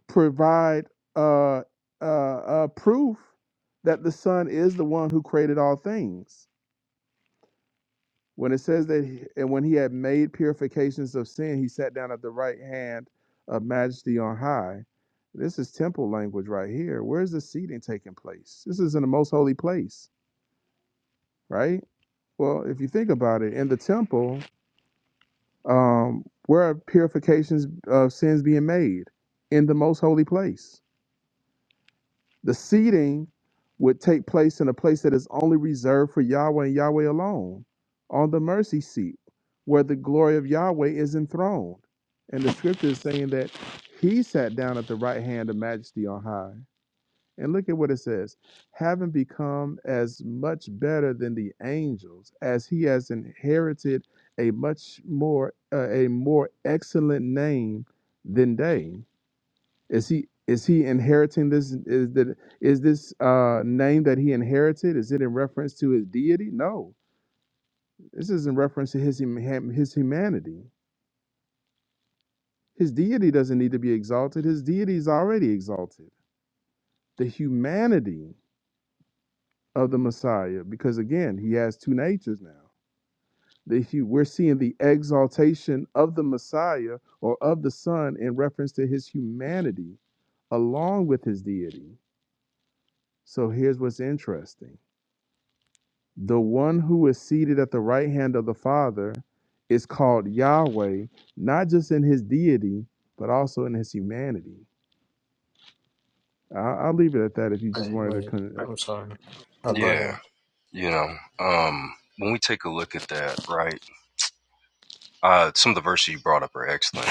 Speaker 6: provide uh, uh, uh, proof that the Son is the one who created all things When it says that, he- and when he had made purifications of sin, he sat down at the right hand of majesty on high. This is temple language right here. Where's the seating taking place? This is in the most holy place, right? Well, if you think about it, in the temple, um, where are purifications of sins being made? In the most holy place The seating would take place in a place that is only reserved for Yahweh and Yahweh alone, on the mercy seat, where the glory of Yahweh is enthroned. And the scripture is saying that he sat down at the right hand of majesty on high. And look at what it says having become as much better than the angels, as he has inherited a much more, uh, a more excellent name than they. Is he is he inheriting this? Is that is this uh, name that he inherited? Is it in reference to his deity? No, this is in reference to his hum- his humanity. His deity doesn't need to be exalted. His deity is already exalted. The humanity of the Messiah, because again, he has two natures now. The, hu- we're seeing the exaltation of the Messiah or of the Son in reference to his humanity along with his deity. So here's what's interesting. The one who is seated at the right hand of the Father is called Yahweh, not just in his deity, but also in his humanity. I- I'll leave it at that if you just
Speaker 11: Wait,
Speaker 6: wanted to.
Speaker 11: wait.
Speaker 6: Con-
Speaker 11: I'm sorry. Oh, go
Speaker 17: Yeah,
Speaker 11: ahead.
Speaker 17: you know, um, when we take a look at that, right? Uh, some of the verses you brought up are excellent.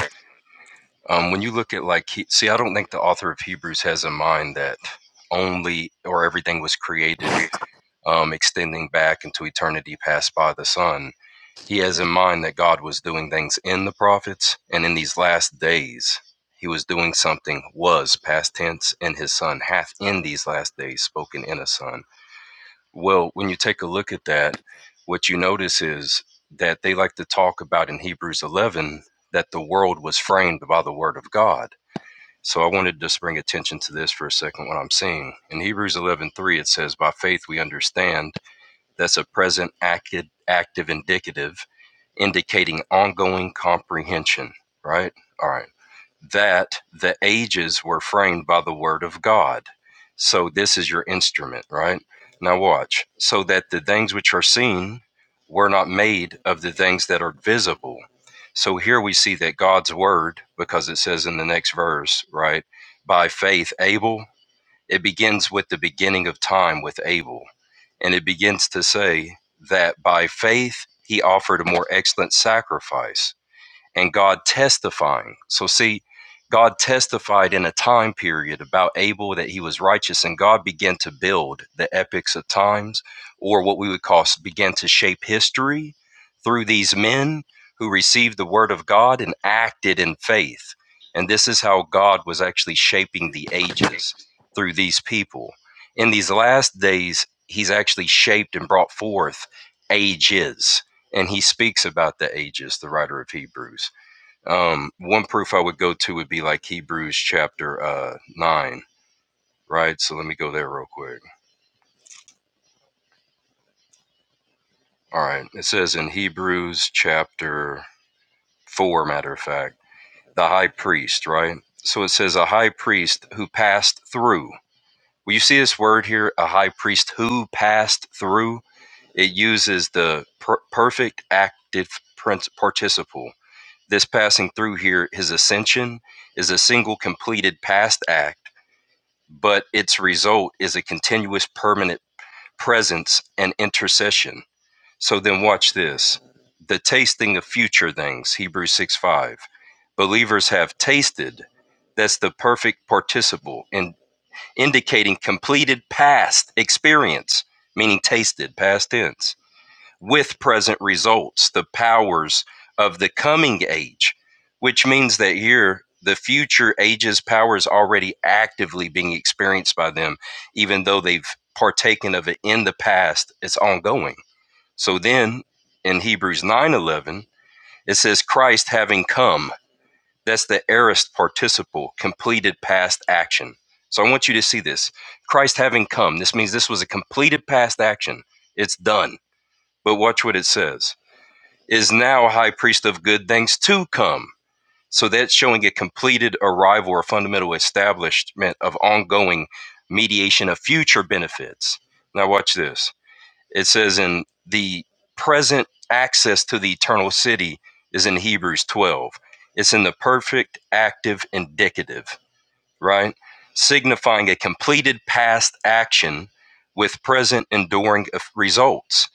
Speaker 17: Um, when you look at like, he, see, I don't think the author of Hebrews has in mind that only or everything was created um, extending back into eternity passed by the Son. He has in mind that God was doing things in the prophets, and in these last days, he was doing something, was past tense, and his Son hath in these last days spoken in a Son. Well, when you take a look at that, what you notice is that they like to talk about in Hebrews 11 that the world was framed by the Word of God. So I wanted to just bring attention to this for a second, what I'm seeing. In Hebrews 11:3, it says, By faith we understand that's a present active, active indicative indicating ongoing comprehension, right? All right. That the ages were framed by the word of God. So this is your instrument, right? Now watch. So that the things which are seen were not made of the things that are visible. So here we see that God's word, because it says in the next verse, right? By faith, Abel it begins with the beginning of time with Abel, and it begins to say that by faith he offered a more excellent sacrifice and God testifying. So, see, God testified in a time period about Abel that he was righteous, and God began to build the epics of times, or what we would call began to shape history through these men who received the word of God and acted in faith. And this is how God was actually shaping the ages through these people. In these last days, he's actually shaped and brought forth ages and he speaks about the ages the writer of hebrews um, one proof I would go to would be like Hebrews chapter uh, 9, right? So let me go there real quick. All right. It says in Hebrews chapter 4, matter of fact, the high priest, right? So it says a high priest who passed through. Well, you see this word here, a high priest who passed through? It uses the per- perfect active prin- participle. This passing through here, his ascension, is a single completed past act but its result is a continuous permanent presence and intercession. So then watch this. The tasting of future things, Hebrews 6 5. Believers have tasted. That's the perfect participle in indicating completed past experience, meaning tasted, past tense with present results, the powers of the coming age, which means that here the future ages powers already actively being experienced by them, even though they've partaken of it in the past, it's ongoing. So then in Hebrews 9:11, it says Christ having come, that's the aorist participle, completed past action. So I want you to see this. Christ having come, this means this was a completed past action. It's done. But watch what it says is now a high priest of good things to come. So that's showing a completed arrival or fundamental establishment of ongoing mediation of future benefits. Now, watch this. It says in the present access to the eternal city is in Hebrews 12. It's in the perfect active indicative, right? Signifying a completed past action with present enduring results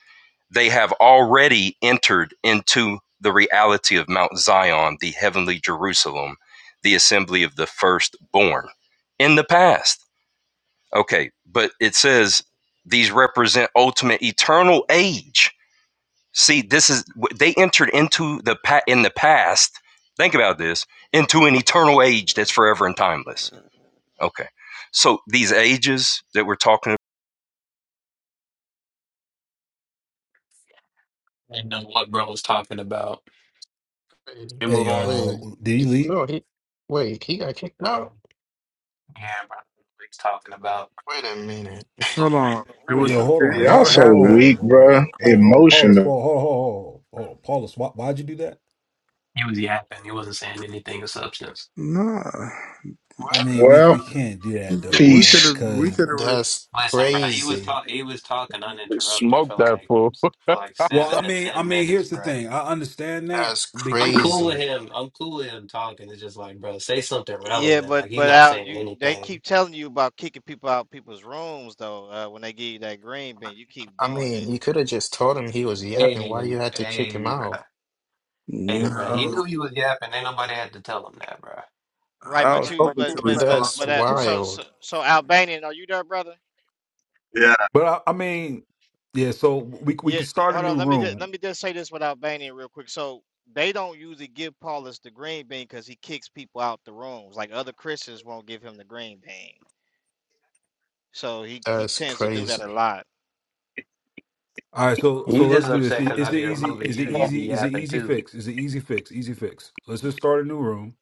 Speaker 17: they have already entered into the reality of Mount Zion, the heavenly Jerusalem, the assembly of the firstborn in the past. Okay, but it says these represent ultimate eternal age. See, this is they entered into the pa- in the past. Think about this into an eternal age that's forever and timeless. Okay, so these ages that we're talking
Speaker 16: and know what bro was talking about.
Speaker 11: Wait,
Speaker 16: Can we
Speaker 9: Hey,
Speaker 16: move on?
Speaker 11: wait.
Speaker 9: y'all, did he
Speaker 11: D-
Speaker 9: leave?
Speaker 11: No, he. Wait, he got kicked out.
Speaker 16: Yeah, bro. He's talking about.
Speaker 11: Wait a minute.
Speaker 6: Hold on.
Speaker 9: Yo, hold on.
Speaker 15: y'all
Speaker 9: Why?
Speaker 15: so
Speaker 9: Why? Hold on.
Speaker 15: weak,
Speaker 9: Hold
Speaker 15: bruh.
Speaker 9: on. Hold on. Hold on. Paulus,
Speaker 15: Emotional.
Speaker 9: Paul, hold on, hold on, hold on. Paulus, why, why'd you do that?
Speaker 16: He was yapping. He wasn't saying anything of substance.
Speaker 9: I
Speaker 11: What?
Speaker 9: mean, we
Speaker 15: Well,
Speaker 9: we can't do that though, bro.
Speaker 15: Peace.
Speaker 9: Because,
Speaker 6: Ruth.
Speaker 11: That's
Speaker 16: Listen, bro. He was
Speaker 11: crazy.
Speaker 16: talk. He was talking uninterrupted
Speaker 13: Smoke
Speaker 16: for
Speaker 13: that
Speaker 16: like
Speaker 13: fool.
Speaker 16: for like
Speaker 13: [laughs]
Speaker 9: well, I
Speaker 16: seven to
Speaker 9: mean, I
Speaker 16: ten
Speaker 9: mean,
Speaker 16: minutes,
Speaker 9: here's the
Speaker 16: bro.
Speaker 9: thing. I understand that,
Speaker 11: That's
Speaker 9: be-
Speaker 16: I'm cool with
Speaker 11: crazy.
Speaker 16: him. I'm cool with him talking. It's just like, bro, say something
Speaker 8: Yeah,
Speaker 16: relevant.
Speaker 8: but
Speaker 16: Like he's
Speaker 8: but
Speaker 16: not
Speaker 8: out
Speaker 16: saying
Speaker 8: you they
Speaker 16: anything.
Speaker 8: keep telling you about kicking people out of people's rooms though. Uh, when they give you that green bin, you keep
Speaker 11: I
Speaker 8: doing it.
Speaker 11: mean, you could have just told him he was
Speaker 16: Hey,
Speaker 11: yapping. Why you had to kick
Speaker 16: hey,
Speaker 11: him
Speaker 16: bro.
Speaker 11: out?
Speaker 16: Hey,
Speaker 6: Yeah,
Speaker 16: bro.
Speaker 6: I
Speaker 16: He
Speaker 6: was
Speaker 16: knew he was yapping. Ain't nobody had to tell him that, bro.
Speaker 8: Right,
Speaker 6: I
Speaker 8: but
Speaker 6: was
Speaker 8: you,
Speaker 6: hoping
Speaker 8: but
Speaker 6: to
Speaker 8: but but
Speaker 6: respond
Speaker 11: That's
Speaker 6: to
Speaker 8: but that.
Speaker 6: Zion.
Speaker 8: So so
Speaker 11: wild.
Speaker 8: so Albanian, are you there, brother?
Speaker 9: but I, I mean, yeah. So we we
Speaker 8: Yeah.
Speaker 9: could start a
Speaker 8: Hold on.
Speaker 9: new
Speaker 8: Let me just,
Speaker 9: room.
Speaker 8: let me just say this with Albanian real quick. So they don't usually give Paulus the green bean because he kicks people out the rooms. Like other Christians won't give him the green bean. So he he
Speaker 11: That's
Speaker 8: tends to do that a
Speaker 11: crazy.
Speaker 8: lot.
Speaker 9: All right, so
Speaker 16: He
Speaker 9: so
Speaker 16: just
Speaker 9: let's do
Speaker 16: upset
Speaker 9: this. I-
Speaker 16: because I
Speaker 9: Is it
Speaker 16: be
Speaker 9: easy?
Speaker 16: removing
Speaker 9: Is
Speaker 16: you.
Speaker 9: it
Speaker 16: You be
Speaker 9: easy? Is it
Speaker 16: yapping
Speaker 9: easy
Speaker 16: too.
Speaker 9: fix? Is it easy fix? Easy fix. Let's just start a new room.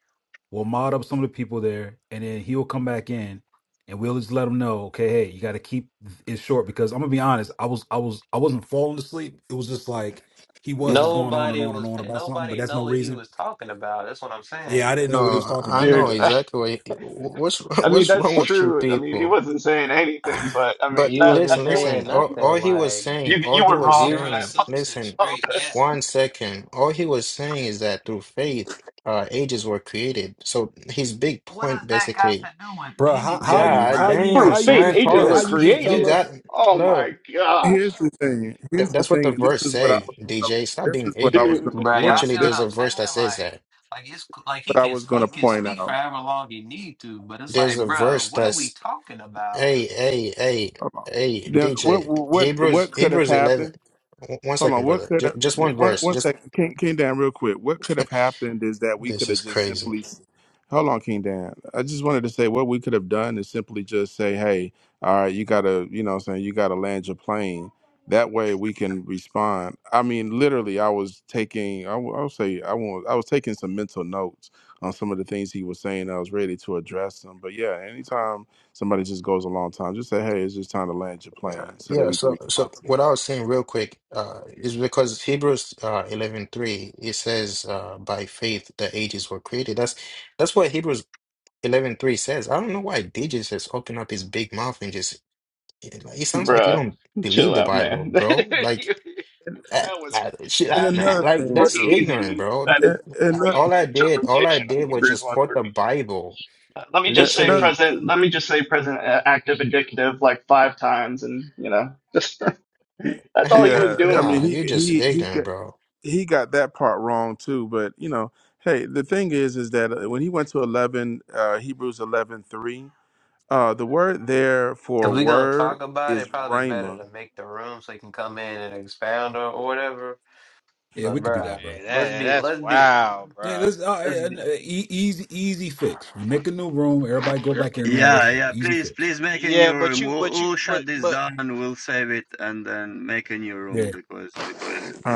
Speaker 9: We'll mod up some of the people there, and then he'll come back in, and we'll just let him know. Okay, hey, you got to keep it short because I'm gonna be honest. I was I was I wasn't falling asleep. It was just like he was just going on and
Speaker 16: Nobody
Speaker 9: on and
Speaker 16: was
Speaker 9: on
Speaker 16: paying.
Speaker 9: about something, but
Speaker 16: Nobody
Speaker 9: that's no
Speaker 16: know what he
Speaker 9: reason.
Speaker 16: was talking about. That's what I'm
Speaker 9: Yeah, I
Speaker 16: saying.
Speaker 9: didn't know what he was
Speaker 11: No,
Speaker 9: talking
Speaker 11: I
Speaker 9: about,
Speaker 11: know
Speaker 9: but
Speaker 14: Dude, [laughs] I
Speaker 11: exactly what he- what's [laughs]
Speaker 14: mean
Speaker 11: what's wrong
Speaker 14: that's
Speaker 11: with you
Speaker 14: true. I mean he
Speaker 11: people.
Speaker 14: wasn't saying
Speaker 9: [sighs]
Speaker 14: anything, but I mean
Speaker 16: He
Speaker 11: But
Speaker 14: that
Speaker 16: wasn't
Speaker 11: listen,
Speaker 14: that you were-
Speaker 16: saying
Speaker 11: listen.
Speaker 14: I
Speaker 11: All,
Speaker 14: mean
Speaker 16: nothing
Speaker 11: all he was
Speaker 16: like
Speaker 14: you
Speaker 11: saying, all
Speaker 14: you
Speaker 11: he
Speaker 14: were
Speaker 11: was
Speaker 14: wrong for
Speaker 16: zero
Speaker 11: saying.
Speaker 14: that. [laughs]
Speaker 16: substance,
Speaker 11: Listen,
Speaker 16: straight yeah.
Speaker 14: Apollos.
Speaker 11: one second. All he was saying is that through faith, uh, ages were created. So his big
Speaker 16: What does
Speaker 11: point,
Speaker 16: that got
Speaker 11: basically.
Speaker 16: to do with
Speaker 9: bro, how how
Speaker 16: anything,
Speaker 9: you
Speaker 11: God
Speaker 9: how
Speaker 16: brother?
Speaker 9: you
Speaker 14: Through
Speaker 11: damn,
Speaker 9: how you
Speaker 14: faith,
Speaker 11: son,
Speaker 9: just
Speaker 14: ages
Speaker 9: then
Speaker 6: Well,
Speaker 14: were
Speaker 9: how
Speaker 11: Paulus,
Speaker 9: you
Speaker 11: you
Speaker 9: just
Speaker 11: you
Speaker 9: tell
Speaker 14: created.
Speaker 11: got
Speaker 9: us?
Speaker 14: Oh
Speaker 11: look.
Speaker 14: my
Speaker 6: here's
Speaker 14: gosh,
Speaker 6: the thing.
Speaker 11: Th-
Speaker 6: Here's the
Speaker 11: that's what the
Speaker 6: thing, and this
Speaker 11: verse
Speaker 6: is what I
Speaker 11: say,
Speaker 6: was going to.
Speaker 11: DJ. Stop
Speaker 6: This
Speaker 11: being
Speaker 6: is what I was
Speaker 11: ignorant.
Speaker 6: going
Speaker 14: dude,
Speaker 6: to
Speaker 16: Bro, y'all
Speaker 6: point.
Speaker 16: see
Speaker 11: Literally,
Speaker 6: This is
Speaker 16: what
Speaker 11: there's
Speaker 16: I'm
Speaker 11: a
Speaker 16: saying?
Speaker 11: verse that says
Speaker 16: Like,
Speaker 11: that.
Speaker 16: like it's c- like he
Speaker 6: what I
Speaker 16: can
Speaker 6: was going
Speaker 16: he
Speaker 6: to
Speaker 16: can
Speaker 6: point
Speaker 16: speak for
Speaker 6: out.
Speaker 16: however long he need to, but it's
Speaker 11: There's a
Speaker 16: like, bro,
Speaker 11: verse
Speaker 16: what are we
Speaker 11: that's
Speaker 16: talking about?
Speaker 11: hey, hey, hey,
Speaker 6: Hold on.
Speaker 11: hey,
Speaker 6: Then what?
Speaker 11: DJ.
Speaker 6: What? What
Speaker 11: Hebrews,
Speaker 6: could have
Speaker 11: Hebrews eleven.
Speaker 6: happened?
Speaker 11: W- One
Speaker 6: Hold on.
Speaker 11: second,
Speaker 6: What
Speaker 11: brother.
Speaker 6: could
Speaker 11: J-
Speaker 6: have,
Speaker 11: just one
Speaker 6: one
Speaker 11: verse.
Speaker 6: one
Speaker 11: Just
Speaker 6: second, King, King Dan, real quick. What could have happened is that we could
Speaker 11: this
Speaker 6: have
Speaker 11: is
Speaker 6: just
Speaker 11: crazy.
Speaker 6: simply. s- Hold on, King Dan. I just wanted to say what we could have done is simply just say, "Hey, all right, you gotta, you know, what I'm saying you gotta land your plane." That way we can respond. I mean, literally, I was taking, I will say, I was, I was taking some mental notes on some of the things he was saying. I was ready to address them, but yeah, anytime somebody just goes a long time, just say, "Hey, it's just time to land your
Speaker 11: Yeah,
Speaker 6: plane," so that
Speaker 11: yeah.
Speaker 6: we can
Speaker 11: so
Speaker 6: respond
Speaker 11: so
Speaker 6: to. it.
Speaker 11: what I was saying real quick uh, is because Hebrews uh, eleven three it says uh, by faith the ages were created. That's that's what Hebrews eleven three says. I don't know why DJ just open up his big mouth and just it, like, it sounds like you
Speaker 14: bruh,
Speaker 11: don't
Speaker 14: chill
Speaker 11: believe the
Speaker 14: out,
Speaker 11: Bible,
Speaker 14: man. [laughs]
Speaker 11: bro. Like
Speaker 6: And,
Speaker 11: uh,
Speaker 14: That was
Speaker 11: uh, shit,
Speaker 6: and
Speaker 11: uh,
Speaker 14: that
Speaker 11: nah,
Speaker 14: is
Speaker 6: another
Speaker 11: like
Speaker 6: thing
Speaker 11: that's
Speaker 6: too,
Speaker 11: ignorant,
Speaker 14: crazy.
Speaker 11: bro.
Speaker 14: That is
Speaker 6: and,
Speaker 14: a
Speaker 6: and, that,
Speaker 11: All
Speaker 14: crazy
Speaker 11: I did, all I
Speaker 14: interpretation of
Speaker 11: did was
Speaker 14: Hebrews
Speaker 11: just quote the
Speaker 14: 1:3.
Speaker 11: Bible.
Speaker 14: Uh, Let me
Speaker 6: and
Speaker 14: just say
Speaker 6: that,
Speaker 11: Literally,
Speaker 14: present. Let me just say present active indicative like five times, and you know, just [laughs] that's
Speaker 11: [laughs]
Speaker 14: all he was
Speaker 6: yeah, I
Speaker 14: doing.
Speaker 6: mean
Speaker 11: nah,
Speaker 6: he
Speaker 11: you're just
Speaker 6: he he got
Speaker 11: ignorant, bro.
Speaker 6: he got that part wrong too. But you know, hey, the thing is, is that uh, when he went to eleven uh, Hebrews eleven three, uh, the word there
Speaker 16: If
Speaker 6: for
Speaker 16: we gonna talk
Speaker 6: word
Speaker 16: about it,
Speaker 6: is
Speaker 16: probably better
Speaker 6: rhema.
Speaker 16: to make the room so he can come in and expound or, or whatever.
Speaker 9: Yeah,
Speaker 16: But
Speaker 9: we could do
Speaker 16: bruh,
Speaker 9: that, bro.
Speaker 8: Eh,
Speaker 16: let's
Speaker 8: That
Speaker 16: be
Speaker 8: that's
Speaker 16: let's be
Speaker 8: wow,
Speaker 9: Yeah,
Speaker 8: bruh.
Speaker 9: this uh,
Speaker 16: let's be
Speaker 9: uh, e- easy, easy fix. We make a new room. Everybody go back in there.
Speaker 1: Yeah,
Speaker 9: That's it.
Speaker 1: yeah.
Speaker 9: Easy
Speaker 1: Please,
Speaker 9: fix.
Speaker 1: please make a new
Speaker 8: Yeah, but
Speaker 1: room.
Speaker 8: you
Speaker 1: We'll,
Speaker 8: but you
Speaker 1: we'll
Speaker 8: but
Speaker 1: shut this
Speaker 8: but.
Speaker 1: down. and We'll save it and then make a new
Speaker 9: Yeah.
Speaker 1: room because we, we're